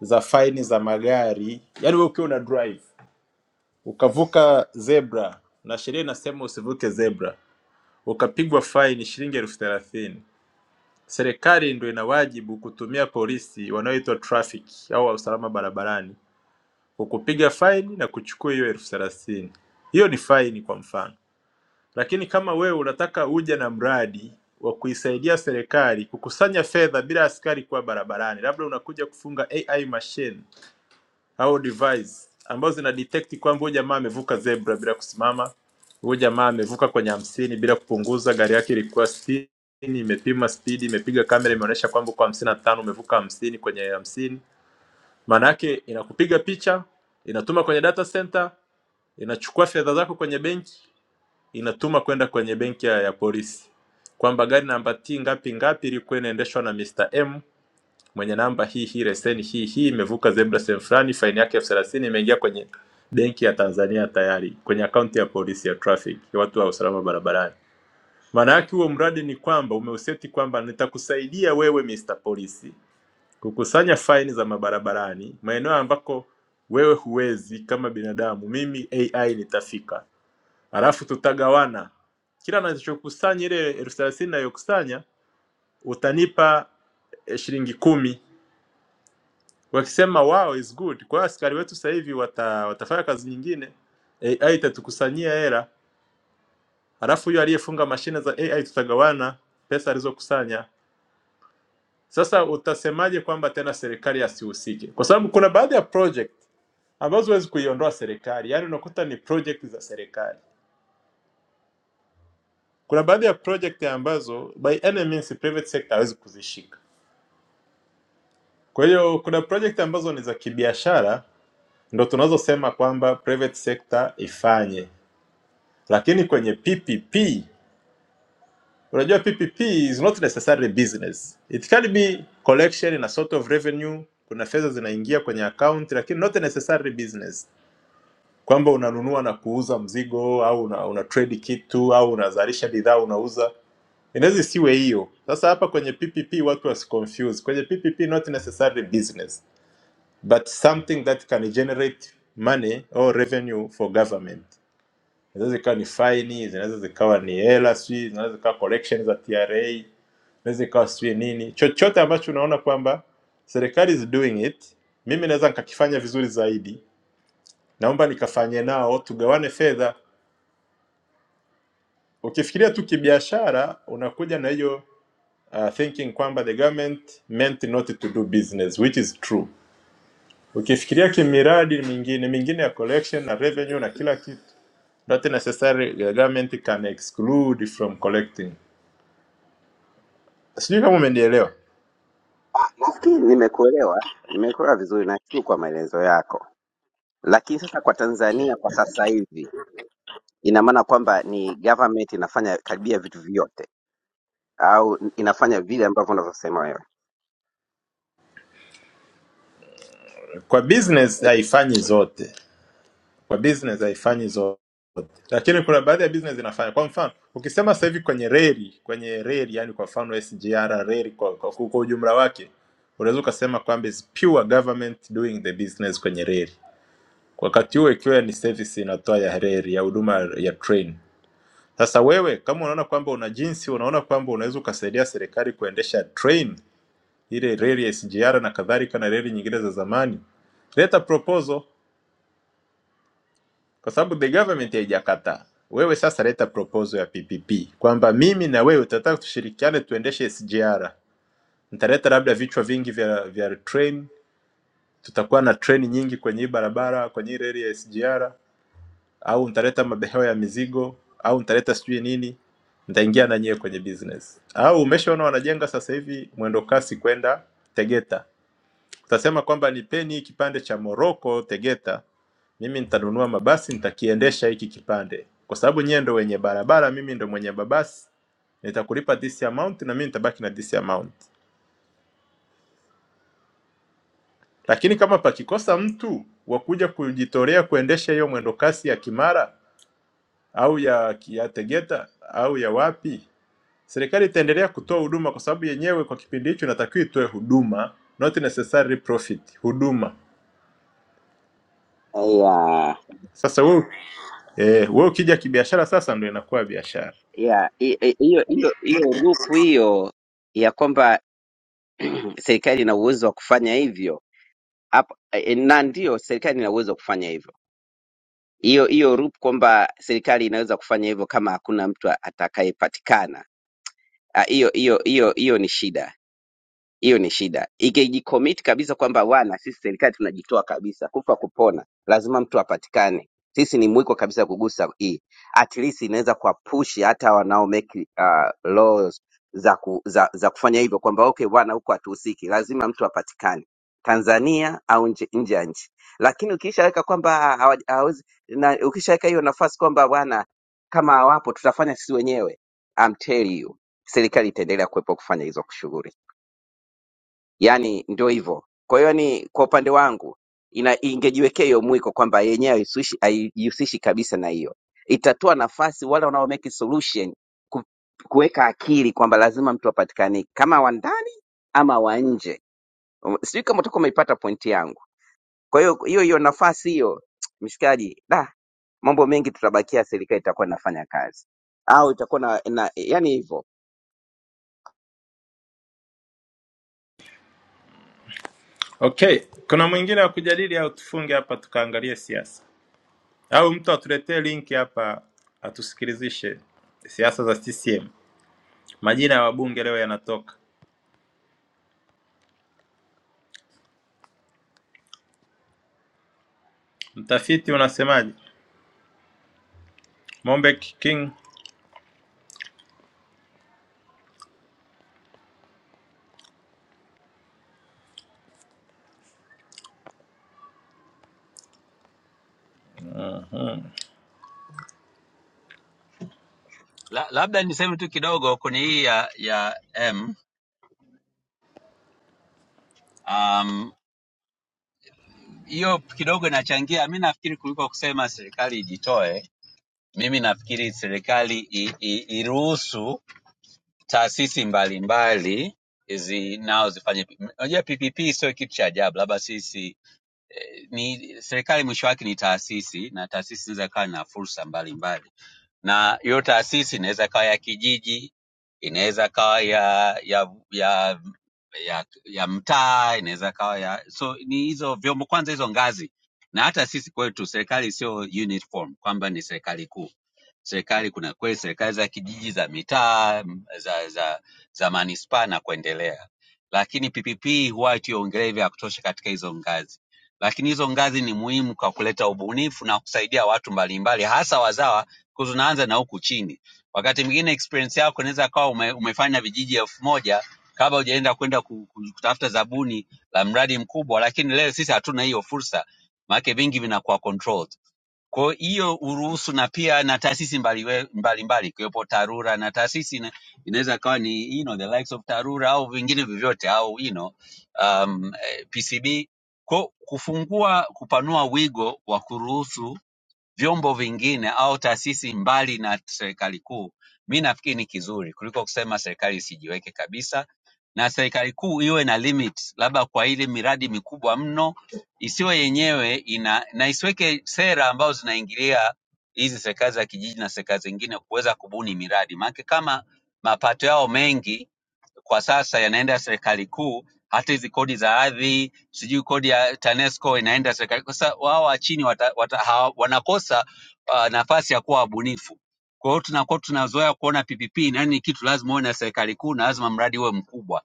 D: za faini za magari, yaani wewe ukiwa una drive ukavuka zebra na sheria inasema usivuke zebra, ukapigwa faini shilingi elfu thelathini Serikali ndio ina wajibu kutumia polisi wanaoitwa trafiki au wa usalama barabarani kukupiga faini na kuchukua hiyo elfu thelathini. Hiyo ni faini kwa mfano, lakini kama wewe unataka uje na mradi wa kuisaidia serikali kukusanya fedha bila askari kuwa barabarani, labda unakuja kufunga AI machine au device ambazo zina detect kwamba huyu jamaa amevuka zebra bila kusimama, huyu jamaa amevuka kwenye hamsini bila kupunguza, gari yake ilikuwa sitini, imepima speed, imepiga kamera, imeonyesha kwamba uko hamsini na tano umevuka hamsini kwenye hamsini. Maana yake inakupiga picha, inatuma kwenye data center, inachukua fedha zako kwenye benki, inatuma kwenda kwenye benki ya, ya polisi kwamba gari namba T ngapi ngapi ilikuwa inaendeshwa na Mr. M mwenye namba hii hii leseni hii hii imevuka zebra sehemu fulani, faini yake elfu thelathini imeingia kwenye benki ya Tanzania tayari kwenye akaunti ya polisi ya traffic ya watu wa usalama barabarani. Maana yake huo mradi ni kwamba umeuseti kwamba nitakusaidia wewe Mr. Polisi kukusanya faini za mabarabarani maeneo ambako wewe huwezi kama binadamu, mimi AI nitafika, halafu tutagawana kila nachokusanya ile elfu thelathini nayokusanya utanipa eh, shilingi kumi wakisema wow is good. Kwa hiyo askari wetu sasa hivi wata, watafanya kazi nyingine, AI itatukusanyia hela, halafu hiyo aliyefunga mashine za AI tutagawana pesa alizokusanya. Sasa utasemaje kwamba tena serikali asihusike? Kwa sababu kuna baadhi ya project ambazo huwezi kuiondoa serikali, yaani unakuta ni project za serikali. Kuna baadhi ya project ambazo by any means private sector hawezi kuzishika. Kwa hiyo kuna project ambazo ni za kibiashara, ndo tunazosema kwamba private sector ifanye lakini kwenye PPP unajua PPP is not necessarily business. It can be collection na sort of revenue, kuna fedha zinaingia kwenye account lakini not necessarily business, kwamba unanunua na kuuza mzigo au una, una trade kitu au unazalisha bidhaa unauza, inaweza isiwe hiyo. Sasa hapa kwenye PPP watu wasiconfuse, kwenye PPP not necessarily business but something that can generate money or revenue for government. zinaweza zikawa ni faini zinaweza zikawa ni hela sijui zinaweza zikawa collection za tra inaweza ikawa sijui nini chochote ambacho unaona kwamba serikali is doing it mimi naweza nikakifanya vizuri zaidi naomba nikafanye nao tugawane fedha ukifikiria tu kibiashara unakuja na hiyo uh, thinking kwamba the government meant not to do business which is true ukifikiria kimiradi mingine mingine ya collection na revenue na kila kitu not necessary the government can exclude from collecting sijui kama umenielewa.
R: Nafikiri nimekuelewa, nimekuelewa vizuri, nashukuru kwa maelezo yako. Lakini sasa kwa Tanzania kwa sasa hivi, ina maana kwamba ni government inafanya karibia vitu vyote au inafanya vile ambavyo unavyosema wewe?
D: Kwa business haifanyi zote, kwa business haifanyi zote, lakini kuna baadhi ya business inafanya. Kwa mfano ukisema sasa hivi kwenye reli, kwenye reli, yani kwa mfano SGR reli kwa, kwa, kwa, kwa ujumla wake unaweza ukasema kwamba is pure government doing the business kwenye reli, wakati huo ikiwa ni service inatoa ya reli ya huduma ya train. Sasa wewe kama unaona kwamba una jinsi, unaona kwamba unaweza ukasaidia serikali kuendesha train ile reli ya SGR na kadhalika na reli nyingine za zamani, leta proposal, kwa sababu the government haijakataa. Wewe sasa leta proposal ya PPP kwamba mimi na wewe tutataka tushirikiane tuendeshe SGR, nitaleta labda vichwa vingi vya, vya train, tutakuwa na treni nyingi kwenye hii barabara, kwenye hii reli ya SGR, au nitaleta mabehewa ya mizigo au nitaleta sijui nini, nitaingia na nyewe kwenye business. Au umeshaona wanajenga sasa hivi mwendo kasi kwenda Tegeta Utasema kwamba nipeni hii kipande cha Moroko Tegeta, mimi nitanunua mabasi, nitakiendesha hiki kipande, kwa sababu nyewe ndo wenye barabara, mimi ndo mwenye mabasi, nitakulipa this amount na mimi nitabaki na this amount. Lakini kama pakikosa mtu wa kuja kujitolea kuendesha hiyo mwendokasi ya Kimara au ya, ya Tegeta au ya wapi, serikali itaendelea kutoa huduma, kwa sababu yenyewe kwa kipindi hicho inatakiwa itoe huduma, not necessarily profit, huduma.
R: Ya,
D: Sasa wewe Eh, wewe ukija kibiashara sasa ndo inakuwa biashara.
R: ya, hi- hi- hiyo hiyo hiyo rupu hiyo ya kwamba serikali ina uwezo wa kufanya hivyo hapo, eh, na ndio serikali ina uwezo wa kufanya hivyo. Hiyo hiyo rupu kwamba serikali inaweza kufanya hivyo kama hakuna mtu atakayepatikana, ah, hiyo hiyo hiyo hiyo ni shida Hiyo ni shida. Ikijicommit kabisa kwamba bwana, sisi serikali tunajitoa kabisa, kufa kupona, lazima mtu apatikane. Sisi ni mwiko kabisa kugusa hii, at least inaweza kuwapushi hata wanao make uh, laws za, ku, za, za kufanya hivyo kwamba okay bwana, huko hatuhusiki, lazima mtu apatikane Tanzania au nje nje ya nchi. Lakini ukishaweka kwamba hawa- hawezi na ukishaweka hiyo nafasi kwamba bwana, kama hawapo tutafanya sisi wenyewe, I'm tell you, serikali itaendelea kuwepo kufanya hizo shughuli. Yaani ndio hivyo. Kwa hiyo ni kwa upande wangu ina ingejiwekea hiyo mwiko kwamba yenyewe haisishi- haijihusishi kabisa na hiyo. Itatoa nafasi wale wanao make solution ku- kuweka akili kwamba lazima mtu apatikane kama wa ndani ama wa nje. Um, Sijui kama utakuwa umeipata pointi yangu. Kwa hiyo hiyo hiyo nafasi hiyo mshikaji, da mambo mengi tutabakia serikali itakuwa inafanya kazi au itakuwa na, na yani hivyo.
D: Okay, kuna mwingine wa kujadili au tufunge hapa tukaangalie siasa, au mtu atuletee link hapa atusikilizishe siasa za CCM. Majina ya wabunge leo yanatoka. Mtafiti unasemaje? Mombek King.
P: La, labda niseme tu kidogo kwenye hii ya, ya M um, hiyo um, kidogo inachangia. Mi nafikiri kuliko kusema serikali ijitoe, mimi nafikiri serikali i- i- iruhusu taasisi mbalimbali zi nao zifanye. Unajua P- Unajua, PPP sio kitu cha ajabu, labda sisi eh, ni serikali, mwisho wake ni taasisi, na taasisi zinaweza kawa na fursa mbalimbali na hiyo taasisi inaweza kawa ya kijiji inaweza kawa ya ya ya ya, ya mtaa inaweza kawa ya so ni hizo vyombo kwanza hizo ngazi na hata sisi kwetu serikali sio uniform kwamba ni serikali kuu serikali kuna kweli serikali za kijiji za mitaa m- za za za manispaa na kuendelea lakini ppp huwa tuiongelee vya kutosha katika hizo ngazi lakini hizo ngazi ni muhimu kwa kuleta ubunifu na kusaidia watu mbalimbali hasa wazawa 'Cause unaanza na huku chini. Wakati mwingine experience yako inaweza kawa ume, umefanya vijiji elfu moja kabla hujaenda kwenda ku- ku- kutafuta zabuni la mradi mkubwa, lakini leo sisi hatuna hiyo fursa, maanake vingi vinakuwa controlled. Kwa hiyo uruhusu, na pia na taasisi mbaliwe- mbalimbali ikiwepo TARURA na taasisi ina- inaweza kawa ni you know, the likes of TARURA au vingine vyovyote au you know, um, eh, PCB ko kufungua kupanua wigo wa kuruhusu vyombo vingine au taasisi mbali na serikali kuu, mi nafikiri ni kizuri kuliko kusema serikali isijiweke kabisa, na serikali kuu iwe na limit, labda kwa ile miradi mikubwa mno, isiwe yenyewe ina na isiweke sera ambazo zinaingilia hizi serikali za kijiji na serikali zingine kuweza kubuni miradi, maana kama mapato yao mengi kwa sasa yanaenda ya serikali kuu hata hizi kodi za ardhi sijui kodi ya tanesco inaenda serikali kuu. sasa wao wa chini wata, wata, hawa, wanakosa uh, nafasi ya kuwa wabunifu kwa hiyo tunakuwa tunazoea kuona ppp nani ni kitu lazima uwe na serikali kuu na lazima mradi uwe mkubwa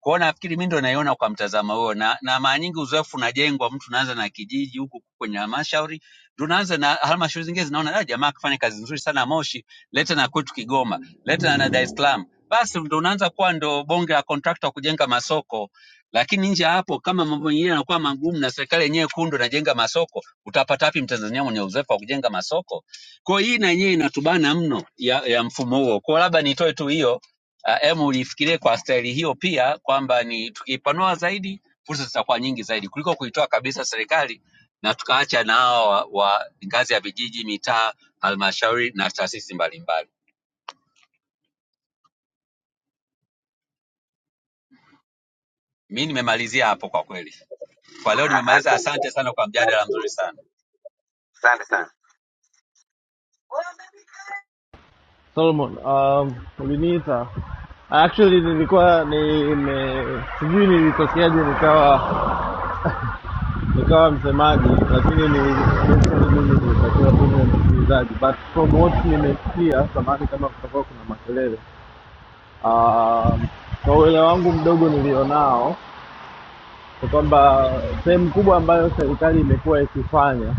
P: kwa hiyo nafikiri mimi ndo naiona kwa mtazamo huo, na, na mara nyingi uzoefu unajengwa, mtu unaanza na kijiji huku kwenye halmashauri, ndo unaanza na halmashauri zingine zinaona "Ah, jamaa akafanya kazi nzuri sana Moshi, leta na kwetu Kigoma, leta na Dar es Salaam, basi ndo unaanza kuwa ndo bonge la kontrakta wa kujenga masoko. Lakini nje ya hapo, kama mambo mengine yanakuwa magumu na serikali yenyewe kundo inajenga masoko, utapata wapi mtanzania mwenye uzoefu wa kujenga masoko? Kwa hiyo hii na yenyewe inatubana mno ya, ya mfumo huo. Kwa hiyo labda nitoe tu hiyo Ah, Emu uh, ulifikirie kwa staili hiyo pia kwamba ni tukiipanua zaidi fursa zitakuwa nyingi zaidi kuliko kuitoa kabisa serikali na tukaacha na hawa wa, wa ngazi ya vijiji, mitaa, halmashauri na taasisi mbalimbali. Mi nimemalizia hapo kwa kweli. Kwa leo
R: Ah, ah,
P: nimemaliza. Asante sana kwa mjadala mzuri sana.
R: Asante sana. Asante sana.
S: Solomon, um, uliniita actually, nilikuwa nime sijui nilitokea nikawa nikawa msemaji, lakini ni- basically mimi nilitakiwa tu niwe msikilizaji, but from what nimesikia, samahani kama kutakuwa kuna makelele. Um, kwa uelewa wangu mdogo nilionao ni kwamba sehemu kubwa ambayo serikali imekuwa ikifanya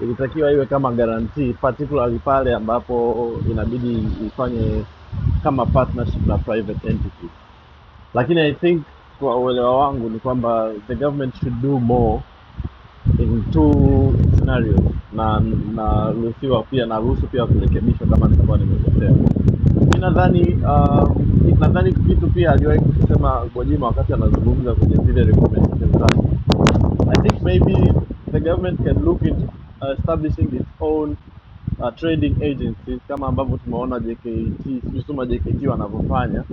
S: ilitakiwa iwe kama guarantee particularly pale ambapo inabidi ifanye kama partnership na private entity lakini i think kwa uelewa wangu ni kwamba the government should do more in two scenarios na naruhusiwa pia naruhusu pia kurekebishwa kama nitakuwa nimekosea mi nadhani uh, nadhani kitu pia aliwahi kusema Gwajima wakati anazungumza kwenye zile recommendations zake I think maybe the government can look into uh, establishing its own uh, trading agencies kama ambavyo tumeona JKT, sijui Suma JKT wanavyofanya,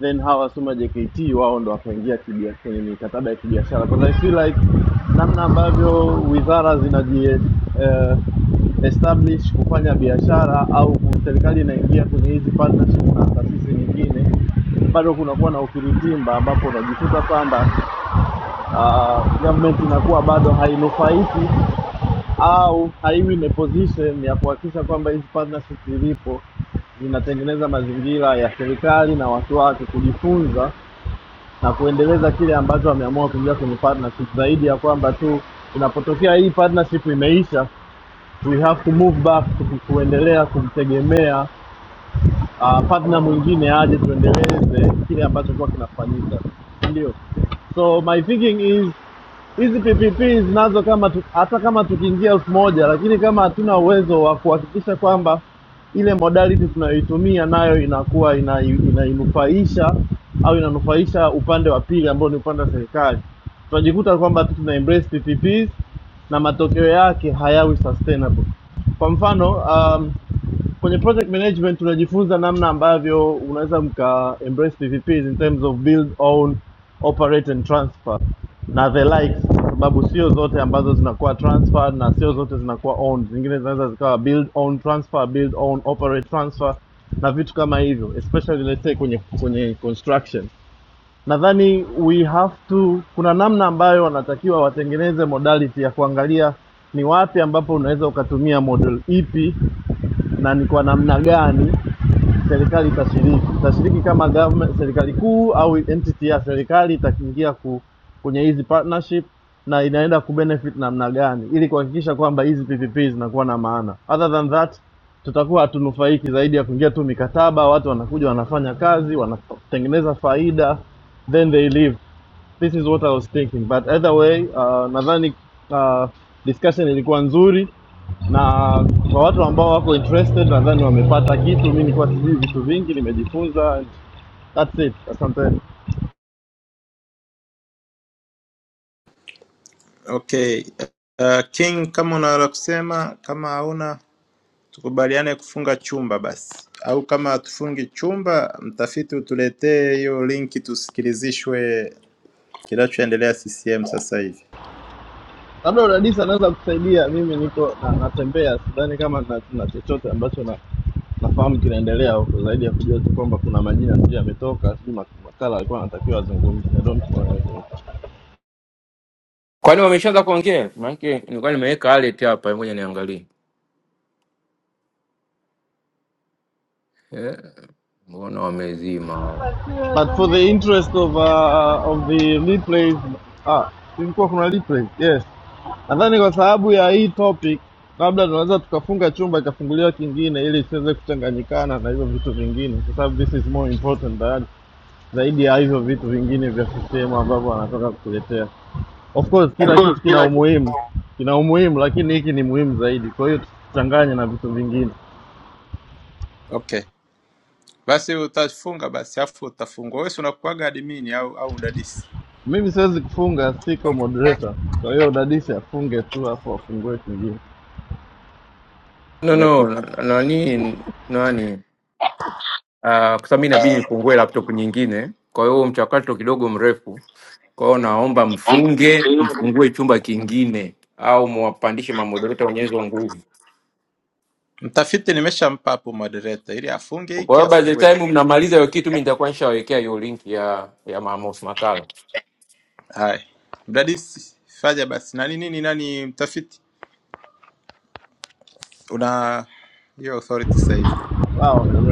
S: then hawa Suma JKT wao ndo wakaingia kibia- kwenye mikataba ya kibiashara, because I feel like namna ambavyo wizara zinaji eh, establish kufanya biashara au ku- serikali inaingia kwenye hizi partnership na taasisi nyingine, bado kunakuwa na ukiritimba ambapo unajikuta kwamba uh, government inakuwa bado hainufaiki au haiwi in a position ya kuhakikisha kwamba hizi partnership zilipo zinatengeneza mazingira ya serikali na watu wake kujifunza na kuendeleza kile ambacho wameamua kuingia kwenye partnership, zaidi ya kwamba tu inapotokea hii partnership imeisha, we have to move back to kuendelea kumtegemea uh, partner mwingine aje tuendeleze kile ambacho kwa kinafanyika, ndio. So my thinking is hizi PPP zinazo kama tu, hata kama tukiingia elfu moja lakini kama hatuna uwezo wa kuhakikisha kwamba ile modality tunayoitumia nayo inakuwa ina- inainufaisha ina au inanufaisha upande wa pili ambao ni upande wa serikali, tunajikuta kwamba tu tuna embrace PPPs na matokeo yake hayawi sustainable. Kwa mfano um, kwenye project management tunajifunza namna ambavyo unaweza mka embrace PVPs in terms of build own operate and transfer na the likes kwa sababu sio zote ambazo zinakuwa transfer na sio zote zinakuwa owned zingine zinaweza zikawa build own transfer build own operate transfer na vitu kama hivyo especially let's say kwenye kwenye construction nadhani we have to kuna namna ambayo wanatakiwa watengeneze modality ya kuangalia ni wapi ambapo unaweza ukatumia model ipi na ni kwa namna gani serikali itashiriki itashiriki kama government serikali kuu au entity ya serikali itaingia ku, kwenye hizi partnership na inaenda kubenefit namna gani ili kuhakikisha kwamba hizi PPP zinakuwa na maana. Other than that tutakuwa hatunufaiki zaidi ya kuingia tu mikataba, watu wanakuja wanafanya kazi wanatengeneza faida then they leave. This is what I was thinking but either way uh, nadhani uh, discussion ilikuwa nzuri na kwa watu ambao wako interested nadhani wamepata kitu. Mimi nilikuwa sijui vitu vingi, nimejifunza. and That's it. Asanteni.
D: Okay. Uh, King, kama una la kusema, kama hauna tukubaliane kufunga chumba basi, au kama hatufungi chumba, mtafiti utuletee hiyo linki tusikilizishwe kinachoendelea CCM sasa hivi.
S: Labda udadisi anaweza kutusaidia. Mimi niko na, natembea, sidhani kama na, na chochote ambacho na, nafahamu kinaendelea huko zaidi ya kujua tu kwamba kuna majina sijui yametoka, sijui mak- makala alikuwa anatakiwa azungumze. I don't know.
M: Kwani wameshaanza kuongea? Maana nilikuwa nimeweka alert hapa, ngoja niangalie. Eh, mbona wamezima?
S: But for the interest of uh, of the lead plays, ah, ilikuwa kuna lead plays. Yes. Nadhani kwa sababu ya hii topic labda tunaweza tukafunga chumba ikafunguliwa kingine ili isiweze kuchanganyikana na hivyo vitu vingine kwa sababu this is more important than, zaidi ya hivyo vitu vingine vya sistemu ambavyo wanataka kutuletea. Of course kila
D: Full
S: kitu kina
D: kila kitu.
S: umuhimu, kina umuhimu lakini hiki ni muhimu zaidi. Kwa hiyo tuchanganye na vitu vingine.
D: Okay, basi utafunga basi, afu utafungwa wewe. si Unakuaga admini au au udadisi?
S: Mimi siwezi kufunga, siko moderator. Kwa hiyo dadisi afunge tu afu afungue kingine.
M: No no,
D: Nimekupa
M: na- nani nani? Ah, kwa sababu mimi inabidi nifungue laptop nyingine. Kwa hiyo huo mchakato kidogo mrefu. Kwa hiyo naomba
D: Naomba
M: mfunge,
D: mfungue.
M: mfungue chumba kingine au muwapandishe mamodereta Wenyezi wa nguvu.
D: mtafiti, nimeshampa hapo moderator ili afunge
M: Kwa
D: hiki
M: hiyo by the
D: afungue
M: time
D: hiki.
M: mnamaliza hiyo kitu, mimi nitakuwa nishawekea hiyo link ya ya Mamos Makala.
D: Haya, mdadisi fanya basi. Nani nini nani mtafiti, una hiyo authority sasa hivi.
S: 那我引力